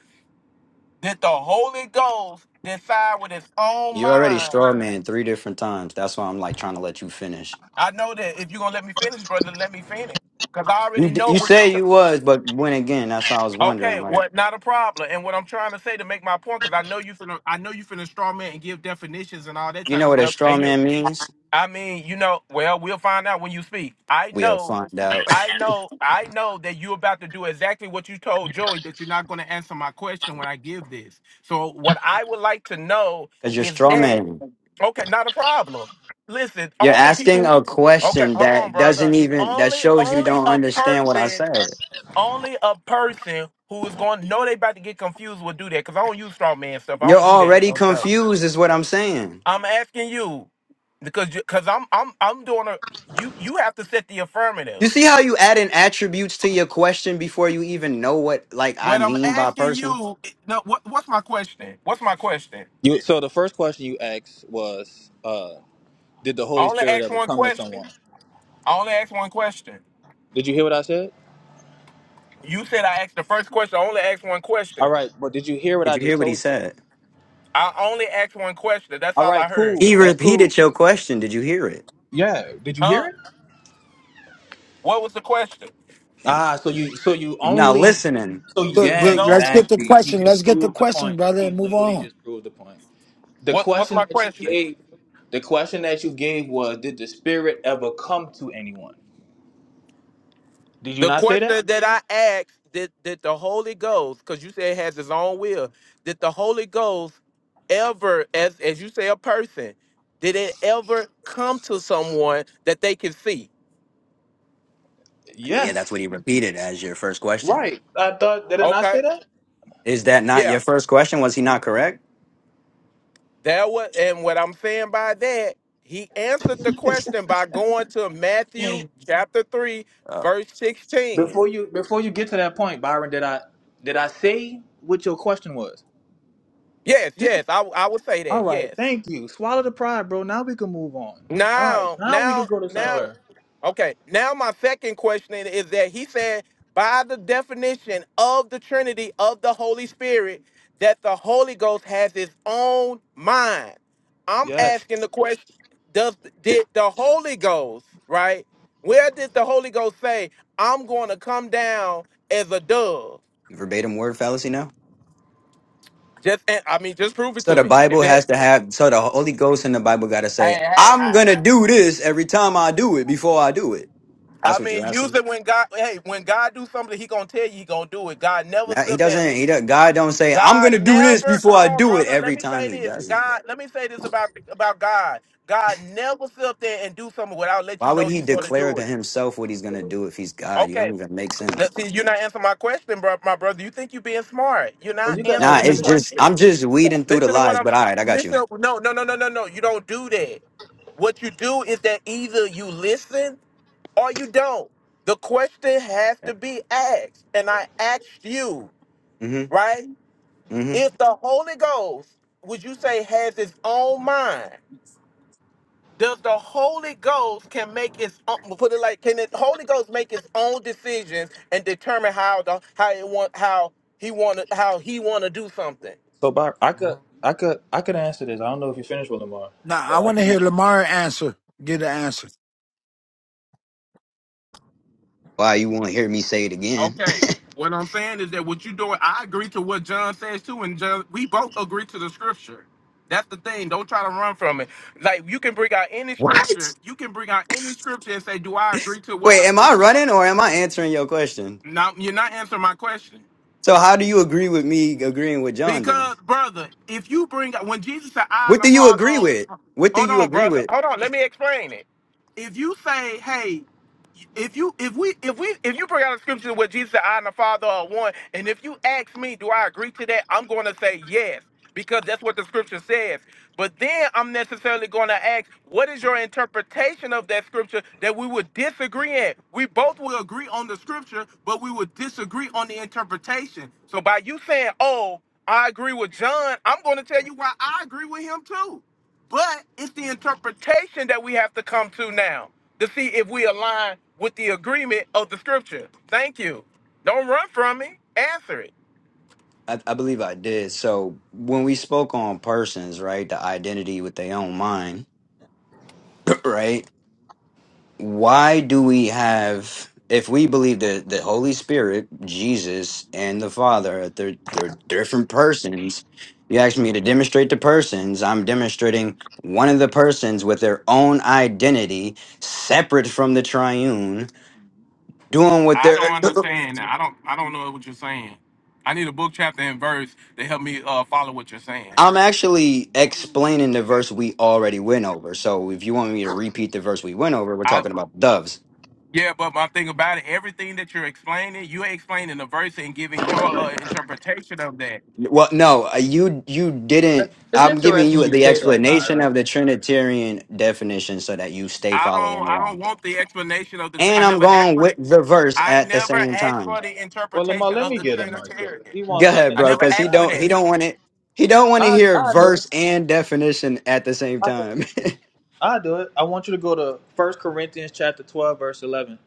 Speaker 8: Did the Holy Ghost decide with its own
Speaker 11: You already
Speaker 8: mind?
Speaker 11: straw man three different times. That's why I'm like trying to let you finish.
Speaker 8: I know that if you're gonna let me finish, brother, let me finish, because I
Speaker 11: You
Speaker 8: already
Speaker 11: d-
Speaker 8: know
Speaker 11: you
Speaker 8: what you.
Speaker 11: say you was, but when again, that's why I was wondering
Speaker 8: Okay,
Speaker 11: like,
Speaker 8: what? Not a problem. And what I'm trying to say to make my point, because I know you finna, I know you finna straw man and give definitions and all that
Speaker 11: you
Speaker 8: type
Speaker 11: know
Speaker 8: of
Speaker 11: what a
Speaker 8: stuff.
Speaker 11: straw
Speaker 8: And you,
Speaker 11: man means?
Speaker 8: I mean, you know, well, we'll find out when you speak. I
Speaker 11: We'll
Speaker 8: know,
Speaker 11: find out.
Speaker 8: I know, I know that you're about to do exactly what you told Joey that you're not going to answer my question when I give this. So what I would like to know
Speaker 11: Cause you're
Speaker 8: is
Speaker 11: straw
Speaker 8: that
Speaker 11: man.
Speaker 8: okay? Not a problem. Listen,
Speaker 11: You're
Speaker 8: only
Speaker 11: asking
Speaker 8: people.
Speaker 11: a
Speaker 8: Okay,
Speaker 11: question
Speaker 8: hold on,
Speaker 11: that
Speaker 8: brother.
Speaker 11: doesn't even that
Speaker 8: Only,
Speaker 11: shows you
Speaker 8: only
Speaker 11: don't
Speaker 8: a
Speaker 11: understand what I
Speaker 8: person
Speaker 11: said.
Speaker 8: only a person who is going to know they about to get confused will do that because I don't use straw man stuff. I
Speaker 11: You're
Speaker 8: don't do that.
Speaker 11: already
Speaker 8: I'm sorry.
Speaker 11: confused is what I'm saying.
Speaker 8: I'm asking you because you because I'm I'm I'm doing a you you have to set the affirmative.
Speaker 11: You see how you add in attributes to your question before you even know what like I
Speaker 8: What I'm
Speaker 11: mean by
Speaker 8: asking
Speaker 11: person?
Speaker 8: you, no, what what's my question? What's my question?
Speaker 5: You so the first question you asked was, uh, did the
Speaker 8: I
Speaker 5: Holy
Speaker 8: only
Speaker 5: Spirit
Speaker 8: asked
Speaker 5: ever
Speaker 8: one
Speaker 5: come to someone?
Speaker 8: question. I only asked one question.
Speaker 5: Did you hear what I said?
Speaker 8: You said I asked the first question. I only asked one
Speaker 5: All
Speaker 8: question.
Speaker 5: right, but did you hear what
Speaker 11: Did
Speaker 5: I
Speaker 11: you
Speaker 5: just
Speaker 11: hear what he
Speaker 5: told you?
Speaker 11: said?
Speaker 8: I only asked one question. That's
Speaker 5: All
Speaker 8: all I
Speaker 5: right,
Speaker 8: heard.
Speaker 5: cool.
Speaker 11: He
Speaker 5: That's cool.
Speaker 11: repeated your question. Did you hear it?
Speaker 5: Yeah. Did you hear
Speaker 8: Huh?
Speaker 5: it?
Speaker 8: What was the question?
Speaker 5: Ah, so you so you
Speaker 11: You're not
Speaker 5: only
Speaker 11: listening.
Speaker 5: so you-
Speaker 3: But,
Speaker 5: yeah,
Speaker 3: but
Speaker 8: No.
Speaker 3: let's get the
Speaker 5: exactly. He
Speaker 3: question.
Speaker 5: just
Speaker 3: Let's get the
Speaker 5: proved the
Speaker 3: question,
Speaker 5: point.
Speaker 3: brother, and
Speaker 5: He
Speaker 3: move
Speaker 5: literally
Speaker 3: on.
Speaker 5: just proved the point. The
Speaker 8: What what's my
Speaker 5: question that you
Speaker 8: question?
Speaker 5: gave, the question that you gave was, did the Spirit ever come to anyone? Did you
Speaker 8: The
Speaker 5: not say that?
Speaker 8: question that I asked, did, did the Holy Ghost, because you said it has his own will, did the Holy Ghost ever, as as you say, a person, did it ever come to someone that they can see?
Speaker 11: Yeah, that's what
Speaker 5: Yes.
Speaker 11: he repeated as your first question.
Speaker 5: Right. I thought did I not
Speaker 8: Okay.
Speaker 5: say that?
Speaker 11: Is that not
Speaker 8: Yeah.
Speaker 11: your first question? Was he not correct?
Speaker 8: That was and what I'm saying by that, he answered the question by going to Matthew chapter three,
Speaker 11: Uh,
Speaker 8: verse 16.
Speaker 5: Before you before you get to that point, Byron, did I did I say what your question was?
Speaker 8: Yes,
Speaker 5: This
Speaker 8: yes, I I would say
Speaker 5: all
Speaker 8: that.
Speaker 5: right,
Speaker 8: Yes.
Speaker 5: thank you. Swallow the pride, bro. Now we can move on. All right.
Speaker 8: Now,
Speaker 5: Now we could
Speaker 8: now,
Speaker 5: go to
Speaker 8: now
Speaker 5: somewhere.
Speaker 8: Okay. Now my second question is that he said by the definition of the Trinity of the Holy Spirit that the Holy Ghost has his own mind. I'm
Speaker 5: Yes.
Speaker 8: asking the question, does did the Holy Ghost, right? Where did the Holy Ghost say, I'm going to come down as a dove?
Speaker 11: verbatim word fallacy now?
Speaker 8: Just and I mean, just prove it
Speaker 11: So
Speaker 8: to
Speaker 11: the
Speaker 8: me. If
Speaker 11: Bible
Speaker 8: that
Speaker 11: has to have so the Holy Ghost in the Bible gotta
Speaker 8: hey,
Speaker 11: say,
Speaker 8: hey,
Speaker 11: I'm
Speaker 8: I,
Speaker 11: gonna do this every time I do it before I do it. That's
Speaker 8: I
Speaker 11: what you
Speaker 8: mean,
Speaker 11: asking.
Speaker 8: usually when God, hey, when God do something, He gonna tell you He gonna do it. God never
Speaker 11: That- He
Speaker 8: sit there.
Speaker 11: doesn't he does God don't say, I'm
Speaker 8: God
Speaker 11: gonna do this
Speaker 8: never
Speaker 11: before
Speaker 8: hold
Speaker 11: I
Speaker 8: on,
Speaker 11: do it
Speaker 8: brother. Let
Speaker 11: every
Speaker 8: me
Speaker 11: time
Speaker 8: say
Speaker 11: he
Speaker 8: this.
Speaker 11: doesn't.
Speaker 8: God, let me say this about about God. God never sit up there and do something without let you
Speaker 11: Why
Speaker 8: know
Speaker 11: would he
Speaker 8: He's going to
Speaker 11: declare
Speaker 8: do
Speaker 11: to
Speaker 8: it.
Speaker 11: himself what he's gonna do if he's God? You
Speaker 8: Okay,
Speaker 11: don't even make sense.
Speaker 8: that, see, you're not answering my question, bro, my brother. You think you're being smart? You're
Speaker 5: Or
Speaker 8: not
Speaker 5: you could
Speaker 11: Nah,
Speaker 5: ask
Speaker 8: answering the
Speaker 5: me,
Speaker 11: it's
Speaker 5: bro.
Speaker 11: just
Speaker 8: question.
Speaker 11: I'm just weeding through the
Speaker 8: Listen to what
Speaker 11: lies,
Speaker 8: I'm
Speaker 11: but all
Speaker 8: saying.
Speaker 11: right, I got you.
Speaker 8: Listen, no, no, no, no, no, no. You don't do that. What you do is that either you listen or you don't. The question has
Speaker 11: Okay.
Speaker 8: to be asked, and I asked you,
Speaker 11: Mm-hmm.
Speaker 8: right?
Speaker 11: Mm-hmm.
Speaker 8: If the Holy Ghost, would you say, has its own mind? Does the Holy Ghost can make its own, put it like, can the Holy Ghost make its own decisions and determine how the how it want how he want to how he want to do something?
Speaker 5: So Byron I could I could I could answer this. I don't know if you finished with Lamar,
Speaker 3: Now
Speaker 5: but
Speaker 3: I
Speaker 5: I
Speaker 3: want to
Speaker 5: can
Speaker 3: hear
Speaker 5: answer
Speaker 3: Lamar answer. Get an answer.
Speaker 11: Why you won't hear me say it again?
Speaker 8: Okay. What I'm saying is that what you doing, I agree to what John says too, and John, we both agree to the scripture. That's the thing. Don't try to run from it. Like you can bring out any scripture.
Speaker 11: what?
Speaker 8: You can bring out any scripture and say, "Do I agree to what the
Speaker 11: Wait, am I
Speaker 8: scripture?"
Speaker 11: running or am I answering your question?
Speaker 8: Now you're not answering my question.
Speaker 11: So how do you agree with me agreeing with John then?
Speaker 8: Because, brother, if you bring when Jesus said, "I and
Speaker 11: What
Speaker 8: the
Speaker 11: do you agree
Speaker 8: Father,"
Speaker 11: with? What do
Speaker 8: Hold
Speaker 11: you
Speaker 8: on,
Speaker 11: agree
Speaker 8: brother.
Speaker 11: with?
Speaker 8: Hold on. Let me explain it. If you say, hey, if you if we if we if you bring out a scripture where Jesus said, I and the Father are one, and if you ask me, do I agree to that? I'm going to say yes because that's what the scripture says. But then I'm necessarily going to ask, what is your interpretation of that scripture that we would disagree in? We both will agree on the scripture, but we would disagree on the interpretation. So by you saying, oh, I agree with John, I'm going to tell you why I agree with him too. But it's the interpretation that we have to come to now to see if we align with the agreement of the scripture. Thank you. Don't run from me. Answer it.
Speaker 11: I, I believe I did. So when we spoke on persons, right, the identity with their own mind, right? Why do we have if we believe that the Holy Spirit, Jesus, and the Father, are they're, they're different persons. You asked me to demonstrate the persons. I'm demonstrating one of the persons with their own identity, separate from the triune, doing what
Speaker 8: I
Speaker 11: they're
Speaker 8: don't understand. that. I don't. I don't know what you're saying. I need a book, chapter, and verse to help me uh, follow what you're saying.
Speaker 11: I'm actually explaining the verse we already went over. So if you want me to repeat the verse we went over, we're
Speaker 8: I
Speaker 11: talking about doves.
Speaker 8: yeah, but my thing about it, everything that you're explaining, you're explaining the verse and giving your uh, interpretation of that.
Speaker 11: Well, no, uh, you you didn't.
Speaker 5: that. It's
Speaker 11: I'm giving
Speaker 5: interesting
Speaker 11: you
Speaker 5: you
Speaker 11: the
Speaker 5: say that,
Speaker 11: explanation
Speaker 5: Byron.
Speaker 11: of the Trinitarian definition so that you stay
Speaker 8: I don't
Speaker 11: following
Speaker 8: I don't
Speaker 11: along.
Speaker 8: want the explanation of the tr-
Speaker 11: And
Speaker 8: I
Speaker 11: I'm
Speaker 8: never asked
Speaker 11: going
Speaker 8: for
Speaker 11: with
Speaker 8: the
Speaker 11: the verse
Speaker 8: I
Speaker 11: at the
Speaker 8: never
Speaker 11: same
Speaker 8: asked
Speaker 11: time.
Speaker 8: for the
Speaker 5: Well Lamar,
Speaker 8: interpretation
Speaker 5: let
Speaker 8: of
Speaker 5: me
Speaker 8: the
Speaker 5: get him, Michael.
Speaker 8: Trinitarian.
Speaker 5: He
Speaker 11: Go
Speaker 5: wants
Speaker 11: ahead,
Speaker 5: something
Speaker 8: I
Speaker 11: bro,
Speaker 8: never
Speaker 11: because
Speaker 5: direct.
Speaker 11: he
Speaker 8: asked
Speaker 5: I
Speaker 8: for
Speaker 11: don't
Speaker 5: get.
Speaker 11: he
Speaker 8: that.
Speaker 11: don't want it. He don't want to
Speaker 5: I
Speaker 11: hear
Speaker 5: I do.
Speaker 11: verse and definition at the same time.
Speaker 5: I'll do it. I want you to go to First Corinthians chapter 12, verse 11.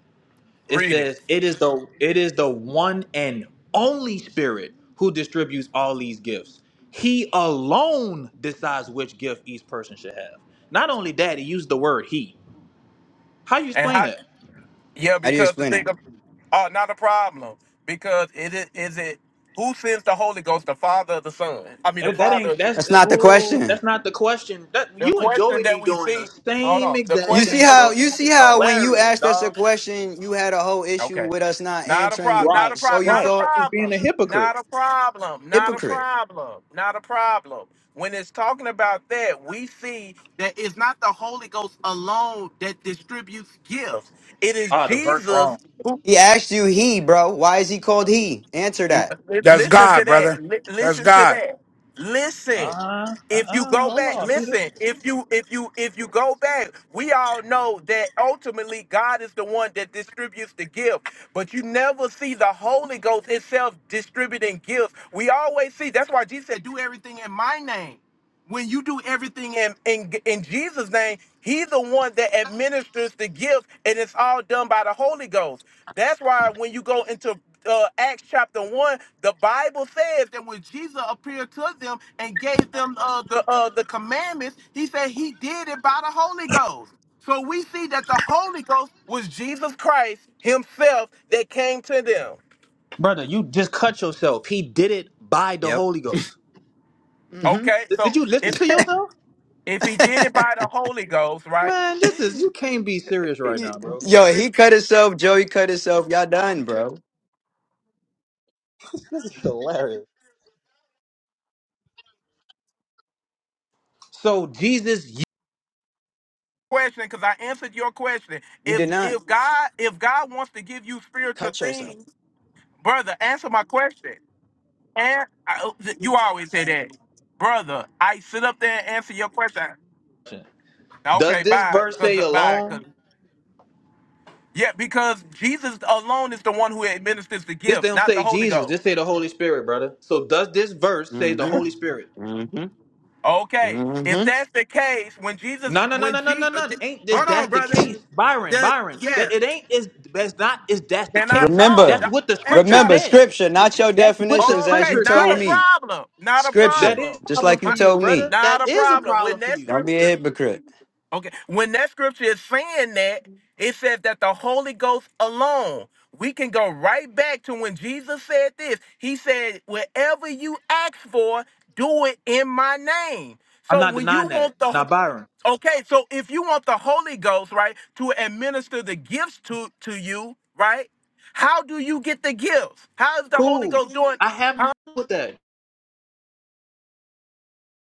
Speaker 5: It
Speaker 8: Read it.
Speaker 5: says, it is the it is the one and only spirit who distributes all these gifts. He alone decides which gift each person should have. Not only that, he used the word he. How you
Speaker 8: And
Speaker 5: explain
Speaker 8: how
Speaker 5: that?
Speaker 8: yeah,
Speaker 11: How do you
Speaker 8: because the
Speaker 11: explain that?
Speaker 8: thing of oh not a problem. Because it is is it who sends the Holy Ghost, the Father or the Son? I mean the
Speaker 5: And That ain't
Speaker 8: Father
Speaker 5: that's
Speaker 11: That's
Speaker 5: that-
Speaker 11: not the
Speaker 5: whoa,
Speaker 11: question.
Speaker 5: that's not the question. That
Speaker 8: the
Speaker 5: you and
Speaker 8: question
Speaker 5: Joey
Speaker 8: that
Speaker 5: be
Speaker 8: we
Speaker 5: doing the
Speaker 8: see hold
Speaker 5: same
Speaker 8: on. The
Speaker 11: You
Speaker 5: exact
Speaker 8: question
Speaker 11: see
Speaker 5: thing,
Speaker 8: that
Speaker 11: how
Speaker 5: bro. This
Speaker 11: you
Speaker 8: we,
Speaker 11: see
Speaker 5: is
Speaker 11: how when you
Speaker 5: hilarious,
Speaker 11: asked us a
Speaker 5: dog.
Speaker 11: question, you had a whole issue
Speaker 8: Okay.
Speaker 11: with us not
Speaker 8: Not a
Speaker 11: answering what
Speaker 8: problem. Not a
Speaker 5: Right,
Speaker 11: so
Speaker 8: problem.
Speaker 11: you
Speaker 8: Not a
Speaker 5: right.
Speaker 11: thought?
Speaker 5: He's
Speaker 8: problem.
Speaker 5: being a hypocrite.
Speaker 8: Not a problem. Not a
Speaker 11: Hypocrite.
Speaker 8: problem. Not a problem. When it's talking about that, we see that it's not the Holy Ghost alone that distributes gifts. It is
Speaker 5: Ah, the verse wrong.
Speaker 8: Jesus.
Speaker 11: He asked you he, bro. Why is he called he? Answer
Speaker 8: Li-
Speaker 11: that.
Speaker 3: That's
Speaker 8: Listen to
Speaker 3: God, brother.
Speaker 8: that. Li-
Speaker 3: That's
Speaker 8: Listen to
Speaker 3: God.
Speaker 8: that. Listen.
Speaker 5: Uh-huh.
Speaker 8: If you
Speaker 5: Uh-uh.
Speaker 8: go
Speaker 5: Hold
Speaker 8: back,
Speaker 5: on, Peter.
Speaker 8: listen. If you if you if you go back, we all know that ultimately God is the one that distributes the gift. But you never see the Holy Ghost itself distributing gifts. We always see. That's why Jesus said, "Do everything in my name." When you do everything in in, in Jesus' name, He's the one that administers the gift, and it's all done by the Holy Ghost. That's why when you go into uh, Acts chapter one, the Bible says that when Jesus appeared to them and gave them uh, the uh, the commandments, he said he did it by the Holy Ghost. So we see that the Holy Ghost was Jesus Christ Himself that came to them.
Speaker 5: Brother, you just cut yourself. He did it by the
Speaker 11: Yep.
Speaker 5: Holy Ghost.
Speaker 11: hmm
Speaker 8: Okay,
Speaker 5: Did did
Speaker 8: so
Speaker 5: you listen
Speaker 8: if
Speaker 5: to yourself?
Speaker 8: if he did it by the Holy Ghost, right?
Speaker 5: Man, this is you can't be serious right now, bro.
Speaker 11: Yo, he cut himself, Joey cut himself. Y'all done, bro.
Speaker 5: This is hilarious. So Jesus
Speaker 8: Question, because I answered your question.
Speaker 11: You
Speaker 8: If
Speaker 11: did not
Speaker 8: if God if God wants to give you spiritual
Speaker 11: cut yourself.
Speaker 8: things, brother, answer my question. And I, you always say that, brother. I sit up there and answer your question.
Speaker 5: you- does
Speaker 8: Okay,
Speaker 5: this
Speaker 8: bye.
Speaker 5: verse
Speaker 8: Because
Speaker 5: say
Speaker 8: bye. 'cause-
Speaker 5: alone?
Speaker 8: yeah, because Jesus alone is the one who administers the
Speaker 5: This they
Speaker 8: gift,
Speaker 5: don't
Speaker 8: not the
Speaker 5: say
Speaker 8: Holy
Speaker 5: Jesus, this
Speaker 8: Ghost.
Speaker 5: say the Holy Spirit, brother. So does this verse say the
Speaker 11: hmm
Speaker 5: Holy Spirit?
Speaker 11: hmm
Speaker 8: Okay, if
Speaker 11: hmm
Speaker 8: that's the case, when Jesus,
Speaker 5: No, no, no,
Speaker 8: when
Speaker 5: no, no, no,
Speaker 8: Jesus,
Speaker 5: no. Ain't this
Speaker 8: hold on,
Speaker 5: that's the
Speaker 8: brother.
Speaker 5: case. Byron,
Speaker 8: The,
Speaker 5: Byron. That
Speaker 8: yeah,
Speaker 5: it ain't is that's not is that's the
Speaker 8: can I
Speaker 5: case.
Speaker 8: talk?
Speaker 5: That's
Speaker 11: Remember.
Speaker 8: Doc-
Speaker 5: what the
Speaker 8: hey,
Speaker 5: scripture
Speaker 8: doc,
Speaker 11: Remember
Speaker 5: says.
Speaker 11: scripture, not your
Speaker 5: That's what the
Speaker 11: definitions as
Speaker 8: okay,
Speaker 11: you
Speaker 5: scripture
Speaker 8: not
Speaker 11: told
Speaker 8: a
Speaker 5: says.
Speaker 11: me.
Speaker 8: problem, not a
Speaker 5: That
Speaker 11: Scripture,
Speaker 5: is
Speaker 8: problem,
Speaker 5: a
Speaker 11: just
Speaker 5: problem
Speaker 11: like you
Speaker 5: for
Speaker 8: My-
Speaker 5: you,
Speaker 11: told
Speaker 5: brother.
Speaker 11: me.
Speaker 8: not
Speaker 5: That
Speaker 8: a
Speaker 5: is a
Speaker 8: problem.
Speaker 5: problem
Speaker 8: When
Speaker 5: for
Speaker 8: that
Speaker 5: you.
Speaker 11: Don't be
Speaker 8: scripture,
Speaker 11: a hypocrite.
Speaker 8: Okay. When that scripture is saying that, it says that the Holy Ghost alone. We can go right back to when Jesus said this. He said, Whatever you ask for, do it in my name.
Speaker 5: I'm
Speaker 8: So
Speaker 5: not
Speaker 8: when you
Speaker 5: denying that.
Speaker 8: want
Speaker 5: Now,
Speaker 8: the
Speaker 5: Byron,
Speaker 8: okay, so if you want the Holy Ghost, right, to administer the gifts to to you, right? How do you get the gifts? How is the Holy
Speaker 5: cool.
Speaker 8: Ghost doing?
Speaker 5: I have
Speaker 8: huh?
Speaker 5: no problem with that.